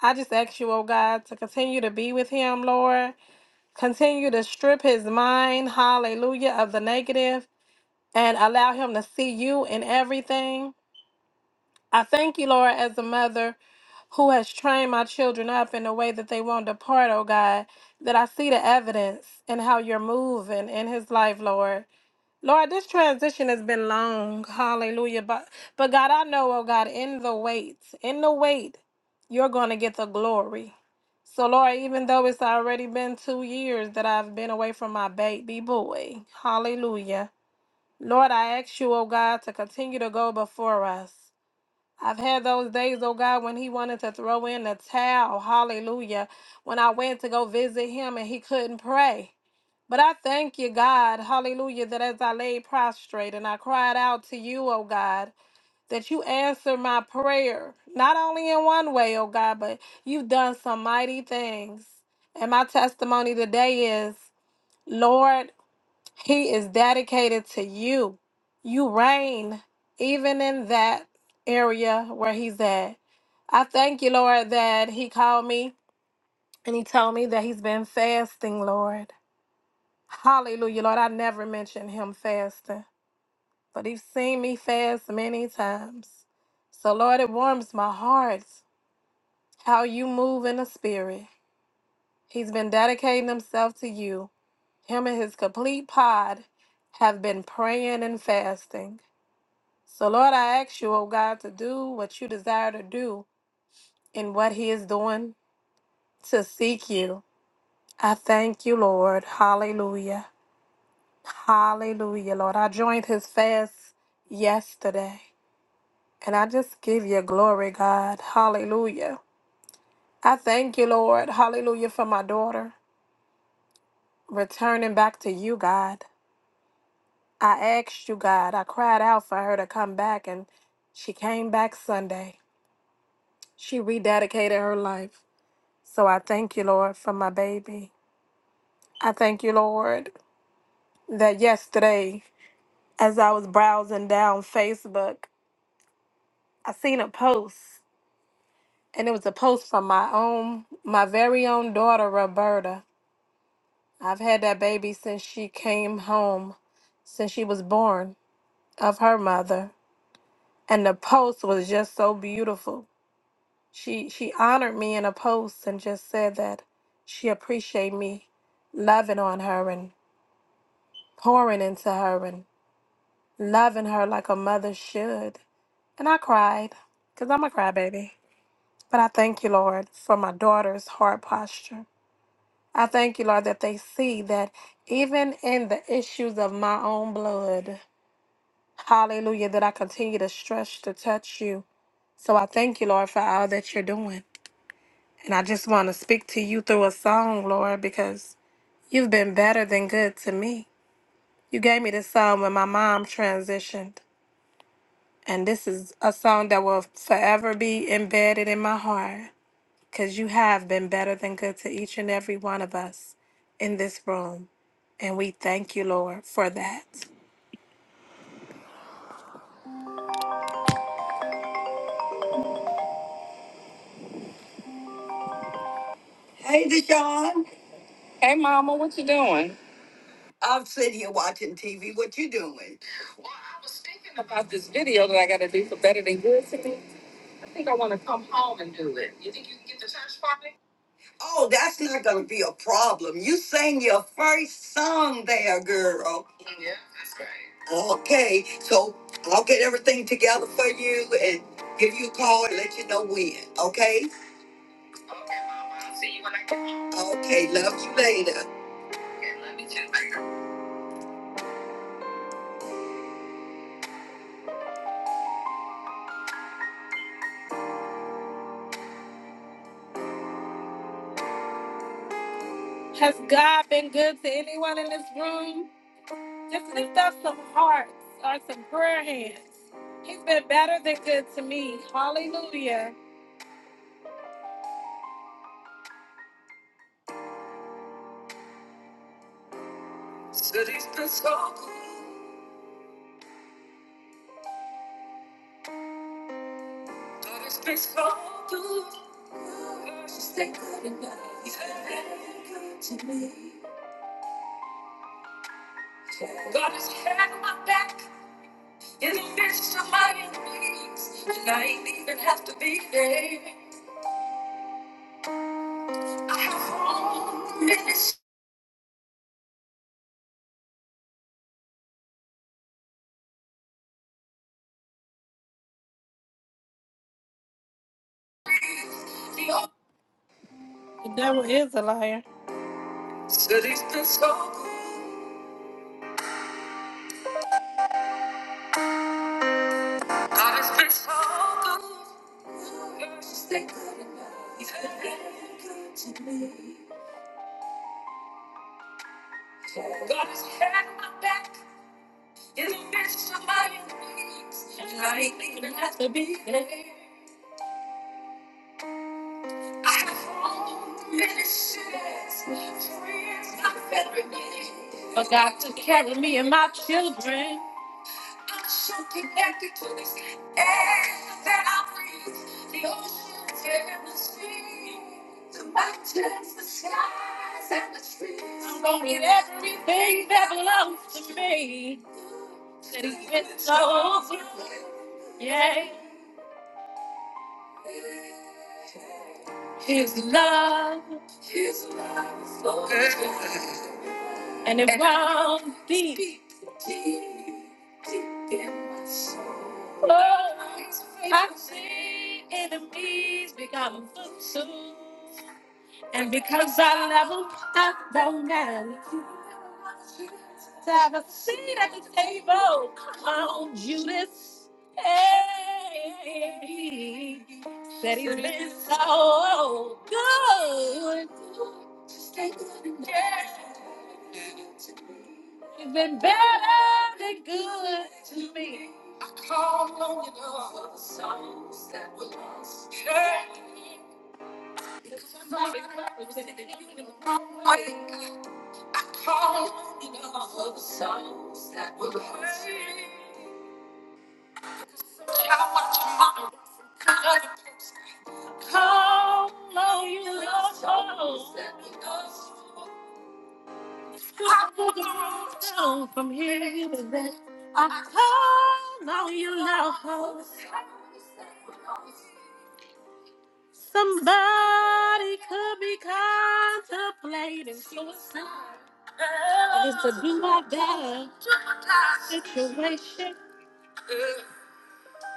[SPEAKER 6] I just ask you, oh God, to continue to be with him, Lord. Continue to strip his mind, hallelujah, of the negative and allow him to see you in everything. I thank you, Lord, as a mother. who has trained my children up in a way that they won't depart, oh God, that I see the evidence in how you're moving in his life, Lord. Lord, this transition has been long. Hallelujah. But but God, I know, oh God, in the wait, in the wait, you're gonna get the glory. So Lord, even though it's already been two years that I've been away from my baby boy. Hallelujah. Lord, I ask you, oh God, to continue to go before us. I've had those days, oh God, when he wanted to throw in the towel. Hallelujah. When I went to go visit him and he couldn't pray. But I thank you, God, hallelujah, that as I lay prostrate and I cried out to you, oh God, that you answer my prayer, not only in one way, oh God, but you've done some mighty things. And my testimony today is, Lord, he is dedicated to you. You reign even in that area where he's at. I thank you, Lord, that he called me and he told me that he's been fasting, Lord. Hallelujah, Lord. I never mentioned him fasting, but he's seen me fast many times. So, Lord, it warms my heart how you move in the spirit. He's been dedicating himself to you. Him and his complete pod have been praying and fasting. So, Lord, I ask you, oh God, to do what you desire to do in what He is doing to seek you. I thank you, Lord. Hallelujah. Hallelujah, Lord. I joined His fast yesterday and I just give you glory, God. Hallelujah. I thank you, Lord. Hallelujah for my daughter returning back to you, God. I asked you, God. I cried out for her to come back and she came back Sunday. She rededicated her life. So I thank you, Lord, for my baby. I thank you, Lord, that yesterday, as I was browsing down Facebook, I seen a post, and it was a post from my own, my very own daughter, Roberta. I've had that baby since she came home, since she was born of her mother. And the post was just so beautiful. She she honored me in a post and just said that she appreciated me loving on her and pouring into her. and. loving her like a mother should. And I cried, because I'm a crybaby. But I thank you, Lord, for my daughter's heart posture. I thank you, Lord, that they see that even in the issues of my own blood, hallelujah, that I continue to stretch to touch you. So I thank you, Lord, for all that you're doing. And I just want to speak to you through a song, Lord, because you've been better than good to me. You gave me this song when my mom transitioned. And this is a song that will forever be embedded in my heart because you have been better than good to each and every one of us in this room. And we thank you, Lord, for that. Hey, Deshaun. Hey, Mama, what you doing? I'm sitting here watching TV. What you doing? About this video that I got to do for Better Than Good to me. Oh, that's not going to be a problem. You sang your first song there, girl. Okay, so I'll get everything together for you and give you a call and let you know when. Okay? Okay, Mama. I'll I see you when I get home. Okay, love you later. Okay, love you too. Has God been good to anyone in this room? Just lift up some hearts or some prayer hands. He's been better than good to me. Hallelujah. God has been so good. God has been good enough. He's been better than good to me. God has had my back. In the midst of my enemies, and I ain't even have to be there. I have home in this city. The devil is a liar. City's been so good. God has been so good. Yes, they couldn't know. He's been very good to me. God has had my back in the midst of my enemies, and I ain't even have to be there. For God to carry me and my children. I'm so connected to this air that I breathe. The oceans and the sea. I'm gonna get everything that belongs to me. That He's been so good. Yeah, His love and it won't be. Oh, I see. I'm consumed. that he's been Call on your love, souls that were lost. Hey, I call on your love, souls that were lost. Hey, I call on your love, souls that were lost. Baby, I call on your love. Somebody could be contemplating suicide. It's a do or die situation.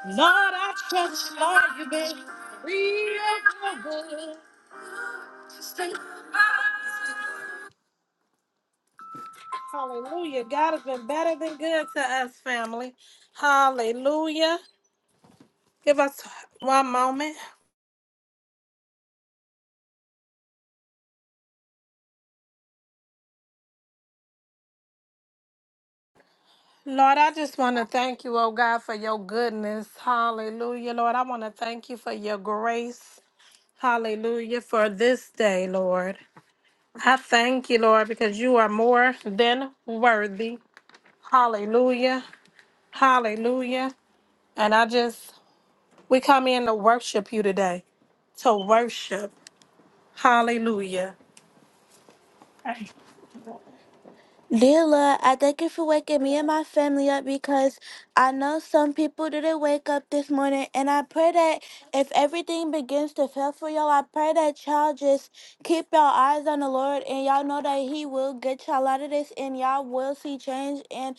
[SPEAKER 6] Lord, I trust, Lord, you, baby. Hallelujah. God has been better than good to us, family. Hallelujah. Give us one moment. Lord, I just want to thank you, oh God, for your goodness. Hallelujah. Lord, I want to thank you for your grace. Hallelujah. For this day, Lord. I thank you, Lord, because you are more than worthy. Hallelujah. Hallelujah. And I just, we come in to worship you today, to worship. Hallelujah. Dear Lord, I thank you for waking me and my family up because I know some people didn't wake up this morning. And I pray that if everything begins to fail for y'all, I pray that y'all just keep y'all eyes on the Lord and y'all know that He will get y'all out of this and y'all will see change. And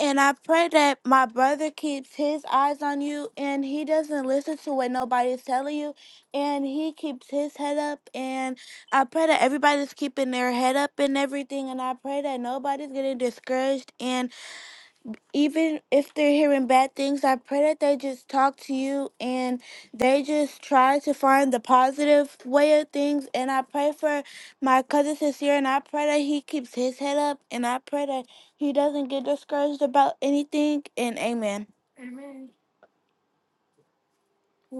[SPEAKER 6] and I pray that my brother keeps his eyes on you and he doesn't listen to what nobody's telling you and he keeps his head up I pray that everybody's keeping their head up and everything, and I pray that nobody's getting discouraged. And even if they're hearing bad things, I pray that they just talk to you and they just try to find the positive way of things. And I pray for my cousin sincere, and I pray that he keeps his head up, and I pray that he doesn't get discouraged about anything. And amen.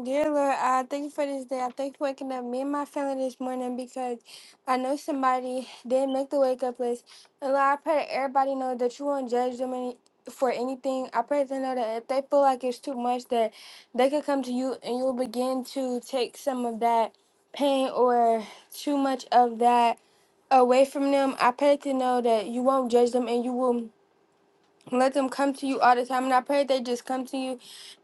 [SPEAKER 6] Dear Lord, I thank you for this day. I thank you for waking up me and my family this morning because I know somebody didn't make the wake up list. And Lord, I pray that everybody know that you won't judge them any, for anything. I pray that they know that if they feel like it's too much, that they could come to you and you'll begin to take some of that pain or too much of that away from them. I pray that they know that you won't judge them and you will. Let them come to you all the time. And I pray they just come to you.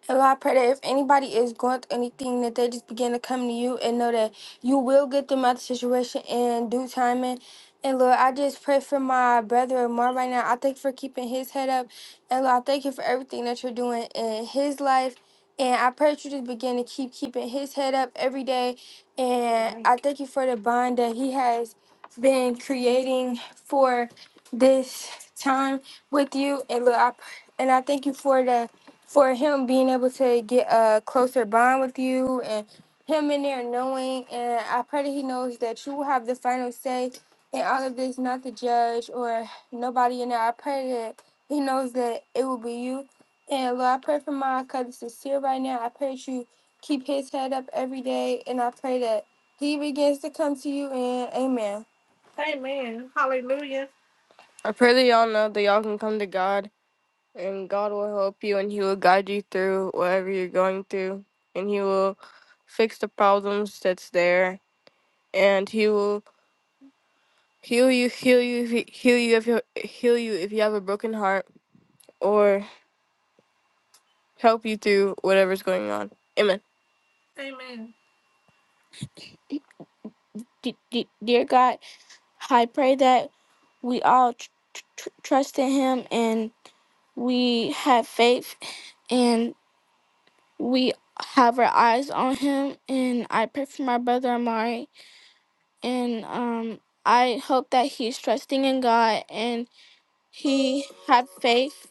[SPEAKER 6] And Lord, I pray that if anybody is going through anything, that they just begin to come to you and know that you will get them out of the situation in due time. And, and Lord, I just pray for my brother Amar right now. I thank you for keeping his head up. And Lord, I thank you for everything that you're doing in his life. And I pray that you just begin to keep keeping his head up every day. And I thank you for the bond that he has been creating for this time with you and look I, and I thank you for the for him being able to get a closer bond with you and him in there knowing and I pray that he knows that you will have the final say in all of this, not the judge or nobody in there. I pray that he knows that it will be you. And Lord, I pray for my cousin sincere right now. I pray that you keep his head up every day and I pray that he begins to come to you and amen. I pray that y'all know that y'all can come to God and God will help you and He will guide you through whatever you're going through and He will fix the problems that's there and He will heal you heal you he- heal you if you heal you if you have a broken heart or help you through whatever's going on. Amen. Amen. D- d- dear God, I pray that we all tr- tr- trust in Him and we have faith and we have our eyes on Him. And I pray for my brother Amari and um, I hope that he's trusting in God and he had faith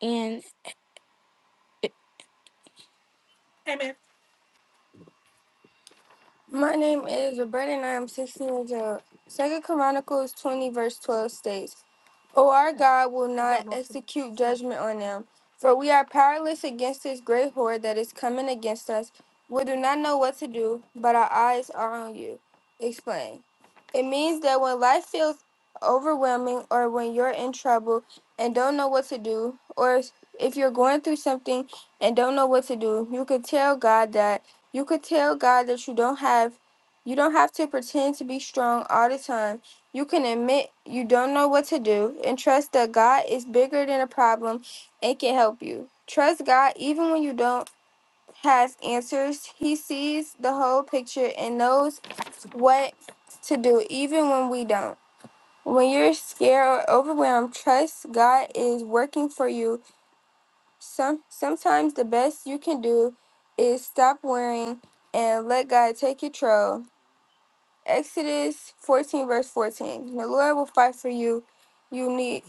[SPEAKER 6] and Amen. My name is Roberta, and I am 16 years old. Second Chronicles 20, verse 12 states, O our God will not execute judgment on them, for we are powerless against this great horde that is coming against us. We do not know what to do, but our eyes are on you. Explain. It means that when life feels overwhelming, or when you're in trouble and don't know what to do, or if you're going through something and don't know what to do, you can tell God that. You could tell God that you don't have you don't have to pretend to be strong all the time. You can admit you don't know what to do and trust that God is bigger than a problem and can help you. Trust God even when you don't have answers. He sees the whole picture and knows what to do even when we don't. When you're scared or overwhelmed, trust God is working for you some sometimes the best you can do is stop worrying and let God take control. Exodus 14 verse 14. The Lord will fight for you. You need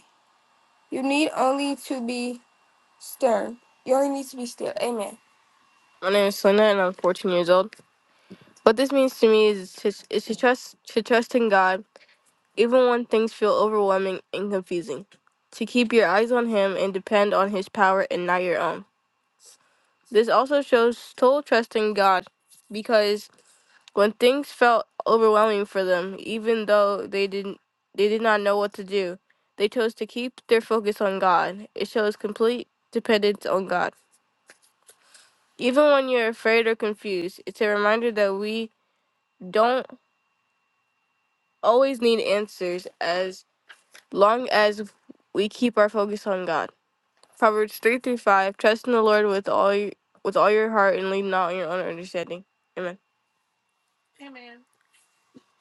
[SPEAKER 6] you need only to be stern. You only need to be still. Amen. My name is Selena and I'm 14 years old. What this means to me is to, is to trust to trust in God even when things feel overwhelming and confusing. To keep your eyes on him and depend on his power and not your own. This also shows total trust in God because when things felt overwhelming for them, even though they didn't they did not know what to do, they chose to keep their focus on God. It shows complete dependence on God. Even when you're afraid or confused, it's a reminder that we don't always need answers as long as we keep our focus on God. Proverbs 3 through 5 Trust in the Lord with all your, with all your heart and lean not on your own understanding. Amen.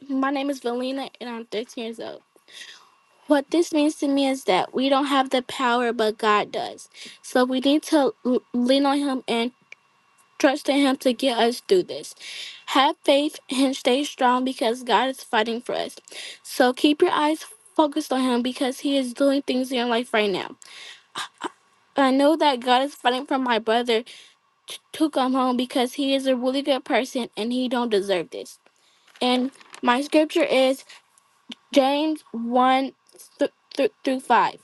[SPEAKER 6] My name is Valina and I'm 13 years old. What this means to me is that we don't have the power, but God does. So we need to l- lean on Him and trust in Him to get us through this. Have faith and stay strong because God is fighting for us. So keep your eyes focused on Him because He is doing things in your life right now. I know that God is fighting for my brother t- to come home because he is a really good person and he don't deserve this. And my scripture is. James 1 th- th- through 5.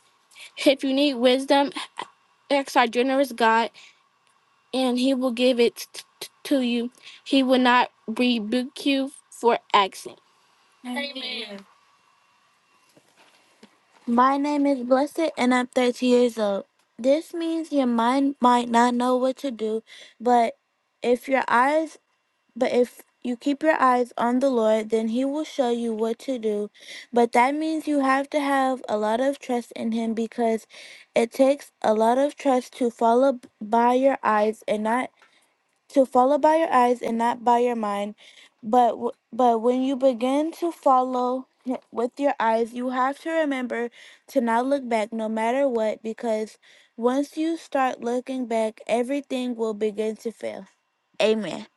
[SPEAKER 6] If you need wisdom, ask our generous God, and he will give it t- t- to you. He will not rebuke you for asking. Amen. My name is Blessed, and I'm 30 years old. This means your mind might not know what to do, but if your eyes But if you keep your eyes on the Lord, then He will show you what to do. But that means you have to have a lot of trust in Him because it takes a lot of trust to follow b- by your eyes and not to follow by your eyes and not by your mind. But w- but when you begin to follow hi- with your eyes, you have to remember to not look back no matter what because once you start looking back, everything will begin to fail. Amen.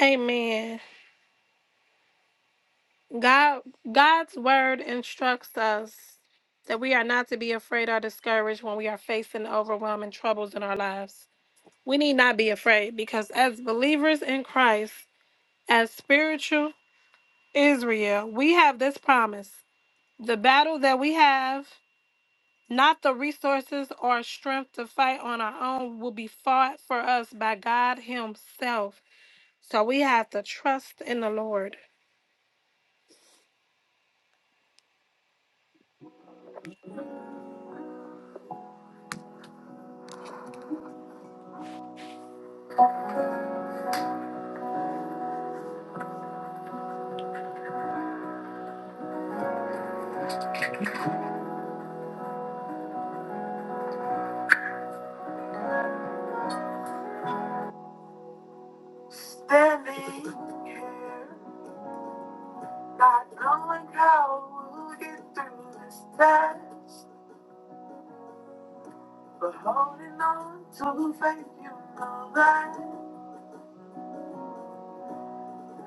[SPEAKER 6] Amen. God God's word instructs us that we are not to be afraid or discouraged when we are facing overwhelming troubles in our lives. We need not be afraid because as believers in Christ, as spiritual Israel, we have this promise. The battle that we have, not the resources or strength to fight on our own, will be fought for us by God Himself. So we have to trust in the Lord.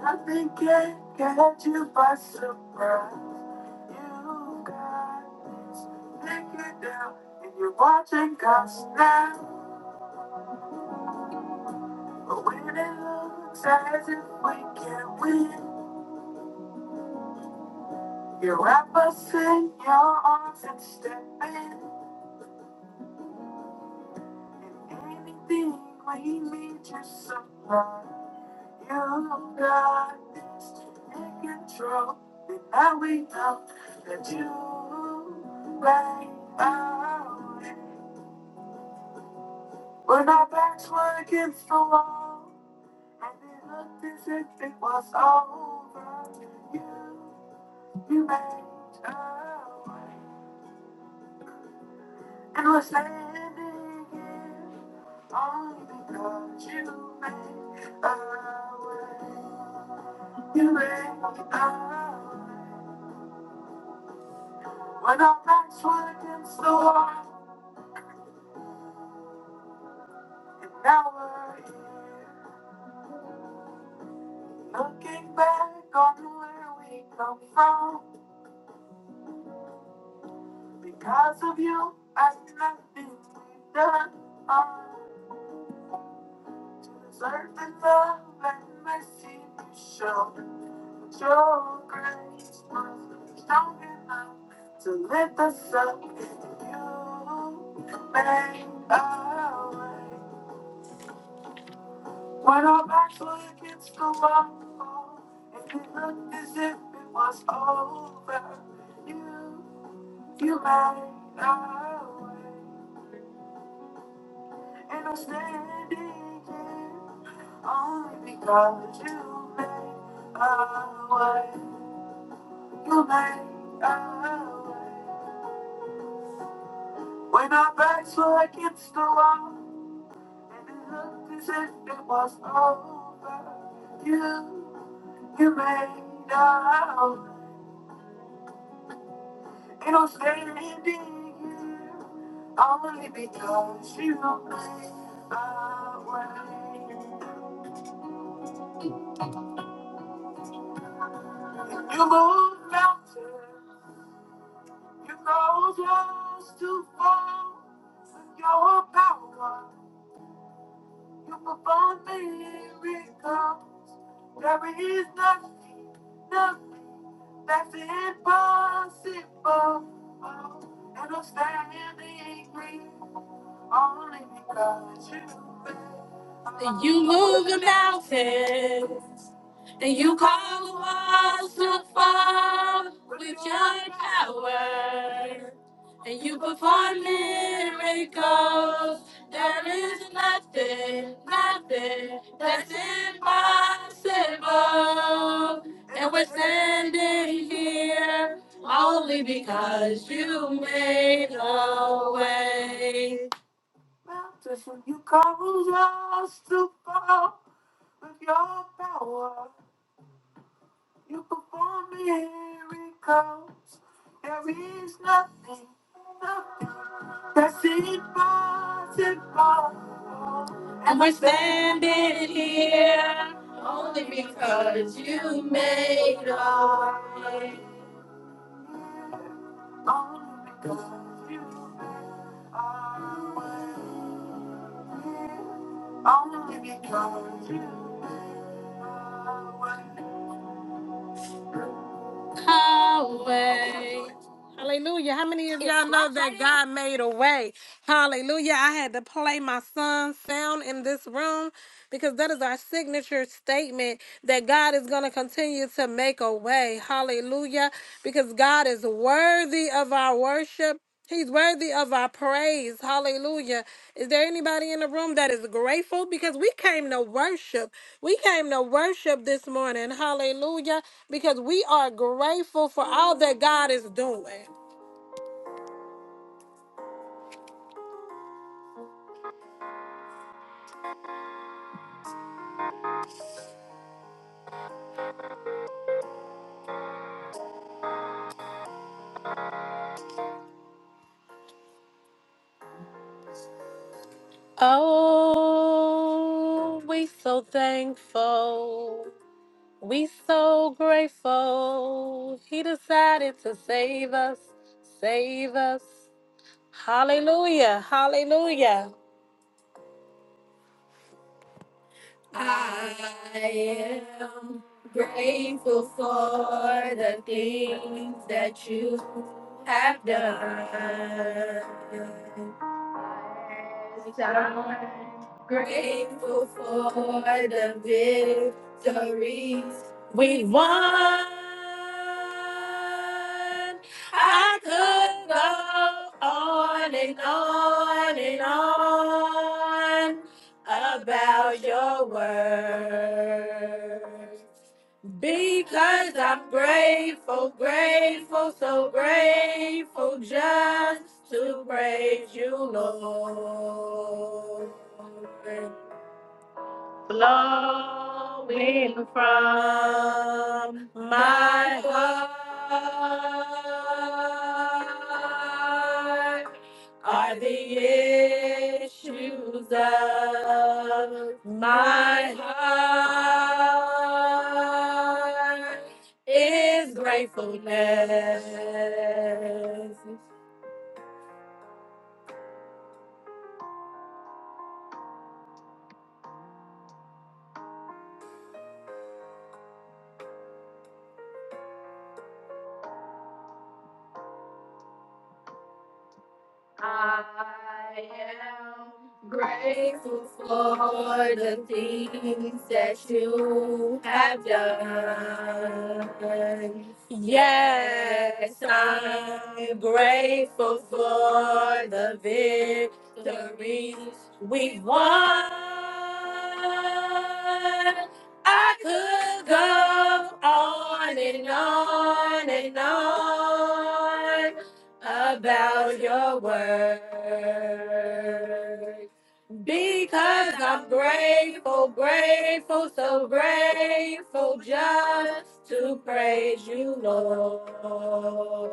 [SPEAKER 6] Nothing can catch you by surprise. You guys think it down and you're watching us now. But when it looks as if we can't win, you wrap us in your arms and step in. And anything we need your supply. You got this in control. And now we know that you lay right When our backs were against the wall, and it looked as if it was all over, you, you made a way. And we're standing here only because you made a way. You made a way. When our backs were against the wall, now we're here. Looking back on where we come from. Because of you, I nothing we've done on to deserve the love and mercy you show. But your grace was strong enough to lift us up. You made our way when our backs were against the wall, and it looked as if it was over. You, you made our way. And I'm standing here only because you made a way. You made a way. When our backs were against the wall, and it looked as if it was over, you, you made a way. And I'm standing here only because you made a way. You moved mountains. You know just too far with your power. You perform miracles. There is nothing, nothing that's impossible. Oh, And I'm standing here only because you made. You move the mountains. And you call us to fall with your power. And you perform miracles. There is nothing, nothing that's impossible. And we're standing here only because you made a way. Mountains, and you call us to fall with your power. You perform miracles. There is nothing, nothing that's impossible. And we're standing only because you made a way. Only because you made a way. Only because you highway. Hallelujah. How many of y'all know that God made a way? Hallelujah. I had to play my son's sound in this room because that is our signature statement that God is going to continue to make a way. Hallelujah. Because God is worthy of our worship. He's worthy of our praise. Hallelujah. Is there anybody in the room that is grateful? Because we came to worship. We came to worship this morning. Hallelujah. Because we are grateful for all that God is doing. Oh, we so thankful. We so grateful. He decided to save us. Save us. Hallelujah. Hallelujah. Grateful for the things that you have done. I'm grateful for the victories we won. I could go on and on and on about your word. Because I'm grateful, grateful, so grateful just to praise you, Lord flowing from my heart are the issues of my heart is gratefulness. I am grateful for the things that you have done. Yes, I'm grateful for the victories we won. I could go on and on and on about your word because I'm grateful, grateful, so grateful just to praise you, Lord.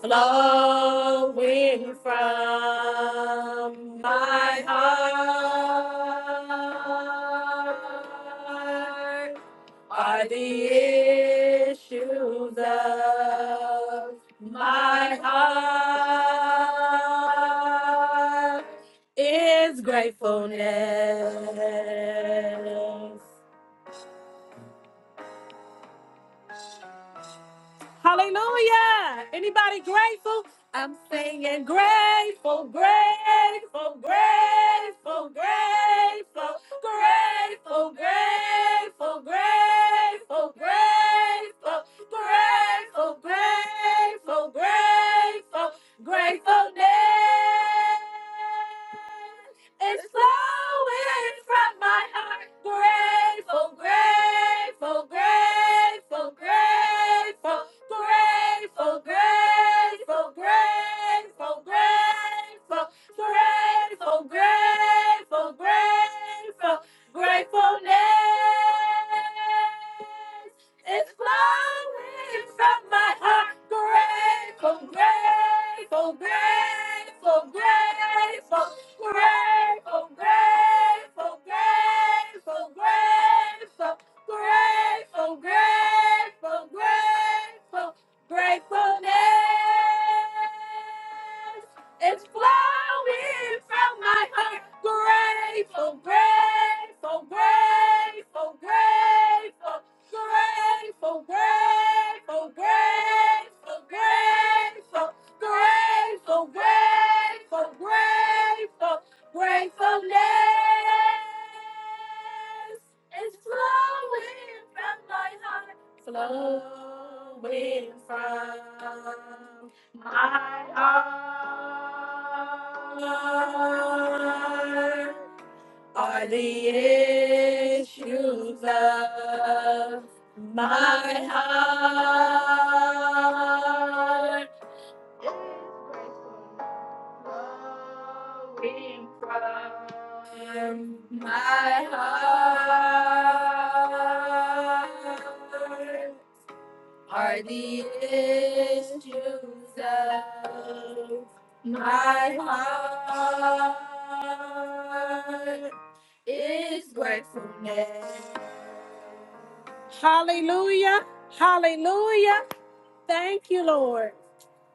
[SPEAKER 6] Flowing from my heart are the issues of my heart is gratefulness. Hallelujah. Anybody grateful? I'm saying grateful, grateful, grateful, grateful, grateful, grateful, grateful, grateful, grateful, grateful, grateful, gratefulness. It's flowing from my heart. Grateful, grateful, grateful, grateful, grateful, grateful, grateful, grateful, grateful, grateful, grateful, gratefulness. It's flowing from my heart. Grateful, grateful, grateful, grateful, Grateful, grateful, grateful, grateful, grateful, grateful, grateful, gratefulness. is flowing from my heart. Grateful, grateful, grateful, grateful, grateful, grateful, grateful, grateful. Grateful, grateful, grateful, gratefulness is flowing from my heart, flowing from my heart. Are the issues of my heart? His grace flowing from my heart are the issues of my heart. Is gratefulness. Hallelujah. Hallelujah. Thank you, Lord.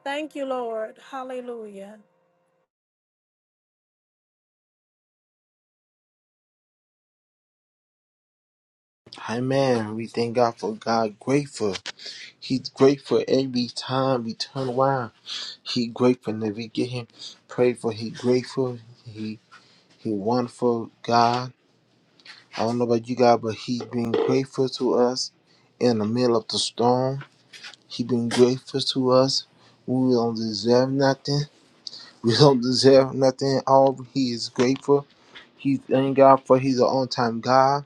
[SPEAKER 6] Thank you, Lord. Hallelujah.
[SPEAKER 9] Amen. We thank God for God grateful. He's grateful every time we turn around. He grateful and if we get him pray for he grateful. He he wonderful God. I don't know about you guys, but he's been grateful to us in the middle of the storm. He been grateful to us. We don't deserve nothing. *laughs* We don't deserve nothing. All he is grateful. He thank God for he's an on time God.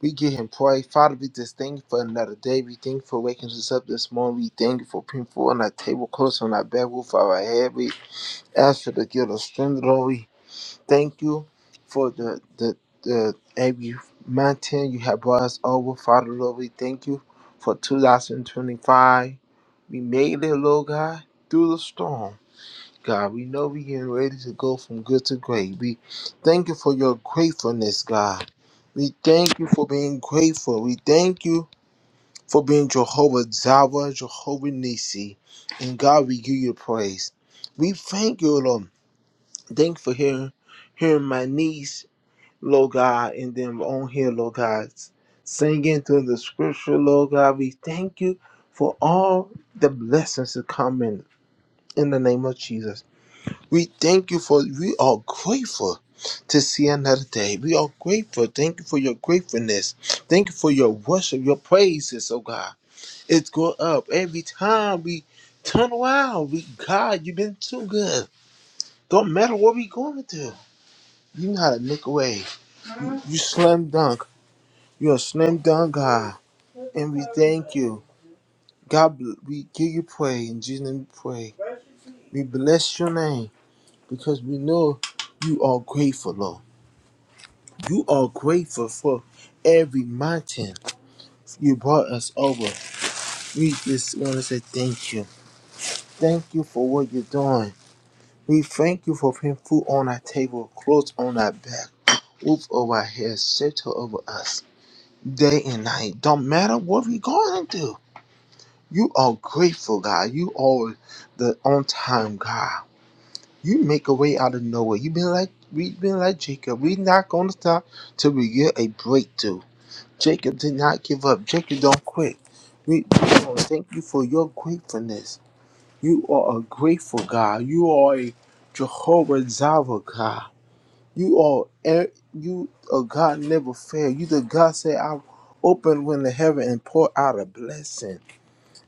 [SPEAKER 9] We give him praise. Father, we just thank you for another day. We thank you for waking us up this morning. We thank you for putting food on our table, clothes on our back, roof over our head. We ask you to give us strength, Lord. We thank you for the, the, the every mountain you have brought us over. Father, Lord, we thank you for 2025. We made it, Lord God, through the storm. God, we know we getting ready to go from good to great. We thank you for your gratefulness, God. We thank you for being grateful. We thank you for being Jehovah Jireh, Jehovah Nisi. And God, we give you praise. We thank you, Lord. Thank you for hearing, hearing my niece, Lord God, and them on here, Lord God, singing through the scripture, Lord God. We thank you for all the blessings that come in, in the name of Jesus. We thank you for, we are grateful to see another day. We are grateful. Thank you for your gratefulness. Thank you for your worship, your praises, oh God. It go up every time we turn around. We, God, you've been too good. Don't matter what we going through. You know how to look away. You, you slam dunk. You're a slam dunk God. And we thank you. God, bl- we give you praise. In Jesus' name we pray. We bless your name because we know you are grateful, Lord. You are grateful for every mountain you brought us over. We just want to say thank you. Thank you for what you're doing. We thank you for putting food on our table, clothes on our back, roof over our heads, shelter over us, day and night. Don't matter what we're going through. You are grateful, God. You are the on time God. You make a way out of nowhere. You've been like we've been like Jacob. We're not gonna stop till we get a breakthrough. Jacob did not give up. Jacob don't quit. We, we wanna thank you for your gratefulness. You are a grateful God. You are a Jehovah Jireh God. You are e- you a God never fail. You the God say I open when the heaven and pour out a blessing.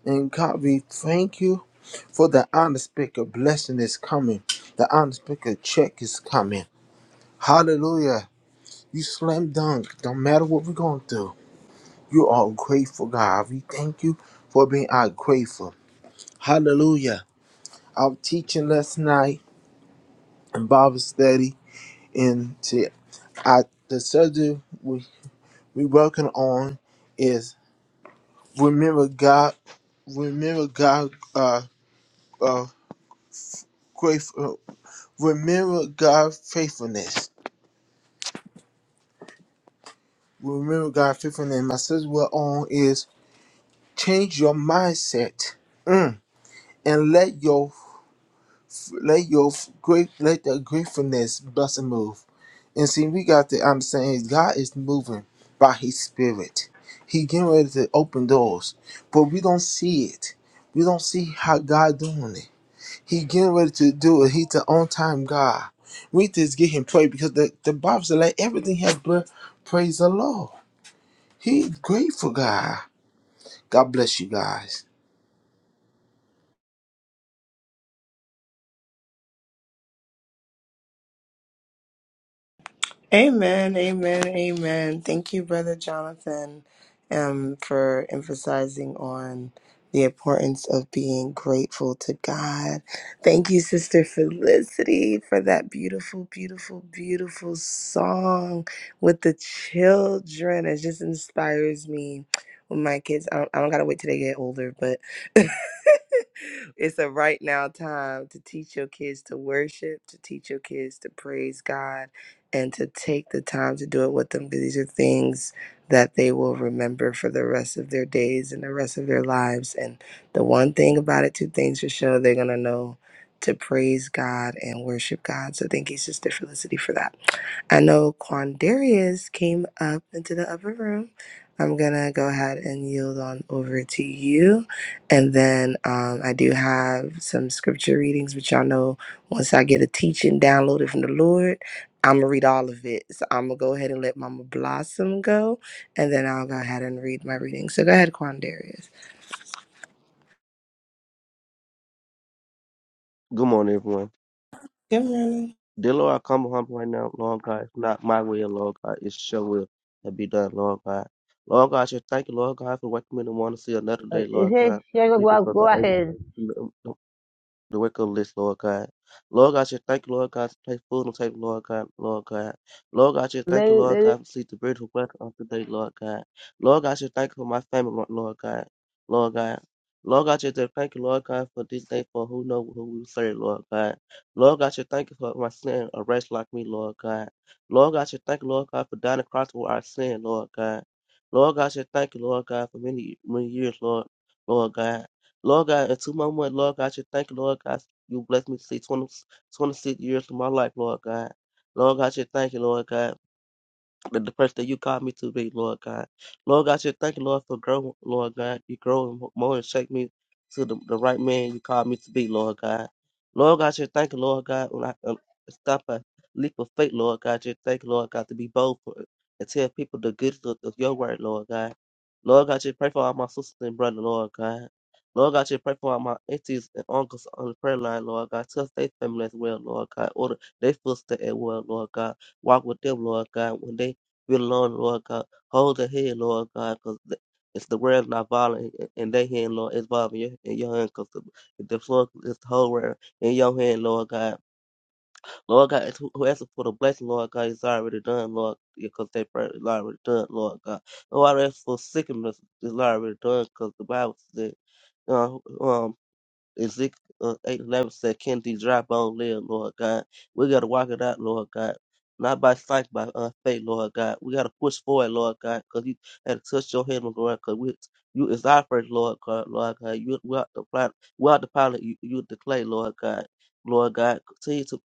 [SPEAKER 9] And God, we thank you for the unspeakable blessing is coming. The unspeakable check is coming. Hallelujah. You slam dunk. Don't matter what we're going through. You are grateful, God. We thank you for being our grateful. Hallelujah. Our teaching last night in Bible study and to I, the subject we we working on is remember God, remember God, uh, uh, grateful, remember God faithfulness, remember God faithfulness. My sister we're on is change your mindset. Mm. And let your let your f- great let the gratefulness bless and move. And see, we got to understand is God is moving by His Spirit. He getting ready to open doors, but we don't see it. We don't see how God doing it. He getting ready to do it. He's the on time God. We just get Him praise because the the Bible said let everything have breath, praise the Lord. He grateful God. God bless you guys,
[SPEAKER 10] Amen, amen, amen. Thank you, Brother Jonathan, um, for emphasizing on the importance of being grateful to God. Thank you, Sister Felicity, for that beautiful, beautiful, beautiful song with the children. It just inspires me when my kids, I don't, I don't gotta wait till they get older, but *laughs* it's a right now time to teach your kids to worship, to teach your kids to praise God and to take the time to do it with them because these are things that they will remember for the rest of their days and the rest of their lives. And the one thing about it, two things for sure, they're going to know to praise God and worship God. So thank you, Sister Felicity, for that. I know Quandarius came up into the upper room. I'm gonna go ahead and yield on over to you, and then um, I do have some scripture readings, which y'all know once I get a teaching downloaded from the Lord. I'm gonna read all of it. So I'm gonna go ahead and let Mama Blossom go, and then I'll go ahead and read my reading. So go ahead, Quandarius.
[SPEAKER 11] Good morning, everyone.
[SPEAKER 10] Good morning.
[SPEAKER 11] Dear Lord, I come humble right now, Lord God. It's not my will, Lord God. It's your will that be done, Lord God. Lord God, I just thank you, Lord God, for waking me in the morning to see another day,
[SPEAKER 12] This
[SPEAKER 11] Lord
[SPEAKER 12] is
[SPEAKER 11] God.
[SPEAKER 12] Sugar
[SPEAKER 11] Please, because
[SPEAKER 12] Go
[SPEAKER 11] I
[SPEAKER 12] ahead.
[SPEAKER 11] able, the wake up list, Lord God. Lord God, I just thank you, Lord God, for place food on the table, Lord God, Lord God. Lord God, I just thank you, Lord God, for sleep the beautiful weather of today, Lord God. Lord God, I just thank you for my family, Lord Lord God, Lord God. Lord God, I just thank you, Lord God, for this day, for who know who we serve, Lord God. Lord God, I just thank you for my sin, a wretch like me, Lord God. Lord God, I just thank you, Lord God, for dying across for our sin, Lord God. Lord God, I just thank you, Lord God, for many, many years, Lord, Lord God. Lord God, until my mother, Lord God, you thank you, Lord God, you bless me to see 20, 26 years of my life, Lord God. Lord God, you thank you, Lord God the, the person that you called me to be, Lord God. Lord God, I just thank you, Lord, for growing, Lord God. You growing more and shape me to the, the right man you called me to be, Lord God. Lord God, I just thank you, Lord God, when I um, stop a leap of faith, Lord God. I should thank you, Lord God, to be bold for it and tell people the good of, of your word, Lord God. Lord God, I just pray for all my sisters and brothers, Lord God. Lord God, I just pray for all my aunties and uncles on the prayer line, Lord God. Touch their family as well, Lord God. Order their footsteps as well, Lord God walk with them, Lord God, when they Dear Lord, Lord God, hold the head, Lord God, because it's the world's not violent and they hand, Lord, it's violent in your in your hand, because the, the floor is the whole world in your hand, Lord God. Lord God, it's who who asks for the blessing, Lord God, it's already done, Lord, because that prayer is already done, Lord God. Lord, I ask for sickness is already done, because the Bible said. uh, um. Ezekiel uh, 8 eleven said, Can these dry bones live, Lord God? We got to walk it out, Lord God. Not by sight, by uh, faith, Lord God. We got to push forward, Lord God, because you had to touch your hand, Lord God, because you is our first, Lord God, Lord God. You, we are the, plant, we are the pilot, you, you the clay, Lord God. Lord God, continue to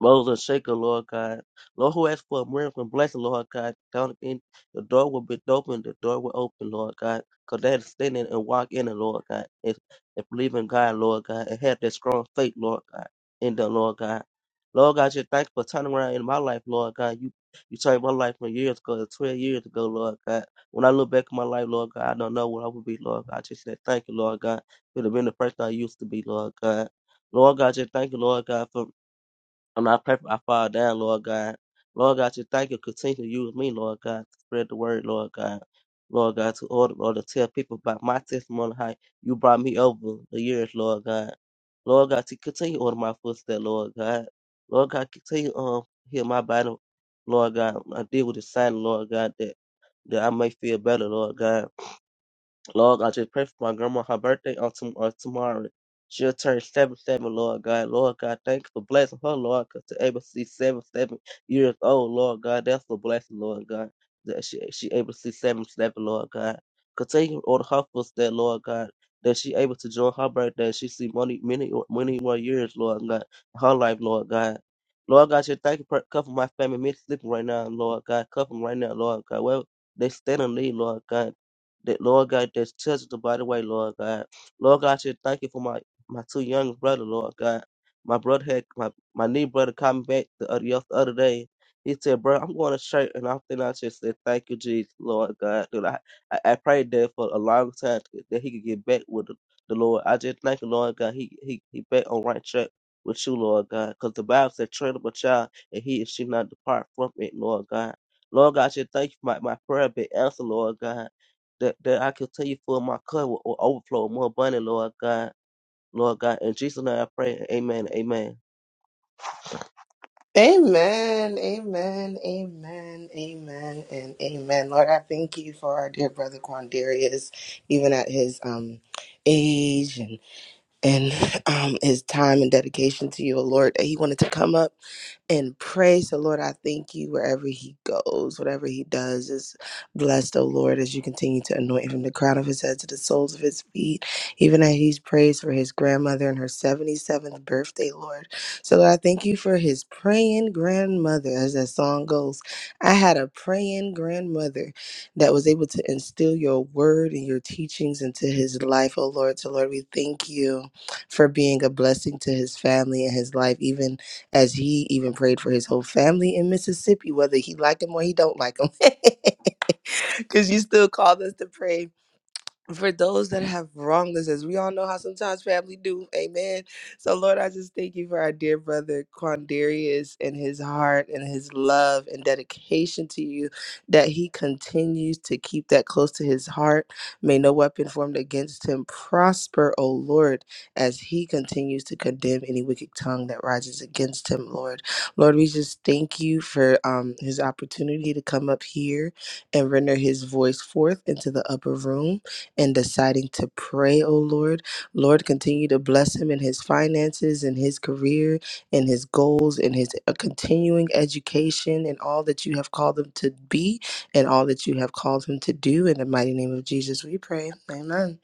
[SPEAKER 11] Moses and Shaker, Lord God. Lord, who asked for a miracle and blessing, Lord God, down in the door will be open, the door will open, Lord God. Because they had to stand in and walk in it, Lord God. And, and believe in God, Lord God, and have that strong faith, Lord God, in the Lord God. Lord God, just thank you for turning around in my life, Lord God. You you changed my life from years ago, to 12 years ago, Lord God. When I look back at my life, Lord God, I don't know what I would be, Lord God. I just said, thank you, Lord God. Could have been the person I used to be, Lord God. Lord God, just thank you, Lord God, for I'm not perfect. I fall down, Lord God. Lord God, you thank you. Continue to use me, Lord God, to spread the word, Lord God. Lord God, to order, Lord, to tell people about my testimony, how you brought me over the years, Lord God. Lord God, to continue to order my footsteps, Lord God. Lord God, continue to um heal my body, Lord God. I deal with the sign, Lord God, that, that I may feel better, Lord God. Lord God, just pray for my grandma. Her birthday on, tom- on tomorrow. She'll turn 77, Lord God. Lord God, thank you for blessing her, Lord, because to able to see 77 years old, Lord God, that's a blessing, Lord God. That she, she able to see 77, Lord God. Continue to order her footsteps, Lord God, that she able to join her birthday. She see many, many, many more years, Lord God, in her life, Lord God. Lord God, you thank you for covering my family, me sleeping right now, Lord God. Cover 'em right now, Lord God. Well, they stand in need, Lord God that Lord God that touches the body way, Lord God. Lord God, I should thank you for my my two young brother, Lord God. My brother had my my new brother called me back the other, the other day. He said, "Bro, I'm going to church," and I think I just said, "Thank you, Jesus, Lord God." Dude, I, I I prayed that for a long time that he could get back with the, the Lord. I just thank you, Lord God. He he he back on right track with you, Lord God, because the Bible said, "Train up a child, and he and she not depart from it, Lord God." Lord God, I just thank you for my my prayer being answered, Lord God that, that I can tell you for my cup will, will overflow more abundant, Lord God. Lord God. In Jesus' name I pray. Amen. Amen.
[SPEAKER 10] Amen, amen, amen, amen, and amen. Lord, I thank you for our dear brother Quandarius, even at his um age and and um, his time and dedication to you, O Lord, that he wanted to come up and pray. So, Lord, I thank you wherever he goes, whatever he does is blessed, O Lord, as you continue to anoint him from the crown of his head to the soles of his feet, even as he's praised for his grandmother and her 77th birthday, Lord. So, Lord, I thank you for his praying grandmother, as that song goes. I had a praying grandmother that was able to instill your word and your teachings into his life, O Lord. So, Lord, we thank you for being a blessing to his family and his life, even as he even prayed for his whole family in Mississippi, whether he liked him or he don't like him. *laughs* Because you still called us to pray for those that have wronged us, as we all know how sometimes family do. Amen. So, Lord, I just thank you for our dear brother Quandarius and his heart and his love and dedication to you, that he continues to keep that close to his heart. May no weapon formed against him prosper, O Lord, as he continues to condemn any wicked tongue that rises against him, Lord. Lord, we just thank you for um, his opportunity to come up here and render his voice forth into the upper room and deciding to pray, oh Lord. Lord, continue to bless him in his finances, in his career, in his goals, in his uh, continuing education, and all that you have called him to be and all that you have called him to do. In the mighty name of Jesus, we pray. Amen.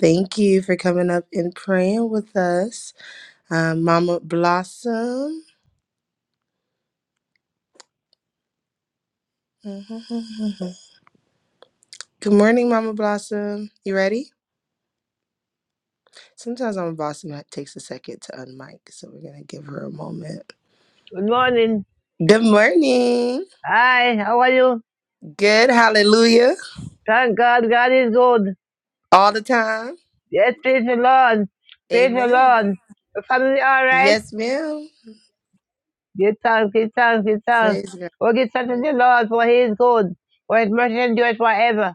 [SPEAKER 10] Thank you for coming up and praying with us, uh, Mama Blossom. *laughs* Good morning, Mama Blossom. You ready? Sometimes Mama Blossom ha- takes a second to unmic, so we're going to give her a moment.
[SPEAKER 12] Good morning.
[SPEAKER 10] Good morning.
[SPEAKER 12] Hi, how are you?
[SPEAKER 10] Good. Hallelujah.
[SPEAKER 12] Thank God, God is good.
[SPEAKER 10] All the time.
[SPEAKER 12] Yes, praise the Lord. Praise the
[SPEAKER 10] Amen.
[SPEAKER 12] Lord. The family all right?
[SPEAKER 10] Yes, ma'am.
[SPEAKER 12] Give thanks, give thanks, give thanks.
[SPEAKER 10] Praise God.
[SPEAKER 12] Oh, give thanks to the Lord, for he is good. For his mercy endures forever.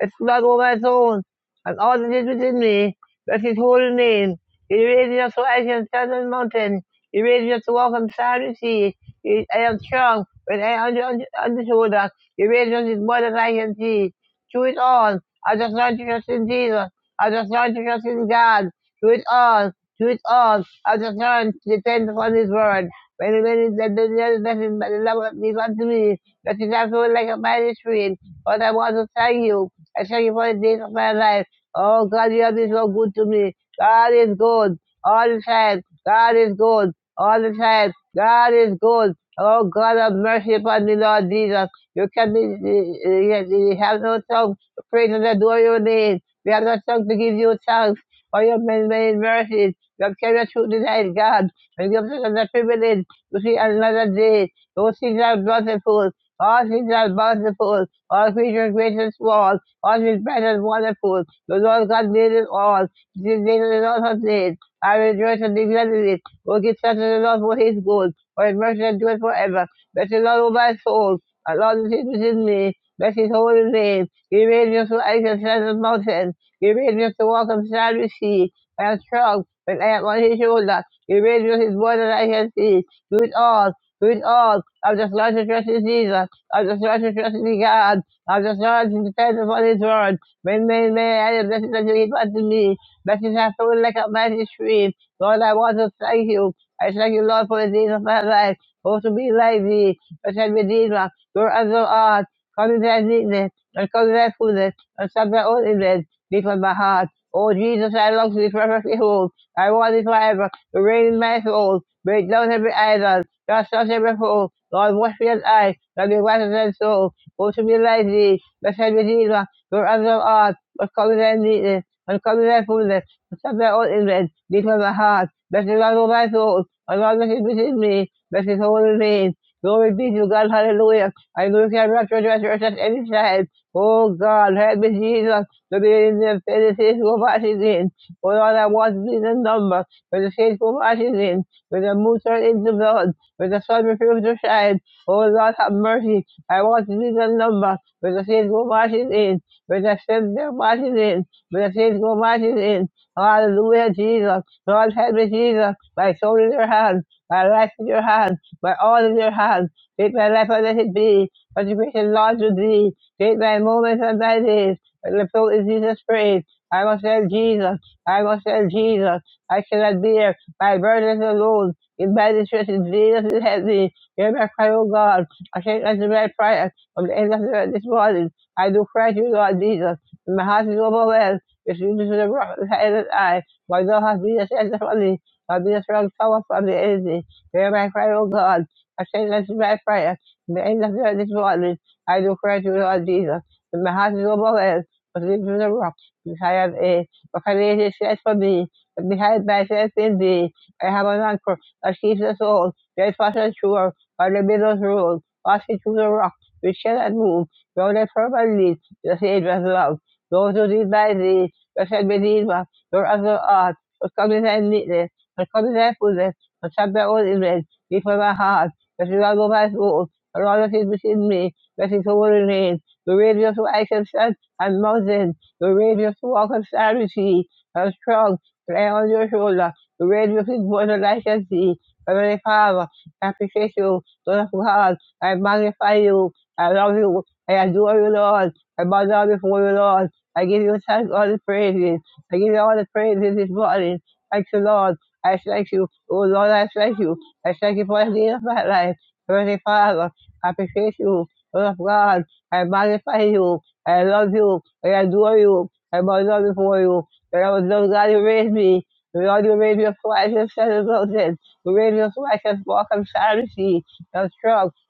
[SPEAKER 12] It's blood all my bones, and all that is within me, bless his holy name. He raised me up so I can stand on the mountain. He raised me up to walk on starry sea. He, I am strong when I am under, under, under shoulder. He raised me up is more than I can see. Through it all, I just learned to trust in Jesus. I just learned to trust in God. Through it all, through it all, I just learned to depend upon His word. When the when the the the the the the love of me unto me, that is also like a mighty stream. But I want to thank you. I thank you for the days of my life. Oh God, you have been so good to me. God is good all the time. God is good all the time. God is good. Oh God, have mercy upon me, Lord Jesus. You can be, you have no tongue to praise and adore your name. We have no tongue to give you thanks for your many, many mercies. You have carried us through the night, God, and give us another privilege to see another day. Those things are bountiful. All things are bountiful. All creatures great and small. All his presence wonderful. The Lord God made it all. This day the Lord has made. I rejoice and be glad in it. O give thanks to the Lord for his good, for his mercy endures forever. Bless the Lord, O my soul. The Lord is within me. Bless his holy name. He made me to ice and sand and mountain. He made me to walk on sandy sea. I am strong when I am on his shoulder. He made me his word that I can see. Do it all. Do it all. I'm just going to trust in Jesus. I'm just going to trust in God. Of the sons and the presence of his word. may, may, may, and the blessings that you give unto me. Blessings that flow like a mighty stream. Lord, I want to thank you. I thank you, Lord, for the days of my life. Hope to be like thee. Blessed Redeemer, your as thou art. Come into thy meekness, and come to thy fullness, and stop thy own image. Deep on my heart. Oh, Jesus, I long to be perfectly whole. I want thee forever to reign in my soul. Break down every idol. Cast out every foe. Lord, wash me as I, that be whiter than snow who should be lazy, but shall be diva, your other art, what colour their neatness, what colour their fullness, what sub their own image, deep of the heart, blessed is all my soul, my God that is within me, blessed is holy name. Glory be to God, hallelujah. I know look at not rejoice at any time. Oh God, help me, Jesus, to be in the finities of Washington. For all I want is the number, for the faithful Washington, with the moon turned into blood, with the sun refused to shine. Oh Lord, have mercy. I want to see the number with the saints go marching in, with the saints go marching in, with the saints go marching in. Hallelujah, Jesus. Lord, help me, Jesus. My soul in your hand, my life in your hand, my all in your hand. Take my life and let it be. Consecration, Lord, to thee. Take my moments and my days. And the soul in Jesus' praise. I must help Jesus. I must help Jesus. I cannot bear my burdens alone. In my distress, Jesus' is heavy. Hear my cry, O God. I take that red prayer from the end of this morning. I do pray to you, Lord Jesus. my heart is overwhelmed with you to the rock of the head and I. My Lord has been a shelter for me. I've been a strong tower from the enemy. Hear my cry, O God. I say, that red prayer from the end of the, earth this morning. I do pray to you, Lord Jesus. And my heart is overwhelmed but you to the rock. Because I have a, what can it says for me? And behind myself in thee, I have an anchor that keeps us all. Great fast and sure, by the middle rule. Passing through the rocks, which cannot move, though they purple leaves, the sage was love. Those who read by thee, the said Medina, your other art, but come to thy neatness, but come to thy fullness, but shut thy own image, deep from my heart, that is all of my soul, and all that is within me, that is all remain. The radius of I can stand and mountain, the radius of walk and stand with thee, and strong, lay on your shoulder, the radius is more than I can see. Heavenly Father, I appreciate you, Lord of God, I magnify you. I love you. I adore you, Lord. I bow down before you, Lord. I give you thanks, all the praises. I give you all the praises this morning. Thank you, Lord. I thank you. Oh, Lord, I thank you. I thank you for the day of my life. Heavenly Father, I appreciate you. Lord of God, I magnify you. I love you. I adore you. I bow down before you. And I was Lord God, you raised me. Lord, you raised me up so I can stand the mountain. You raised me up so I can walk on sanity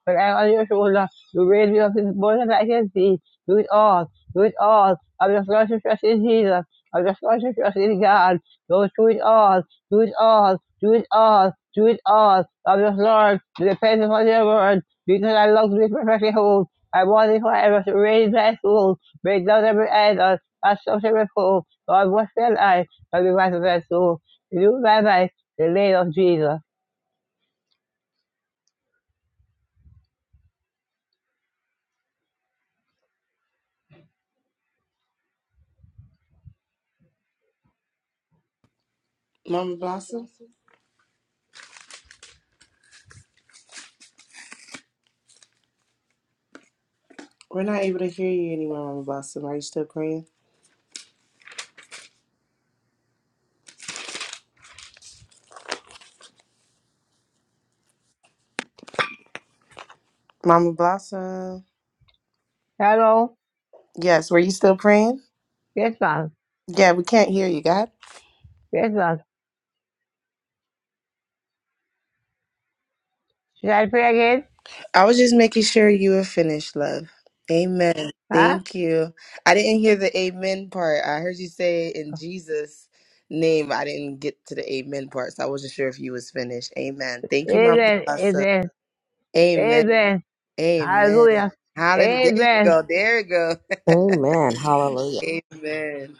[SPEAKER 12] but I on your shoulder, the weight of his bosom I can see. Do it all, do it all. I'm just going to trust in Jesus. I'm just going to trust in God. Go do it all, do it all, do it all, do it all. I'm just Lord, depend upon your word, because I love to be perfectly whole. I want it forever to raise my soul, break down every idol, that's such a repose. God, what shall I, but be right of that soul? You, my life, the name of Jesus.
[SPEAKER 10] Mama Blossom, we're not able to hear you anymore, Mama Blossom. Are you still praying? Mama Blossom.
[SPEAKER 12] Hello?
[SPEAKER 10] Yes, were you still praying?
[SPEAKER 12] Yes, ma'am.
[SPEAKER 10] Yeah, we can't hear you, God.
[SPEAKER 12] Yes, ma'am. Should I pray again?
[SPEAKER 10] I was just making sure you were finished, love. Amen.
[SPEAKER 12] Huh?
[SPEAKER 10] Thank you. I didn't hear the amen part. I heard you say in Jesus' name. I didn't get to the amen part, so I wasn't sure if you was finished. Amen. Thank you, Mama
[SPEAKER 12] Amen.
[SPEAKER 10] Blossom.
[SPEAKER 12] Amen.
[SPEAKER 10] Amen.
[SPEAKER 12] Amen.
[SPEAKER 10] Amen.
[SPEAKER 12] Hallelujah.
[SPEAKER 10] Hallelujah. There you
[SPEAKER 12] Amen.
[SPEAKER 10] go. There you go. *laughs*
[SPEAKER 13] Amen. Hallelujah.
[SPEAKER 10] amen.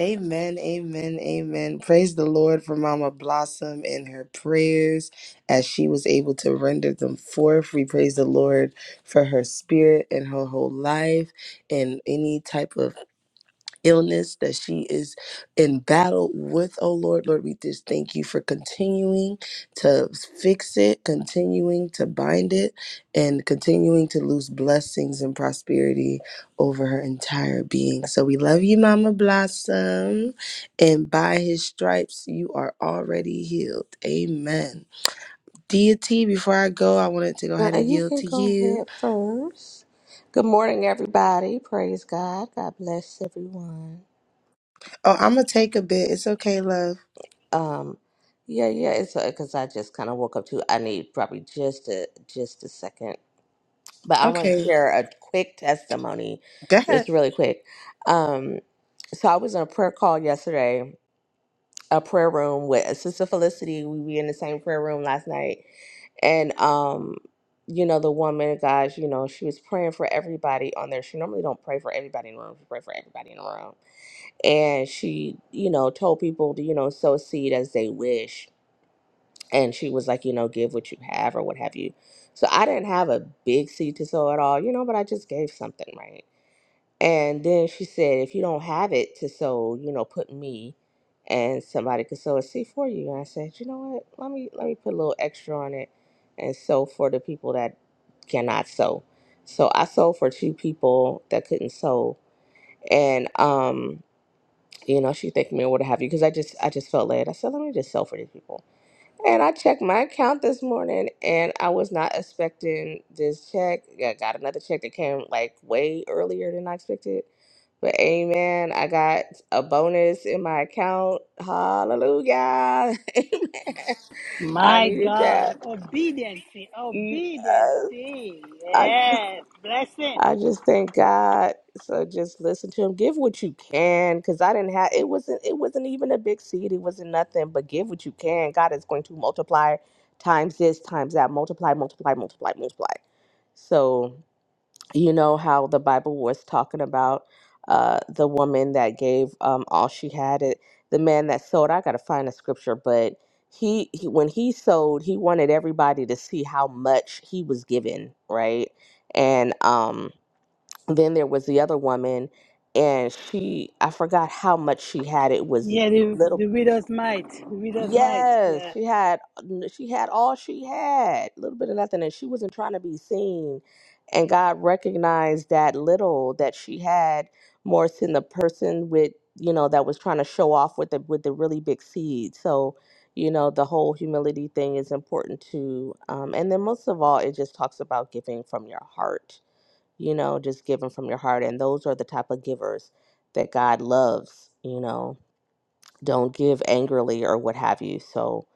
[SPEAKER 10] Amen. Amen. Amen. Praise the Lord for Mama Blossom and her prayers as she was able to render them forth. We praise the Lord for her spirit and her whole life and any type of illness that she is in battle with, oh Lord. Lord, we just thank you for continuing to fix it, continuing to bind it, and continuing to lose blessings and prosperity over her entire being. So we love you, Mama Blossom. And by his stripes, you are already healed. Amen. Deity, before I go, I wanted to go ahead
[SPEAKER 13] Now,
[SPEAKER 10] and
[SPEAKER 13] you
[SPEAKER 10] yield
[SPEAKER 13] can
[SPEAKER 10] to
[SPEAKER 13] go
[SPEAKER 10] you.
[SPEAKER 13] ahead first. Good morning, everybody. Praise God. God bless everyone.
[SPEAKER 10] Oh, I'm going to take a bit. It's okay, love.
[SPEAKER 13] Um, yeah, yeah. It's because I just kind of woke up too. I need probably just a just a second, but I want to
[SPEAKER 10] Okay.
[SPEAKER 13] share a quick testimony,
[SPEAKER 10] Go ahead.
[SPEAKER 13] just really quick. Um, so I was in a prayer call yesterday, a prayer room with Sister Felicity. We were in the same prayer room last night, and um you know the woman guys you know she was praying for everybody on there she normally don't pray for everybody in the room she pray for everybody in the room and she you know told people to you know sow seed as they wish and she was like you know give what you have or what have you so i didn't have a big seed to sow at all you know but i just gave something right and then she said, if you don't have it to sew, you know, put me and somebody could sew a seat for you. And I said, you know what? Let me let me put a little extra on it and sew for the people that cannot sew. So I sewed for two people that couldn't sew. And um, you know, she thanked me or what have you, because I just I just felt led. I said, let me just sew for these people. And I checked my account this morning and I was not expecting this check. I got another check that came like way earlier than I expected. But amen, I got a bonus in my account. Hallelujah. *laughs* Amen. I
[SPEAKER 3] My
[SPEAKER 13] needed that.
[SPEAKER 3] God, obedience, obedience,
[SPEAKER 13] Yes. I just.
[SPEAKER 3] yes, blessing.
[SPEAKER 13] I just thank God. So just listen to him. Give what you can, because I didn't have it wasn't it wasn't even a big seed. It wasn't nothing. But give what you can. God is going to multiply times this, times that. Multiply, multiply, multiply, multiply. So you know how the Bible was talking about uh, the woman that gave um, all she had. It the man that sowed. I gotta find a scripture, but he, he when he sowed, he wanted everybody to see how much he was given, right? And um then there was the other woman and she i forgot how much she had it was
[SPEAKER 3] Yeah, the, the
[SPEAKER 13] little
[SPEAKER 3] widow's might, the widow's might,
[SPEAKER 13] yes
[SPEAKER 3] yeah.
[SPEAKER 13] she had she had all she had a little bit of nothing and she wasn't trying to be seen and god recognized that little that she had more so than the person with you know that was trying to show off with the with the really big seed so you know the whole humility thing is important too um, and then most of all it just talks about giving from your heart you know, just giving from your heart. And those are the type of givers that God loves, you know. Don't give angrily or what have you. So,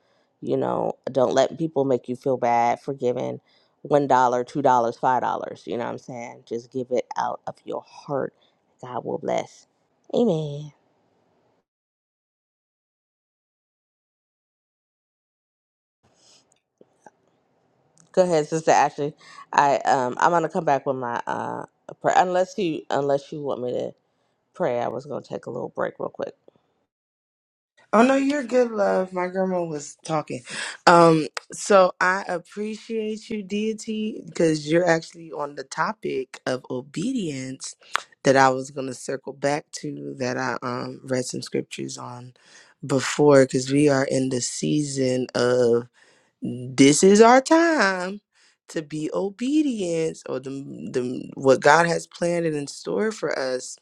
[SPEAKER 13] you know, don't let people make you feel bad for giving one dollar, two dollars, five dollars. You know what I'm saying? Just give it out of your heart. God will bless. Amen. Go ahead, Sister Ashley. I um I'm gonna come back with my uh prayer unless you unless you want me to pray. I was gonna take a little break real quick.
[SPEAKER 10] Oh no, you're good, love. My grandma was talking. Um, so I appreciate you, deity, because you're actually on the topic of obedience that I was gonna circle back to that I um read some scriptures on before because we are in the season of this is our time to be obedient or the, the what God has planned and in store for us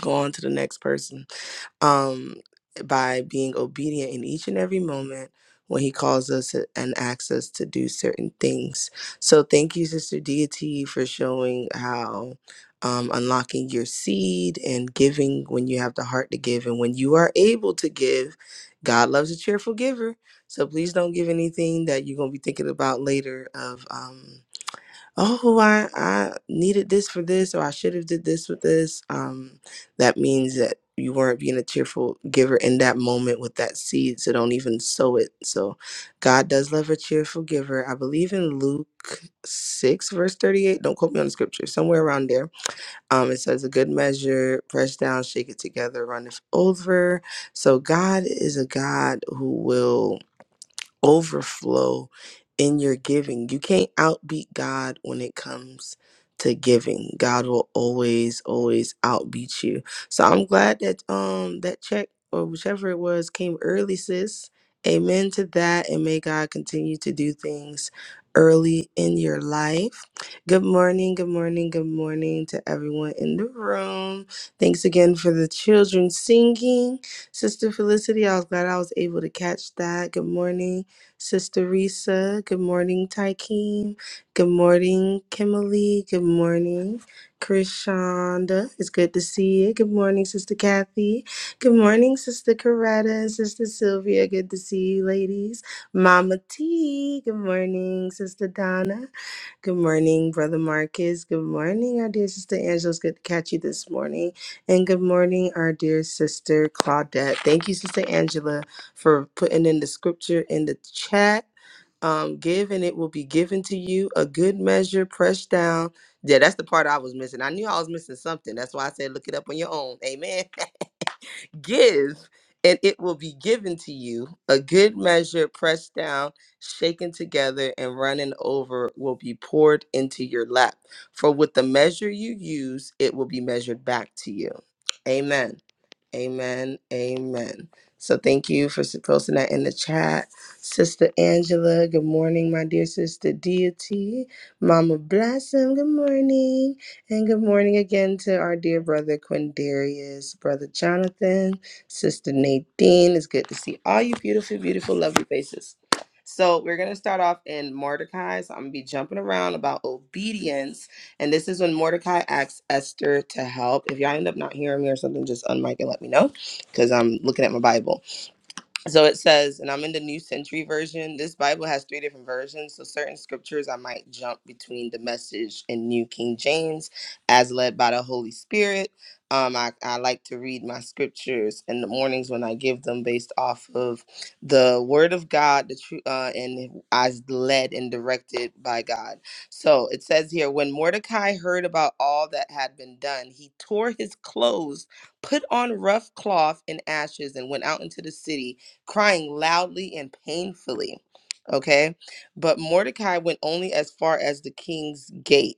[SPEAKER 10] go on to the next person um, by being obedient in each and every moment when he calls us and asks us to do certain things. So thank you, Sister Deity, for showing how um, unlocking your seed and giving when you have the heart to give and when you are able to give. God loves a cheerful giver. So please don't give anything that you're going to be thinking about later of. um, oh i i needed this for this or i should have did this with this um that means that you weren't being a cheerful giver in that moment with that seed so don't even sow it so god does love a cheerful giver i believe in luke 6 verse 38 don't quote me on the scripture somewhere around there um it says a good measure press down shake it together run it over so god is a god who will overflow in your giving. You can't outbeat God when it comes to giving. God will always, always outbeat you. So I'm glad that um that check or whichever it was came early, sis. Amen to that. And may God continue to do things early in your life. Good morning, good morning, good morning to everyone in the room. Thanks again for the children singing. Sister Felicity, I was glad I was able to catch that. Good morning. Sister Risa. Good morning, Tykeem. Good morning, Kimberly. Good morning, Krishanda. It's good to see you. Good morning, Sister Kathy. Good morning, Sister Coretta and Sister Sylvia. Good to see you, ladies. Mama T. Good morning, Sister Donna. Good morning, Brother Marcus. Good morning, our dear sister Angela. It's good to catch you this morning. And good morning, our dear sister Claudette. Thank you, Sister Angela, for putting in the scripture in the chat. Um, give and it will be given to you a good measure, pressed down. Yeah, that's the part I was missing. I knew I was missing something. That's why I said look it up on your own. Amen. *laughs* Give, and it will be given to you. A good measure, pressed down, shaken together, and running over, will be poured into your lap. For with the measure you use, it will be measured back to you. Amen. Amen. Amen. So thank you for s- posting that in the chat. Sister Angela, good morning, my dear sister Deity. Mama Blossom, good morning. And good morning again to our dear brother Quindarius, brother Jonathan, sister Nadine. It's good to see all you beautiful, beautiful, lovely faces. So we're gonna start off in Mordecai. So I'm gonna be jumping around about obedience, and this is when Mordecai asks Esther to help. If y'all end up not hearing me or something, just unmic and let me know, because I'm looking at my Bible. So it says, and I'm in the New Century Version. This Bible has three different versions. So certain scriptures I might jump between the message and New King James as led by the Holy Spirit. Um, I, I like to read my scriptures in the mornings when I give them based off of the Word of God, the true, uh, and as led and directed by God. So it says here, when Mordecai heard about all that had been done, he tore his clothes, put on rough cloth and ashes, and went out into the city crying loudly and painfully. Okay. But Mordecai went only as far as the king's gate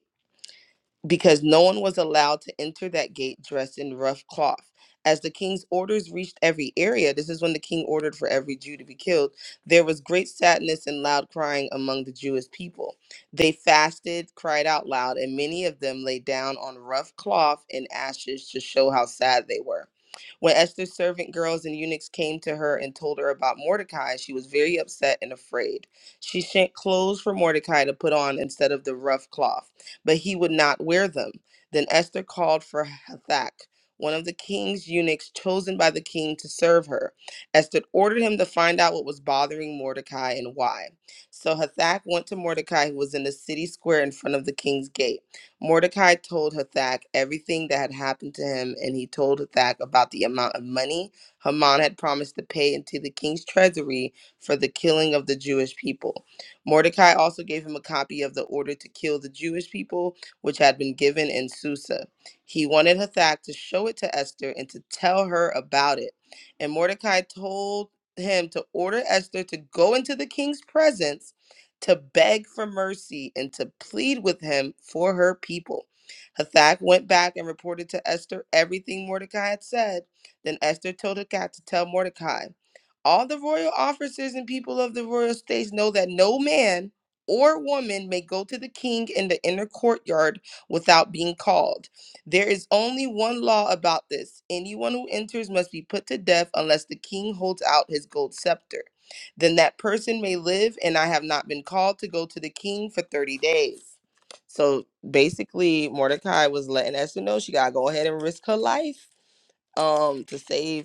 [SPEAKER 10] because no one was allowed to enter that gate dressed in rough cloth. As the king's orders reached every area, this is when the king ordered for every Jew to be killed, there was great sadness and loud crying among the Jewish people. They fasted, cried out loud, and many of them lay down on rough cloth and ashes to show how sad they were. When Esther's servant girls and eunuchs came to her and told her about Mordecai, she was very upset and afraid. She sent clothes for Mordecai to put on instead of the rough cloth but he would not wear them. Then Esther called for Hathach, one of the king's eunuchs chosen by the king to serve her. Esther ordered him to find out what was bothering Mordecai and why. So Hathach went to Mordecai, who was in the city square in front of the king's gate. Mordecai told Hathach everything that had happened to him, and he told Hathach about the amount of money Haman had promised to pay into the king's treasury for the killing of the Jewish people. Mordecai also gave him a copy of the order to kill the Jewish people, which had been given in Susa. He wanted Hathach to show it to Esther and to tell her about it. And Mordecai told him to order Esther to go into the king's presence to beg for mercy and to plead with him for her people. Hathach went back and reported to Esther everything Mordecai had said. Then Esther told Hathach to tell Mordecai. All the royal officers and people of the royal states know that no man or woman may go to the king in the inner courtyard without being called. There is only one law about this. Anyone who enters must be put to death unless the king holds out his gold scepter. Then that person may live, and I have not been called to go to the king for 30 days. So basically, Mordecai was letting Esther know she got to go ahead and risk her life um, to save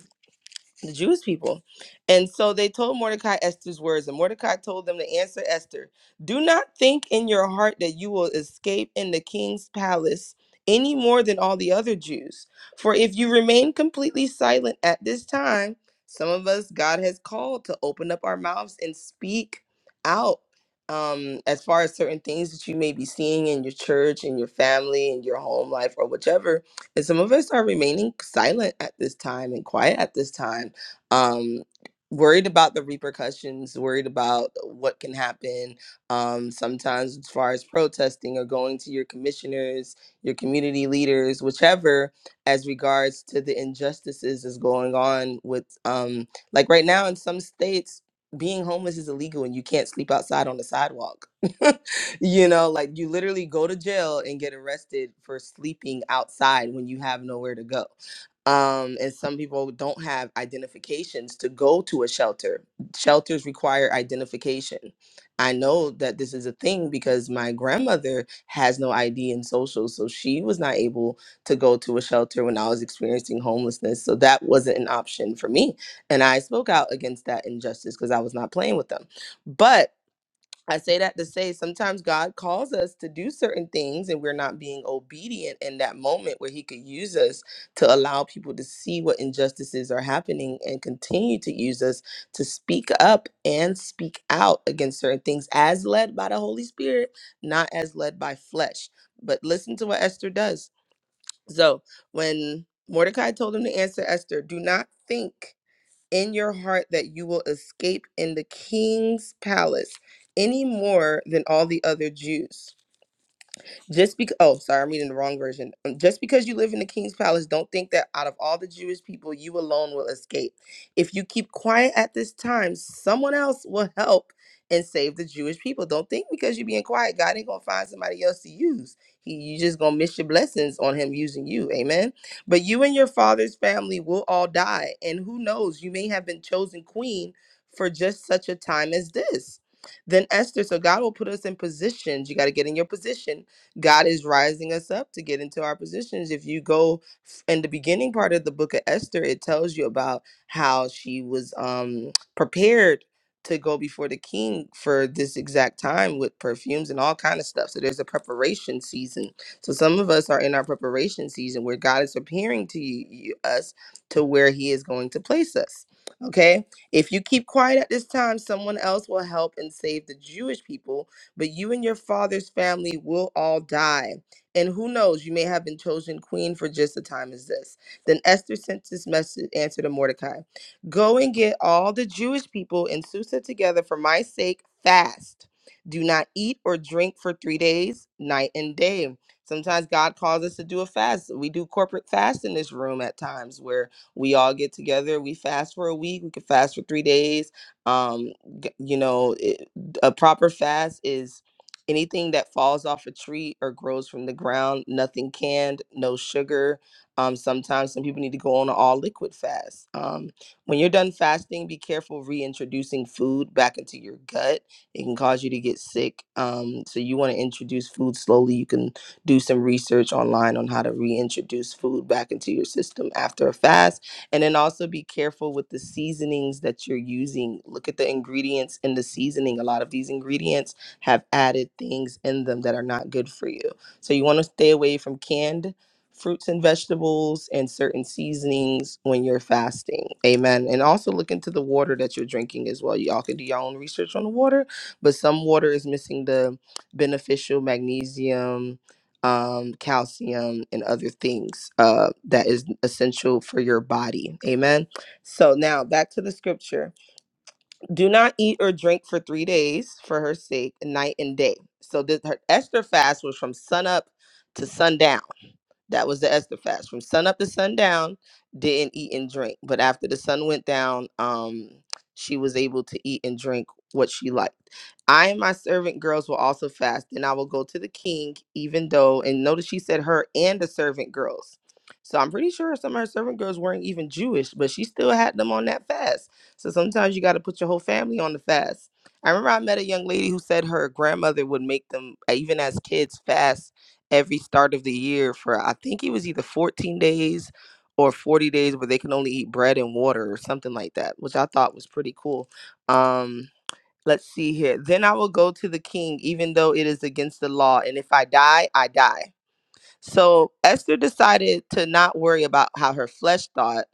[SPEAKER 10] the Jewish people. And so they told Mordecai Esther's words, and Mordecai told them to answer Esther Do not think in your heart that you will escape in the king's palace any more than all the other Jews. For if you remain completely silent at this time, some of us God has called to open up our mouths and speak out um, as far as certain things that you may be seeing in your church, in your family, in your home life, or whichever. And some of us are remaining silent at this time and quiet at this time um, worried about the repercussions, worried about what can happen. Um, sometimes, as far as protesting or going to your commissioners, your community leaders, whichever, as regards to the injustices is going on with, um, like right now in some states. Being homeless is illegal and you can't sleep outside on the sidewalk. *laughs* you know, like you literally go to jail and get arrested for sleeping outside when you have nowhere to go um, and some people don't have identifications to go to a shelter. Shelters require identification. I know that this is a thing because my grandmother has no ID in social, so she was not able to go to a shelter when I was experiencing homelessness. So that wasn't an option for me. And I spoke out against that injustice because I was not playing with them. But I say that to say sometimes God calls us to do certain things and we're not being obedient in that moment where He could use us to allow people to see what injustices are happening and continue to use us to speak up and speak out against certain things as led by the Holy Spirit, not as led by flesh. But listen to what Esther does. So when Mordecai told him to answer Esther, do not think in your heart that you will escape in the king's palace any more than all the other Jews. Just because, oh, sorry, I'm reading the wrong version. Um, Just because you live in the king's palace, don't think that out of all the Jewish people, you alone will escape. If you keep quiet at this time, someone else will help and save the Jewish people. Don't think because you're being quiet, God ain't gonna find somebody else to use. He, you just gonna miss your blessings on Him using you. Amen. But you and your father's family will all die, and who knows, you may have been chosen queen for just such a time as this. Then Esther, so God will put us in positions. You got to get in your position God is rising us up to get into our positions. If you go f- in the beginning part of the book of Esther, it tells you about how she was um, prepared to go before the king for this exact time with perfumes and all kind of stuff. So there's a preparation season. So some of us are in our preparation season where God is preparing to you, you- us to where He is going to place us. Okay, if you keep quiet at this time, someone else will help and save the Jewish people but you and your father's family will all die. And who knows, you may have been chosen queen for just a time as this. Then Esther sent this message answer to Mordecai Go and get all the Jewish people in Susa together for my sake, fast. Do not eat or drink for three days, night and day. Sometimes God calls us to do a fast. We do corporate fast in this room at times where we all get together. We fast for a week. We could fast for three days. Um, g- you know, a proper fast is anything that falls off a tree or grows from the ground nothing canned no sugar um, sometimes some people need to go on an all liquid fast um, when you're done fasting be careful reintroducing food back into your gut it can cause you to get sick um, so you want to introduce food slowly you can do some research online on how to reintroduce food back into your system after a fast and then also be careful with the seasonings that you're using. Look at the ingredients in the seasoning. A lot of these ingredients have added things in them that are not good for you. So you want to stay away from canned fruits and vegetables and certain seasonings when you're fasting. Amen. And also look into the water that you're drinking as well. Y'all can do your own research on the water, but some water is missing the beneficial magnesium um, calcium, and other things uh, that is essential for your body. Amen. So now back to the scripture. Do not eat or drink for three days for her sake, night and day. So this, her Esther fast was from sunup to sundown. That was the Esther fast from sun up to sundown, didn't eat and drink. But after the sun went down, um, she was able to eat and drink what she liked. I and my servant girls will also fast, and I will go to the king, even though, and notice she said her and the servant girls. So I'm pretty sure some of her servant girls weren't even Jewish, but she still had them on that fast. So sometimes you got to put your whole family on the fast. I remember I met a young lady who said her grandmother would make them, uh, even as kids, fast every start of the year for I think it was either 14 days or 40 days where they can only eat bread and water or something like that, which I thought was pretty cool. Um let's see here. Then I will go to the king even though it is against the law and if I die, I die. So Esther decided to not worry about how her flesh thought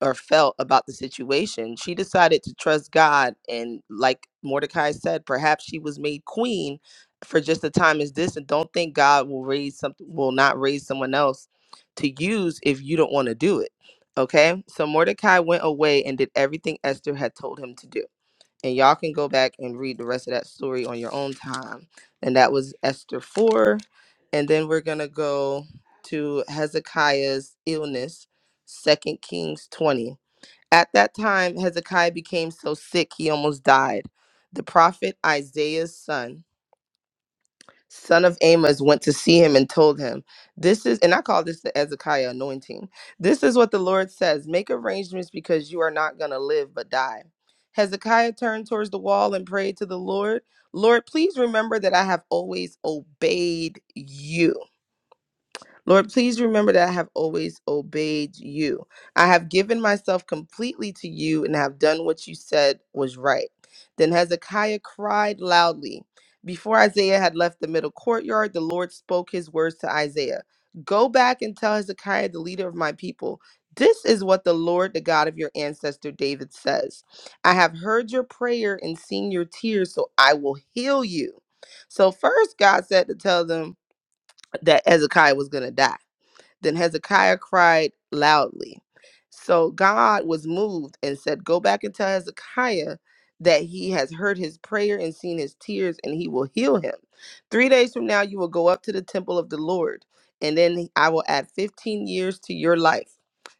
[SPEAKER 10] or felt about the situation. She decided to trust God. And like Mordecai said, perhaps she was made queen for just a time as this. And don't think God will raise something, will not raise someone else to use if you don't want to do it. Okay. So Mordecai went away and did everything Esther had told him to do. And y'all can go back and read the rest of that story on your own time. And that was Esther 4. And then we're going to go to Hezekiah's illness, Second Kings 20 at that time, Hezekiah became so sick he almost died. The prophet Isaiah's son, son of Amos, went to see him and told him, This is, and I call this the Hezekiah anointing. This is what the Lord says Make arrangements because you are not going to live but die. Hezekiah turned towards the wall and prayed to the Lord, Lord, please remember that I have always obeyed you Lord, please remember that I have always obeyed you. I have given myself completely to you and have done what you said was right. Then Hezekiah cried loudly. Before Isaiah had left the middle courtyard, the Lord spoke his words to Isaiah Go back and tell Hezekiah, the leader of my people, this is what the Lord, the God of your ancestor David, says I have heard your prayer and seen your tears, so I will heal you. So, first, God said to tell them that Hezekiah was going to die. Then Hezekiah cried loudly. So God was moved and said, Go back and tell Hezekiah that he has heard his prayer and seen his tears, and he will heal him. Three days from now, you will go up to the temple of the Lord, and then I will add 15 years to your life.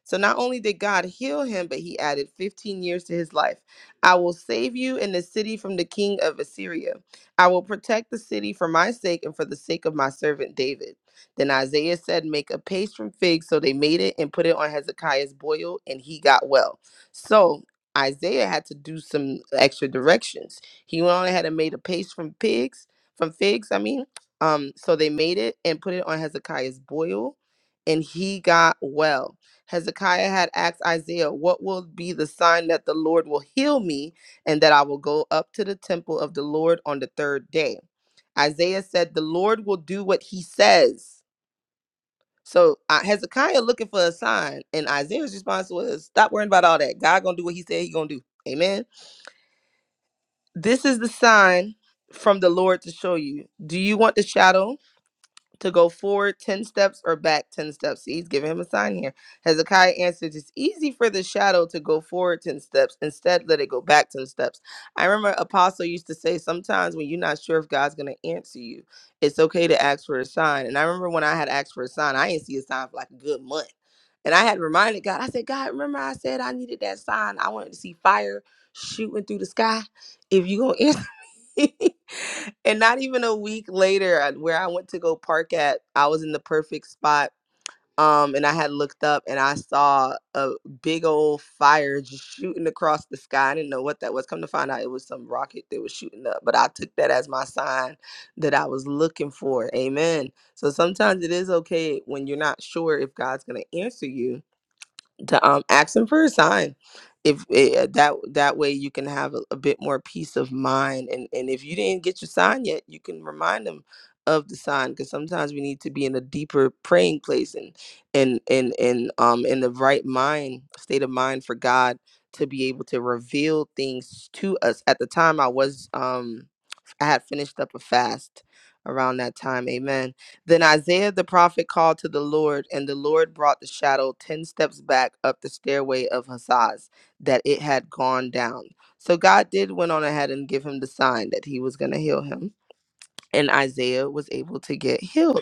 [SPEAKER 10] So not only did God heal him, but he added 15 years to his life. I will save you and the city from the king of Assyria. I will protect the city for my sake and for the sake of my servant David. Then Isaiah said, Make a paste from figs. So they made it and put it on Hezekiah's boil, and he got well. So Isaiah had to do some extra directions. He went on ahead and made a paste from pigs, from figs, I mean. Um, so they made it and put it on Hezekiah's boil, and he got well. Hezekiah had asked Isaiah, What will be the sign that the Lord will heal me and that I will go up to the temple of the Lord on the third day? Isaiah said, The Lord will do what he says. So uh, Hezekiah looking for a sign, and Isaiah's response was, "Stop worrying about all that. God gonna do what He said He gonna do." Amen. This is the sign from the Lord to show you. Do you want the shadow? to go forward 10 steps or back 10 steps. See, he's giving him a sign here. Hezekiah answered, It's easy for the shadow to go forward 10 steps. Instead, let it go back 10 steps. I remember Apostle used to say, Sometimes when you're not sure if God's going to answer you, it's okay to ask for a sign. And I remember when I had asked for a sign, I didn't see a sign for like a good month. And I had reminded God, I said, God, remember I said I needed that sign. I wanted to see fire shooting through the sky. If you're going to *laughs* and not even a week later I- where i went to go park at i was in the perfect spot um and i had looked up and i saw a big old fire just shooting across the sky i didn't know what that was come to find out it was some rocket that was shooting up but i took that as my sign that i was looking for amen so sometimes it is okay when you're not sure if god's going to answer you to um ask them for a sign if eh, eh, that that way you can have a, a bit more peace of mind and and if you didn't get your sign yet you can remind them of the sign because sometimes we need to be in a deeper praying place and and and and um in the right mind state of mind for god to be able to reveal things to us at the time i was um I had finished up a fast around that time. Amen. Then Isaiah the prophet called to the Lord, and the Lord brought the shadow 10 steps back up the stairway of Hazaz, that it had gone down. So God did went on ahead and give him the sign that he was going to heal him. And Isaiah was able to get healed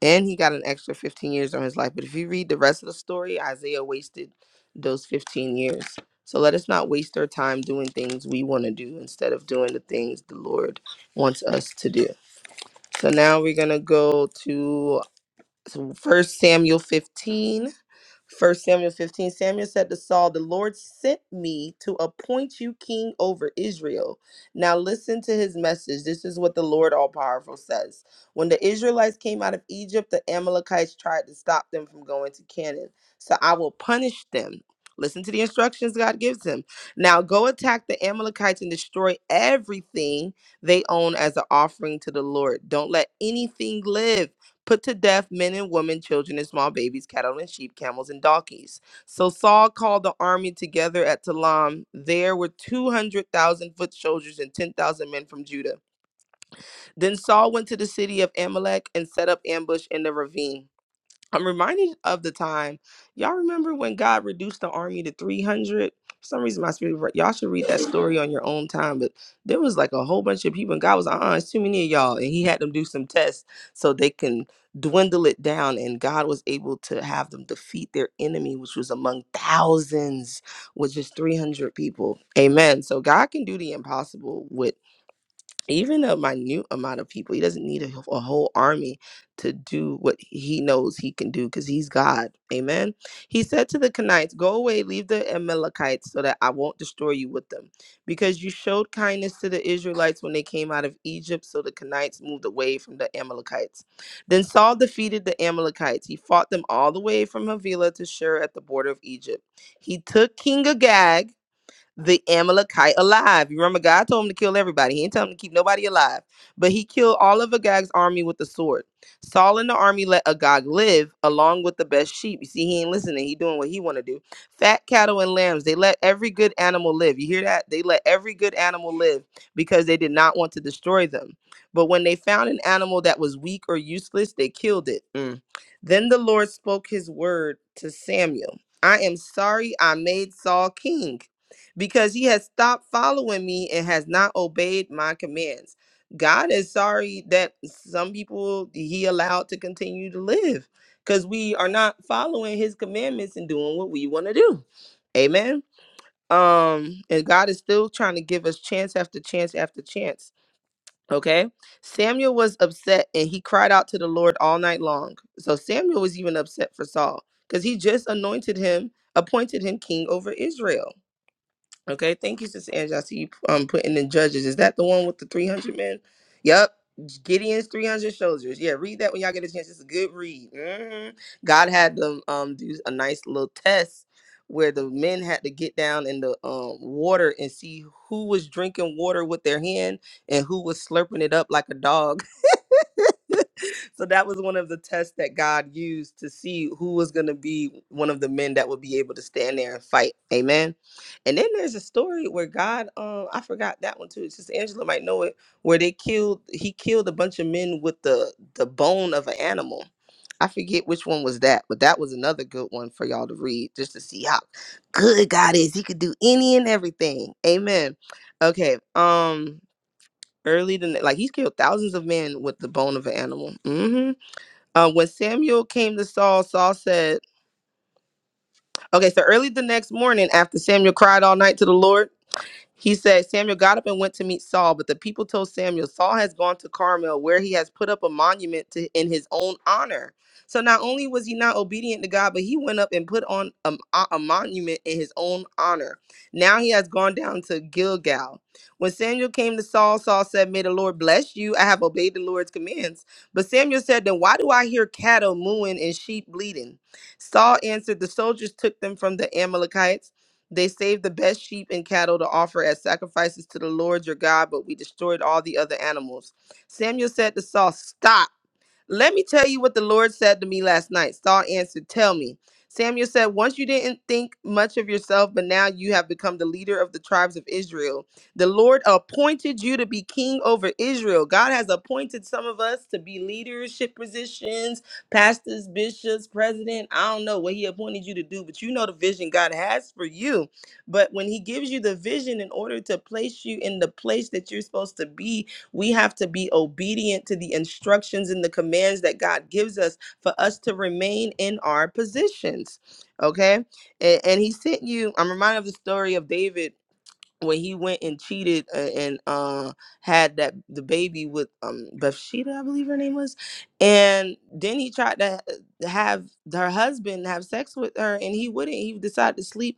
[SPEAKER 10] and he got an extra 15 years on his life. But if you read the rest of the story, Isaiah wasted those 15 years. So let us not waste our time doing things we want to do instead of doing the things the Lord wants us to do. So now we're going to go to so First Samuel 15 First Samuel 15 Samuel said to Saul, The Lord sent me to appoint you king over Israel. Now listen to his message. This is what the Lord All Powerful says. When the Israelites came out of Egypt, the Amalekites tried to stop them from going to Canaan. So I will punish them. Listen to the instructions God gives him. Now go attack the Amalekites and destroy everything they own as an offering to the Lord. Don't let anything live put to death men and women, children and small babies, cattle and sheep, camels and donkeys. So Saul called the army together at Talam. There were 200,000 foot soldiers and 10,000 men from Judah. Then Saul went to the city of Amalek and set up ambush in the ravine. I'm reminded of the time. Y'all remember when God reduced the army to 300? For some reason, my spirit, re- y'all should read that story on your own time. But there was like a whole bunch of people, and God was like, uh, it's too many of y'all. And He had them do some tests so they can dwindle it down. And God was able to have them defeat their enemy, which was among thousands, with just 300 people. Amen. So God can do the impossible with even a minute amount of people. He doesn't need a, a whole army to do what he knows he can do because he's God. Amen. He said to the Kenites, Go away, leave the Amalekites so that I won't destroy you with them. Because you showed kindness to the Israelites when they came out of Egypt, so the Kenites moved away from the Amalekites. Then Saul defeated the Amalekites. He fought them all the way from Havilah to Shur at the border of Egypt. He took King Agag the Amalekite alive. You remember God told him to kill everybody. He didn't tell him to keep nobody alive. But he killed all of Agag's army with the sword. Saul and the army let Agag live along with the best sheep. You see, he ain't listening. He doing what he want to do. Fat cattle and lambs. They let every good animal live. You hear that? They let every good animal live because they did not want to destroy them. But when they found an animal that was weak or useless, they killed it. Mm. Then the Lord spoke his word to Samuel. I am sorry I made Saul king because he has stopped following me and has not obeyed my commands. God is sorry that some people he allowed to continue to live because we are not following his commandments and doing what we want to do. Amen. Um, and God is still trying to give us chance after chance after chance. Okay. Samuel was upset and he cried out to the Lord all night long. So Samuel was even upset for Saul because he just anointed him, appointed him king over Israel. Okay, thank you, Sister Angie. I see you um putting in judges. Is that the one with the 300 men? Yep. Gideon's 300 soldiers. Yeah, read that when y'all get a chance. It's a good read. hmm God had them um do a nice little test where the men had to get down in the um water and see who was drinking water with their hand and who was slurping it up like a dog. *laughs* so that was one of the tests that God used to see who was going to be one of the men that would be able to stand there and fight. Amen. And then there's a story where God, um, I forgot that one too. Sister Angela might know it, where they killed, he killed a bunch of men with the the bone of an animal. I forget which one was that, but that was another good one for y'all to read just to see how good God is. He could do any and everything. Amen. Okay. Um, early the like he's killed thousands of men with the bone of an animal. hmm Uh, when Samuel came to Saul, Saul said, "Okay, so early the next morning, after Samuel cried all night to the Lord." He said, Samuel got up and went to meet Saul, but the people told Samuel, Saul has gone to Carmel, where he has put up a monument to, in his own honor. So not only was he not obedient to God, but he went up and put on a, a monument in his own honor. Now he has gone down to Gilgal. When Samuel came to Saul, Saul said, May the Lord bless you. I have obeyed the Lord's commands. But Samuel said, Then why do I hear cattle mooing and sheep bleating? Saul answered, The soldiers took them from the Amalekites. They saved the best sheep and cattle to offer as sacrifices to the Lord your God, but we destroyed all the other animals. Samuel said to Saul, Stop. Let me tell you what the Lord said to me last night. Saul answered, Tell me. Samuel said, Once you didn't think much of yourself, but now you have become the leader of the tribes of Israel. The Lord appointed you to be king over Israel. God has appointed some of us to be leadership positions, pastors, bishops, president. I don't know what he appointed you to do, but you know the vision God has for you. But when he gives you the vision in order to place you in the place that you're supposed to be, we have to be obedient to the instructions and the commands that God gives us for us to remain in our positions. Okay. And, and he sent you, I'm reminded of the story of David when he went and cheated uh, and uh, had that the baby with um Bathsheba, I believe her name was, and then he tried to ha- have her husband have sex with her, and he wouldn't. He decided to sleep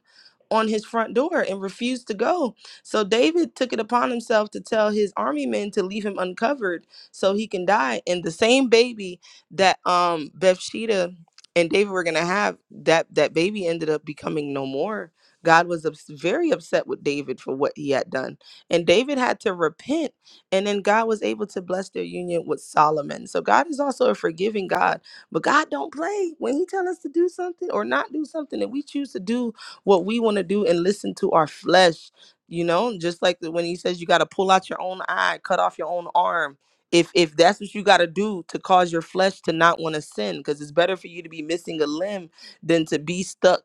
[SPEAKER 10] on his front door and refused to go. So David took it upon himself to tell his army men to leave him uncovered so he can die. And the same baby that um Bathsheba and David were gonna have, that that baby ended up becoming no more God was ups- very upset with David for what he had done. And David had to repent. And then God was able to bless their union with Solomon. So God is also a forgiving God. But God don't play. When he tell us to do something or not do something, and we choose to do what we want to do and listen to our flesh, you know, just like the, when he says you got to pull out your own eye, cut off your own arm. If, if that's what you got to do to cause your flesh to not want to sin, because it's better for you to be missing a limb than to be stuck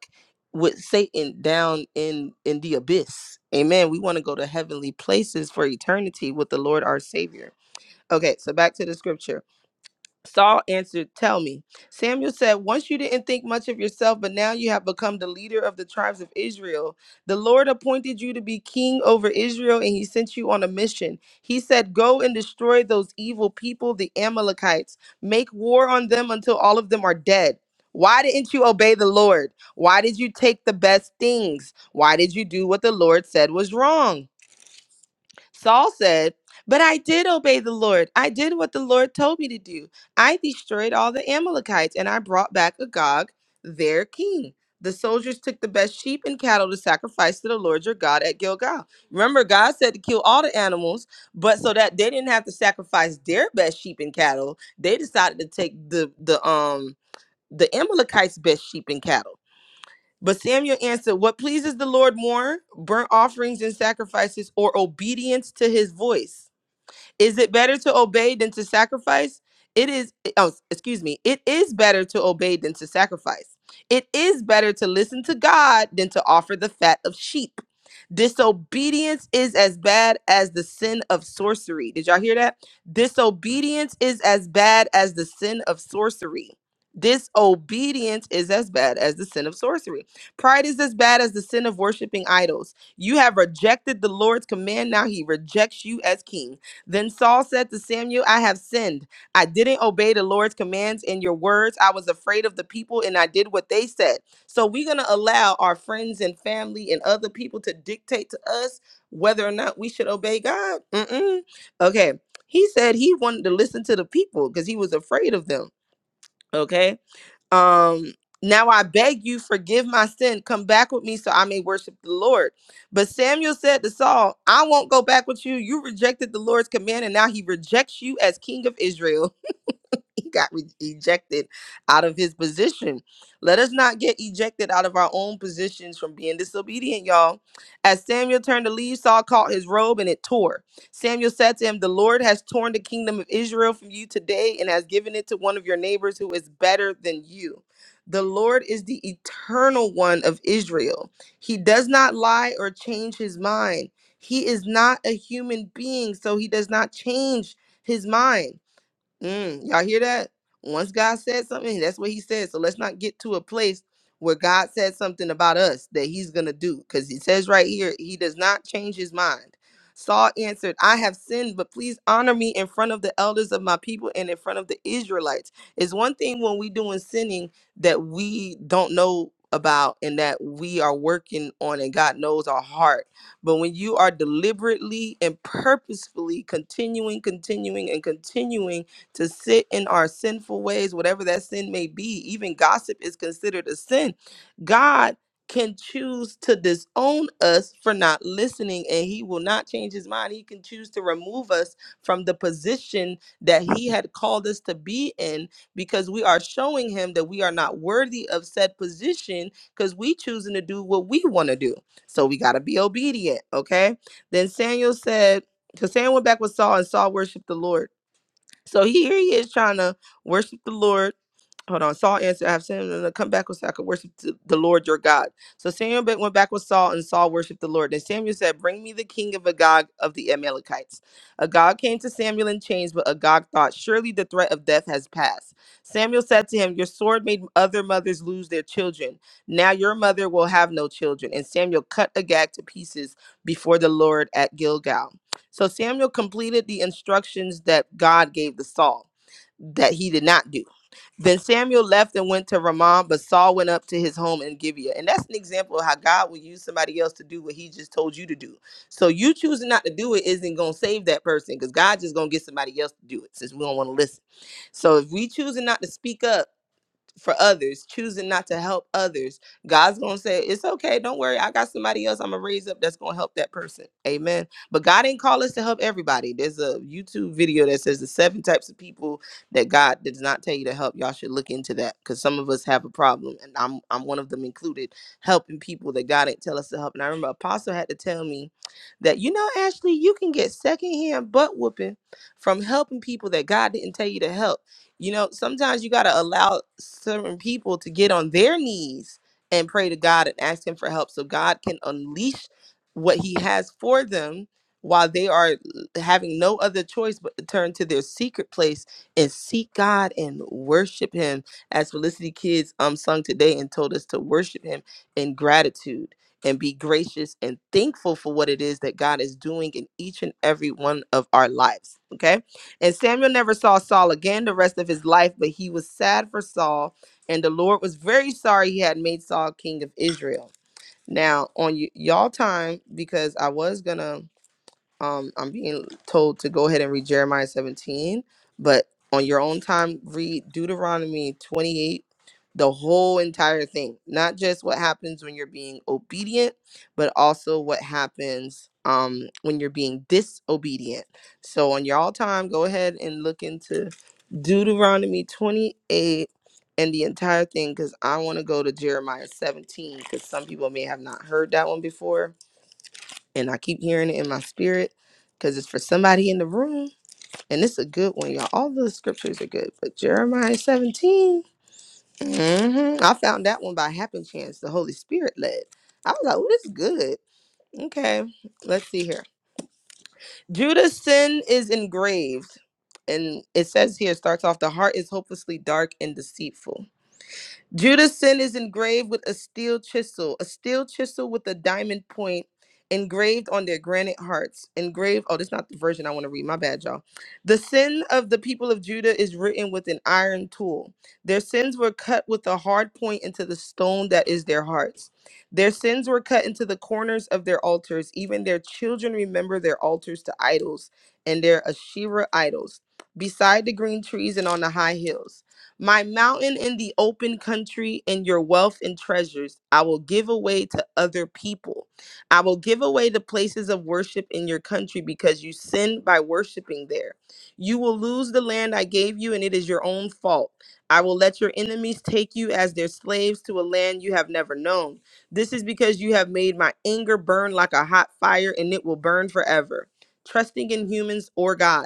[SPEAKER 10] with Satan down in in the abyss. Amen. We want to go to heavenly places for eternity with the Lord our Savior. Okay, so back to the scripture. Saul answered, Tell me. Samuel said, Once you didn't think much of yourself, but now you have become the leader of the tribes of Israel. The Lord appointed you to be king over Israel, and he sent you on a mission. He said, 'Go and destroy those evil people, the Amalekites. Make war on them until all of them are dead. Why didn't you obey the Lord? Why did you take the best things? Why did you do what the Lord said was wrong? Saul said, But I did obey the Lord. I did what the Lord told me to do. I destroyed all the Amalekites and I brought back Agag, their king. The soldiers took the best sheep and cattle to sacrifice to the Lord your God at Gilgal. Remember, God said to kill all the animals, but so that they didn't have to sacrifice their best sheep and cattle, they decided to take the the um the Amalekites' best sheep and cattle. But Samuel answered, What pleases the Lord more, burnt offerings and sacrifices, or obedience to his voice? Is it better to obey than to sacrifice? It is, oh, excuse me. It is better to obey than to sacrifice. It is better to listen to God than to offer the fat of sheep. Disobedience is as bad as the sin of sorcery. Did y'all hear that? Disobedience is as bad as the sin of sorcery. Disobedience is as bad as the sin of sorcery. Pride is as bad as the sin of worshiping idols. You have rejected the Lord's command. Now he rejects you as king. Then Saul said to Samuel, I have sinned. I didn't obey the Lord's commands and your words. I was afraid of the people and I did what they said. So we're going to allow our friends and family and other people to dictate to us whether or not we should obey God. Mm-mm. Okay. He said he wanted to listen to the people because he was afraid of them. Okay um now i beg you forgive my sin come back with me so i may worship the lord but samuel said to saul i won't go back with you you rejected the lord's command and now he rejects you as king of israel *laughs* he got re- ejected out of his position. Let us not get ejected out of our own positions from being disobedient, y'all. As Samuel turned to leave, Saul caught his robe and it tore. Samuel said to him, The Lord has torn the kingdom of Israel from you today and has given it to one of your neighbors who is better than you. The Lord is the eternal one of Israel. He does not lie or change his mind. He is not a human being, so he does not change his mind. Mm, y'all hear that? Once God said something, that's what he said. So let's not get to a place where God said something about us that he's going to do. Because he says right here, he does not change his mind. Saul answered, I have sinned, but please honor me in front of the elders of my people and in front of the Israelites. It's one thing when we doing sinning that we don't know about and that we are working on and God knows our heart. But when you are deliberately and purposefully continuing, continuing, and continuing to sit in our sinful ways, whatever that sin may be. Even gossip is considered a sin. God can choose to disown us for not listening, and He will not change His mind. He can choose to remove us from the position that He had called us to be in because we are showing Him that we are not worthy of said position because we choosing to do what we want to do. So we got to be obedient, okay? Then Samuel said, so Samuel went back with Saul, and Saul worshiped the Lord. So here he is trying to worship the Lord Hold on. Saul answered, I have sinned and come back so I could worship th- the Lord your God. So Samuel ba- went back with Saul, and Saul worshiped the Lord. Then Samuel said, Bring me the king of Agag of the Amalekites. Agag came to Samuel in chains, but Agag thought, Surely the threat of death has passed. Samuel said to him, Your sword made other mothers lose their children. Now your mother will have no children. And Samuel cut Agag to pieces before the Lord at Gilgal. So Samuel completed the instructions that God gave to Saul that he did not do. Then Samuel left and went to Ramah, but Saul went up to his home in Gibeah. And that's an example of how God will use somebody else to do what he just told you to do. So you choosing not to do it isn't going to save that person because God just going to get somebody else to do it since we don't want to listen. So if we choosing not to speak up, for others, choosing not to help others, God's gonna say, It's okay, don't worry. I got somebody else I'm gonna raise up that's gonna help that person. Amen. But God ain't call us to help everybody. There's a YouTube video that says the seven types of people that God does not tell you to help. Y'all should look into that because some of us have a problem, and I'm I'm one of them included, helping people that God didn't tell us to help. And I remember Apostle had to tell me that, you know, Ashley, you can get secondhand butt whooping from helping people that God didn't tell you to help you know, sometimes you got to allow certain people to get on their knees and pray to God and ask Him for help so God can unleash what He has for them while they are having no other choice but to turn to their secret place and seek God and worship Him. As Felicity Kids um, sung today and told us to worship Him in gratitude and be gracious and thankful for what it is that God is doing in each and every one of our lives. Okay and Samuel never saw Saul again the rest of his life, but he was sad for Saul, and the Lord was very sorry he had made Saul king of Israel. Now, on y- y'all time, because I was gonna um I'm being told to go ahead and read Jeremiah 17, but on your own time read Deuteronomy 28, the whole entire thing. Not just what happens when you're being obedient, but also what happens um when you're being disobedient. So on your all time go ahead and look into Deuteronomy 28 and the entire thing cuz I want to go to Jeremiah 17 cuz some people may have not heard that one before and I keep hearing it in my spirit because it's for somebody in the room, and it's a good one, y'all. All the scriptures are good, but Jeremiah 17, mhm, I found that one by happen chance. The Holy Spirit led. I was like, "Oh, this is good." Okay, let's see here. Judah's sin is engraved, and it says here it starts off the heart is hopelessly dark and deceitful. Judah's sin is engraved with a steel chisel, a steel chisel with a diamond point engraved on their granite hearts. Engraved, oh, this is not the version I want to read. My bad, y'all. The sin of the people of Judah is written with an iron tool. Their sins were cut with a hard point into the stone that is their hearts. Their sins were cut into the corners of their altars. Even their children remember their altars to idols and their Asherah idols beside the green trees and on the high hills. My mountain in the open country and your wealth and treasures I will give away to other people. I will give away the places of worship in your country because you sin by worshiping there. You will lose the land I gave you, and it is your own fault. I will let your enemies take you as their slaves to a land you have never known. This is because you have made my anger burn like a hot fire, and it will burn forever. Trusting in humans or God.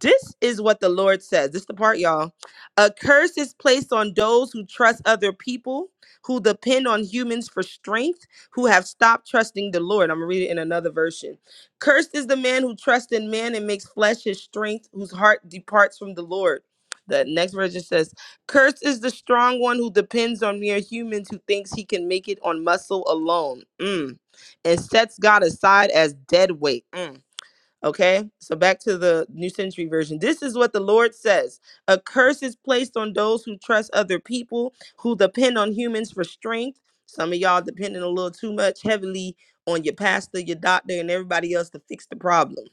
[SPEAKER 10] This is what the Lord says. This is the part, y'all. A curse is placed on those who trust other people, who depend on humans for strength, who have stopped trusting the Lord. I'm going to read it in another version. Cursed is the man who trusts in man and makes flesh his strength, whose heart departs from the Lord. The next version says, Cursed is the strong one who depends on mere humans, who thinks he can make it on muscle alone, Mm. and sets God aside as dead weight. Mm. Okay, so back to the New Century Version. This is what the Lord says A curse is placed on those who trust other people, who depend on humans for strength. Some of y'all depending a little too much heavily on your pastor, your doctor, and everybody else to fix the problem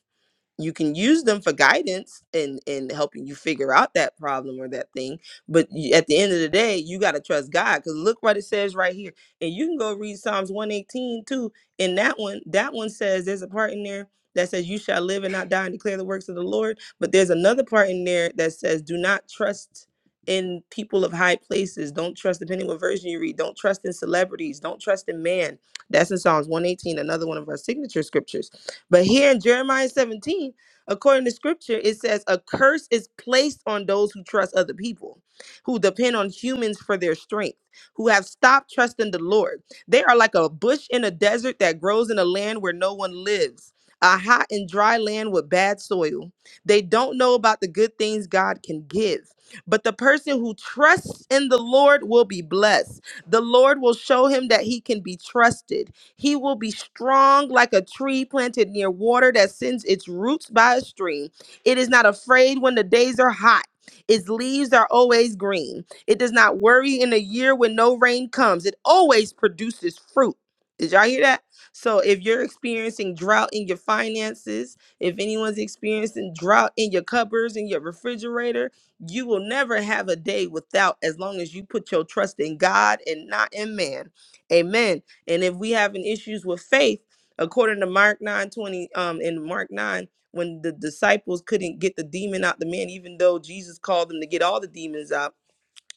[SPEAKER 10] you can use them for guidance and and helping you figure out that problem or that thing but you, at the end of the day you got to trust god because look what it says right here and you can go read psalms 118 too and that one that one says there's a part in there that says you shall live and not die and declare the works of the lord but there's another part in there that says do not trust in people of high places don't trust depending what version you read don't trust in celebrities don't trust in man that's in psalms 118 another one of our signature scriptures but here in Jeremiah 17, according to scripture, it says, A curse is placed on those who trust other people, who depend on humans for their strength, who have stopped trusting the Lord. They are like a bush in a desert that grows in a land where no one lives, a hot and dry land with bad soil. They don't know about the good things God can give. But the person who trusts in the Lord will be blessed. The Lord will show him that he can be trusted. He will be strong like a tree planted near water that sends its roots by a stream. It is not afraid when the days are hot. Its leaves are always green. It does not worry in a year when no rain comes. It always produces fruit. Did y'all hear that? So if you're experiencing drought in your finances, if anyone's experiencing drought in your cupboards, in your refrigerator, you will never have a day without as long as you put your trust in God and not in man. Amen. And if we having issues with faith, according to Mark 9 20, um, in Mark 9, when the disciples couldn't get the demon out the man, even though Jesus called them to get all the demons out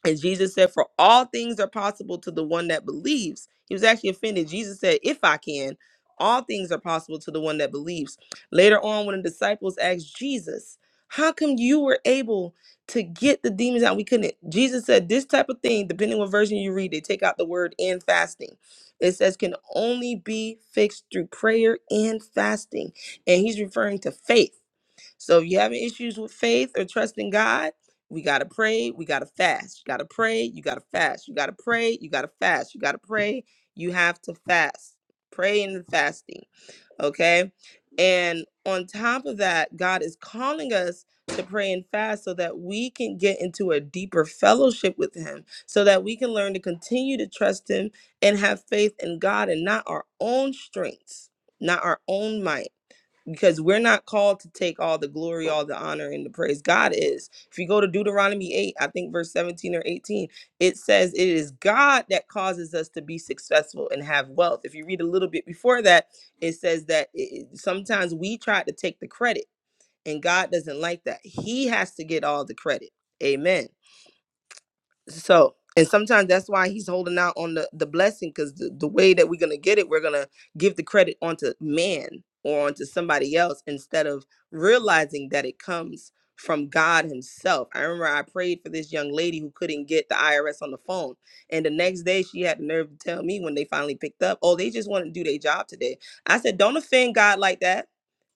[SPEAKER 10] and Jesus said, For all things are possible to the one that believes. He was actually offended. Jesus said, If I can, all things are possible to the one that believes. Later on, when the disciples asked Jesus, How come you were able to get the demons out? We couldn't. Jesus said, This type of thing, depending what version you read, they take out the word and fasting. It says can only be fixed through prayer and fasting. And he's referring to faith. So if you're having issues with faith or trusting God, we gotta pray, we gotta fast. You gotta pray, you gotta fast, you gotta pray, you gotta fast, you gotta pray, you have to fast. Praying and fasting. Okay. And on top of that, God is calling us to pray and fast so that we can get into a deeper fellowship with Him, so that we can learn to continue to trust Him and have faith in God and not our own strengths, not our own might because we're not called to take all the glory, all the honor, and the praise. God is. If you go to Deuteronomy 8, I think verse 17 or 18, it says it is God that causes us to be successful and have wealth. If you read a little bit before that, it says that it, it- sometimes we try to take the credit, and God doesn't like that. He has to get all the credit. Amen so and sometimes that's why he's holding out on the the blessing because the, the way that we're gonna get it we're gonna give the credit onto man or onto somebody else instead of realizing that it comes from god himself i remember i prayed for this young lady who couldn't get the irs on the phone and the next day she had the nerve to tell me when they finally picked up oh they just want to do their job today i said don't offend god like that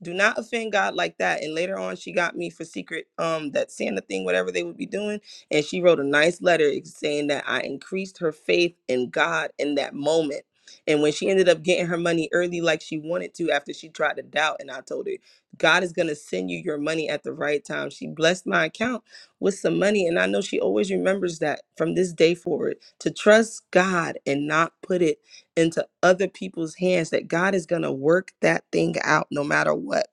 [SPEAKER 10] do not offend god like that and later on she got me for secret um that santa thing whatever they would be doing and she wrote a nice letter saying that I increased her faith in God in that moment. And when she ended up getting her money early, like she wanted to, after she tried to doubt, and I told her, God is going to send you your money at the right time. She blessed my account with some money. And I know she always remembers that from this day forward to trust God and not put it into other people's hands, that God is going to work that thing out no matter what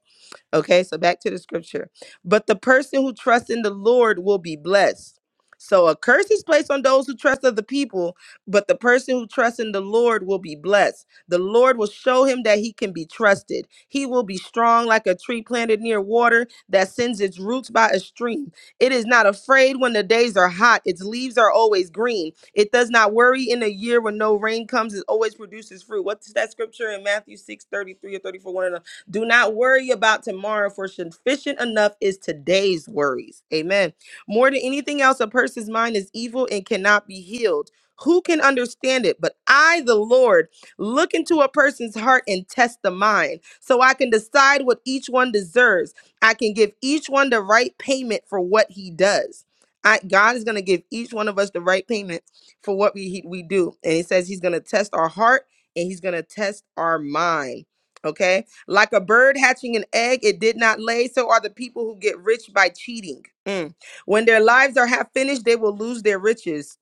[SPEAKER 10] Okay, so back to the scripture. But the person who trusts in the Lord will be blessed. So a curse is placed on those who trust other people, but the person who trusts in the Lord will be blessed. The Lord will show him that he can be trusted. He will be strong like a tree planted near water that sends its roots by a stream. It is not afraid when the days are hot, its leaves are always green. It does not worry in a year when no rain comes, it always produces fruit. What's that scripture in Matthew 6 33 or 34? One of the do not worry about tomorrow, for sufficient enough is today's worries. Amen. More than anything else, a person's mind is evil and cannot be healed. Who can understand it? But I, the Lord, look into a person's heart and test the mind, so I can decide what each one deserves. I can give each one the right payment for what he does. I, God is going to give each one of us the right payment for what we he, we do, and He says He's going to test our heart and He's going to test our mind. Okay, like a bird hatching an egg, it did not lay, so are the people who get rich by cheating. Mm. When their lives are half finished, they will lose their riches.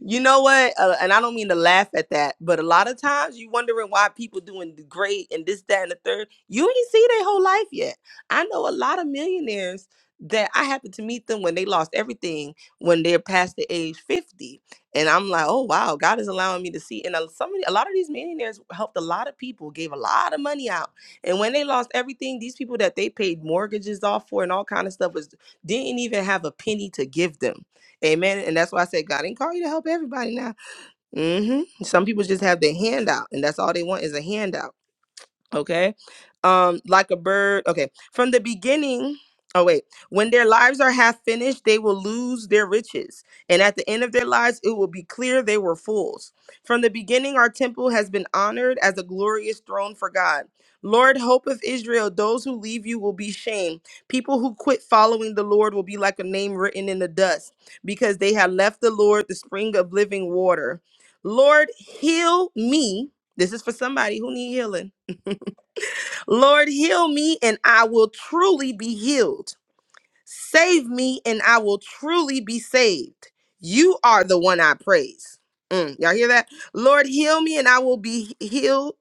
[SPEAKER 10] You know what? Uh, and I don't mean to laugh at that, but a lot of times you wondering why people doing great and this, that, and the third. You ain't see their whole life yet. I know a lot of millionaires that I happened to meet them when they lost everything when they're past the age 50. And I'm like, oh wow, God is allowing me to see. And a- some of the- a lot of these millionaires helped a lot of people, gave a lot of money out. And when they lost everything, these people that they paid mortgages off for and all kind of stuff was didn't even have a penny to give them Amen. And that's why I said God didn't call you to help everybody now. hmm Some people just have their hand out, and that's all they want is a handout okay um like a bird okay from the beginning oh wait when their lives are half finished they will lose their riches and at the end of their lives it will be clear they were fools from the beginning our temple has been honored as a glorious throne for god lord hope of israel those who leave you will be shamed people who quit following the lord will be like a name written in the dust because they have left the lord the spring of living water lord heal me this is for somebody who need healing Lord, heal me and I will truly be healed. Save me and I will truly be saved. You are the one I praise. Mm, y'all hear that? Lord, heal me and I will be healed,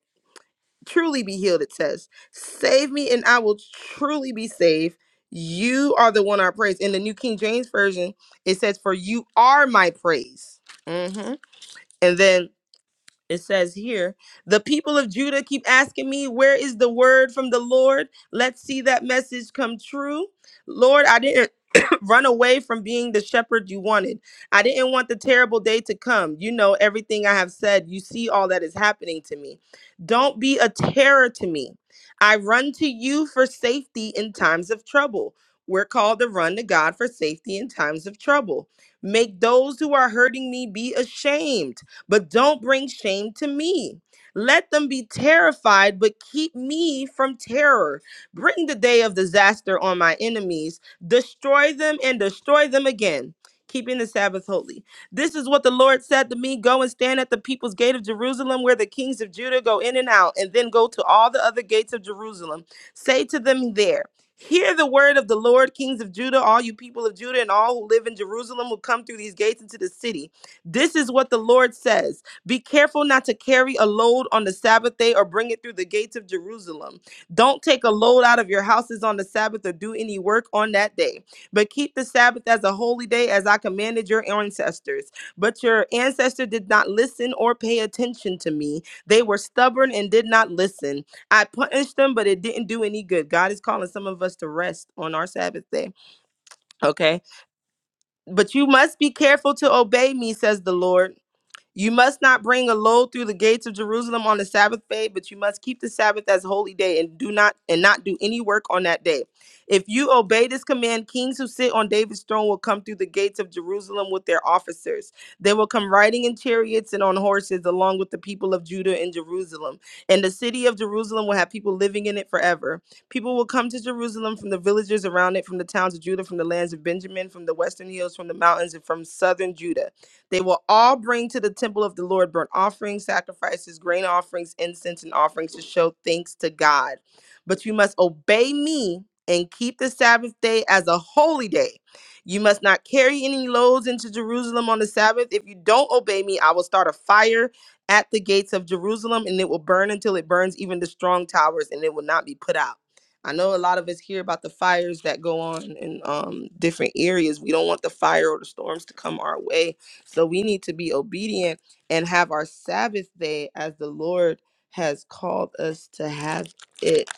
[SPEAKER 10] truly be healed, it says. Save me and I will truly be saved. You are the one I praise. In the New King James Version, it says, For you are my praise. Mhm. And then it says here, the people of Judah keep asking me, Where is the word from the Lord? Let's see that message come true. Lord, I didn't. *laughs* *clears throat* run away from being the shepherd you wanted. I didn't want the terrible day to come. You know everything I have said. You see all that is happening to me. Don't be a terror to me. I run to you for safety in times of trouble. We're called to run to God for safety in times of trouble. Make those who are hurting me be ashamed, but don't bring shame to me. Let them be terrified, but keep me from terror. Bring the day of disaster on my enemies destroy them and destroy them again, keeping the Sabbath holy. This is what the Lord said to me Go and stand at the people's gate of Jerusalem, where the kings of Judah go in and out, and then go to all the other gates of Jerusalem. Say to them there, Hear the word of the Lord, kings of Judah, all you people of Judah, and all who live in Jerusalem will come through these gates into the city. This is what the Lord says Be careful not to carry a load on the Sabbath day or bring it through the gates of Jerusalem. Don't take a load out of your houses on the Sabbath or do any work on that day, but keep the Sabbath as a holy day as I commanded your ancestors. But your ancestors did not listen or pay attention to me. They were stubborn and did not listen. I punished them, but it didn't do any good. God is calling some of us to rest on our Sabbath day, okay? But you must be careful to obey me, says the Lord. You must not bring a load through the gates of Jerusalem on the Sabbath day, but you must keep the Sabbath as a holy day and do not and not do any work on that day. If you obey this command, kings who sit on David's throne will come through the gates of Jerusalem with their officers. They will come riding in chariots and on horses along with the people of Judah and Jerusalem. And the city of Jerusalem will have people living in it forever. People will come to Jerusalem from the villages around it, from the towns of Judah, from the lands of Benjamin, from the western hills, from the mountains, and from southern Judah. They will all bring to the temple of the Lord burnt offerings, sacrifices, grain offerings, incense, and offerings to show thanks to God. But you must obey me and keep the Sabbath day as a holy day. You must not carry any loads into Jerusalem on the Sabbath. If you don't obey me, I will start a fire at the gates of Jerusalem and it will burn until it burns even the strong towers and it will not be put out. I know a lot of us hear about the fires that go on in um, different areas. We don't want the fire or the storms to come our way so we need to be obedient and have our Sabbath day as the Lord has called us to have it.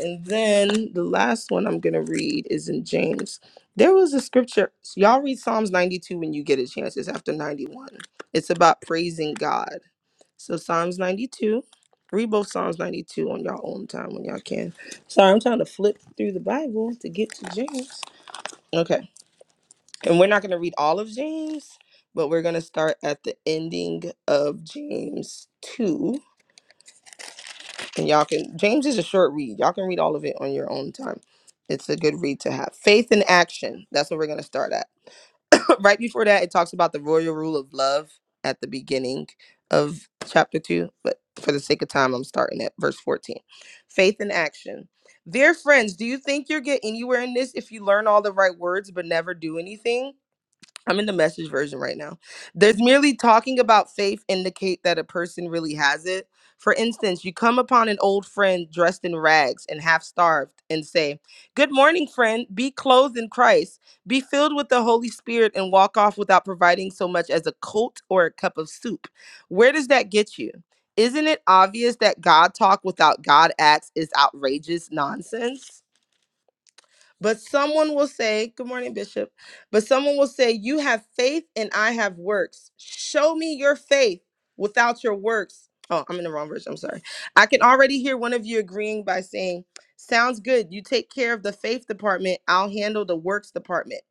[SPEAKER 10] And then the last one I'm going to read is in James. There was a scripture. so y'all read Psalms 92 when you get a chance. It's after 91. It's about praising God. So Psalms 92. Read both Psalms 92 on your own time when y'all can. Sorry, I'm trying to flip through the Bible to get to James. Okay. And we're not going to read all of James, but we're going to start at the ending of James 2. And y'all can, James is a short read. Y'all can read all of it on your own time. It's a good read to have. Faith in action. That's what we're going to start at. *laughs* right before that, it talks about the royal rule of love at the beginning of chapter 2. But for the sake of time, I'm starting at verse 14. Faith in action. Dear friends, do you think you'll get anywhere in this if you learn all the right words but never do anything? I'm in the message version right now. There's merely talking about faith indicate that a person really has it. For instance, you come upon an old friend dressed in rags and half starved and say, Good morning, friend. Be clothed in Christ. Be filled with the Holy Spirit and walk off without providing so much as a coat or a cup of soup. Where does that get you? Isn't it obvious that God talk without God acts is outrageous nonsense? But someone will say, Good morning, Bishop. But someone will say, You have faith and I have works. Show me your faith without your works. Oh, I'm in the wrong verse. I'm sorry. I can already hear one of you agreeing by saying, Sounds good. You take care of the faith department. I'll handle the works department.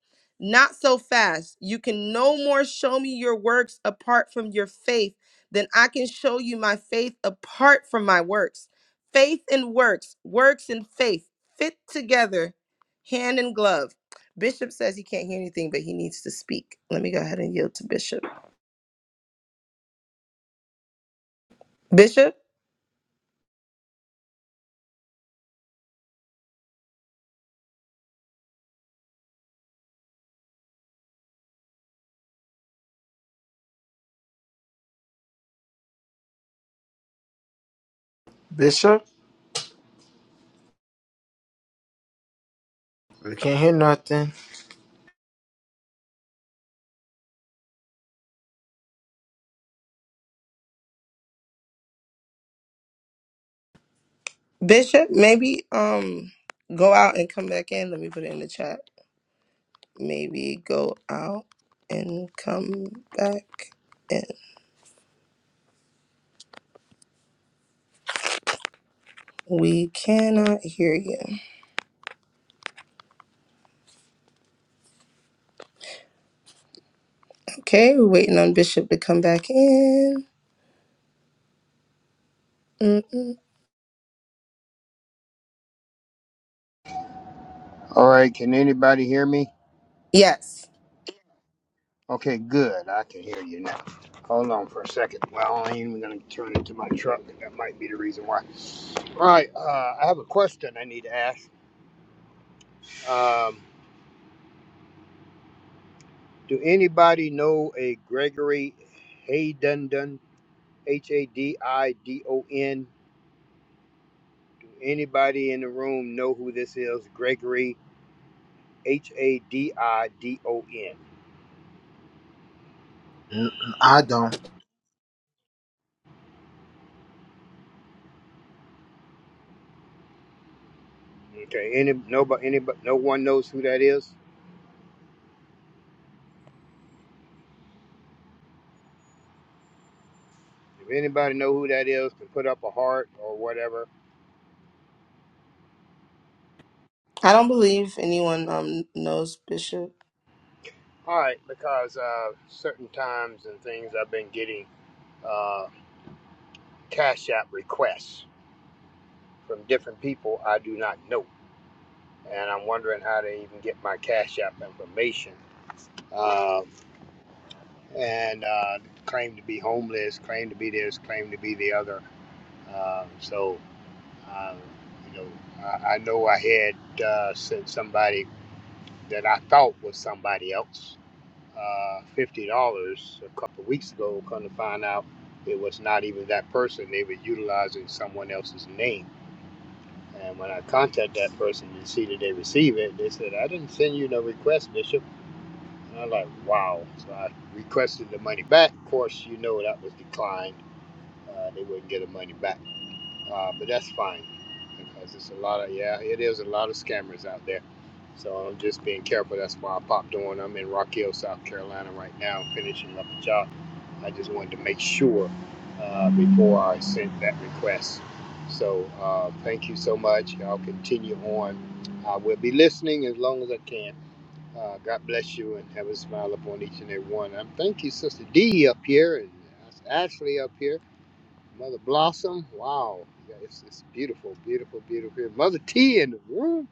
[SPEAKER 10] Not so fast. You can no more show me your works apart from your faith than I can show you my faith apart from my works. Faith and works, works and faith fit together Hand and glove. Bishop says he can't hear anything, but he needs to speak. Let me go ahead and yield to Bishop. Bishop,
[SPEAKER 9] Bishop. We can't hear nothing.
[SPEAKER 10] Bishop, maybe um go out and come back in. Let me put it in the chat. Maybe go out and come back in. We cannot hear you. Okay, we're waiting on Bishop to come back in. Mm-mm.
[SPEAKER 14] All right, can anybody hear me?
[SPEAKER 10] Yes,
[SPEAKER 14] Okay, good. I can hear you now. Hold on for a second. Well, I ain't even gonna turn into my truck. That might be the reason why. All right, uh, I have a question I need to ask. Um, do anybody know a Gregory Haydundon? H A D I D O N. Do anybody in the room know who this is? Gregory H A D I D O N.
[SPEAKER 9] Mm, I don't.
[SPEAKER 14] Okay, any nobody, anybody, no one knows who that is. If anybody know who that is, can put up a heart or whatever.
[SPEAKER 10] I don't believe anyone um knows Bishop.
[SPEAKER 14] All right, because uh, certain times and things I've been getting uh, cash app requests from different people I do not know, and I'm wondering how they even get my cash app information. Uh, and uh, claim to be homeless, claim to be this, claim to be the other. Uh, so, uh, you know, I, I know I had uh, sent somebody that I thought was somebody else uh, fifty dollars a couple weeks ago. Come to find out, it was not even that person. They were utilizing someone else's name. And when I contacted that person to see that they receive it, they said, "I didn't send you no request, Bishop." And I'm like, "Wow!" So I requested the money back. Of course, you know that was declined. Uh, they wouldn't get the money back, uh, but that's fine because it's a lot of yeah, it is a lot of scammers out there. So I'm just being careful. That's why I popped on. I'm in Rock Hill, South Carolina right now, finishing up a job I just wanted to make sure uh, before I sent that request. So uh, thank you so much. I'll continue on. I will be listening as long as I can. Uh, God bless you and have a smile upon each and every one. I'm thank you, Sister D up here and Ashley up here. Mother Blossom, wow, yeah, it's, it's beautiful, beautiful, beautiful here. Mother T in the room,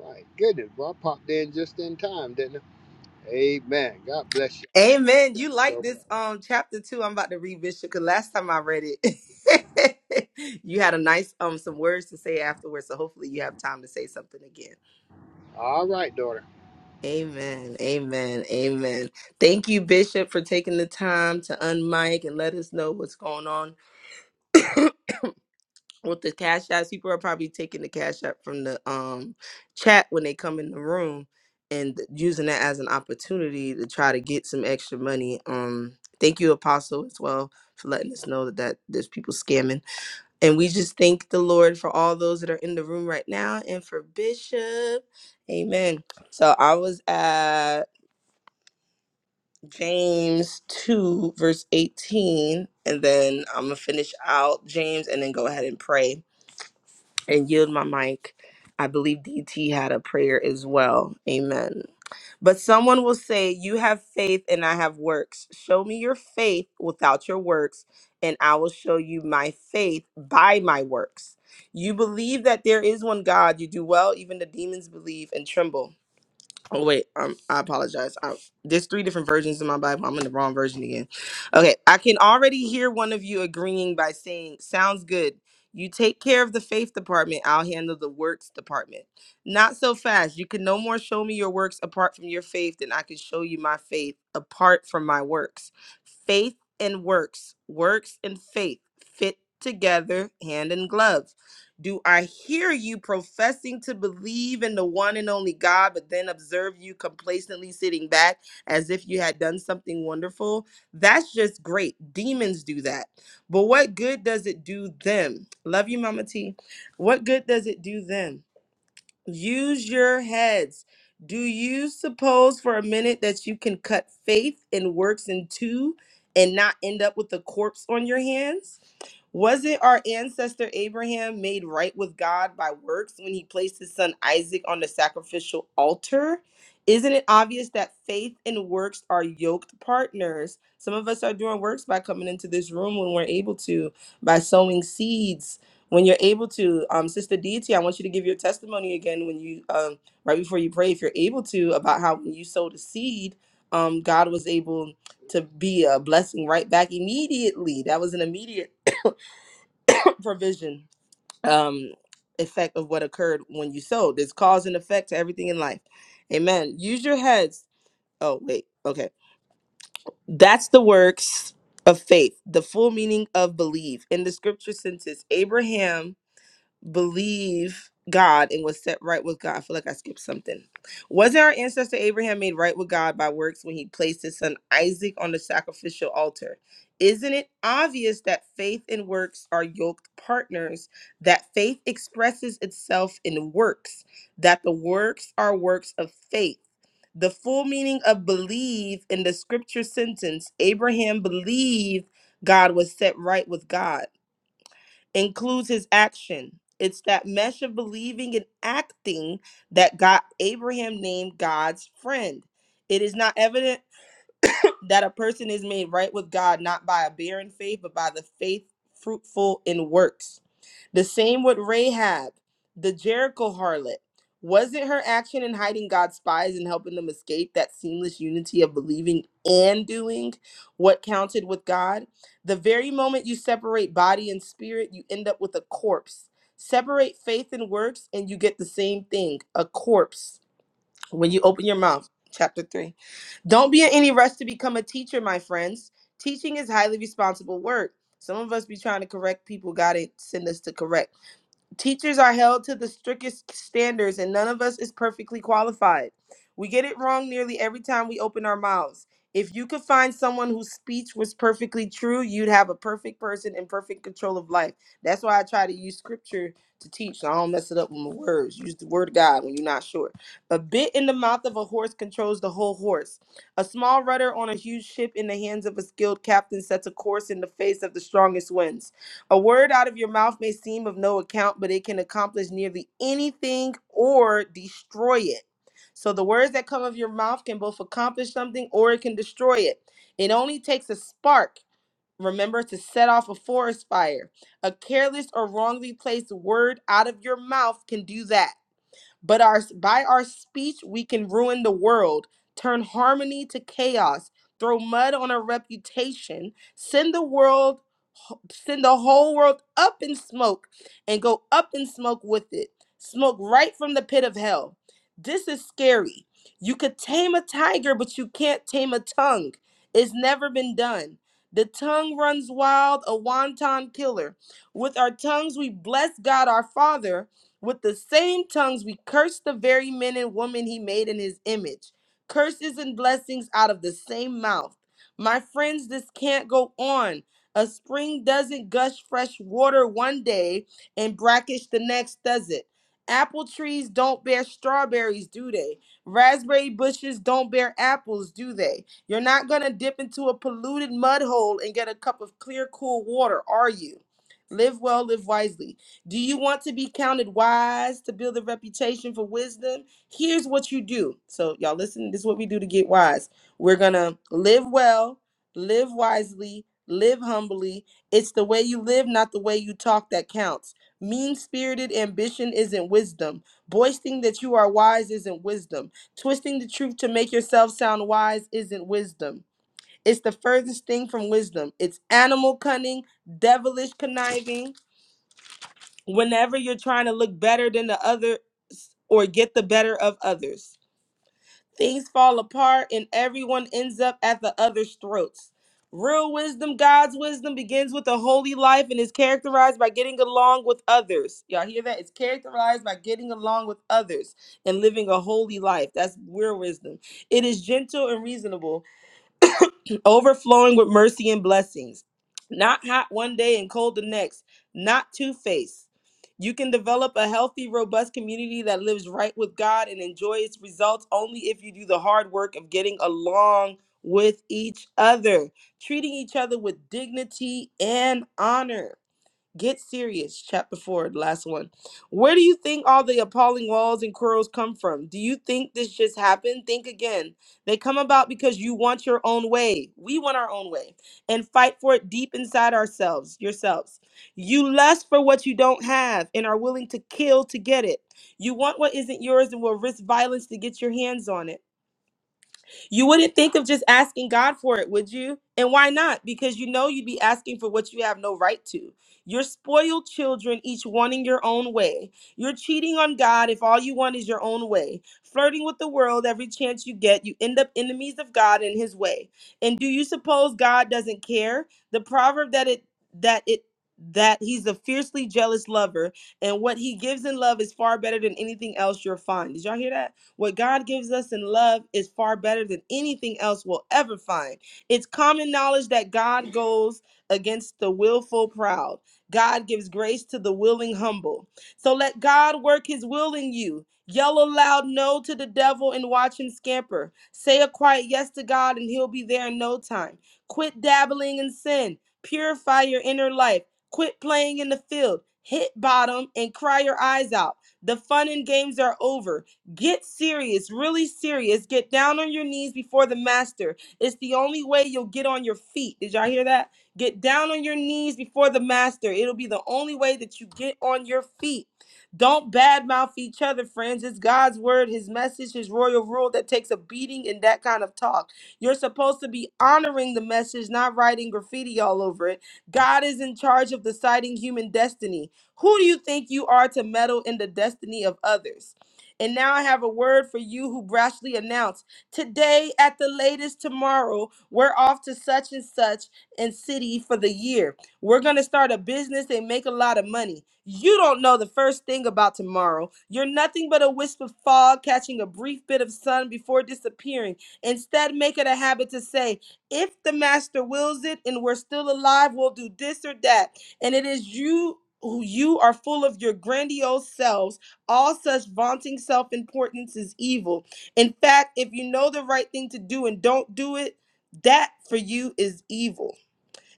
[SPEAKER 14] my goodness, well, I popped in just in time, didn't I? Amen. God bless you
[SPEAKER 10] Amen.
[SPEAKER 14] guys
[SPEAKER 10] You like
[SPEAKER 14] so
[SPEAKER 10] this
[SPEAKER 14] much.
[SPEAKER 10] um chapter two? I'm about to read Bishop because last time I read it, *laughs* you had a nice um some words to say afterwards. So hopefully you have time to say something again.
[SPEAKER 14] All right, daughter.
[SPEAKER 10] Amen. Amen. Amen. Thank you, Bishop, for taking the time to unmic and let us know what's going on with the cash apps, people are probably taking the cash app from the um chat when they come in the room and using that as an opportunity to try to get some extra money. Um, thank you, Apostle, as well for letting us know that, that there's people scamming. And we just thank the Lord for all those that are in the room right now and for Bishop. Amen. So I was at James 2, verse 18, and then I'm going to finish out James and then go ahead and pray and yield my mic. I believe DT had a prayer as well. Amen. But someone will say, You have faith and I have works. Show me your faith without your works, and I will show you my faith by my works. You believe that there is one God, you do well, even the demons believe and tremble. Oh wait, um, I apologize. I, there's three different versions in my Bible. I'm in the wrong version again. Okay, I can already hear one of you agreeing by saying, "Sounds good." You take care of the faith department. I'll handle the works department. Not so fast. You can no more show me your works apart from your faith than I can show you my faith apart from my works. Faith and works, works and faith fit together, hand in glove. Do I hear you professing to believe in the one and only God, but then observe you complacently sitting back as if you had done something wonderful? That's just great. Demons do that. But what good does it do them? Love you, Mama T. What good does it do them? Use your heads. Do you suppose for a minute that you can cut faith and works in two and not end up with a corpse on your hands? Wasn't our ancestor Abraham made right with God by works when he placed his son Isaac on the sacrificial altar? Isn't it obvious that faith and works are yoked partners? Some of us are doing works by coming into this room when we're able to, by sowing seeds when you're able to. Um, Sister Deity, I want you to give your testimony again when you, um, right before you pray, if you're able to, about how when you sowed a seed, um, God was able to be a blessing right back immediately. That was an immediate *coughs* provision um effect of what occurred when you sowed. There's cause and effect to everything in life. Amen. Use your heads. Oh, wait. Okay. That's the works of faith, the full meaning of believe. In the scripture senses, Abraham believe God and was set right with God. I feel like I skipped something. Wasn't our ancestor Abraham made right with God by works when he placed his son Isaac on the sacrificial altar? Isn't it obvious that faith and works are yoked partners? That faith expresses itself in works, that the works are works of faith. The full meaning of believe in the scripture sentence Abraham believed God was set right with God includes his action. It's that mesh of believing and acting that got Abraham named God's friend. It is not evident *clears throat* that a person is made right with God not by a barren faith, but by the faith fruitful in works. The same with Rahab, the Jericho harlot. Was it her action in hiding God's spies and helping them escape that seamless unity of believing and doing what counted with God? The very moment you separate body and spirit, you end up with a corpse. Separate faith and works, and you get the same thing a corpse when you open your mouth. Chapter 3. Don't be in any rush to become a teacher, my friends. Teaching is highly responsible work. Some of us be trying to correct people God ain't send us to correct. Teachers are held to the strictest standards, and none of us is perfectly qualified. We get it wrong nearly every time we open our mouths. If you could find someone whose speech was perfectly true, you'd have a perfect person in perfect control of life. That's why I try to use scripture to teach, so I don't mess it up with my words. Use the word of God when you're not sure. A bit in the mouth of a horse controls the whole horse. A small rudder on a huge ship in the hands of a skilled captain sets a course in the face of the strongest winds. A word out of your mouth may seem of no account, but it can accomplish nearly anything or destroy it. So the words that come of your mouth can both accomplish something or it can destroy it. It only takes a spark, remember, to set off a forest fire. A careless or wrongly placed word out of your mouth can do that. But our by our speech we can ruin the world, turn harmony to chaos, throw mud on our reputation, send the world send the whole world up in smoke and go up in smoke with it. Smoke right from the pit of hell. This is scary. You could tame a tiger, but you can't tame a tongue. It's never been done. The tongue runs wild, a wanton killer. With our tongues, we bless God our Father with the same tongues we curse the very men and women he made in his image. Curses and blessings out of the same mouth. My friends, this can't go on. A spring doesn't gush fresh water one day and brackish the next, does it? Apple trees don't bear strawberries, do they? Raspberry bushes don't bear apples, do they? You're not going to dip into a polluted mud hole and get a cup of clear, cool water, are you? Live well, live wisely. Do you want to be counted wise to build a reputation for wisdom? Here's what you do. So, y'all listen, this is what we do to get wise. We're going to live well, live wisely, live humbly. It's the way you live, not the way you talk, that counts. Mean spirited ambition isn't wisdom. Boasting that you are wise isn't wisdom. Twisting the truth to make yourself sound wise isn't wisdom. It's the furthest thing from wisdom. It's animal cunning, devilish conniving whenever you're trying to look better than the others or get the better of others. Things fall apart and everyone ends up at the other's throats. Real wisdom, God's wisdom, begins with a holy life and is characterized by getting along with others. Y'all hear that? It's characterized by getting along with others and living a holy life. That's real wisdom. It is gentle and reasonable overflowing with mercy and blessings, not hot one day and cold the next, not two faced. You can develop a healthy, robust community that lives right with God and enjoys results only if you do the hard work of getting along with each other, treating each other with dignity and honor. Get serious, chapter four, the last one. Where do you think all the appalling walls and quarrels come from? Do you think this just happened? Think again. They come about because you want your own way. We want our own way and fight for it deep inside ourselves, yourselves. You lust for what you don't have and are willing to kill to get it. You want what isn't yours and will risk violence to get your hands on it. You wouldn't think of just asking God for it, would you? And why not? Because you know you'd be asking for what you have no right to. You're spoiled children, each wanting your own way. You're cheating on God if all you want is your own way. Flirting with the world every chance you get, you end up enemies of God and his way. And do you suppose God doesn't care? The proverb that it that it that he's a fiercely jealous lover and what he gives in love is far better than anything else you'll find. Did y'all hear that? What God gives us in love is far better than anything else we'll ever find. It's common knowledge that God goes against the willful proud. God gives grace to the willing humble. So let God work his will in you. Yell a loud no to the devil and watch him scamper. Say a quiet yes to God and he'll be there in no time. Quit dabbling in sin. Purify your inner life. Quit playing in the field. Hit bottom and cry your eyes out. The fun and games are over. Get serious, really serious. Get down on your knees before the master. It's the only way you'll get on your feet. Did y'all hear that? Get down on your knees before the master. It'll be the only way that you get on your feet. Don't badmouth each other, friends. It's God's word, his message, his royal rule that takes a beating in that kind of talk. You're supposed to be honoring the message, not writing graffiti all over it. God is in charge of deciding human destiny. Who do you think you are to meddle in the destiny of others? And now I have a word for you who brashly announce today, at the latest tomorrow, we're off to such and such and city for the year. We're going to start a business and make a lot of money. You don't know the first thing about tomorrow. You're nothing but a wisp of fog catching a brief bit of sun before disappearing. Instead, make it a habit to say, if the master wills it and we're still alive, we'll do this or that. And it is you who you are full of your grandiose selves all such vaunting self importance is evil. In fact, if you know the right thing to do and don't do it, that for you is evil.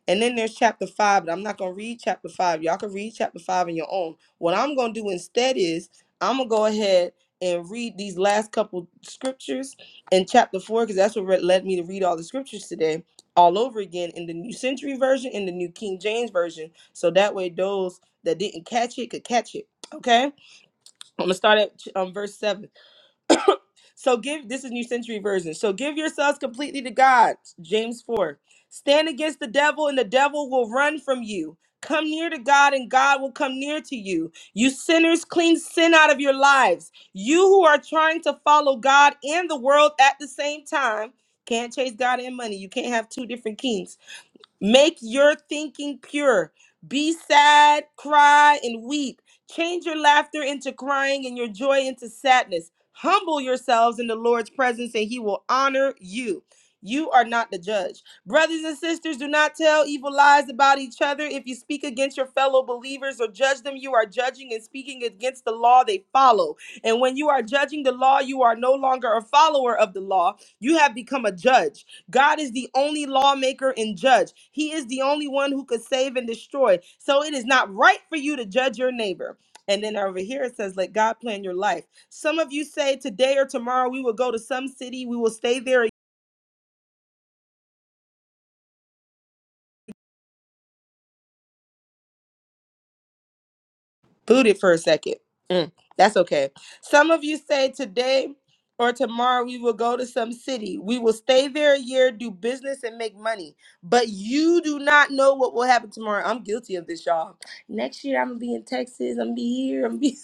[SPEAKER 10] And then there's chapter five, but I'm not going to read chapter five. Y'all can read chapter five on your own. What I'm going to do instead is I'm going to go ahead and read these last couple scriptures in chapter four, because that's what re- led me to read all the scriptures today all over again in the New Century Version, in the New King James Version. So that way, those that didn't catch it could catch it. Okay. I'm gonna start at um, verse seven. So give this is New Century Version. So give yourselves completely to God. James four. Stand against the devil, and the devil will run from you. Come near to God, and God will come near to you. You sinners, clean sin out of your lives. You who are trying to follow God and the world at the same time can't chase God and money. You can't have two different kings. Make your thinking pure. Be sad, cry, and weep. Change your laughter into crying and your joy into sadness. Humble yourselves in the Lord's presence, and He will honor you. You are not the judge. Brothers and sisters, do not tell evil lies about each other. If you speak against your fellow believers or judge them, you are judging and speaking against the law they follow. And when you are judging the law, you are no longer a follower of the law. You have become a judge. God is the only lawmaker and judge. He is the only one who could save and destroy. So it is not right for you to judge your neighbor. And then over here it says, let God plan your life. Some of you say today or tomorrow we will go to some city, we will stay there booted for a second. Mm, that's okay. Some of you say today or tomorrow we will go to some city. We will stay there a year, do business, and make money. But you do not know what will happen tomorrow. I'm guilty of this, y'all. Next year I'm gonna be in Texas. I'm gonna be here. I'm gonna be.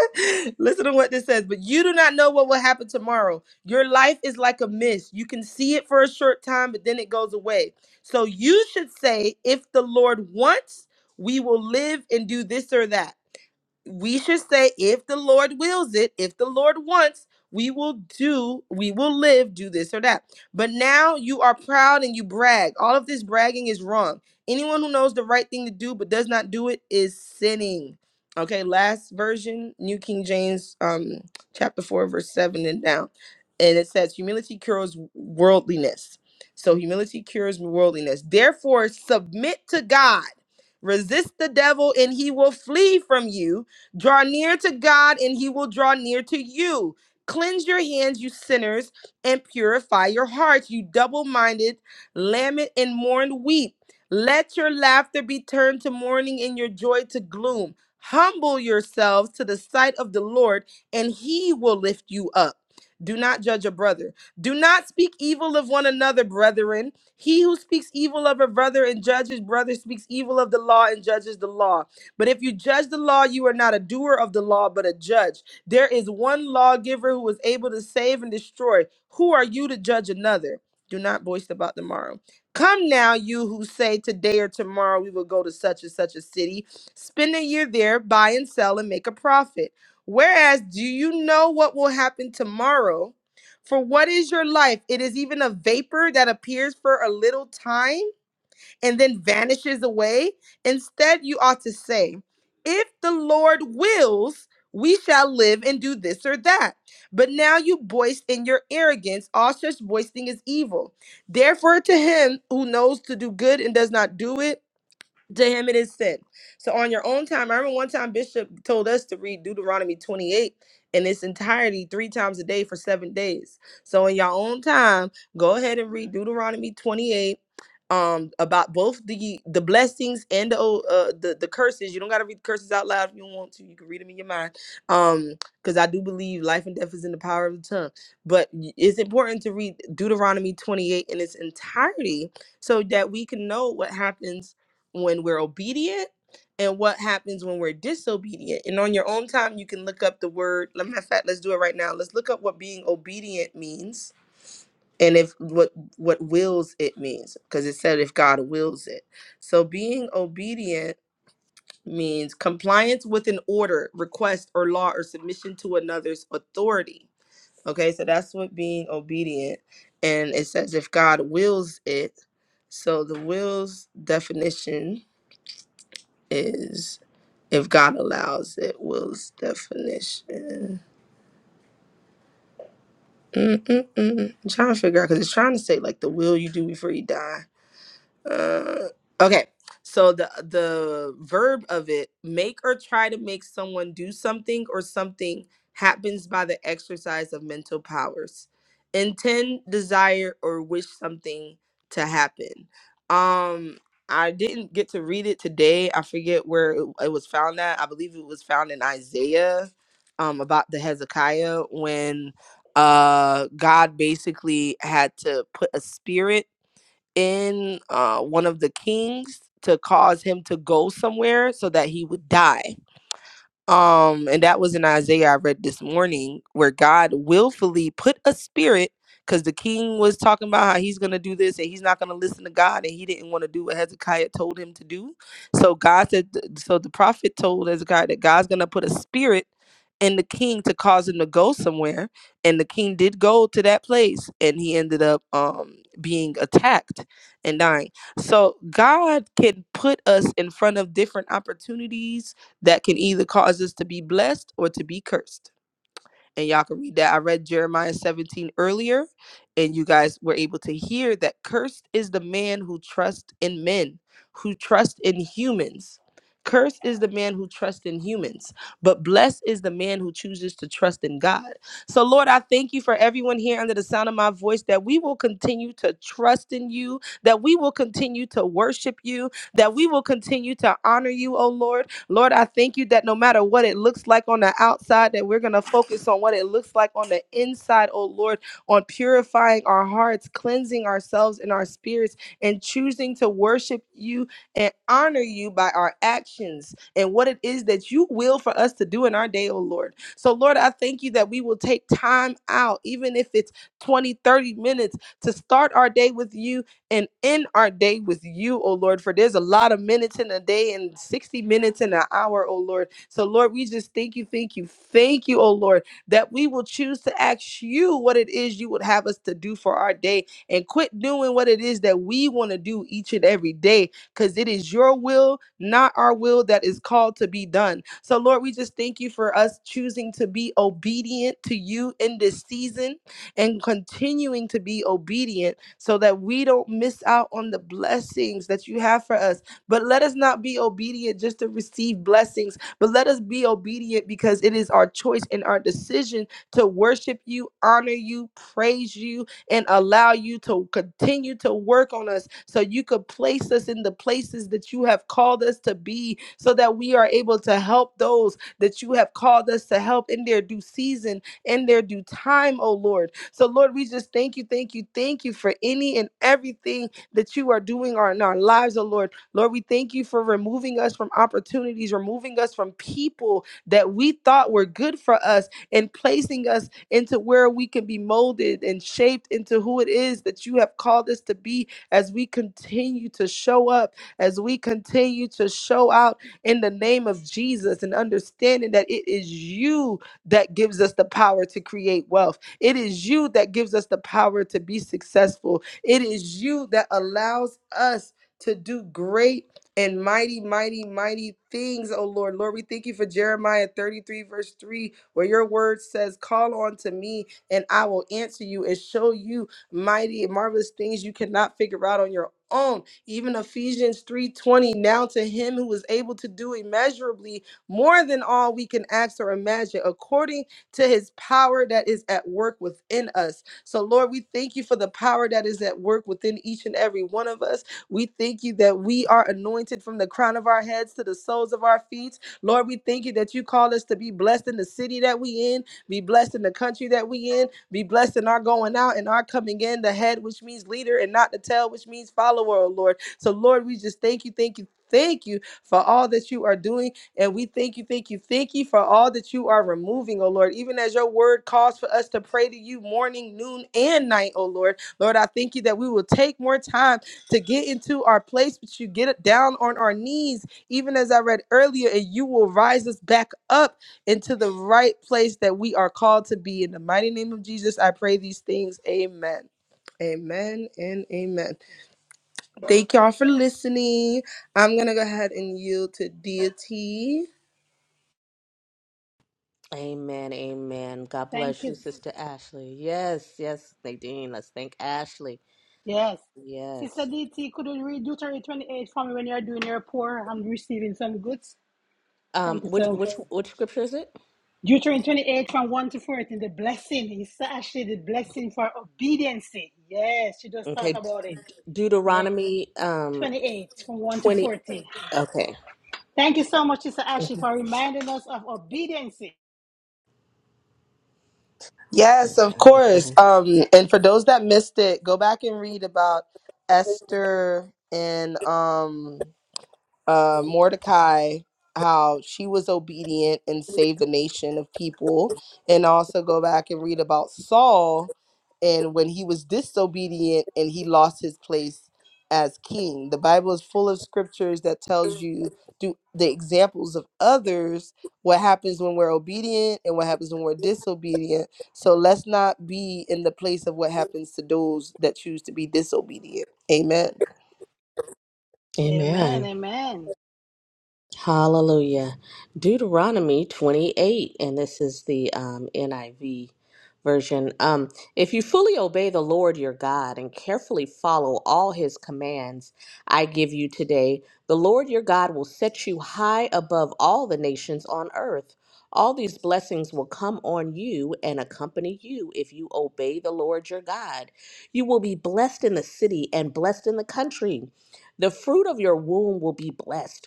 [SPEAKER 10] *laughs* Listen to what this says. But you do not know what will happen tomorrow. Your life is like a mist. You can see it for a short time, but then it goes away. So you should say, if the Lord wants, we will live and do this or that we should say if the lord wills it if the lord wants we will do we will live do this or that but now you are proud and you brag all of this bragging is wrong anyone who knows the right thing to do but does not do it is sinning okay last version new king james um chapter 4 verse 7 and down and it says humility cures worldliness so humility cures worldliness therefore submit to god resist the devil and he will flee from you Draw near to God, and he will draw near to you. Cleanse your hands, you sinners, and purify your hearts, you double minded. Lament and mourn, weep. Let your laughter be turned to mourning and your joy to gloom. Humble yourselves to the sight of the Lord, and he will lift you up. Do not judge a brother. Do not speak evil of one another, brethren. He who speaks evil of a brother and judges brother speaks evil of the law and judges the law. But if you judge the law, you are not a doer of the law, but a judge. There is one lawgiver who is able to save and destroy. Who are you to judge another? Do not boast about tomorrow. Come now, you who say today or tomorrow we will go to such and such a city, spend a year there, buy and sell, and make a profit. Whereas, do you know what will happen tomorrow? For what is your life? It is even a vapor that appears for a little time and then vanishes away. Instead, you ought to say, If the Lord wills, we shall live and do this or that. But now you boast in your arrogance. All such boasting is evil. Therefore, to him who knows to do good and does not do it, to him it is said. So on your own time, I remember one time Bishop told us to read Deuteronomy 28 in its entirety three times a day for seven days. So in your own time, go ahead and read Deuteronomy 28 um about both the the blessings and the o- uh the, the curses you don't got to read curses out loud if you don't want to you can read them in your mind um because i do believe life and death is in the power of the tongue but y- it's important to read deuteronomy 28 in its entirety so that we can know what happens when we're obedient and what happens when we're disobedient. And on your own time, you can look up the word. Let me in fact, let's do it right now. Let's look up what being obedient means and if what what wills it means because it said if God wills it. So being obedient means compliance with an order, request or law or submission to another's authority. Okay? So that's what being obedient and it says if God wills it. So the wills definition is if God allows it, will's definition. Mm-mm-mm. I'm trying to figure out because it's trying to say like the will you do before you die. Uh, okay. So the the verb of it make or try to make someone do something or something happens by the exercise of mental powers. Intend, desire or wish something to happen. Um I didn't get to read it today. I forget where it, it was found at. I believe it was found in Isaiah um about the Hezekiah when uh God basically had to put a spirit in uh, one of the kings to cause him to go somewhere so that he would die. Um, and that was in Isaiah I read this morning, where God willfully put a spirit, because the king was talking about how he's gonna do this and he's not gonna listen to God, and he didn't want to do what Hezekiah told him to do. So God said, so the prophet told Hezekiah that God's gonna put a spirit in the king to cause him to go somewhere, and the king did go to that place, and he ended up um being attacked and dying. So God can put us in front of different opportunities that can either cause us to be blessed or to be cursed. And y'all can read that. I read Jeremiah 17 earlier, and you guys were able to hear that cursed is the man who trusts in men, who trusts in humans. Cursed is the man who trusts in humans, but blessed is the man who chooses to trust in God. So, Lord, I thank you for everyone here under the sound of my voice that we will continue to trust in you, that we will continue to worship you, that we will continue to honor you, oh Lord Lord, I thank you that no matter what it looks like on the outside, that we're going to focus on what it looks like on the inside, oh Lord, on purifying our hearts, cleansing ourselves and our spirits, and choosing to worship you and honor you by our actions and what it is that you will for us to do in our day, oh Lord. So, Lord, I thank you that we will take time out, even if it's 20, 30 minutes, to start our day with you and end our day with you, oh Lord, for there's a lot of minutes in a day and 60 minutes in an hour, oh Lord. So, Lord, we just thank you, thank you, thank you, oh Lord, that we will choose to ask you what it is you would have us to do for our day and quit doing what it is that we want to do each and every day because it is your will, not our will, that is called to be done. So, Lord, we just thank you for us choosing to be obedient to you in this season and continuing to be obedient so that we don't miss out on the blessings that you have for us. But let us not be obedient just to receive blessings, but let us be obedient because it is our choice and our decision to worship you, honor you, praise you, and allow you to continue to work on us so you could place us in the places that you have called us to be so that we are able to help those that you have called us to help in their due season, in their due time, oh Lord. So, Lord, we just thank you, thank you, thank you for any and everything that you are doing are in our lives, oh Lord. Lord, we thank you for removing us from opportunities, removing us from people that we thought were good for us, and placing us into where we can be molded and shaped into who it is that you have called us to be as we continue to show up, as we continue to show out in the name of Jesus and understanding that it is you that gives us the power to create wealth it is you that gives us the power to be successful. It is you that allows us to do great and mighty, mighty, mighty things, oh Lord. Lord, we thank you for Jeremiah 33, verse 3, where your word says, Call on to me, and I will answer you and show you mighty and marvelous things you cannot figure out on your own. Even Ephesians 3:20, now to him who is able to do immeasurably more than all we can ask or imagine, according to his power that is at work within us. So, Lord, we thank you for the power that is at work within each and every one of us. We thank you that we are anointed from the crown of our heads to the soles of our feet. Lord, we thank you that you call us to be blessed in the city that we in, be blessed in the country that we in, be blessed in our going out and our coming in, the head, which means leader, and not the tail, which means follower, oh Lord. So, Lord, we just thank you, thank you. Thank you for all that you are doing and we thank you, thank you, thank you for all that you are removing, oh Lord. Even as your word calls for us to pray to you morning, noon, and night, oh Lord. Lord, I thank you that we will take more time to get into our place, but you get it down on our knees, even as I read earlier, and you will rise us back up into the right place that we are called to be. In the mighty name of Jesus, I pray these things. Amen. Amen and amen. Thank y'all for listening. I'm gonna go ahead and yield to deity.
[SPEAKER 13] Amen, amen. God
[SPEAKER 3] Thank
[SPEAKER 13] bless you,
[SPEAKER 3] you,
[SPEAKER 13] Sister Ashley. Yes, yes, Nadine. Let's thank Ashley.
[SPEAKER 3] yes. Sister
[SPEAKER 13] Yes.
[SPEAKER 3] DT, could you read Deuteronomy 28 for me when you're doing your poor? I'm receiving some goods.
[SPEAKER 13] Um,
[SPEAKER 3] Thank you,
[SPEAKER 13] which
[SPEAKER 3] so.
[SPEAKER 13] which which scripture is it?
[SPEAKER 3] Deuteronomy 28 from 1 to 14, the blessing is actually the blessing for obedience. Yes, she just talked
[SPEAKER 13] Okay,
[SPEAKER 3] about it. Yeah,
[SPEAKER 13] Deuteronomy um
[SPEAKER 3] 28 from 1 to
[SPEAKER 13] twenty.
[SPEAKER 3] 14.
[SPEAKER 13] Okay,
[SPEAKER 3] Thank you so much, Sister Ashley, for reminding us of obedience.
[SPEAKER 10] Yes,
[SPEAKER 13] okay.
[SPEAKER 10] of
[SPEAKER 13] Let me
[SPEAKER 10] course.
[SPEAKER 13] find it.
[SPEAKER 10] Um, and for those that missed it, go back and read about Esther and um uh, Mordecai, how she was obedient and saved a nation of people, and also go back and read about Saul and when he was disobedient and he lost his place as king. The Bible is full of scriptures that tells you through the examples of others what happens when we're obedient and what happens when we're disobedient. So let's not be in the place of what happens to those that choose to be disobedient. Amen.
[SPEAKER 13] Amen.
[SPEAKER 3] Amen, amen.
[SPEAKER 13] Hallelujah. Deuteronomy 28, and this is the um, NIV version. Um, if you fully obey the Lord your God and carefully follow all his commands I give you today, the Lord your God will set you high above all the nations on earth. All these blessings will come on you and accompany you if you obey the Lord your God. You will be blessed in the city and blessed in the country. The fruit of your womb will be blessed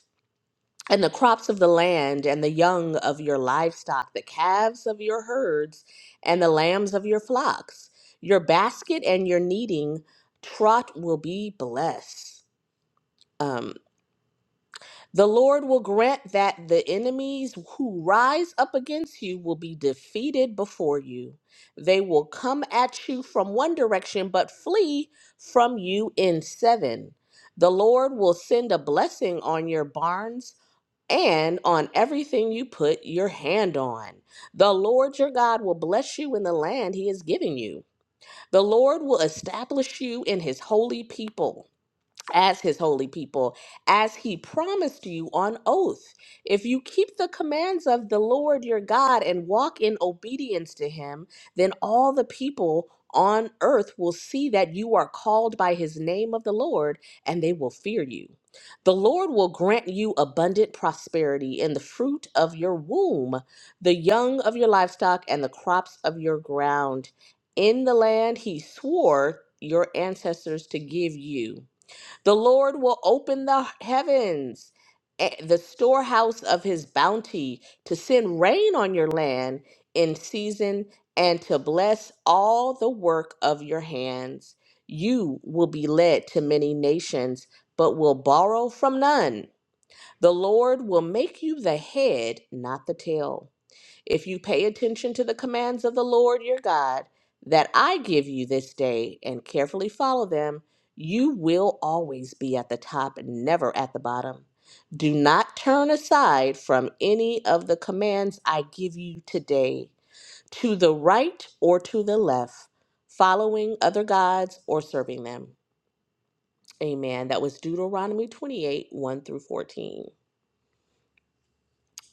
[SPEAKER 13] and the crops of the land, and the young of your livestock, the calves of your herds, and the lambs of your flocks. Your basket and your kneading trot will be blessed. Um, the Lord will grant that the enemies who rise up against you will be defeated before you. They will come at you from one direction, but flee from you in seven. The Lord will send a blessing on your barns and on everything you put your hand on. The Lord your God will bless you in the land he is giving you. The Lord will establish you in his holy people as his holy people, as he promised you on oath. If you keep the commands of the Lord your God and walk in obedience to him, then all the people on earth will see that you are called by his name of the Lord, and they will fear you. The Lord will grant you abundant prosperity in the fruit of your womb, the young of your livestock, and the crops of your ground in the land he swore your ancestors to give you. The Lord will open the heavens, eh, the storehouse of his bounty, to send rain on your land in season and to bless all the work of your hands. You will be led to many nations, but will borrow from none. The Lord will make you the head, not the tail if you pay attention to the commands of the Lord your God that I give you this day and carefully follow them, you will always be at the top and never at the bottom. Do not turn aside from any of the commands I give you today, to the right or to the left, following other gods or serving them. Amen. That was Deuteronomy 28 1 through 14.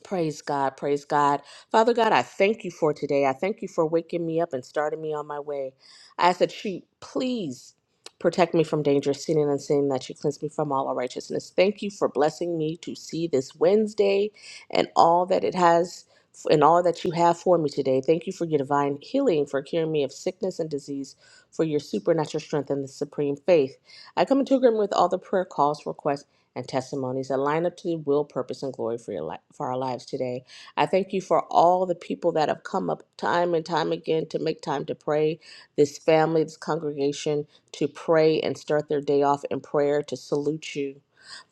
[SPEAKER 13] Praise God, praise God. Father God, I thank you for today. I thank you for waking me up and starting me on my way. I ask that you please protect me from danger, sin and unseen, that you cleanse me from all unrighteousness. Thank you for blessing me to see this Wednesday and all that it has and all that you have for me today. Thank you for your divine healing, for curing me of sickness and disease, for your supernatural strength and the supreme faith. I come into agreement with all the prayer calls, requests and testimonies that line up to the will, purpose, and glory for, your li- for our lives today. I thank you for all the people that have come up time and time again to make time to pray, this family, this congregation, to pray and start their day off in prayer, to salute you.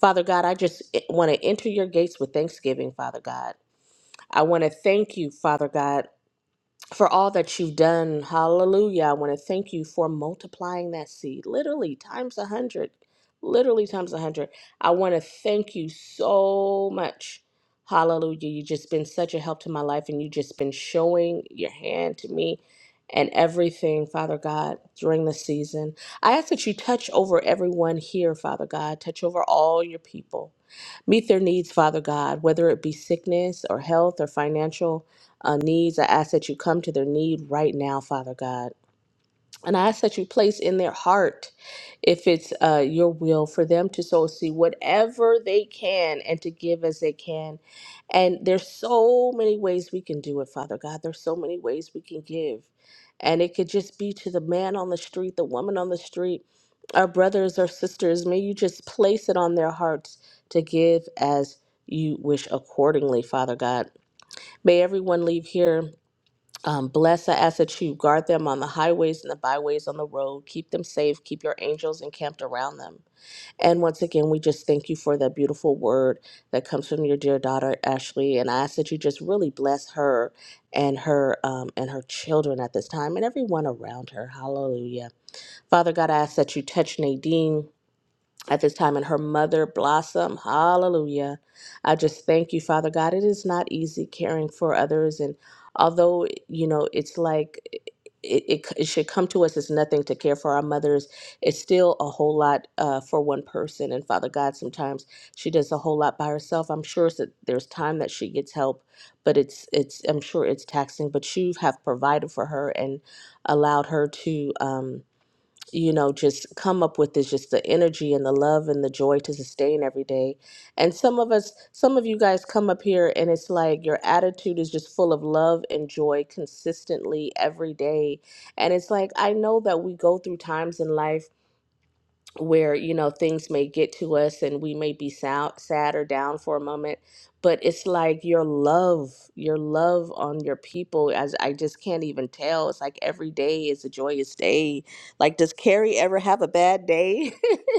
[SPEAKER 13] Father God, I just want to enter your gates with thanksgiving, Father God. I want to thank you, Father God for all that you've done. Hallelujah. I want to thank you for multiplying that seed, literally times a hundred, literally times a hundred. I want to thank you so much. Hallelujah. You've just been such a help to my life, and you've just been showing your hand to me and everything, Father God, during the season. I ask that you touch over everyone here, Father God, touch over all your people. Meet their needs, Father God, whether it be sickness or health or financial uh, needs. I ask that you come to their need right now, Father God. And I ask that you place in their heart, if it's uh, your will, for them to so see whatever they can and to give as they can. And there's so many ways we can do it, Father God. There's so many ways we can give. And it could just be to the man on the street, the woman on the street, our brothers, our sisters. May you just place it on their hearts to give as you wish accordingly, Father God. May everyone leave here um, bless, I ask that you guard them on the highways and the byways on the road. Keep them safe. Keep your angels encamped around them. And once again, we just thank you for that beautiful word that comes from your dear daughter Ashley. And I ask that you just really bless her and her um, and her children at this time and everyone around her. Hallelujah, Father God. I ask that you touch Nadine at this time and her mother blossom hallelujah i just thank you father god it is not easy caring for others and although you know it's like it, it, it should come to us as nothing to care for our mothers it's still a whole lot uh, for one person and father god sometimes she does a whole lot by herself i'm sure that there's time that she gets help but it's it's i'm sure it's taxing but you have provided for her and allowed her to um, you know, just come up with is just the energy and the love and the joy to sustain every day. And some of us, some of you guys come up here and it's like your attitude is just full of love and joy consistently every day. And it's like, I know that we go through times in life where you know things may get to us and we may be sou- sad or down for a moment but it's like your love your love on your people as i just can't even tell it's like every day is a joyous day like does carrie ever have a bad day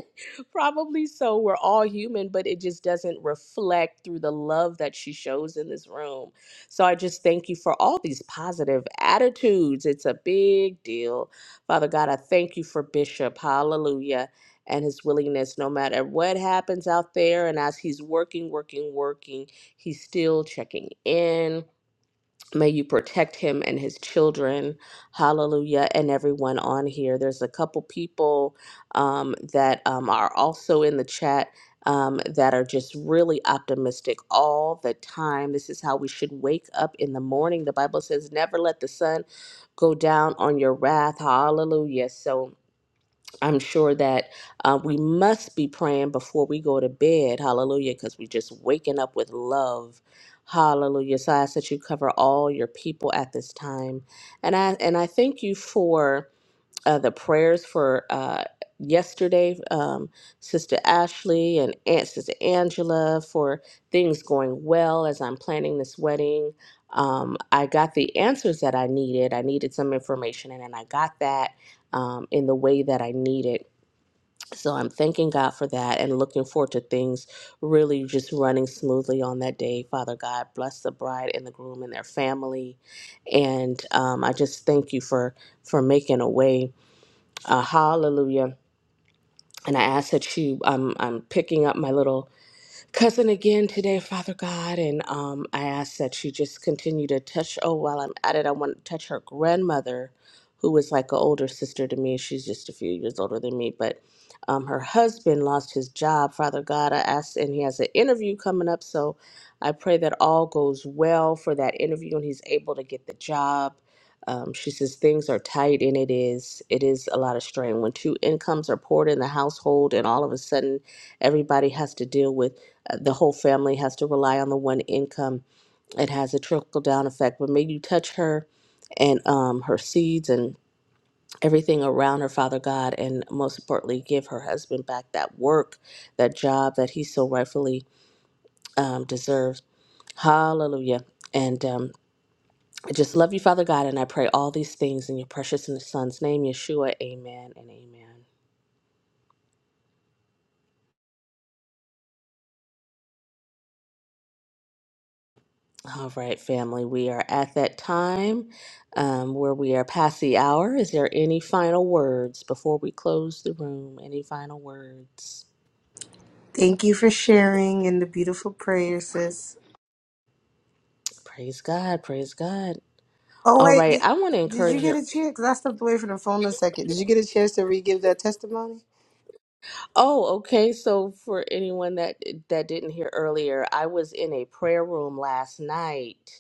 [SPEAKER 13] *laughs* probably so we're all human but it just doesn't reflect through the love that she shows in this room so i just thank you for all these positive attitudes it's a big deal father god i thank you for bishop hallelujah and his willingness no matter what happens out there and as he's working working working he's still checking in may you protect him and his children hallelujah and everyone on here there's a couple people um, that um, are also in the chat um, that are just really optimistic all the time this is how we should wake up in the morning the bible says never let the sun go down on your wrath hallelujah so I'm sure that uh, we must be praying before we go to bed. Hallelujah. Because we're just waking up with love. Hallelujah. So I ask that you cover all your people at this time. And I and I thank you for uh, the prayers for uh, yesterday, um, Sister Ashley and Aunt Sister Angela for things going well as I'm planning this wedding. Um, I got the answers that I needed. I needed some information, and then I got that um, in the way that I needed. So I'm thanking God for that and looking forward to things really just running smoothly on that day. Father God, bless the bride and the groom and their family, and um, I just thank you for for making a way uh, hallelujah. And I ask that you, um, I'm picking up my little cousin again today, Father God, and um, I ask that you just continue to touch. Oh, while I'm at it, I want to touch her grandmother, who is like an older sister to me. She's just a few years older than me, but um, her husband lost his job. Father God, I ask, and he has an interview coming up, so I pray that all goes well for that interview and he's able to get the job. Um, she says things are tight, and it is it is a lot of strain when two incomes are poured in the household, and all of a sudden everybody has to deal with uh, the whole family has to rely on the one income. It has a trickle down effect. But may you touch her and um, her seeds and everything around her, Father God, and most importantly, give her husband back that work, that job that he so rightfully um, deserves. Hallelujah. And um, I just love you, Father God, and I pray all these things in your precious and son's name, Yeshua. Amen and amen. All right, family, we are at that time um, where we are past the hour. Is there any final words before we close the room? Any final words?
[SPEAKER 10] Thank you for sharing and the beautiful prayer, sis.
[SPEAKER 13] Praise God, praise God.
[SPEAKER 10] Oh,
[SPEAKER 13] All
[SPEAKER 10] wait,
[SPEAKER 13] right,
[SPEAKER 10] did,
[SPEAKER 13] I want to
[SPEAKER 10] did you
[SPEAKER 13] encourage
[SPEAKER 10] get
[SPEAKER 13] you.
[SPEAKER 10] a
[SPEAKER 13] *clears throat*
[SPEAKER 10] chance? Because I stepped away from the phone a second. Did you get a chance to re give that testimony?
[SPEAKER 13] Oh, okay. So for anyone that that didn't hear earlier, I was in a prayer room last night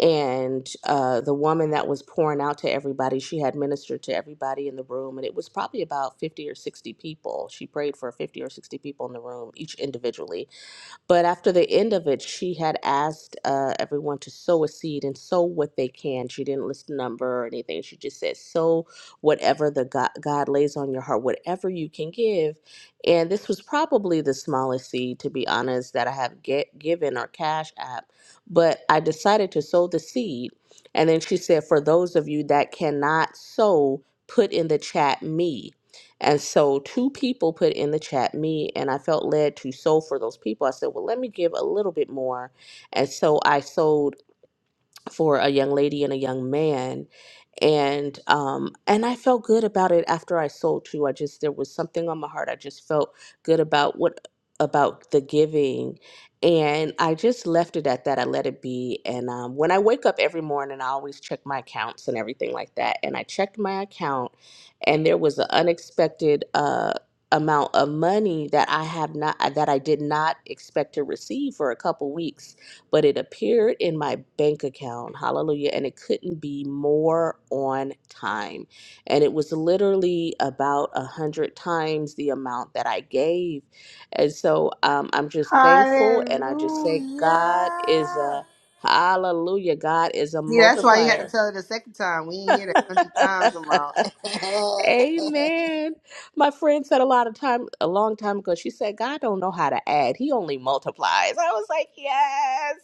[SPEAKER 13] and uh, the woman that was pouring out to everybody she had ministered to everybody in the room and it was probably about 50 or 60 people she prayed for 50 or 60 people in the room each individually but after the end of it, she had asked uh, everyone to sow a seed and sow what they can. She didn't list number or anything. She just said, sow whatever the God, God lays on your heart, whatever you can give. And this was probably the smallest seed, to be honest, that I have get, given or cash app. But I decided to sow the seed. And then she said, for those of you that cannot sow, put in the chat me. And so two people put in the chat me, and I felt led to sow for those people. I said, well, let me give a little bit more. And so I sold for a young lady and a young man and um and I felt good about it after I sold too. I just there was something on my heart. I just felt good about what about the giving and I just left it at that. I let it be and um when I wake up every morning I always check my accounts and everything like that and I checked my account and there was an unexpected uh amount of money that I have not that I did not expect to receive for a couple weeks but it appeared in my bank account. Hallelujah. And it couldn't be more on time. And it was literally about a hundred times the amount that I gave. And so um, I'm just thankful and I just say, God is
[SPEAKER 3] Hallelujah.
[SPEAKER 13] a hallelujah. God is a
[SPEAKER 10] See, that's why you had to
[SPEAKER 13] multiplier.
[SPEAKER 10] tell it a second time. We didn't hear that
[SPEAKER 13] *laughs*
[SPEAKER 10] a hundred times amount.
[SPEAKER 13] Amen. My friend said a lot of time a long time ago, she said, God don't know how to add. He only multiplies. I was like, Yes.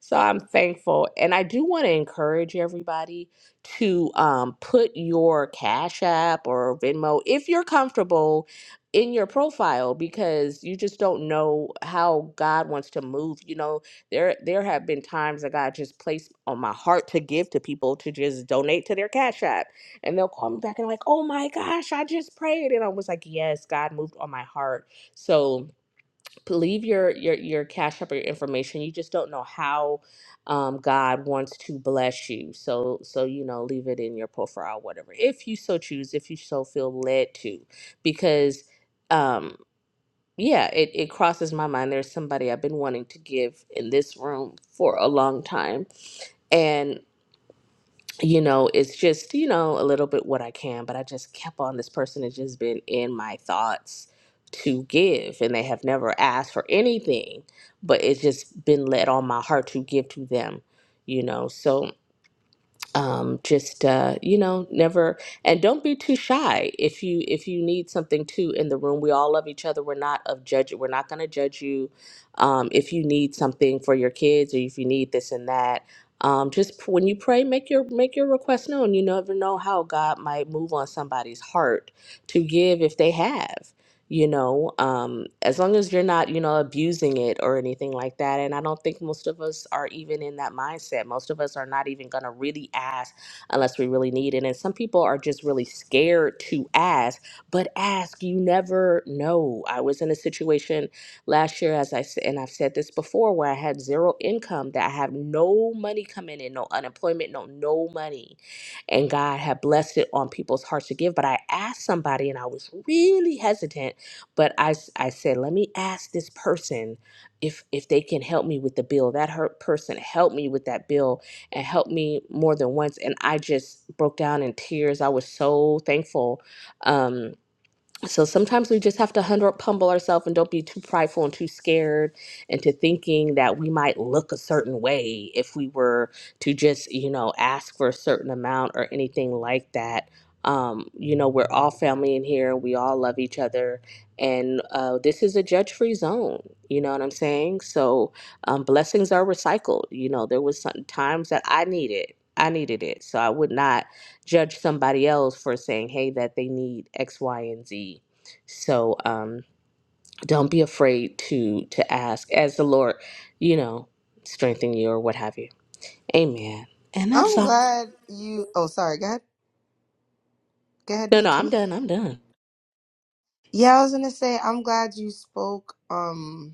[SPEAKER 13] So I'm thankful. And I do want to encourage everybody to um, put your Cash App or Venmo, if you're comfortable, in your profile because you just don't know how God wants to move. You know, there there have been times that God just placed on my heart to give to people to just donate to their Cash App. And they'll call me back and like, oh my gosh, I just prayed. And I was like, yes, God moved on my heart. So leave your your your cash up or your information you just don't know how um, god wants to bless you so so you know leave it in your profile whatever if you so choose if you so feel led to because um yeah it, it crosses my mind there's somebody i've been wanting to give in this room for a long time you know, it's just, you know, a little bit what I can, but I just kept on. This person has just been in my thoughts to give, and they have never asked for anything, but it's just been led on my heart to give to them, you know. So um, just uh, you know never and don't be too shy if you if you need something too in the room we all love each other we're not of judge we're not going to judge you um, if you need something for your kids or if you need this and that um, just p- when you pray make your make your request known you never know how god might move on somebody's heart to give if they have you know um as long as you're not you know abusing it or anything like that and i don't think most of us are even in that mindset most of us are not even going to really ask unless we really need it and some people are just really scared to ask but ask you never know i was in a situation last year as i said and i've said this before where i had zero income that i have no money coming in no unemployment no no money and god had blessed it on people's hearts to give but i asked somebody and i was really hesitant but I, s- I said, let me ask this person if if they can help me with the bill. That hurt person helped me with that bill and helped me more than once. And I just broke down in tears. I was so thankful. Um, so sometimes we just have to humble, humble ourselves and don't be too prideful and too scared into thinking that we might look a certain way if we were to just, you know, ask for a certain amount or anything like that. Um, you know, we're all family in here. We all love each other. And uh, this is a judge free zone. You know what I'm saying? So um, blessings are recycled. You know, there was some times that I needed, I needed it. So I would not judge somebody else for saying, hey, that they need X, Y, and Z. So um, don't be afraid to to ask as the Lord, you know, strengthen you or what have you. Amen. And
[SPEAKER 10] *laughs*
[SPEAKER 13] that's
[SPEAKER 10] I'm
[SPEAKER 13] all.
[SPEAKER 10] glad you. Oh, sorry. Go ahead. Go ahead,
[SPEAKER 13] No, no, I'm
[SPEAKER 10] DT.
[SPEAKER 13] done. I'm done.
[SPEAKER 10] Yeah, I was gonna say I'm glad you spoke. Um,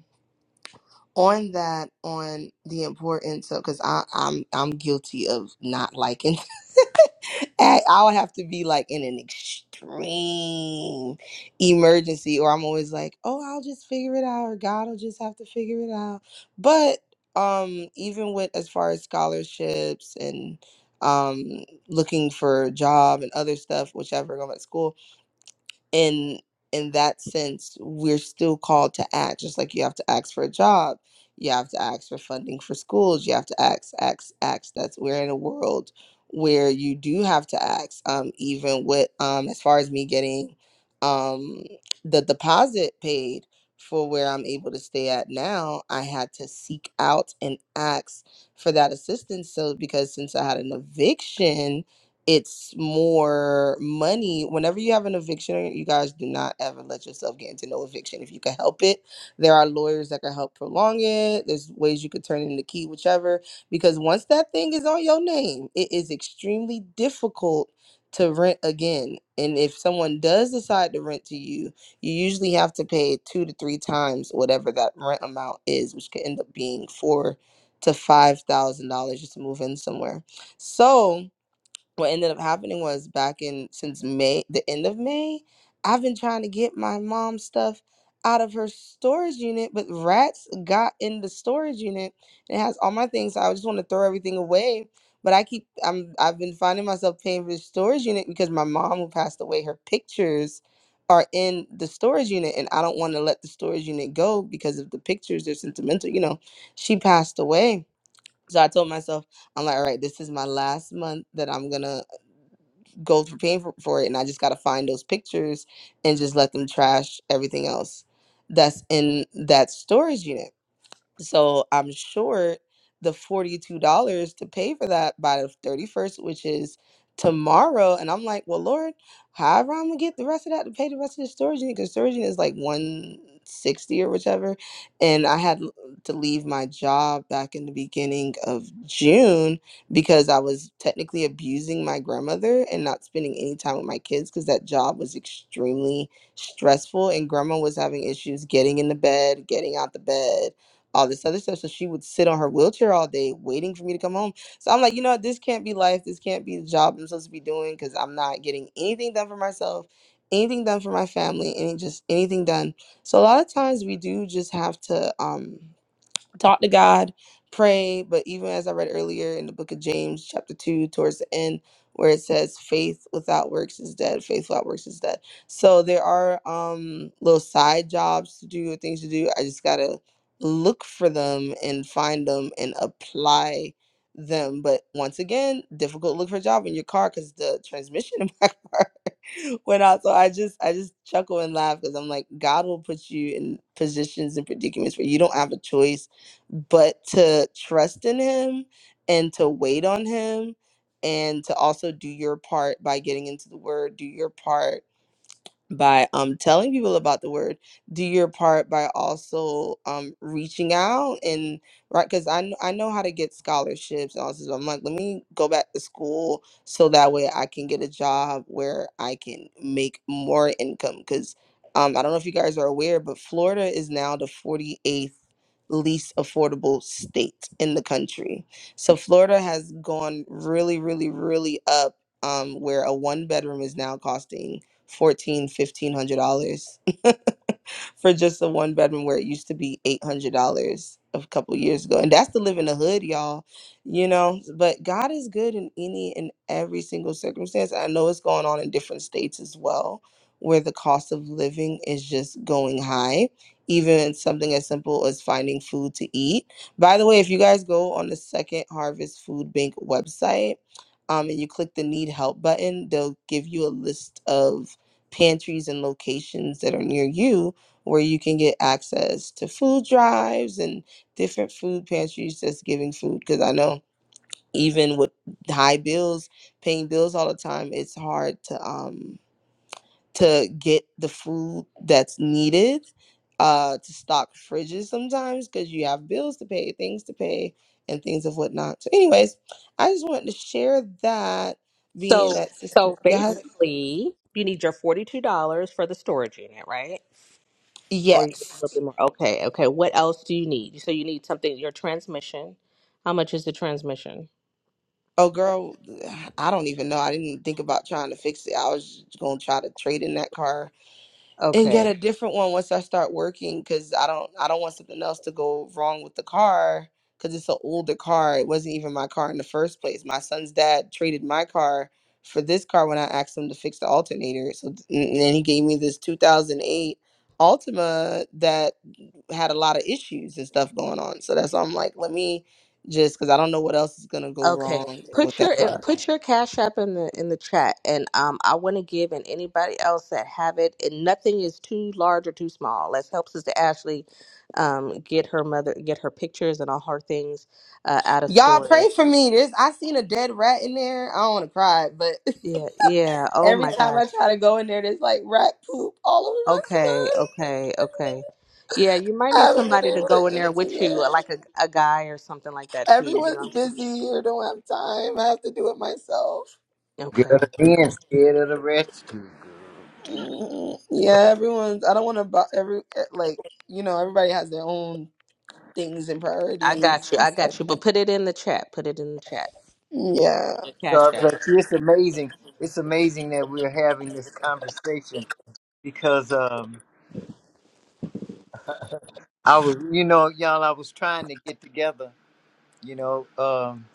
[SPEAKER 10] on that on the importance of because I I'm I'm guilty of not liking *laughs* I I would have to be like in an extreme emergency or I'm always like oh I'll just figure it out or God will just have to figure it out but um even with as far as scholarships and um looking for a job and other stuff whichever going to school in in that sense we're still called to act just like you have to ask for a job you have to ask for funding for schools you have to ask ask ask that's we're in a world where you do have to ask um even with um as far as me getting um the deposit paid for where I'm able to stay at now I had to seek out and ask for that assistance so because since I had an eviction it's more money. Whenever you have an eviction, you guys do not ever let yourself get into no eviction if you can help it. There are lawyers that can help prolong it. There's ways you could turn in the key, whichever. Because once that thing is on your name, it is extremely difficult to rent again. And if someone does decide to rent to you, you usually have to pay two to three times whatever that rent amount is, which could end up being four to five thousand dollars just to move in somewhere. So what ended up happening was back in since May, the end of May, I've been trying to get my mom's stuff out of her storage unit, but rats got in the storage unit. It has all my things, so I just want to throw everything away. But I keep I'm I've been finding myself paying for the storage unit because my mom who passed away, her pictures are in the storage unit and I don't want to let the storage unit go because of the pictures, they're sentimental, you know. She passed away so I told myself, I'm like, all right, this is my last month that I'm gonna go for paying for, for it, and I just gotta find those pictures and just let them trash everything else that's in that storage unit. So I'm short the $42 to pay for that by the 31st, which is tomorrow. And I'm like, well, Lord, however I'm gonna get the rest of that to pay the rest of the storage unit, because storage unit is like 160 or whichever. And I had l- to leave my job back in the beginning of June because I was technically abusing my grandmother and not spending any time with my kids because that job was extremely stressful and grandma was having issues getting in the bed, getting out the bed all this other stuff. So she would sit on her wheelchair all day waiting for me to come home. So I'm like, you know what? This can't be life. This can't be the job I'm supposed to be doing because I'm not getting anything done for myself, anything done for my family, any just anything done. So a lot of times we do just have to um talk to God, pray. But even as I read earlier in the book of James, chapter 2, towards the end, where it says, faith without works is dead, faith without works is dead. So there are um, little side jobs to do or things to do. I just got to look for them and find them and apply them. But once again, difficult to look for a job in your car because the transmission in my *laughs* car *laughs* when I so I just I just chuckle and laugh because I'm like God will put you in positions and predicaments where you don't have a choice but to trust in Him and to wait on Him and to also do your part by getting into the Word, do your part by um telling people about the word do your part by also um reaching out and right because I, kn- I know how to get scholarships and all this so i'm like let me go back to school so that way i can get a job where i can make more income because um i don't know if you guys are aware but florida is now the 48th least affordable state in the country so florida has gone really really really up um where a one bedroom is now costing fourteen, fifteen hundred dollars. *laughs* *laughs* for just a one bedroom where it used to be eight hundred dollars a couple years ago, and that's to live in the hood, y'all. You know, but God is good in any and every single circumstance. I know it's going on in different states as well, where the cost of living is just going high. Even something as simple as finding food to eat. By the way, if you guys go on the Second Harvest Food Bank website, um, and you click the need help button, they'll give you a list of pantries and locations that are near you where you can get access to food drives and different food pantries that's giving food because i know even with high bills paying bills all the time it's hard to um to get the food that's needed uh to stock fridges sometimes because you have bills to pay things to pay and things of whatnot so anyways i just wanted to share that being
[SPEAKER 13] So
[SPEAKER 10] that sister
[SPEAKER 13] so
[SPEAKER 10] God,
[SPEAKER 13] basically, you need your forty two dollars for the storage unit, right? Or you need a little
[SPEAKER 10] yes
[SPEAKER 13] bit more. Okay, okay. What else do you need? So you need something. Your transmission. How much is the transmission?
[SPEAKER 10] Oh, girl, I don't even know. I didn't think about trying to fix it. I was just gonna try to trade in that car and
[SPEAKER 13] Okay.
[SPEAKER 10] get a different one once I start working, because I don't, I don't want something else to go wrong with the car, because it's an older car. It wasn't even my car in the first place. My son's dad traded my car for this car when I asked him to fix the alternator. So, and then he gave me this 2008 Altima that had a lot of issues and stuff going on. So that's why I'm like, let me just because I don't know what else is gonna go
[SPEAKER 13] Okay.
[SPEAKER 10] wrong with
[SPEAKER 13] Put your
[SPEAKER 10] that
[SPEAKER 13] uh,
[SPEAKER 10] car.
[SPEAKER 13] put your cash app in the in the chat and um I want to give and anybody else that have it and nothing is too large or too small. Let's help Sister Ashley um get her mother get her pictures and all her things uh, out of
[SPEAKER 10] Y'all pray
[SPEAKER 13] storage.
[SPEAKER 10] for me. There's I seen a dead rat in there. I don't want to cry, but
[SPEAKER 13] Yeah, yeah.
[SPEAKER 10] *laughs*
[SPEAKER 13] Oh
[SPEAKER 10] every
[SPEAKER 13] my
[SPEAKER 10] time
[SPEAKER 13] gosh.
[SPEAKER 10] I try to go in there, there's like rat poop all over
[SPEAKER 13] Okay,
[SPEAKER 10] my stuff.
[SPEAKER 13] okay, okay. Yeah, you might
[SPEAKER 10] I
[SPEAKER 13] need
[SPEAKER 10] haven't
[SPEAKER 13] somebody
[SPEAKER 10] been
[SPEAKER 13] to
[SPEAKER 10] able
[SPEAKER 13] go in
[SPEAKER 10] to
[SPEAKER 13] there with
[SPEAKER 10] empty
[SPEAKER 13] you, uh,
[SPEAKER 10] it.
[SPEAKER 13] like a, a guy or something like that too, you know
[SPEAKER 10] Everyone's
[SPEAKER 13] what I'm saying?
[SPEAKER 10] busy or don't have time. I have to do it myself.
[SPEAKER 13] Okay,
[SPEAKER 15] Good again,
[SPEAKER 13] okay.
[SPEAKER 15] scared of the rescue.
[SPEAKER 10] Mm, Yeah, everyone's. I don't want to. bu- Every eh, like you know, everybody has their own things and
[SPEAKER 13] I
[SPEAKER 10] priorities
[SPEAKER 13] got you,
[SPEAKER 10] and
[SPEAKER 13] I
[SPEAKER 10] stuff.
[SPEAKER 13] got you. But put it in the chat. Put it in the chat.
[SPEAKER 10] Yeah.
[SPEAKER 13] The cash
[SPEAKER 15] God
[SPEAKER 13] app.
[SPEAKER 15] bless you. It's amazing. It's amazing that we're having this conversation because um, I was, you know, y'all, I was trying to get together, you know, um,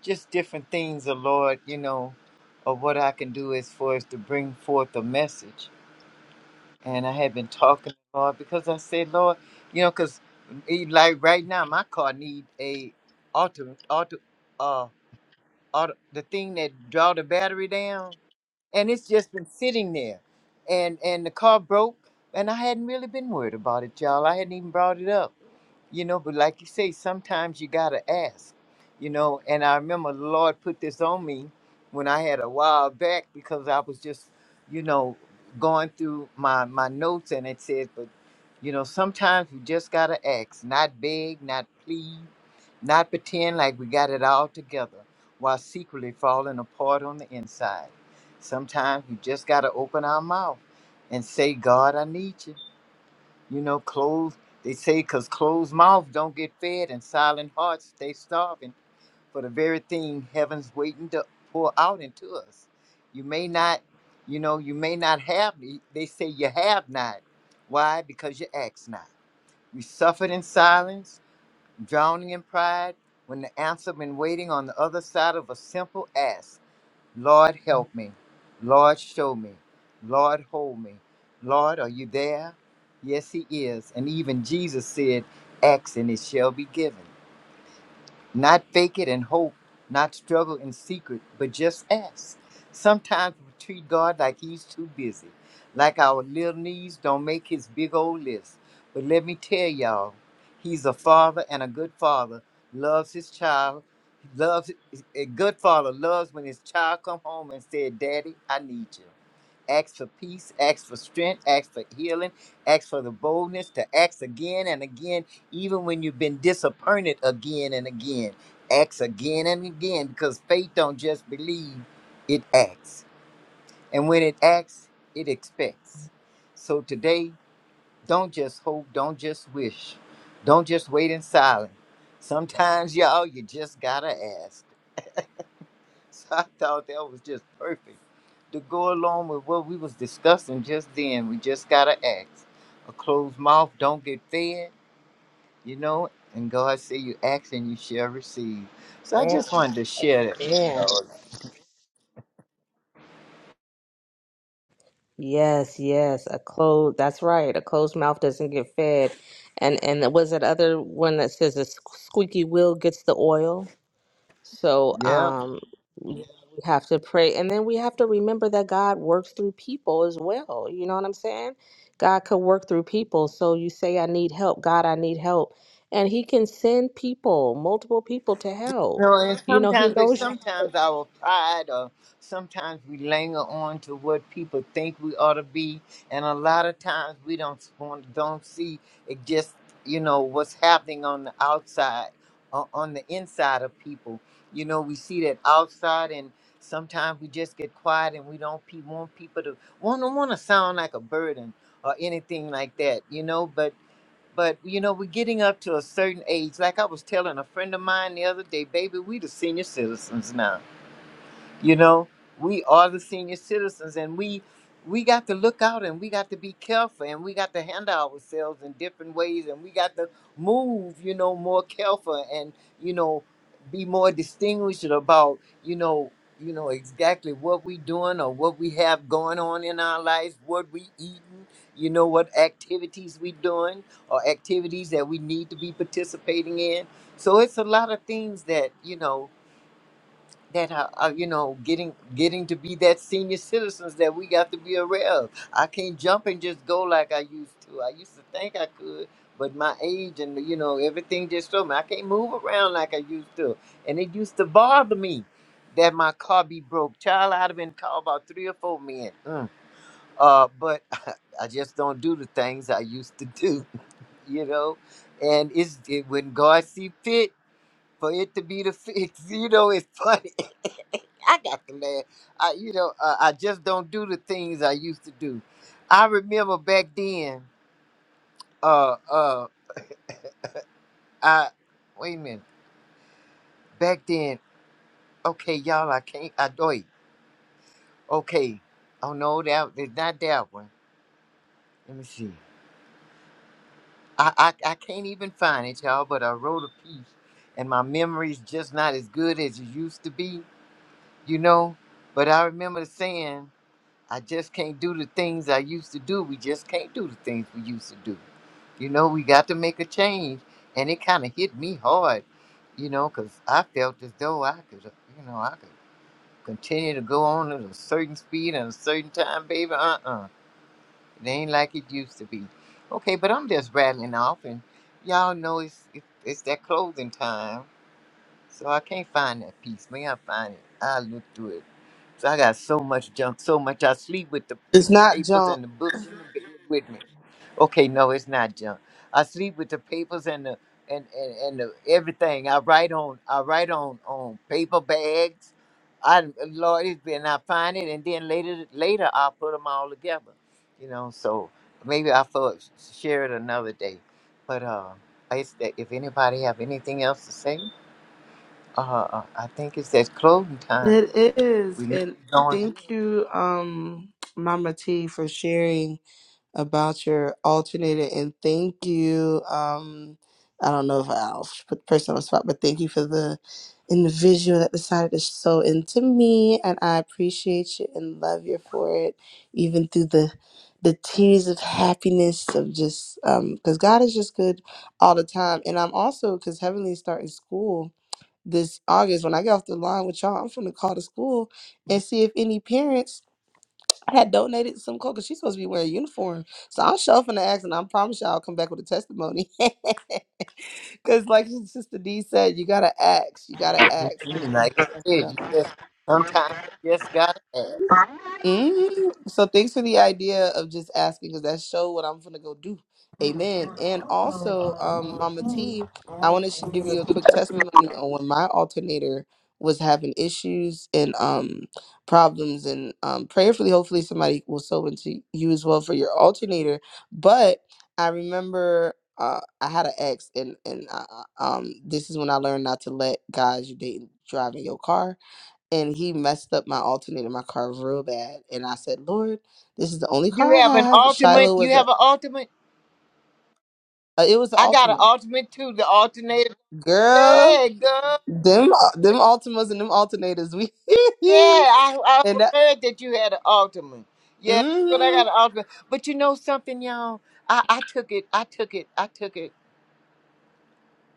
[SPEAKER 15] just different things, the Lord, you know, of what I can do as far as to bring forth a message. And I had been talking to the Lord because I said, Lord, you know, because like right now, my car need a auto, auto, uh, auto, the thing that draw the battery down. and it's just been sitting there. And and the car broke, and I hadn't really been worried about it, y'all. I hadn't even brought it up you know but like you say sometimes you gotta ask you know and i remember the lord put this on me when i had a while back because i was just you know going through my my notes and it said but you know sometimes we just gotta ask not beg not plead not pretend like we got it all together while secretly falling apart on the inside sometimes we just gotta open our mouth and say god i need you you know, closed, they say, because closed mouths don't get fed and silent hearts stay starving for the very thing heaven's waiting to pour out into us. You may not, you know, you may not have, they say you have not. Why? Because you ask not. We suffered in silence, drowning in pride, when the answer been waiting on the other side of a simple ask. Lord, help me. Lord, show me. Lord, hold me. Lord, are you there? Yes, He is. And even Jesus said, Ask and it shall be given. Not fake it and hope, not struggle in secret, but just ask. Sometimes we treat God like He's too busy, like our little knees don't make His big old list. But let me tell y'all, He's a father and a good father, loves his child, loves a good father loves when his child come home and said, "Daddy, I need you." Ask for peace, ask for strength, ask for healing, ask for the boldness to ask again and again even when you've been disappointed again and again. Acts again and again because faith don't just believe, it acts. And when it acts, it expects. So today, don't just hope, don't just wish, don't just wait in silence. Sometimes, *laughs* y'all, you just gotta ask. So I thought that was just perfect to go along with what we was discussing just then. We just gotta ask. A closed mouth don't get fed you know, and God say you ask and you shall receive. So I just wanted to share that.
[SPEAKER 13] Amen. Yes, yes. A closed that's right. A closed mouth doesn't get fed. And and was that other one that says a squeaky wheel gets the oil? So
[SPEAKER 15] Yeah.
[SPEAKER 13] um, we have to pray. And then we have to remember that God works through people as well. You know what I'm saying? God could work through people. So you say, I need help. God, I need help. And He can send people, multiple people to
[SPEAKER 15] You
[SPEAKER 13] help.
[SPEAKER 15] know, and
[SPEAKER 13] You know, He
[SPEAKER 15] sometimes, but
[SPEAKER 13] knows your
[SPEAKER 15] sometimes our pride, or sometimes we linger on to what people think we ought to be, and a lot of times we don't want, don't see it. Just you know what's happening on the outside, o- on the inside of people. You know, we see that outside, and sometimes we just get quiet, and we don't pe- want people to want to want to sound like a burden or anything like that. You know, but but you know, we're getting up to a certain age. Like I was telling a friend of mine the other day, baby, we the senior citizens you know, we are the senior citizens and we we got to look out and we got to be careful and we got to handle ourselves in different ways and we got to move, you know, more careful and, you know, be more distinguished about, you know, you know, exactly what we doing or what we have going on in our lives, what we eating, you know, what activities we doing or activities that we need to be participating in. So it's a lot of things that, you know, that are, are you know getting getting to be that senior citizens that we got to be aware of. I can't jump and just go like I used to. I used to think I could, but my age and you know everything just told me I can't move around like I used to. And it used to bother me that my car be broke. Child, I'd have been called about three or four men. Mm. Uh, but *laughs* I just don't do the things I used to do, *laughs* you know. And it's it, when God see fit for it to be the fix. *laughs* You know, it's funny. *laughs* I got to laugh. I, you know, uh, I just don't do the things I used to do. I remember back then. Uh, uh, I wait a minute. Back then, okay, y'all, I can't. I do it. Okay. Oh no, that it's not that one. Let me see. I, I I can't even find it, y'all. But I wrote a piece, and my memory's just not as good as it used to be. You know. But I remember saying. I just can't do the things I used to do. We just can't do the things we used to do. You know, we got to make a change. And it kind of hit me hard, you know, because I felt as though I could, uh, you know, I could continue to go on at a certain speed and a certain time, baby. Uh uh It ain't like it used to be. Okay, but I'm just rattling off, and y'all know it's, it's, it's that closing time. So I can't find that piece. May I find it? I look through it. So I got so much junk, so much. I sleep with the
[SPEAKER 10] It's
[SPEAKER 15] with the
[SPEAKER 10] not
[SPEAKER 15] papers
[SPEAKER 10] junk.
[SPEAKER 15] and the books in the bed with me. Okay, no, it's not junk. I sleep with the papers and the and and, and the, everything. I write on I write on on paper bags. I Lord, it's been I find it, and then later later I'll put them all together. You know, so maybe I thought share it another day. But uh, I, if anybody have anything else to say uh, uh, I think it's that clothing time.
[SPEAKER 10] It is.
[SPEAKER 15] We may
[SPEAKER 10] And
[SPEAKER 15] be going
[SPEAKER 10] thank you, um, Mama T, for sharing about your alternator. And thank you, um, I don't know if I'll put the person on the spot, but thank you for the individual that decided to sew into me. And I appreciate you and love you for it, even through the the tears of happiness of just um because god is just good all the time and i'm also because heavenly starting school this August when I get off the line with y'all, I'm finna call the school and see if any parents had donated some clothes 'cause she's supposed to be wearing a uniform. So I'm sure finna ask, and I promise y'all I'll come back with a testimony. *laughs* Because like Sister D said, you gotta ask, you gotta
[SPEAKER 15] here.
[SPEAKER 10] ask,
[SPEAKER 15] Mhm. Like I
[SPEAKER 10] 'cause you
[SPEAKER 15] said,
[SPEAKER 10] never know.
[SPEAKER 15] you just sometimes you just gotta ask.
[SPEAKER 10] Mm, so thanks for the idea of just asking because that show what I'm gonna go do. Amen. And also, um, Mama T, I want to give you a quick testimony on when my alternator was having issues and um problems and um prayerfully hopefully somebody will sow into you as well for your alternator. But I remember uh I had an ex and and uh, uh, um this is when I learned not to let guys you date drive in your car and he messed up my alternator in my car real bad. And I said, Lord, this is the only
[SPEAKER 15] You
[SPEAKER 10] car I
[SPEAKER 15] have an
[SPEAKER 10] have.
[SPEAKER 15] ultimate.
[SPEAKER 10] Shiloh
[SPEAKER 15] You
[SPEAKER 10] was a,
[SPEAKER 15] have an ultimate.
[SPEAKER 10] uh, it was an
[SPEAKER 15] I got an
[SPEAKER 10] Altima.
[SPEAKER 15] ultimate too. The alternative.
[SPEAKER 10] Girl,
[SPEAKER 15] Yeah, girl.
[SPEAKER 10] them uh, them Altimas and them alternators, we
[SPEAKER 15] Yeah, I I
[SPEAKER 10] *laughs* and that.
[SPEAKER 15] heard that you had an ultimate. Yeah, but I
[SPEAKER 10] hmm
[SPEAKER 15] got an ultimate. But you know something, y'all. I I took it. I took it. I took it.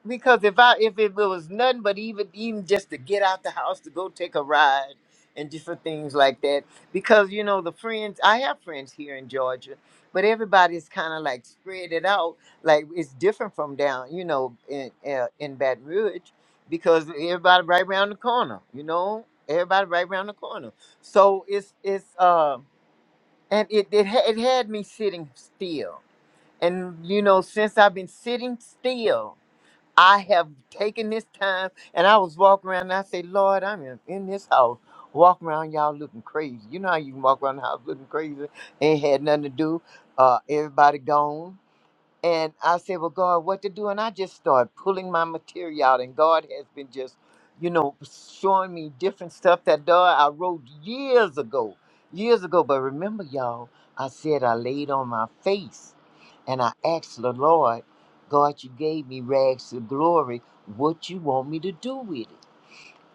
[SPEAKER 15] Because if I if it was nothing but even even just to get out the house to go take a ride and different things like that. Because you know the friends I have friends here in Georgia, but everybody's kind of like spread it out. Like it's different from down you know in uh, in Baton Rouge because everybody right around the corner. You know everybody right around the corner. So it's it's uh and it it, ha- it had me sitting still. And you know since I've been sitting still I have taken this time and I was walking around and I say, Lord, I'm in, in this house. Walking around y'all looking crazy. You know how you can walk around the house looking crazy. Ain't had nothing to do. Uh everybody gone. And I said, Well, God, what to do? And I just started pulling my material out. And God has been just, you know, showing me different stuff that God I wrote years ago. Years ago. But remember, y'all, I said I laid on my face and I asked the Lord, God, you gave me rags to glory. What you want me to do with it?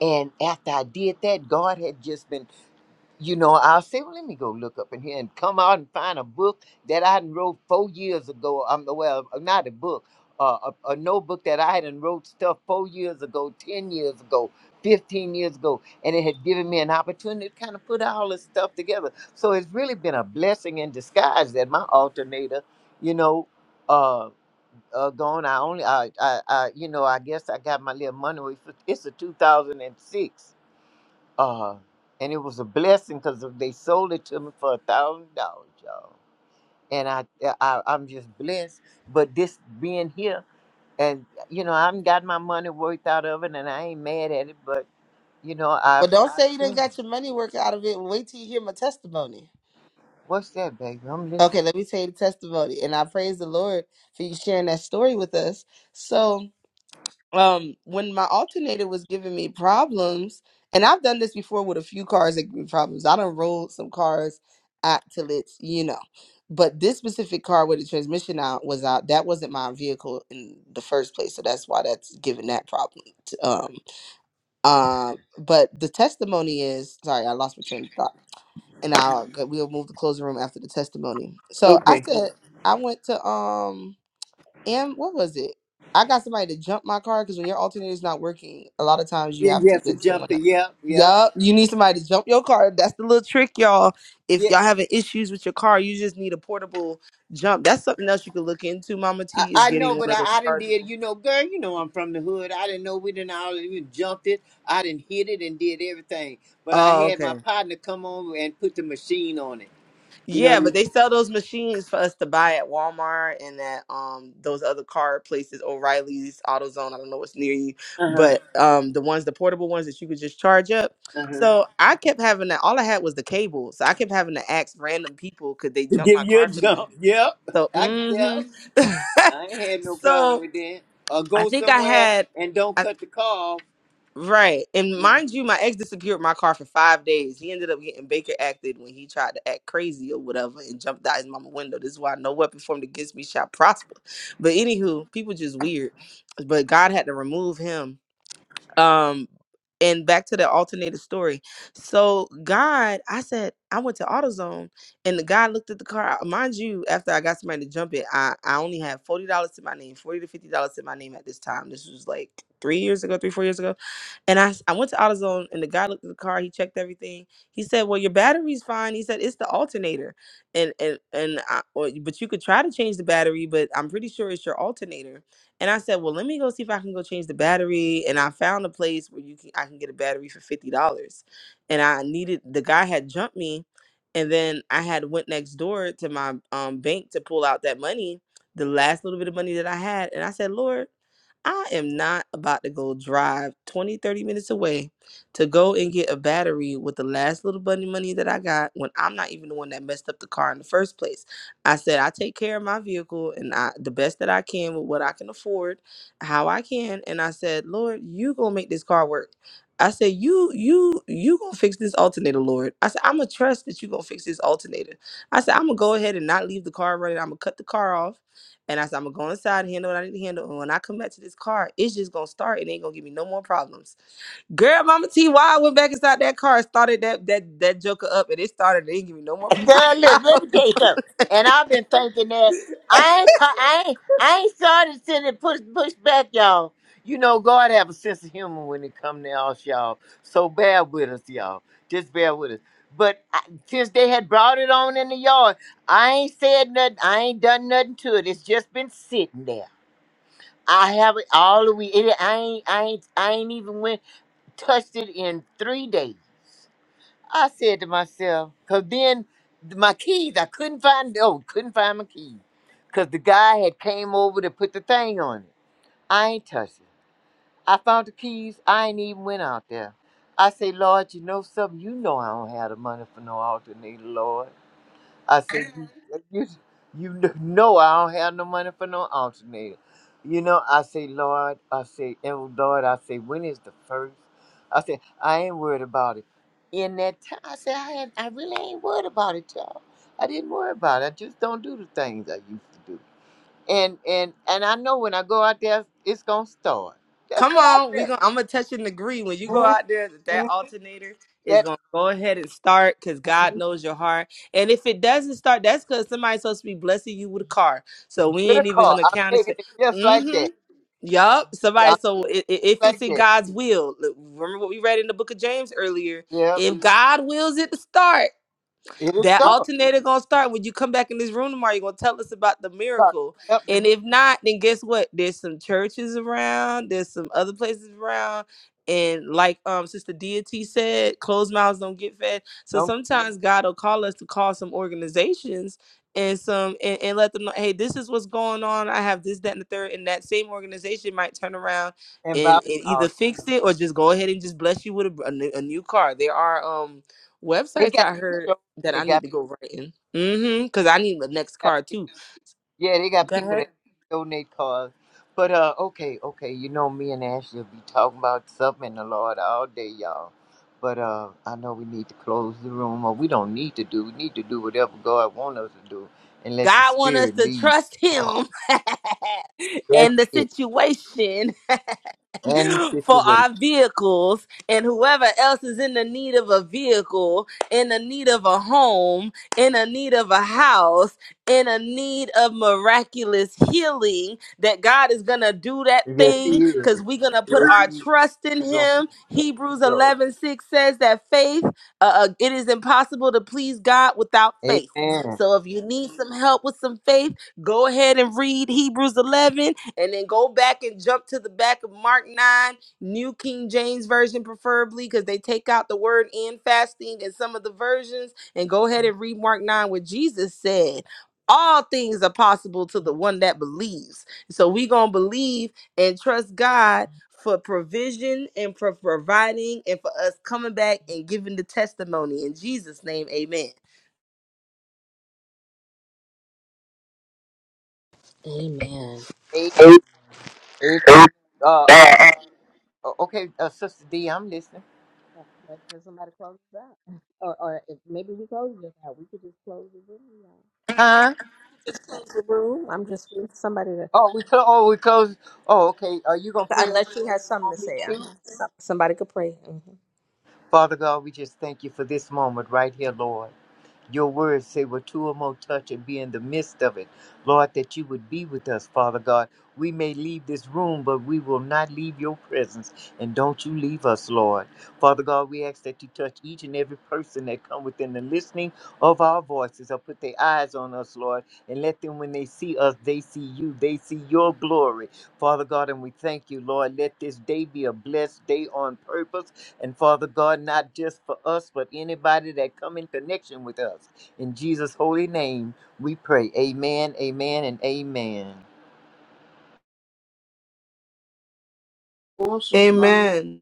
[SPEAKER 15] And after I did that, God had just been you know, I'll say, well, let me go look up in here and come out and find a book that I had wrote four years ago. Um, well, not a book, uh, a, a notebook that I had done wrote stuff four years ago, 10 years ago, 15 years ago. And it had given me an opportunity to kind of put all this stuff together. So it's really been a blessing in disguise that my alternator, you know, uh, uh, gone. I only, I, I, I, you know, I guess I got my little money. It's a 2006 uh, and it was a blessing because they sold it to me for a thousand dollars, y'all. And I, yeah, I, I'm just blessed. But this being here, and you know, I haven't got my money worth out of it, and I ain't mad at it. But you know, I've,
[SPEAKER 10] But don't say you
[SPEAKER 15] I've
[SPEAKER 10] didn't
[SPEAKER 15] changed.
[SPEAKER 10] got your money work out of it. Wait till you hear my testimony.
[SPEAKER 15] what's that, baby? I'm listening.
[SPEAKER 10] Okay, let me tell you the testimony. And I praise the Lord for you sharing that story with us. So um when my alternator was giving me problems and i've done this before with a few cars that give me problems i done rolled some cars out till it's you know but this specific car with the transmission out was out that wasn't my vehicle in the first place so that's why that's giving that problem to, um um but the testimony is sorry i lost my train of thought and i'll we'll move to closing room after the testimony so i
[SPEAKER 15] Okay.
[SPEAKER 10] said i went to um and what was it? I got somebody to jump my car because when your alternator is not working, a lot of times you
[SPEAKER 15] Yeah,
[SPEAKER 10] have
[SPEAKER 15] you
[SPEAKER 10] to
[SPEAKER 15] have to
[SPEAKER 10] get
[SPEAKER 15] jump
[SPEAKER 10] someone.
[SPEAKER 15] to,
[SPEAKER 10] Up.
[SPEAKER 15] yeah, yeah.
[SPEAKER 10] Yup, you need somebody to jump your car. That's the little trick, y'all. If y'all having issues with your car, you just need a portable jump. That's something else you can look into. Mama
[SPEAKER 15] I,
[SPEAKER 10] T is
[SPEAKER 15] I know,
[SPEAKER 10] getting one
[SPEAKER 15] but
[SPEAKER 10] of
[SPEAKER 15] I,
[SPEAKER 10] those
[SPEAKER 15] I didn't did,
[SPEAKER 10] chargeable.
[SPEAKER 15] you know, girl, you know I'm from the hood. I didn't know we didn't all even jumped it. I didn't hit it and did everything. But I
[SPEAKER 10] Oh,
[SPEAKER 15] had
[SPEAKER 10] okay.
[SPEAKER 15] my partner come on and put the machine on it. You
[SPEAKER 10] Yeah, but
[SPEAKER 15] know,
[SPEAKER 10] they sell those machines for us to buy at Walmart and at um those other car places, O'Reilly's, AutoZone. I don't know what's near you,
[SPEAKER 15] uh-huh,
[SPEAKER 10] but um the ones, the portable ones that you could just charge up.
[SPEAKER 15] uh-huh.
[SPEAKER 10] So I kept having that. All I had was the cable, so I kept having to ask random people, could they
[SPEAKER 15] To
[SPEAKER 10] jump
[SPEAKER 15] give
[SPEAKER 10] my
[SPEAKER 15] you a
[SPEAKER 10] car for me?
[SPEAKER 15] jump. *laughs* Yep.
[SPEAKER 10] So,
[SPEAKER 15] I yep.
[SPEAKER 10] mm-hmm. *laughs*
[SPEAKER 15] I ain't had no problem
[SPEAKER 10] so
[SPEAKER 15] with that. Or
[SPEAKER 10] I
[SPEAKER 15] go
[SPEAKER 10] think I
[SPEAKER 15] somewhere
[SPEAKER 10] had.
[SPEAKER 15] and don't cut the call.
[SPEAKER 10] Right. And mind you, my ex disappeared with my car for five days. He ended up getting Baker acted when he tried to act crazy or whatever and jumped out his mama window. This is why no weapon formed against me shall prosper. But anywho, people just weird. But God had to remove him um, and back to the alternated story. So God, I said I went to AutoZone, and the guy looked at the car. uh, Mind you, after I got somebody to jump it, I I only had forty dollars to my name, forty to fifty dollars to my name at this time. This was like three years ago, three four years ago, and I s- I went to AutoZone, and the guy looked at the car. He checked everything. He said, "Well, your battery's fine." He said, "It's the alternator, and and and I, or, but you could try to change the battery, but I'm pretty sure it's your alternator." And I said, well, let me go see if I can go change the battery. And I found a place where you can I can get a battery for fifty dollars. And I needed the guy had jumped me, and then I had went next door to my um, bank to pull out that money, the last little bit of money that I had. And I said, Lord, I am not about to go drive 20, 30 minutes away to go and get a battery with the last little bunny money that I got when I'm not even the one that messed up the car in the first place. I said I take care of my vehicle and I the best that I can with what I can afford, how I can. And I said, Lord, you gonna make this car work. I said, you you you gonna fix this alternator, Lord. I said, I'm gonna trust that you gonna fix this alternator. I said, I'm gonna go ahead and not leave the car running. I'm gonna cut the car off. And I said, I'm gonna go inside, handle what I need to handle. And when I come back to this car, it's just gonna start and ain't gonna give me no more problems. Girl, Mama T, why I went back inside that car, and started that that that joker up, and it started, and it didn't give me no more
[SPEAKER 15] Girl,
[SPEAKER 10] *laughs*
[SPEAKER 15] look,
[SPEAKER 10] problems.
[SPEAKER 15] let me tell you something. And I've been thinking that I ain't, ca- I ain't, I ain't started sending push, push back, y'all. You know, God have a sense of humor when it come to us, y'all. So bear with us, y'all. Just bear with us. But I, since they had brought it on in the yard, I ain't said nothing. I ain't done nothing to it. It's just been sitting there. I have it all the week. It, I ain't, I ain't, I ain't even went touched it in three days. I said to myself, because then my keys, I couldn't find, oh, couldn't find my keys. Because the guy had came over to put the thing on it. I ain't touched it. I found the keys. I ain't even went out there. I say, Lord, you know something? You know I don't have the money for no alternator, Lord. I said, you, you, you know I don't have no money for no alternator. You know, I say, Lord, I say, and Lord, I say, when is the first? I say, I ain't worried about it. In that time, I said, I, had, I really ain't worried about it, y'all. I didn't worry about it. I just don't do the things I used to do. And and and I know when I go out there, it's gonna start. That's
[SPEAKER 10] Come
[SPEAKER 15] what
[SPEAKER 10] on, we
[SPEAKER 15] I
[SPEAKER 10] going I'm gonna touch and agree. When you go
[SPEAKER 15] feel.
[SPEAKER 10] out there, that that
[SPEAKER 15] Mhm.
[SPEAKER 10] alternator is
[SPEAKER 15] That
[SPEAKER 10] gonna go ahead and start because God knows your heart. And if it doesn't start, that's because somebody's supposed to be blessing you with a car. So we
[SPEAKER 15] with a
[SPEAKER 10] ain't even gonna
[SPEAKER 15] I'm
[SPEAKER 10] count
[SPEAKER 15] taking
[SPEAKER 10] it.
[SPEAKER 15] it just like
[SPEAKER 10] Mm-hmm.
[SPEAKER 15] that.
[SPEAKER 10] Yup.
[SPEAKER 15] Yeah,
[SPEAKER 10] Somebody.
[SPEAKER 15] I'm
[SPEAKER 10] So i- i- if it's
[SPEAKER 15] like
[SPEAKER 10] in
[SPEAKER 15] that.
[SPEAKER 10] God's will, look, remember what we read in the Book of James earlier.
[SPEAKER 15] Yep,
[SPEAKER 10] If God wills it to start.
[SPEAKER 15] it'll
[SPEAKER 10] That
[SPEAKER 15] start.
[SPEAKER 10] alternator gonna start when you come back in this room tomorrow. You're gonna tell us about the
[SPEAKER 15] Look,
[SPEAKER 10] miracle.
[SPEAKER 15] Up
[SPEAKER 10] And
[SPEAKER 15] the
[SPEAKER 10] if not, then guess what? There's some churches around, there's some other places around. And like um Sister Deity said, closed mouths don't get fed. So
[SPEAKER 15] don't
[SPEAKER 10] sometimes God will call us to call some organizations and some and, and let them know, hey, this is what's going on. I have this, that, and the third. And that same organization might turn around
[SPEAKER 15] and
[SPEAKER 10] and,
[SPEAKER 15] buy
[SPEAKER 10] and either
[SPEAKER 15] cars.
[SPEAKER 10] fix it or just go ahead and just bless you with a, a new, a new car. There are um
[SPEAKER 15] They
[SPEAKER 10] websites
[SPEAKER 15] got
[SPEAKER 10] I heard that
[SPEAKER 15] they
[SPEAKER 10] I need
[SPEAKER 15] got
[SPEAKER 10] to go writing. Mm-hmm. Cause I need the next card too.
[SPEAKER 15] yeah they got
[SPEAKER 10] God,
[SPEAKER 15] people that donate cars. But uh, okay, okay, you know me and Ashley will be talking about something in the Lord all day, y'all. But uh, I know we need to close the room, or we don't need to do. We need to do whatever God wants us to do, and let the
[SPEAKER 10] God want us
[SPEAKER 15] Spirit
[SPEAKER 10] to
[SPEAKER 15] lead.
[SPEAKER 10] trust him *laughs* and
[SPEAKER 15] That's
[SPEAKER 10] the
[SPEAKER 15] it.
[SPEAKER 10] situation.
[SPEAKER 15] And the
[SPEAKER 10] *laughs* for
[SPEAKER 15] situation.
[SPEAKER 10] our vehicles and whoever else is in the need of a vehicle, in the need of a home, in the need of a house, in a need of miraculous healing, that God is going to do that
[SPEAKER 15] Yes, He
[SPEAKER 10] thing
[SPEAKER 15] is.
[SPEAKER 10] because we're going to
[SPEAKER 15] Yes,
[SPEAKER 10] put our
[SPEAKER 15] He is.
[SPEAKER 10] trust in
[SPEAKER 15] We're gonna put
[SPEAKER 10] Him.
[SPEAKER 15] the trust
[SPEAKER 10] Hebrews
[SPEAKER 15] in God.
[SPEAKER 10] 11 6 says that faith, uh, uh, it is impossible to please God without faith.
[SPEAKER 15] Amen.
[SPEAKER 10] So if you need some help with some faith, go ahead and read Hebrews 11 and then go back and jump to the back of Mark 9, New King James Version, preferably, because they take out the word and fasting in some of the versions, and go ahead and read Mark 9, where Jesus said, all things are possible to the one that believes. So we going to believe and trust God for provision and for providing and for us coming back and giving the testimony. In Jesus' name, amen.
[SPEAKER 13] Amen. Oh,
[SPEAKER 15] Amen.
[SPEAKER 13] I'm
[SPEAKER 15] Uh, uh, O- Okay, uh, Sister D, I'm listening.
[SPEAKER 13] waiting for somebody to close this out. Or, or if maybe we close this out. We could just close the room. y'all.
[SPEAKER 15] Huh?
[SPEAKER 13] Just close the room. I'm just waiting for somebody to.
[SPEAKER 15] Oh, we close. Oh, we close. Oh, okay. Are you gonna pray us
[SPEAKER 13] Unless she
[SPEAKER 15] out?
[SPEAKER 13] has
[SPEAKER 15] You
[SPEAKER 13] something to
[SPEAKER 15] want me
[SPEAKER 13] say.
[SPEAKER 15] to?
[SPEAKER 13] Uh-huh. Some- Somebody could pray. Mhm.
[SPEAKER 15] Father God, we just thank you for this moment right here, Lord. Your words say, where two or more touch and be in the midst of it. Lord, that you would be with us, Father God. We may leave this room, but we will not leave your presence. And don't you leave us, Lord. Father God, we ask that you touch each and every person that come within the listening of our voices or put their eyes on us, Lord. And let them, when they see us, they see you. They see your glory. Father God, and we thank you, Lord. Let this day be a blessed day on purpose and Father God, not just for us, but anybody that come in connection with us. In Jesus' holy name, we pray. Amen, amen, and amen.
[SPEAKER 10] Awesome. Amen.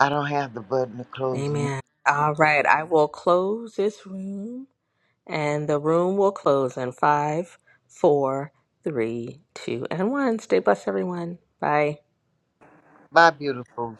[SPEAKER 15] I don't have the button to close.
[SPEAKER 13] Amen. All right. I will close this room, and the room will close in five, four, three, two, and one. Stay blessed, everyone. Bye.
[SPEAKER 15] Bye, beautiful.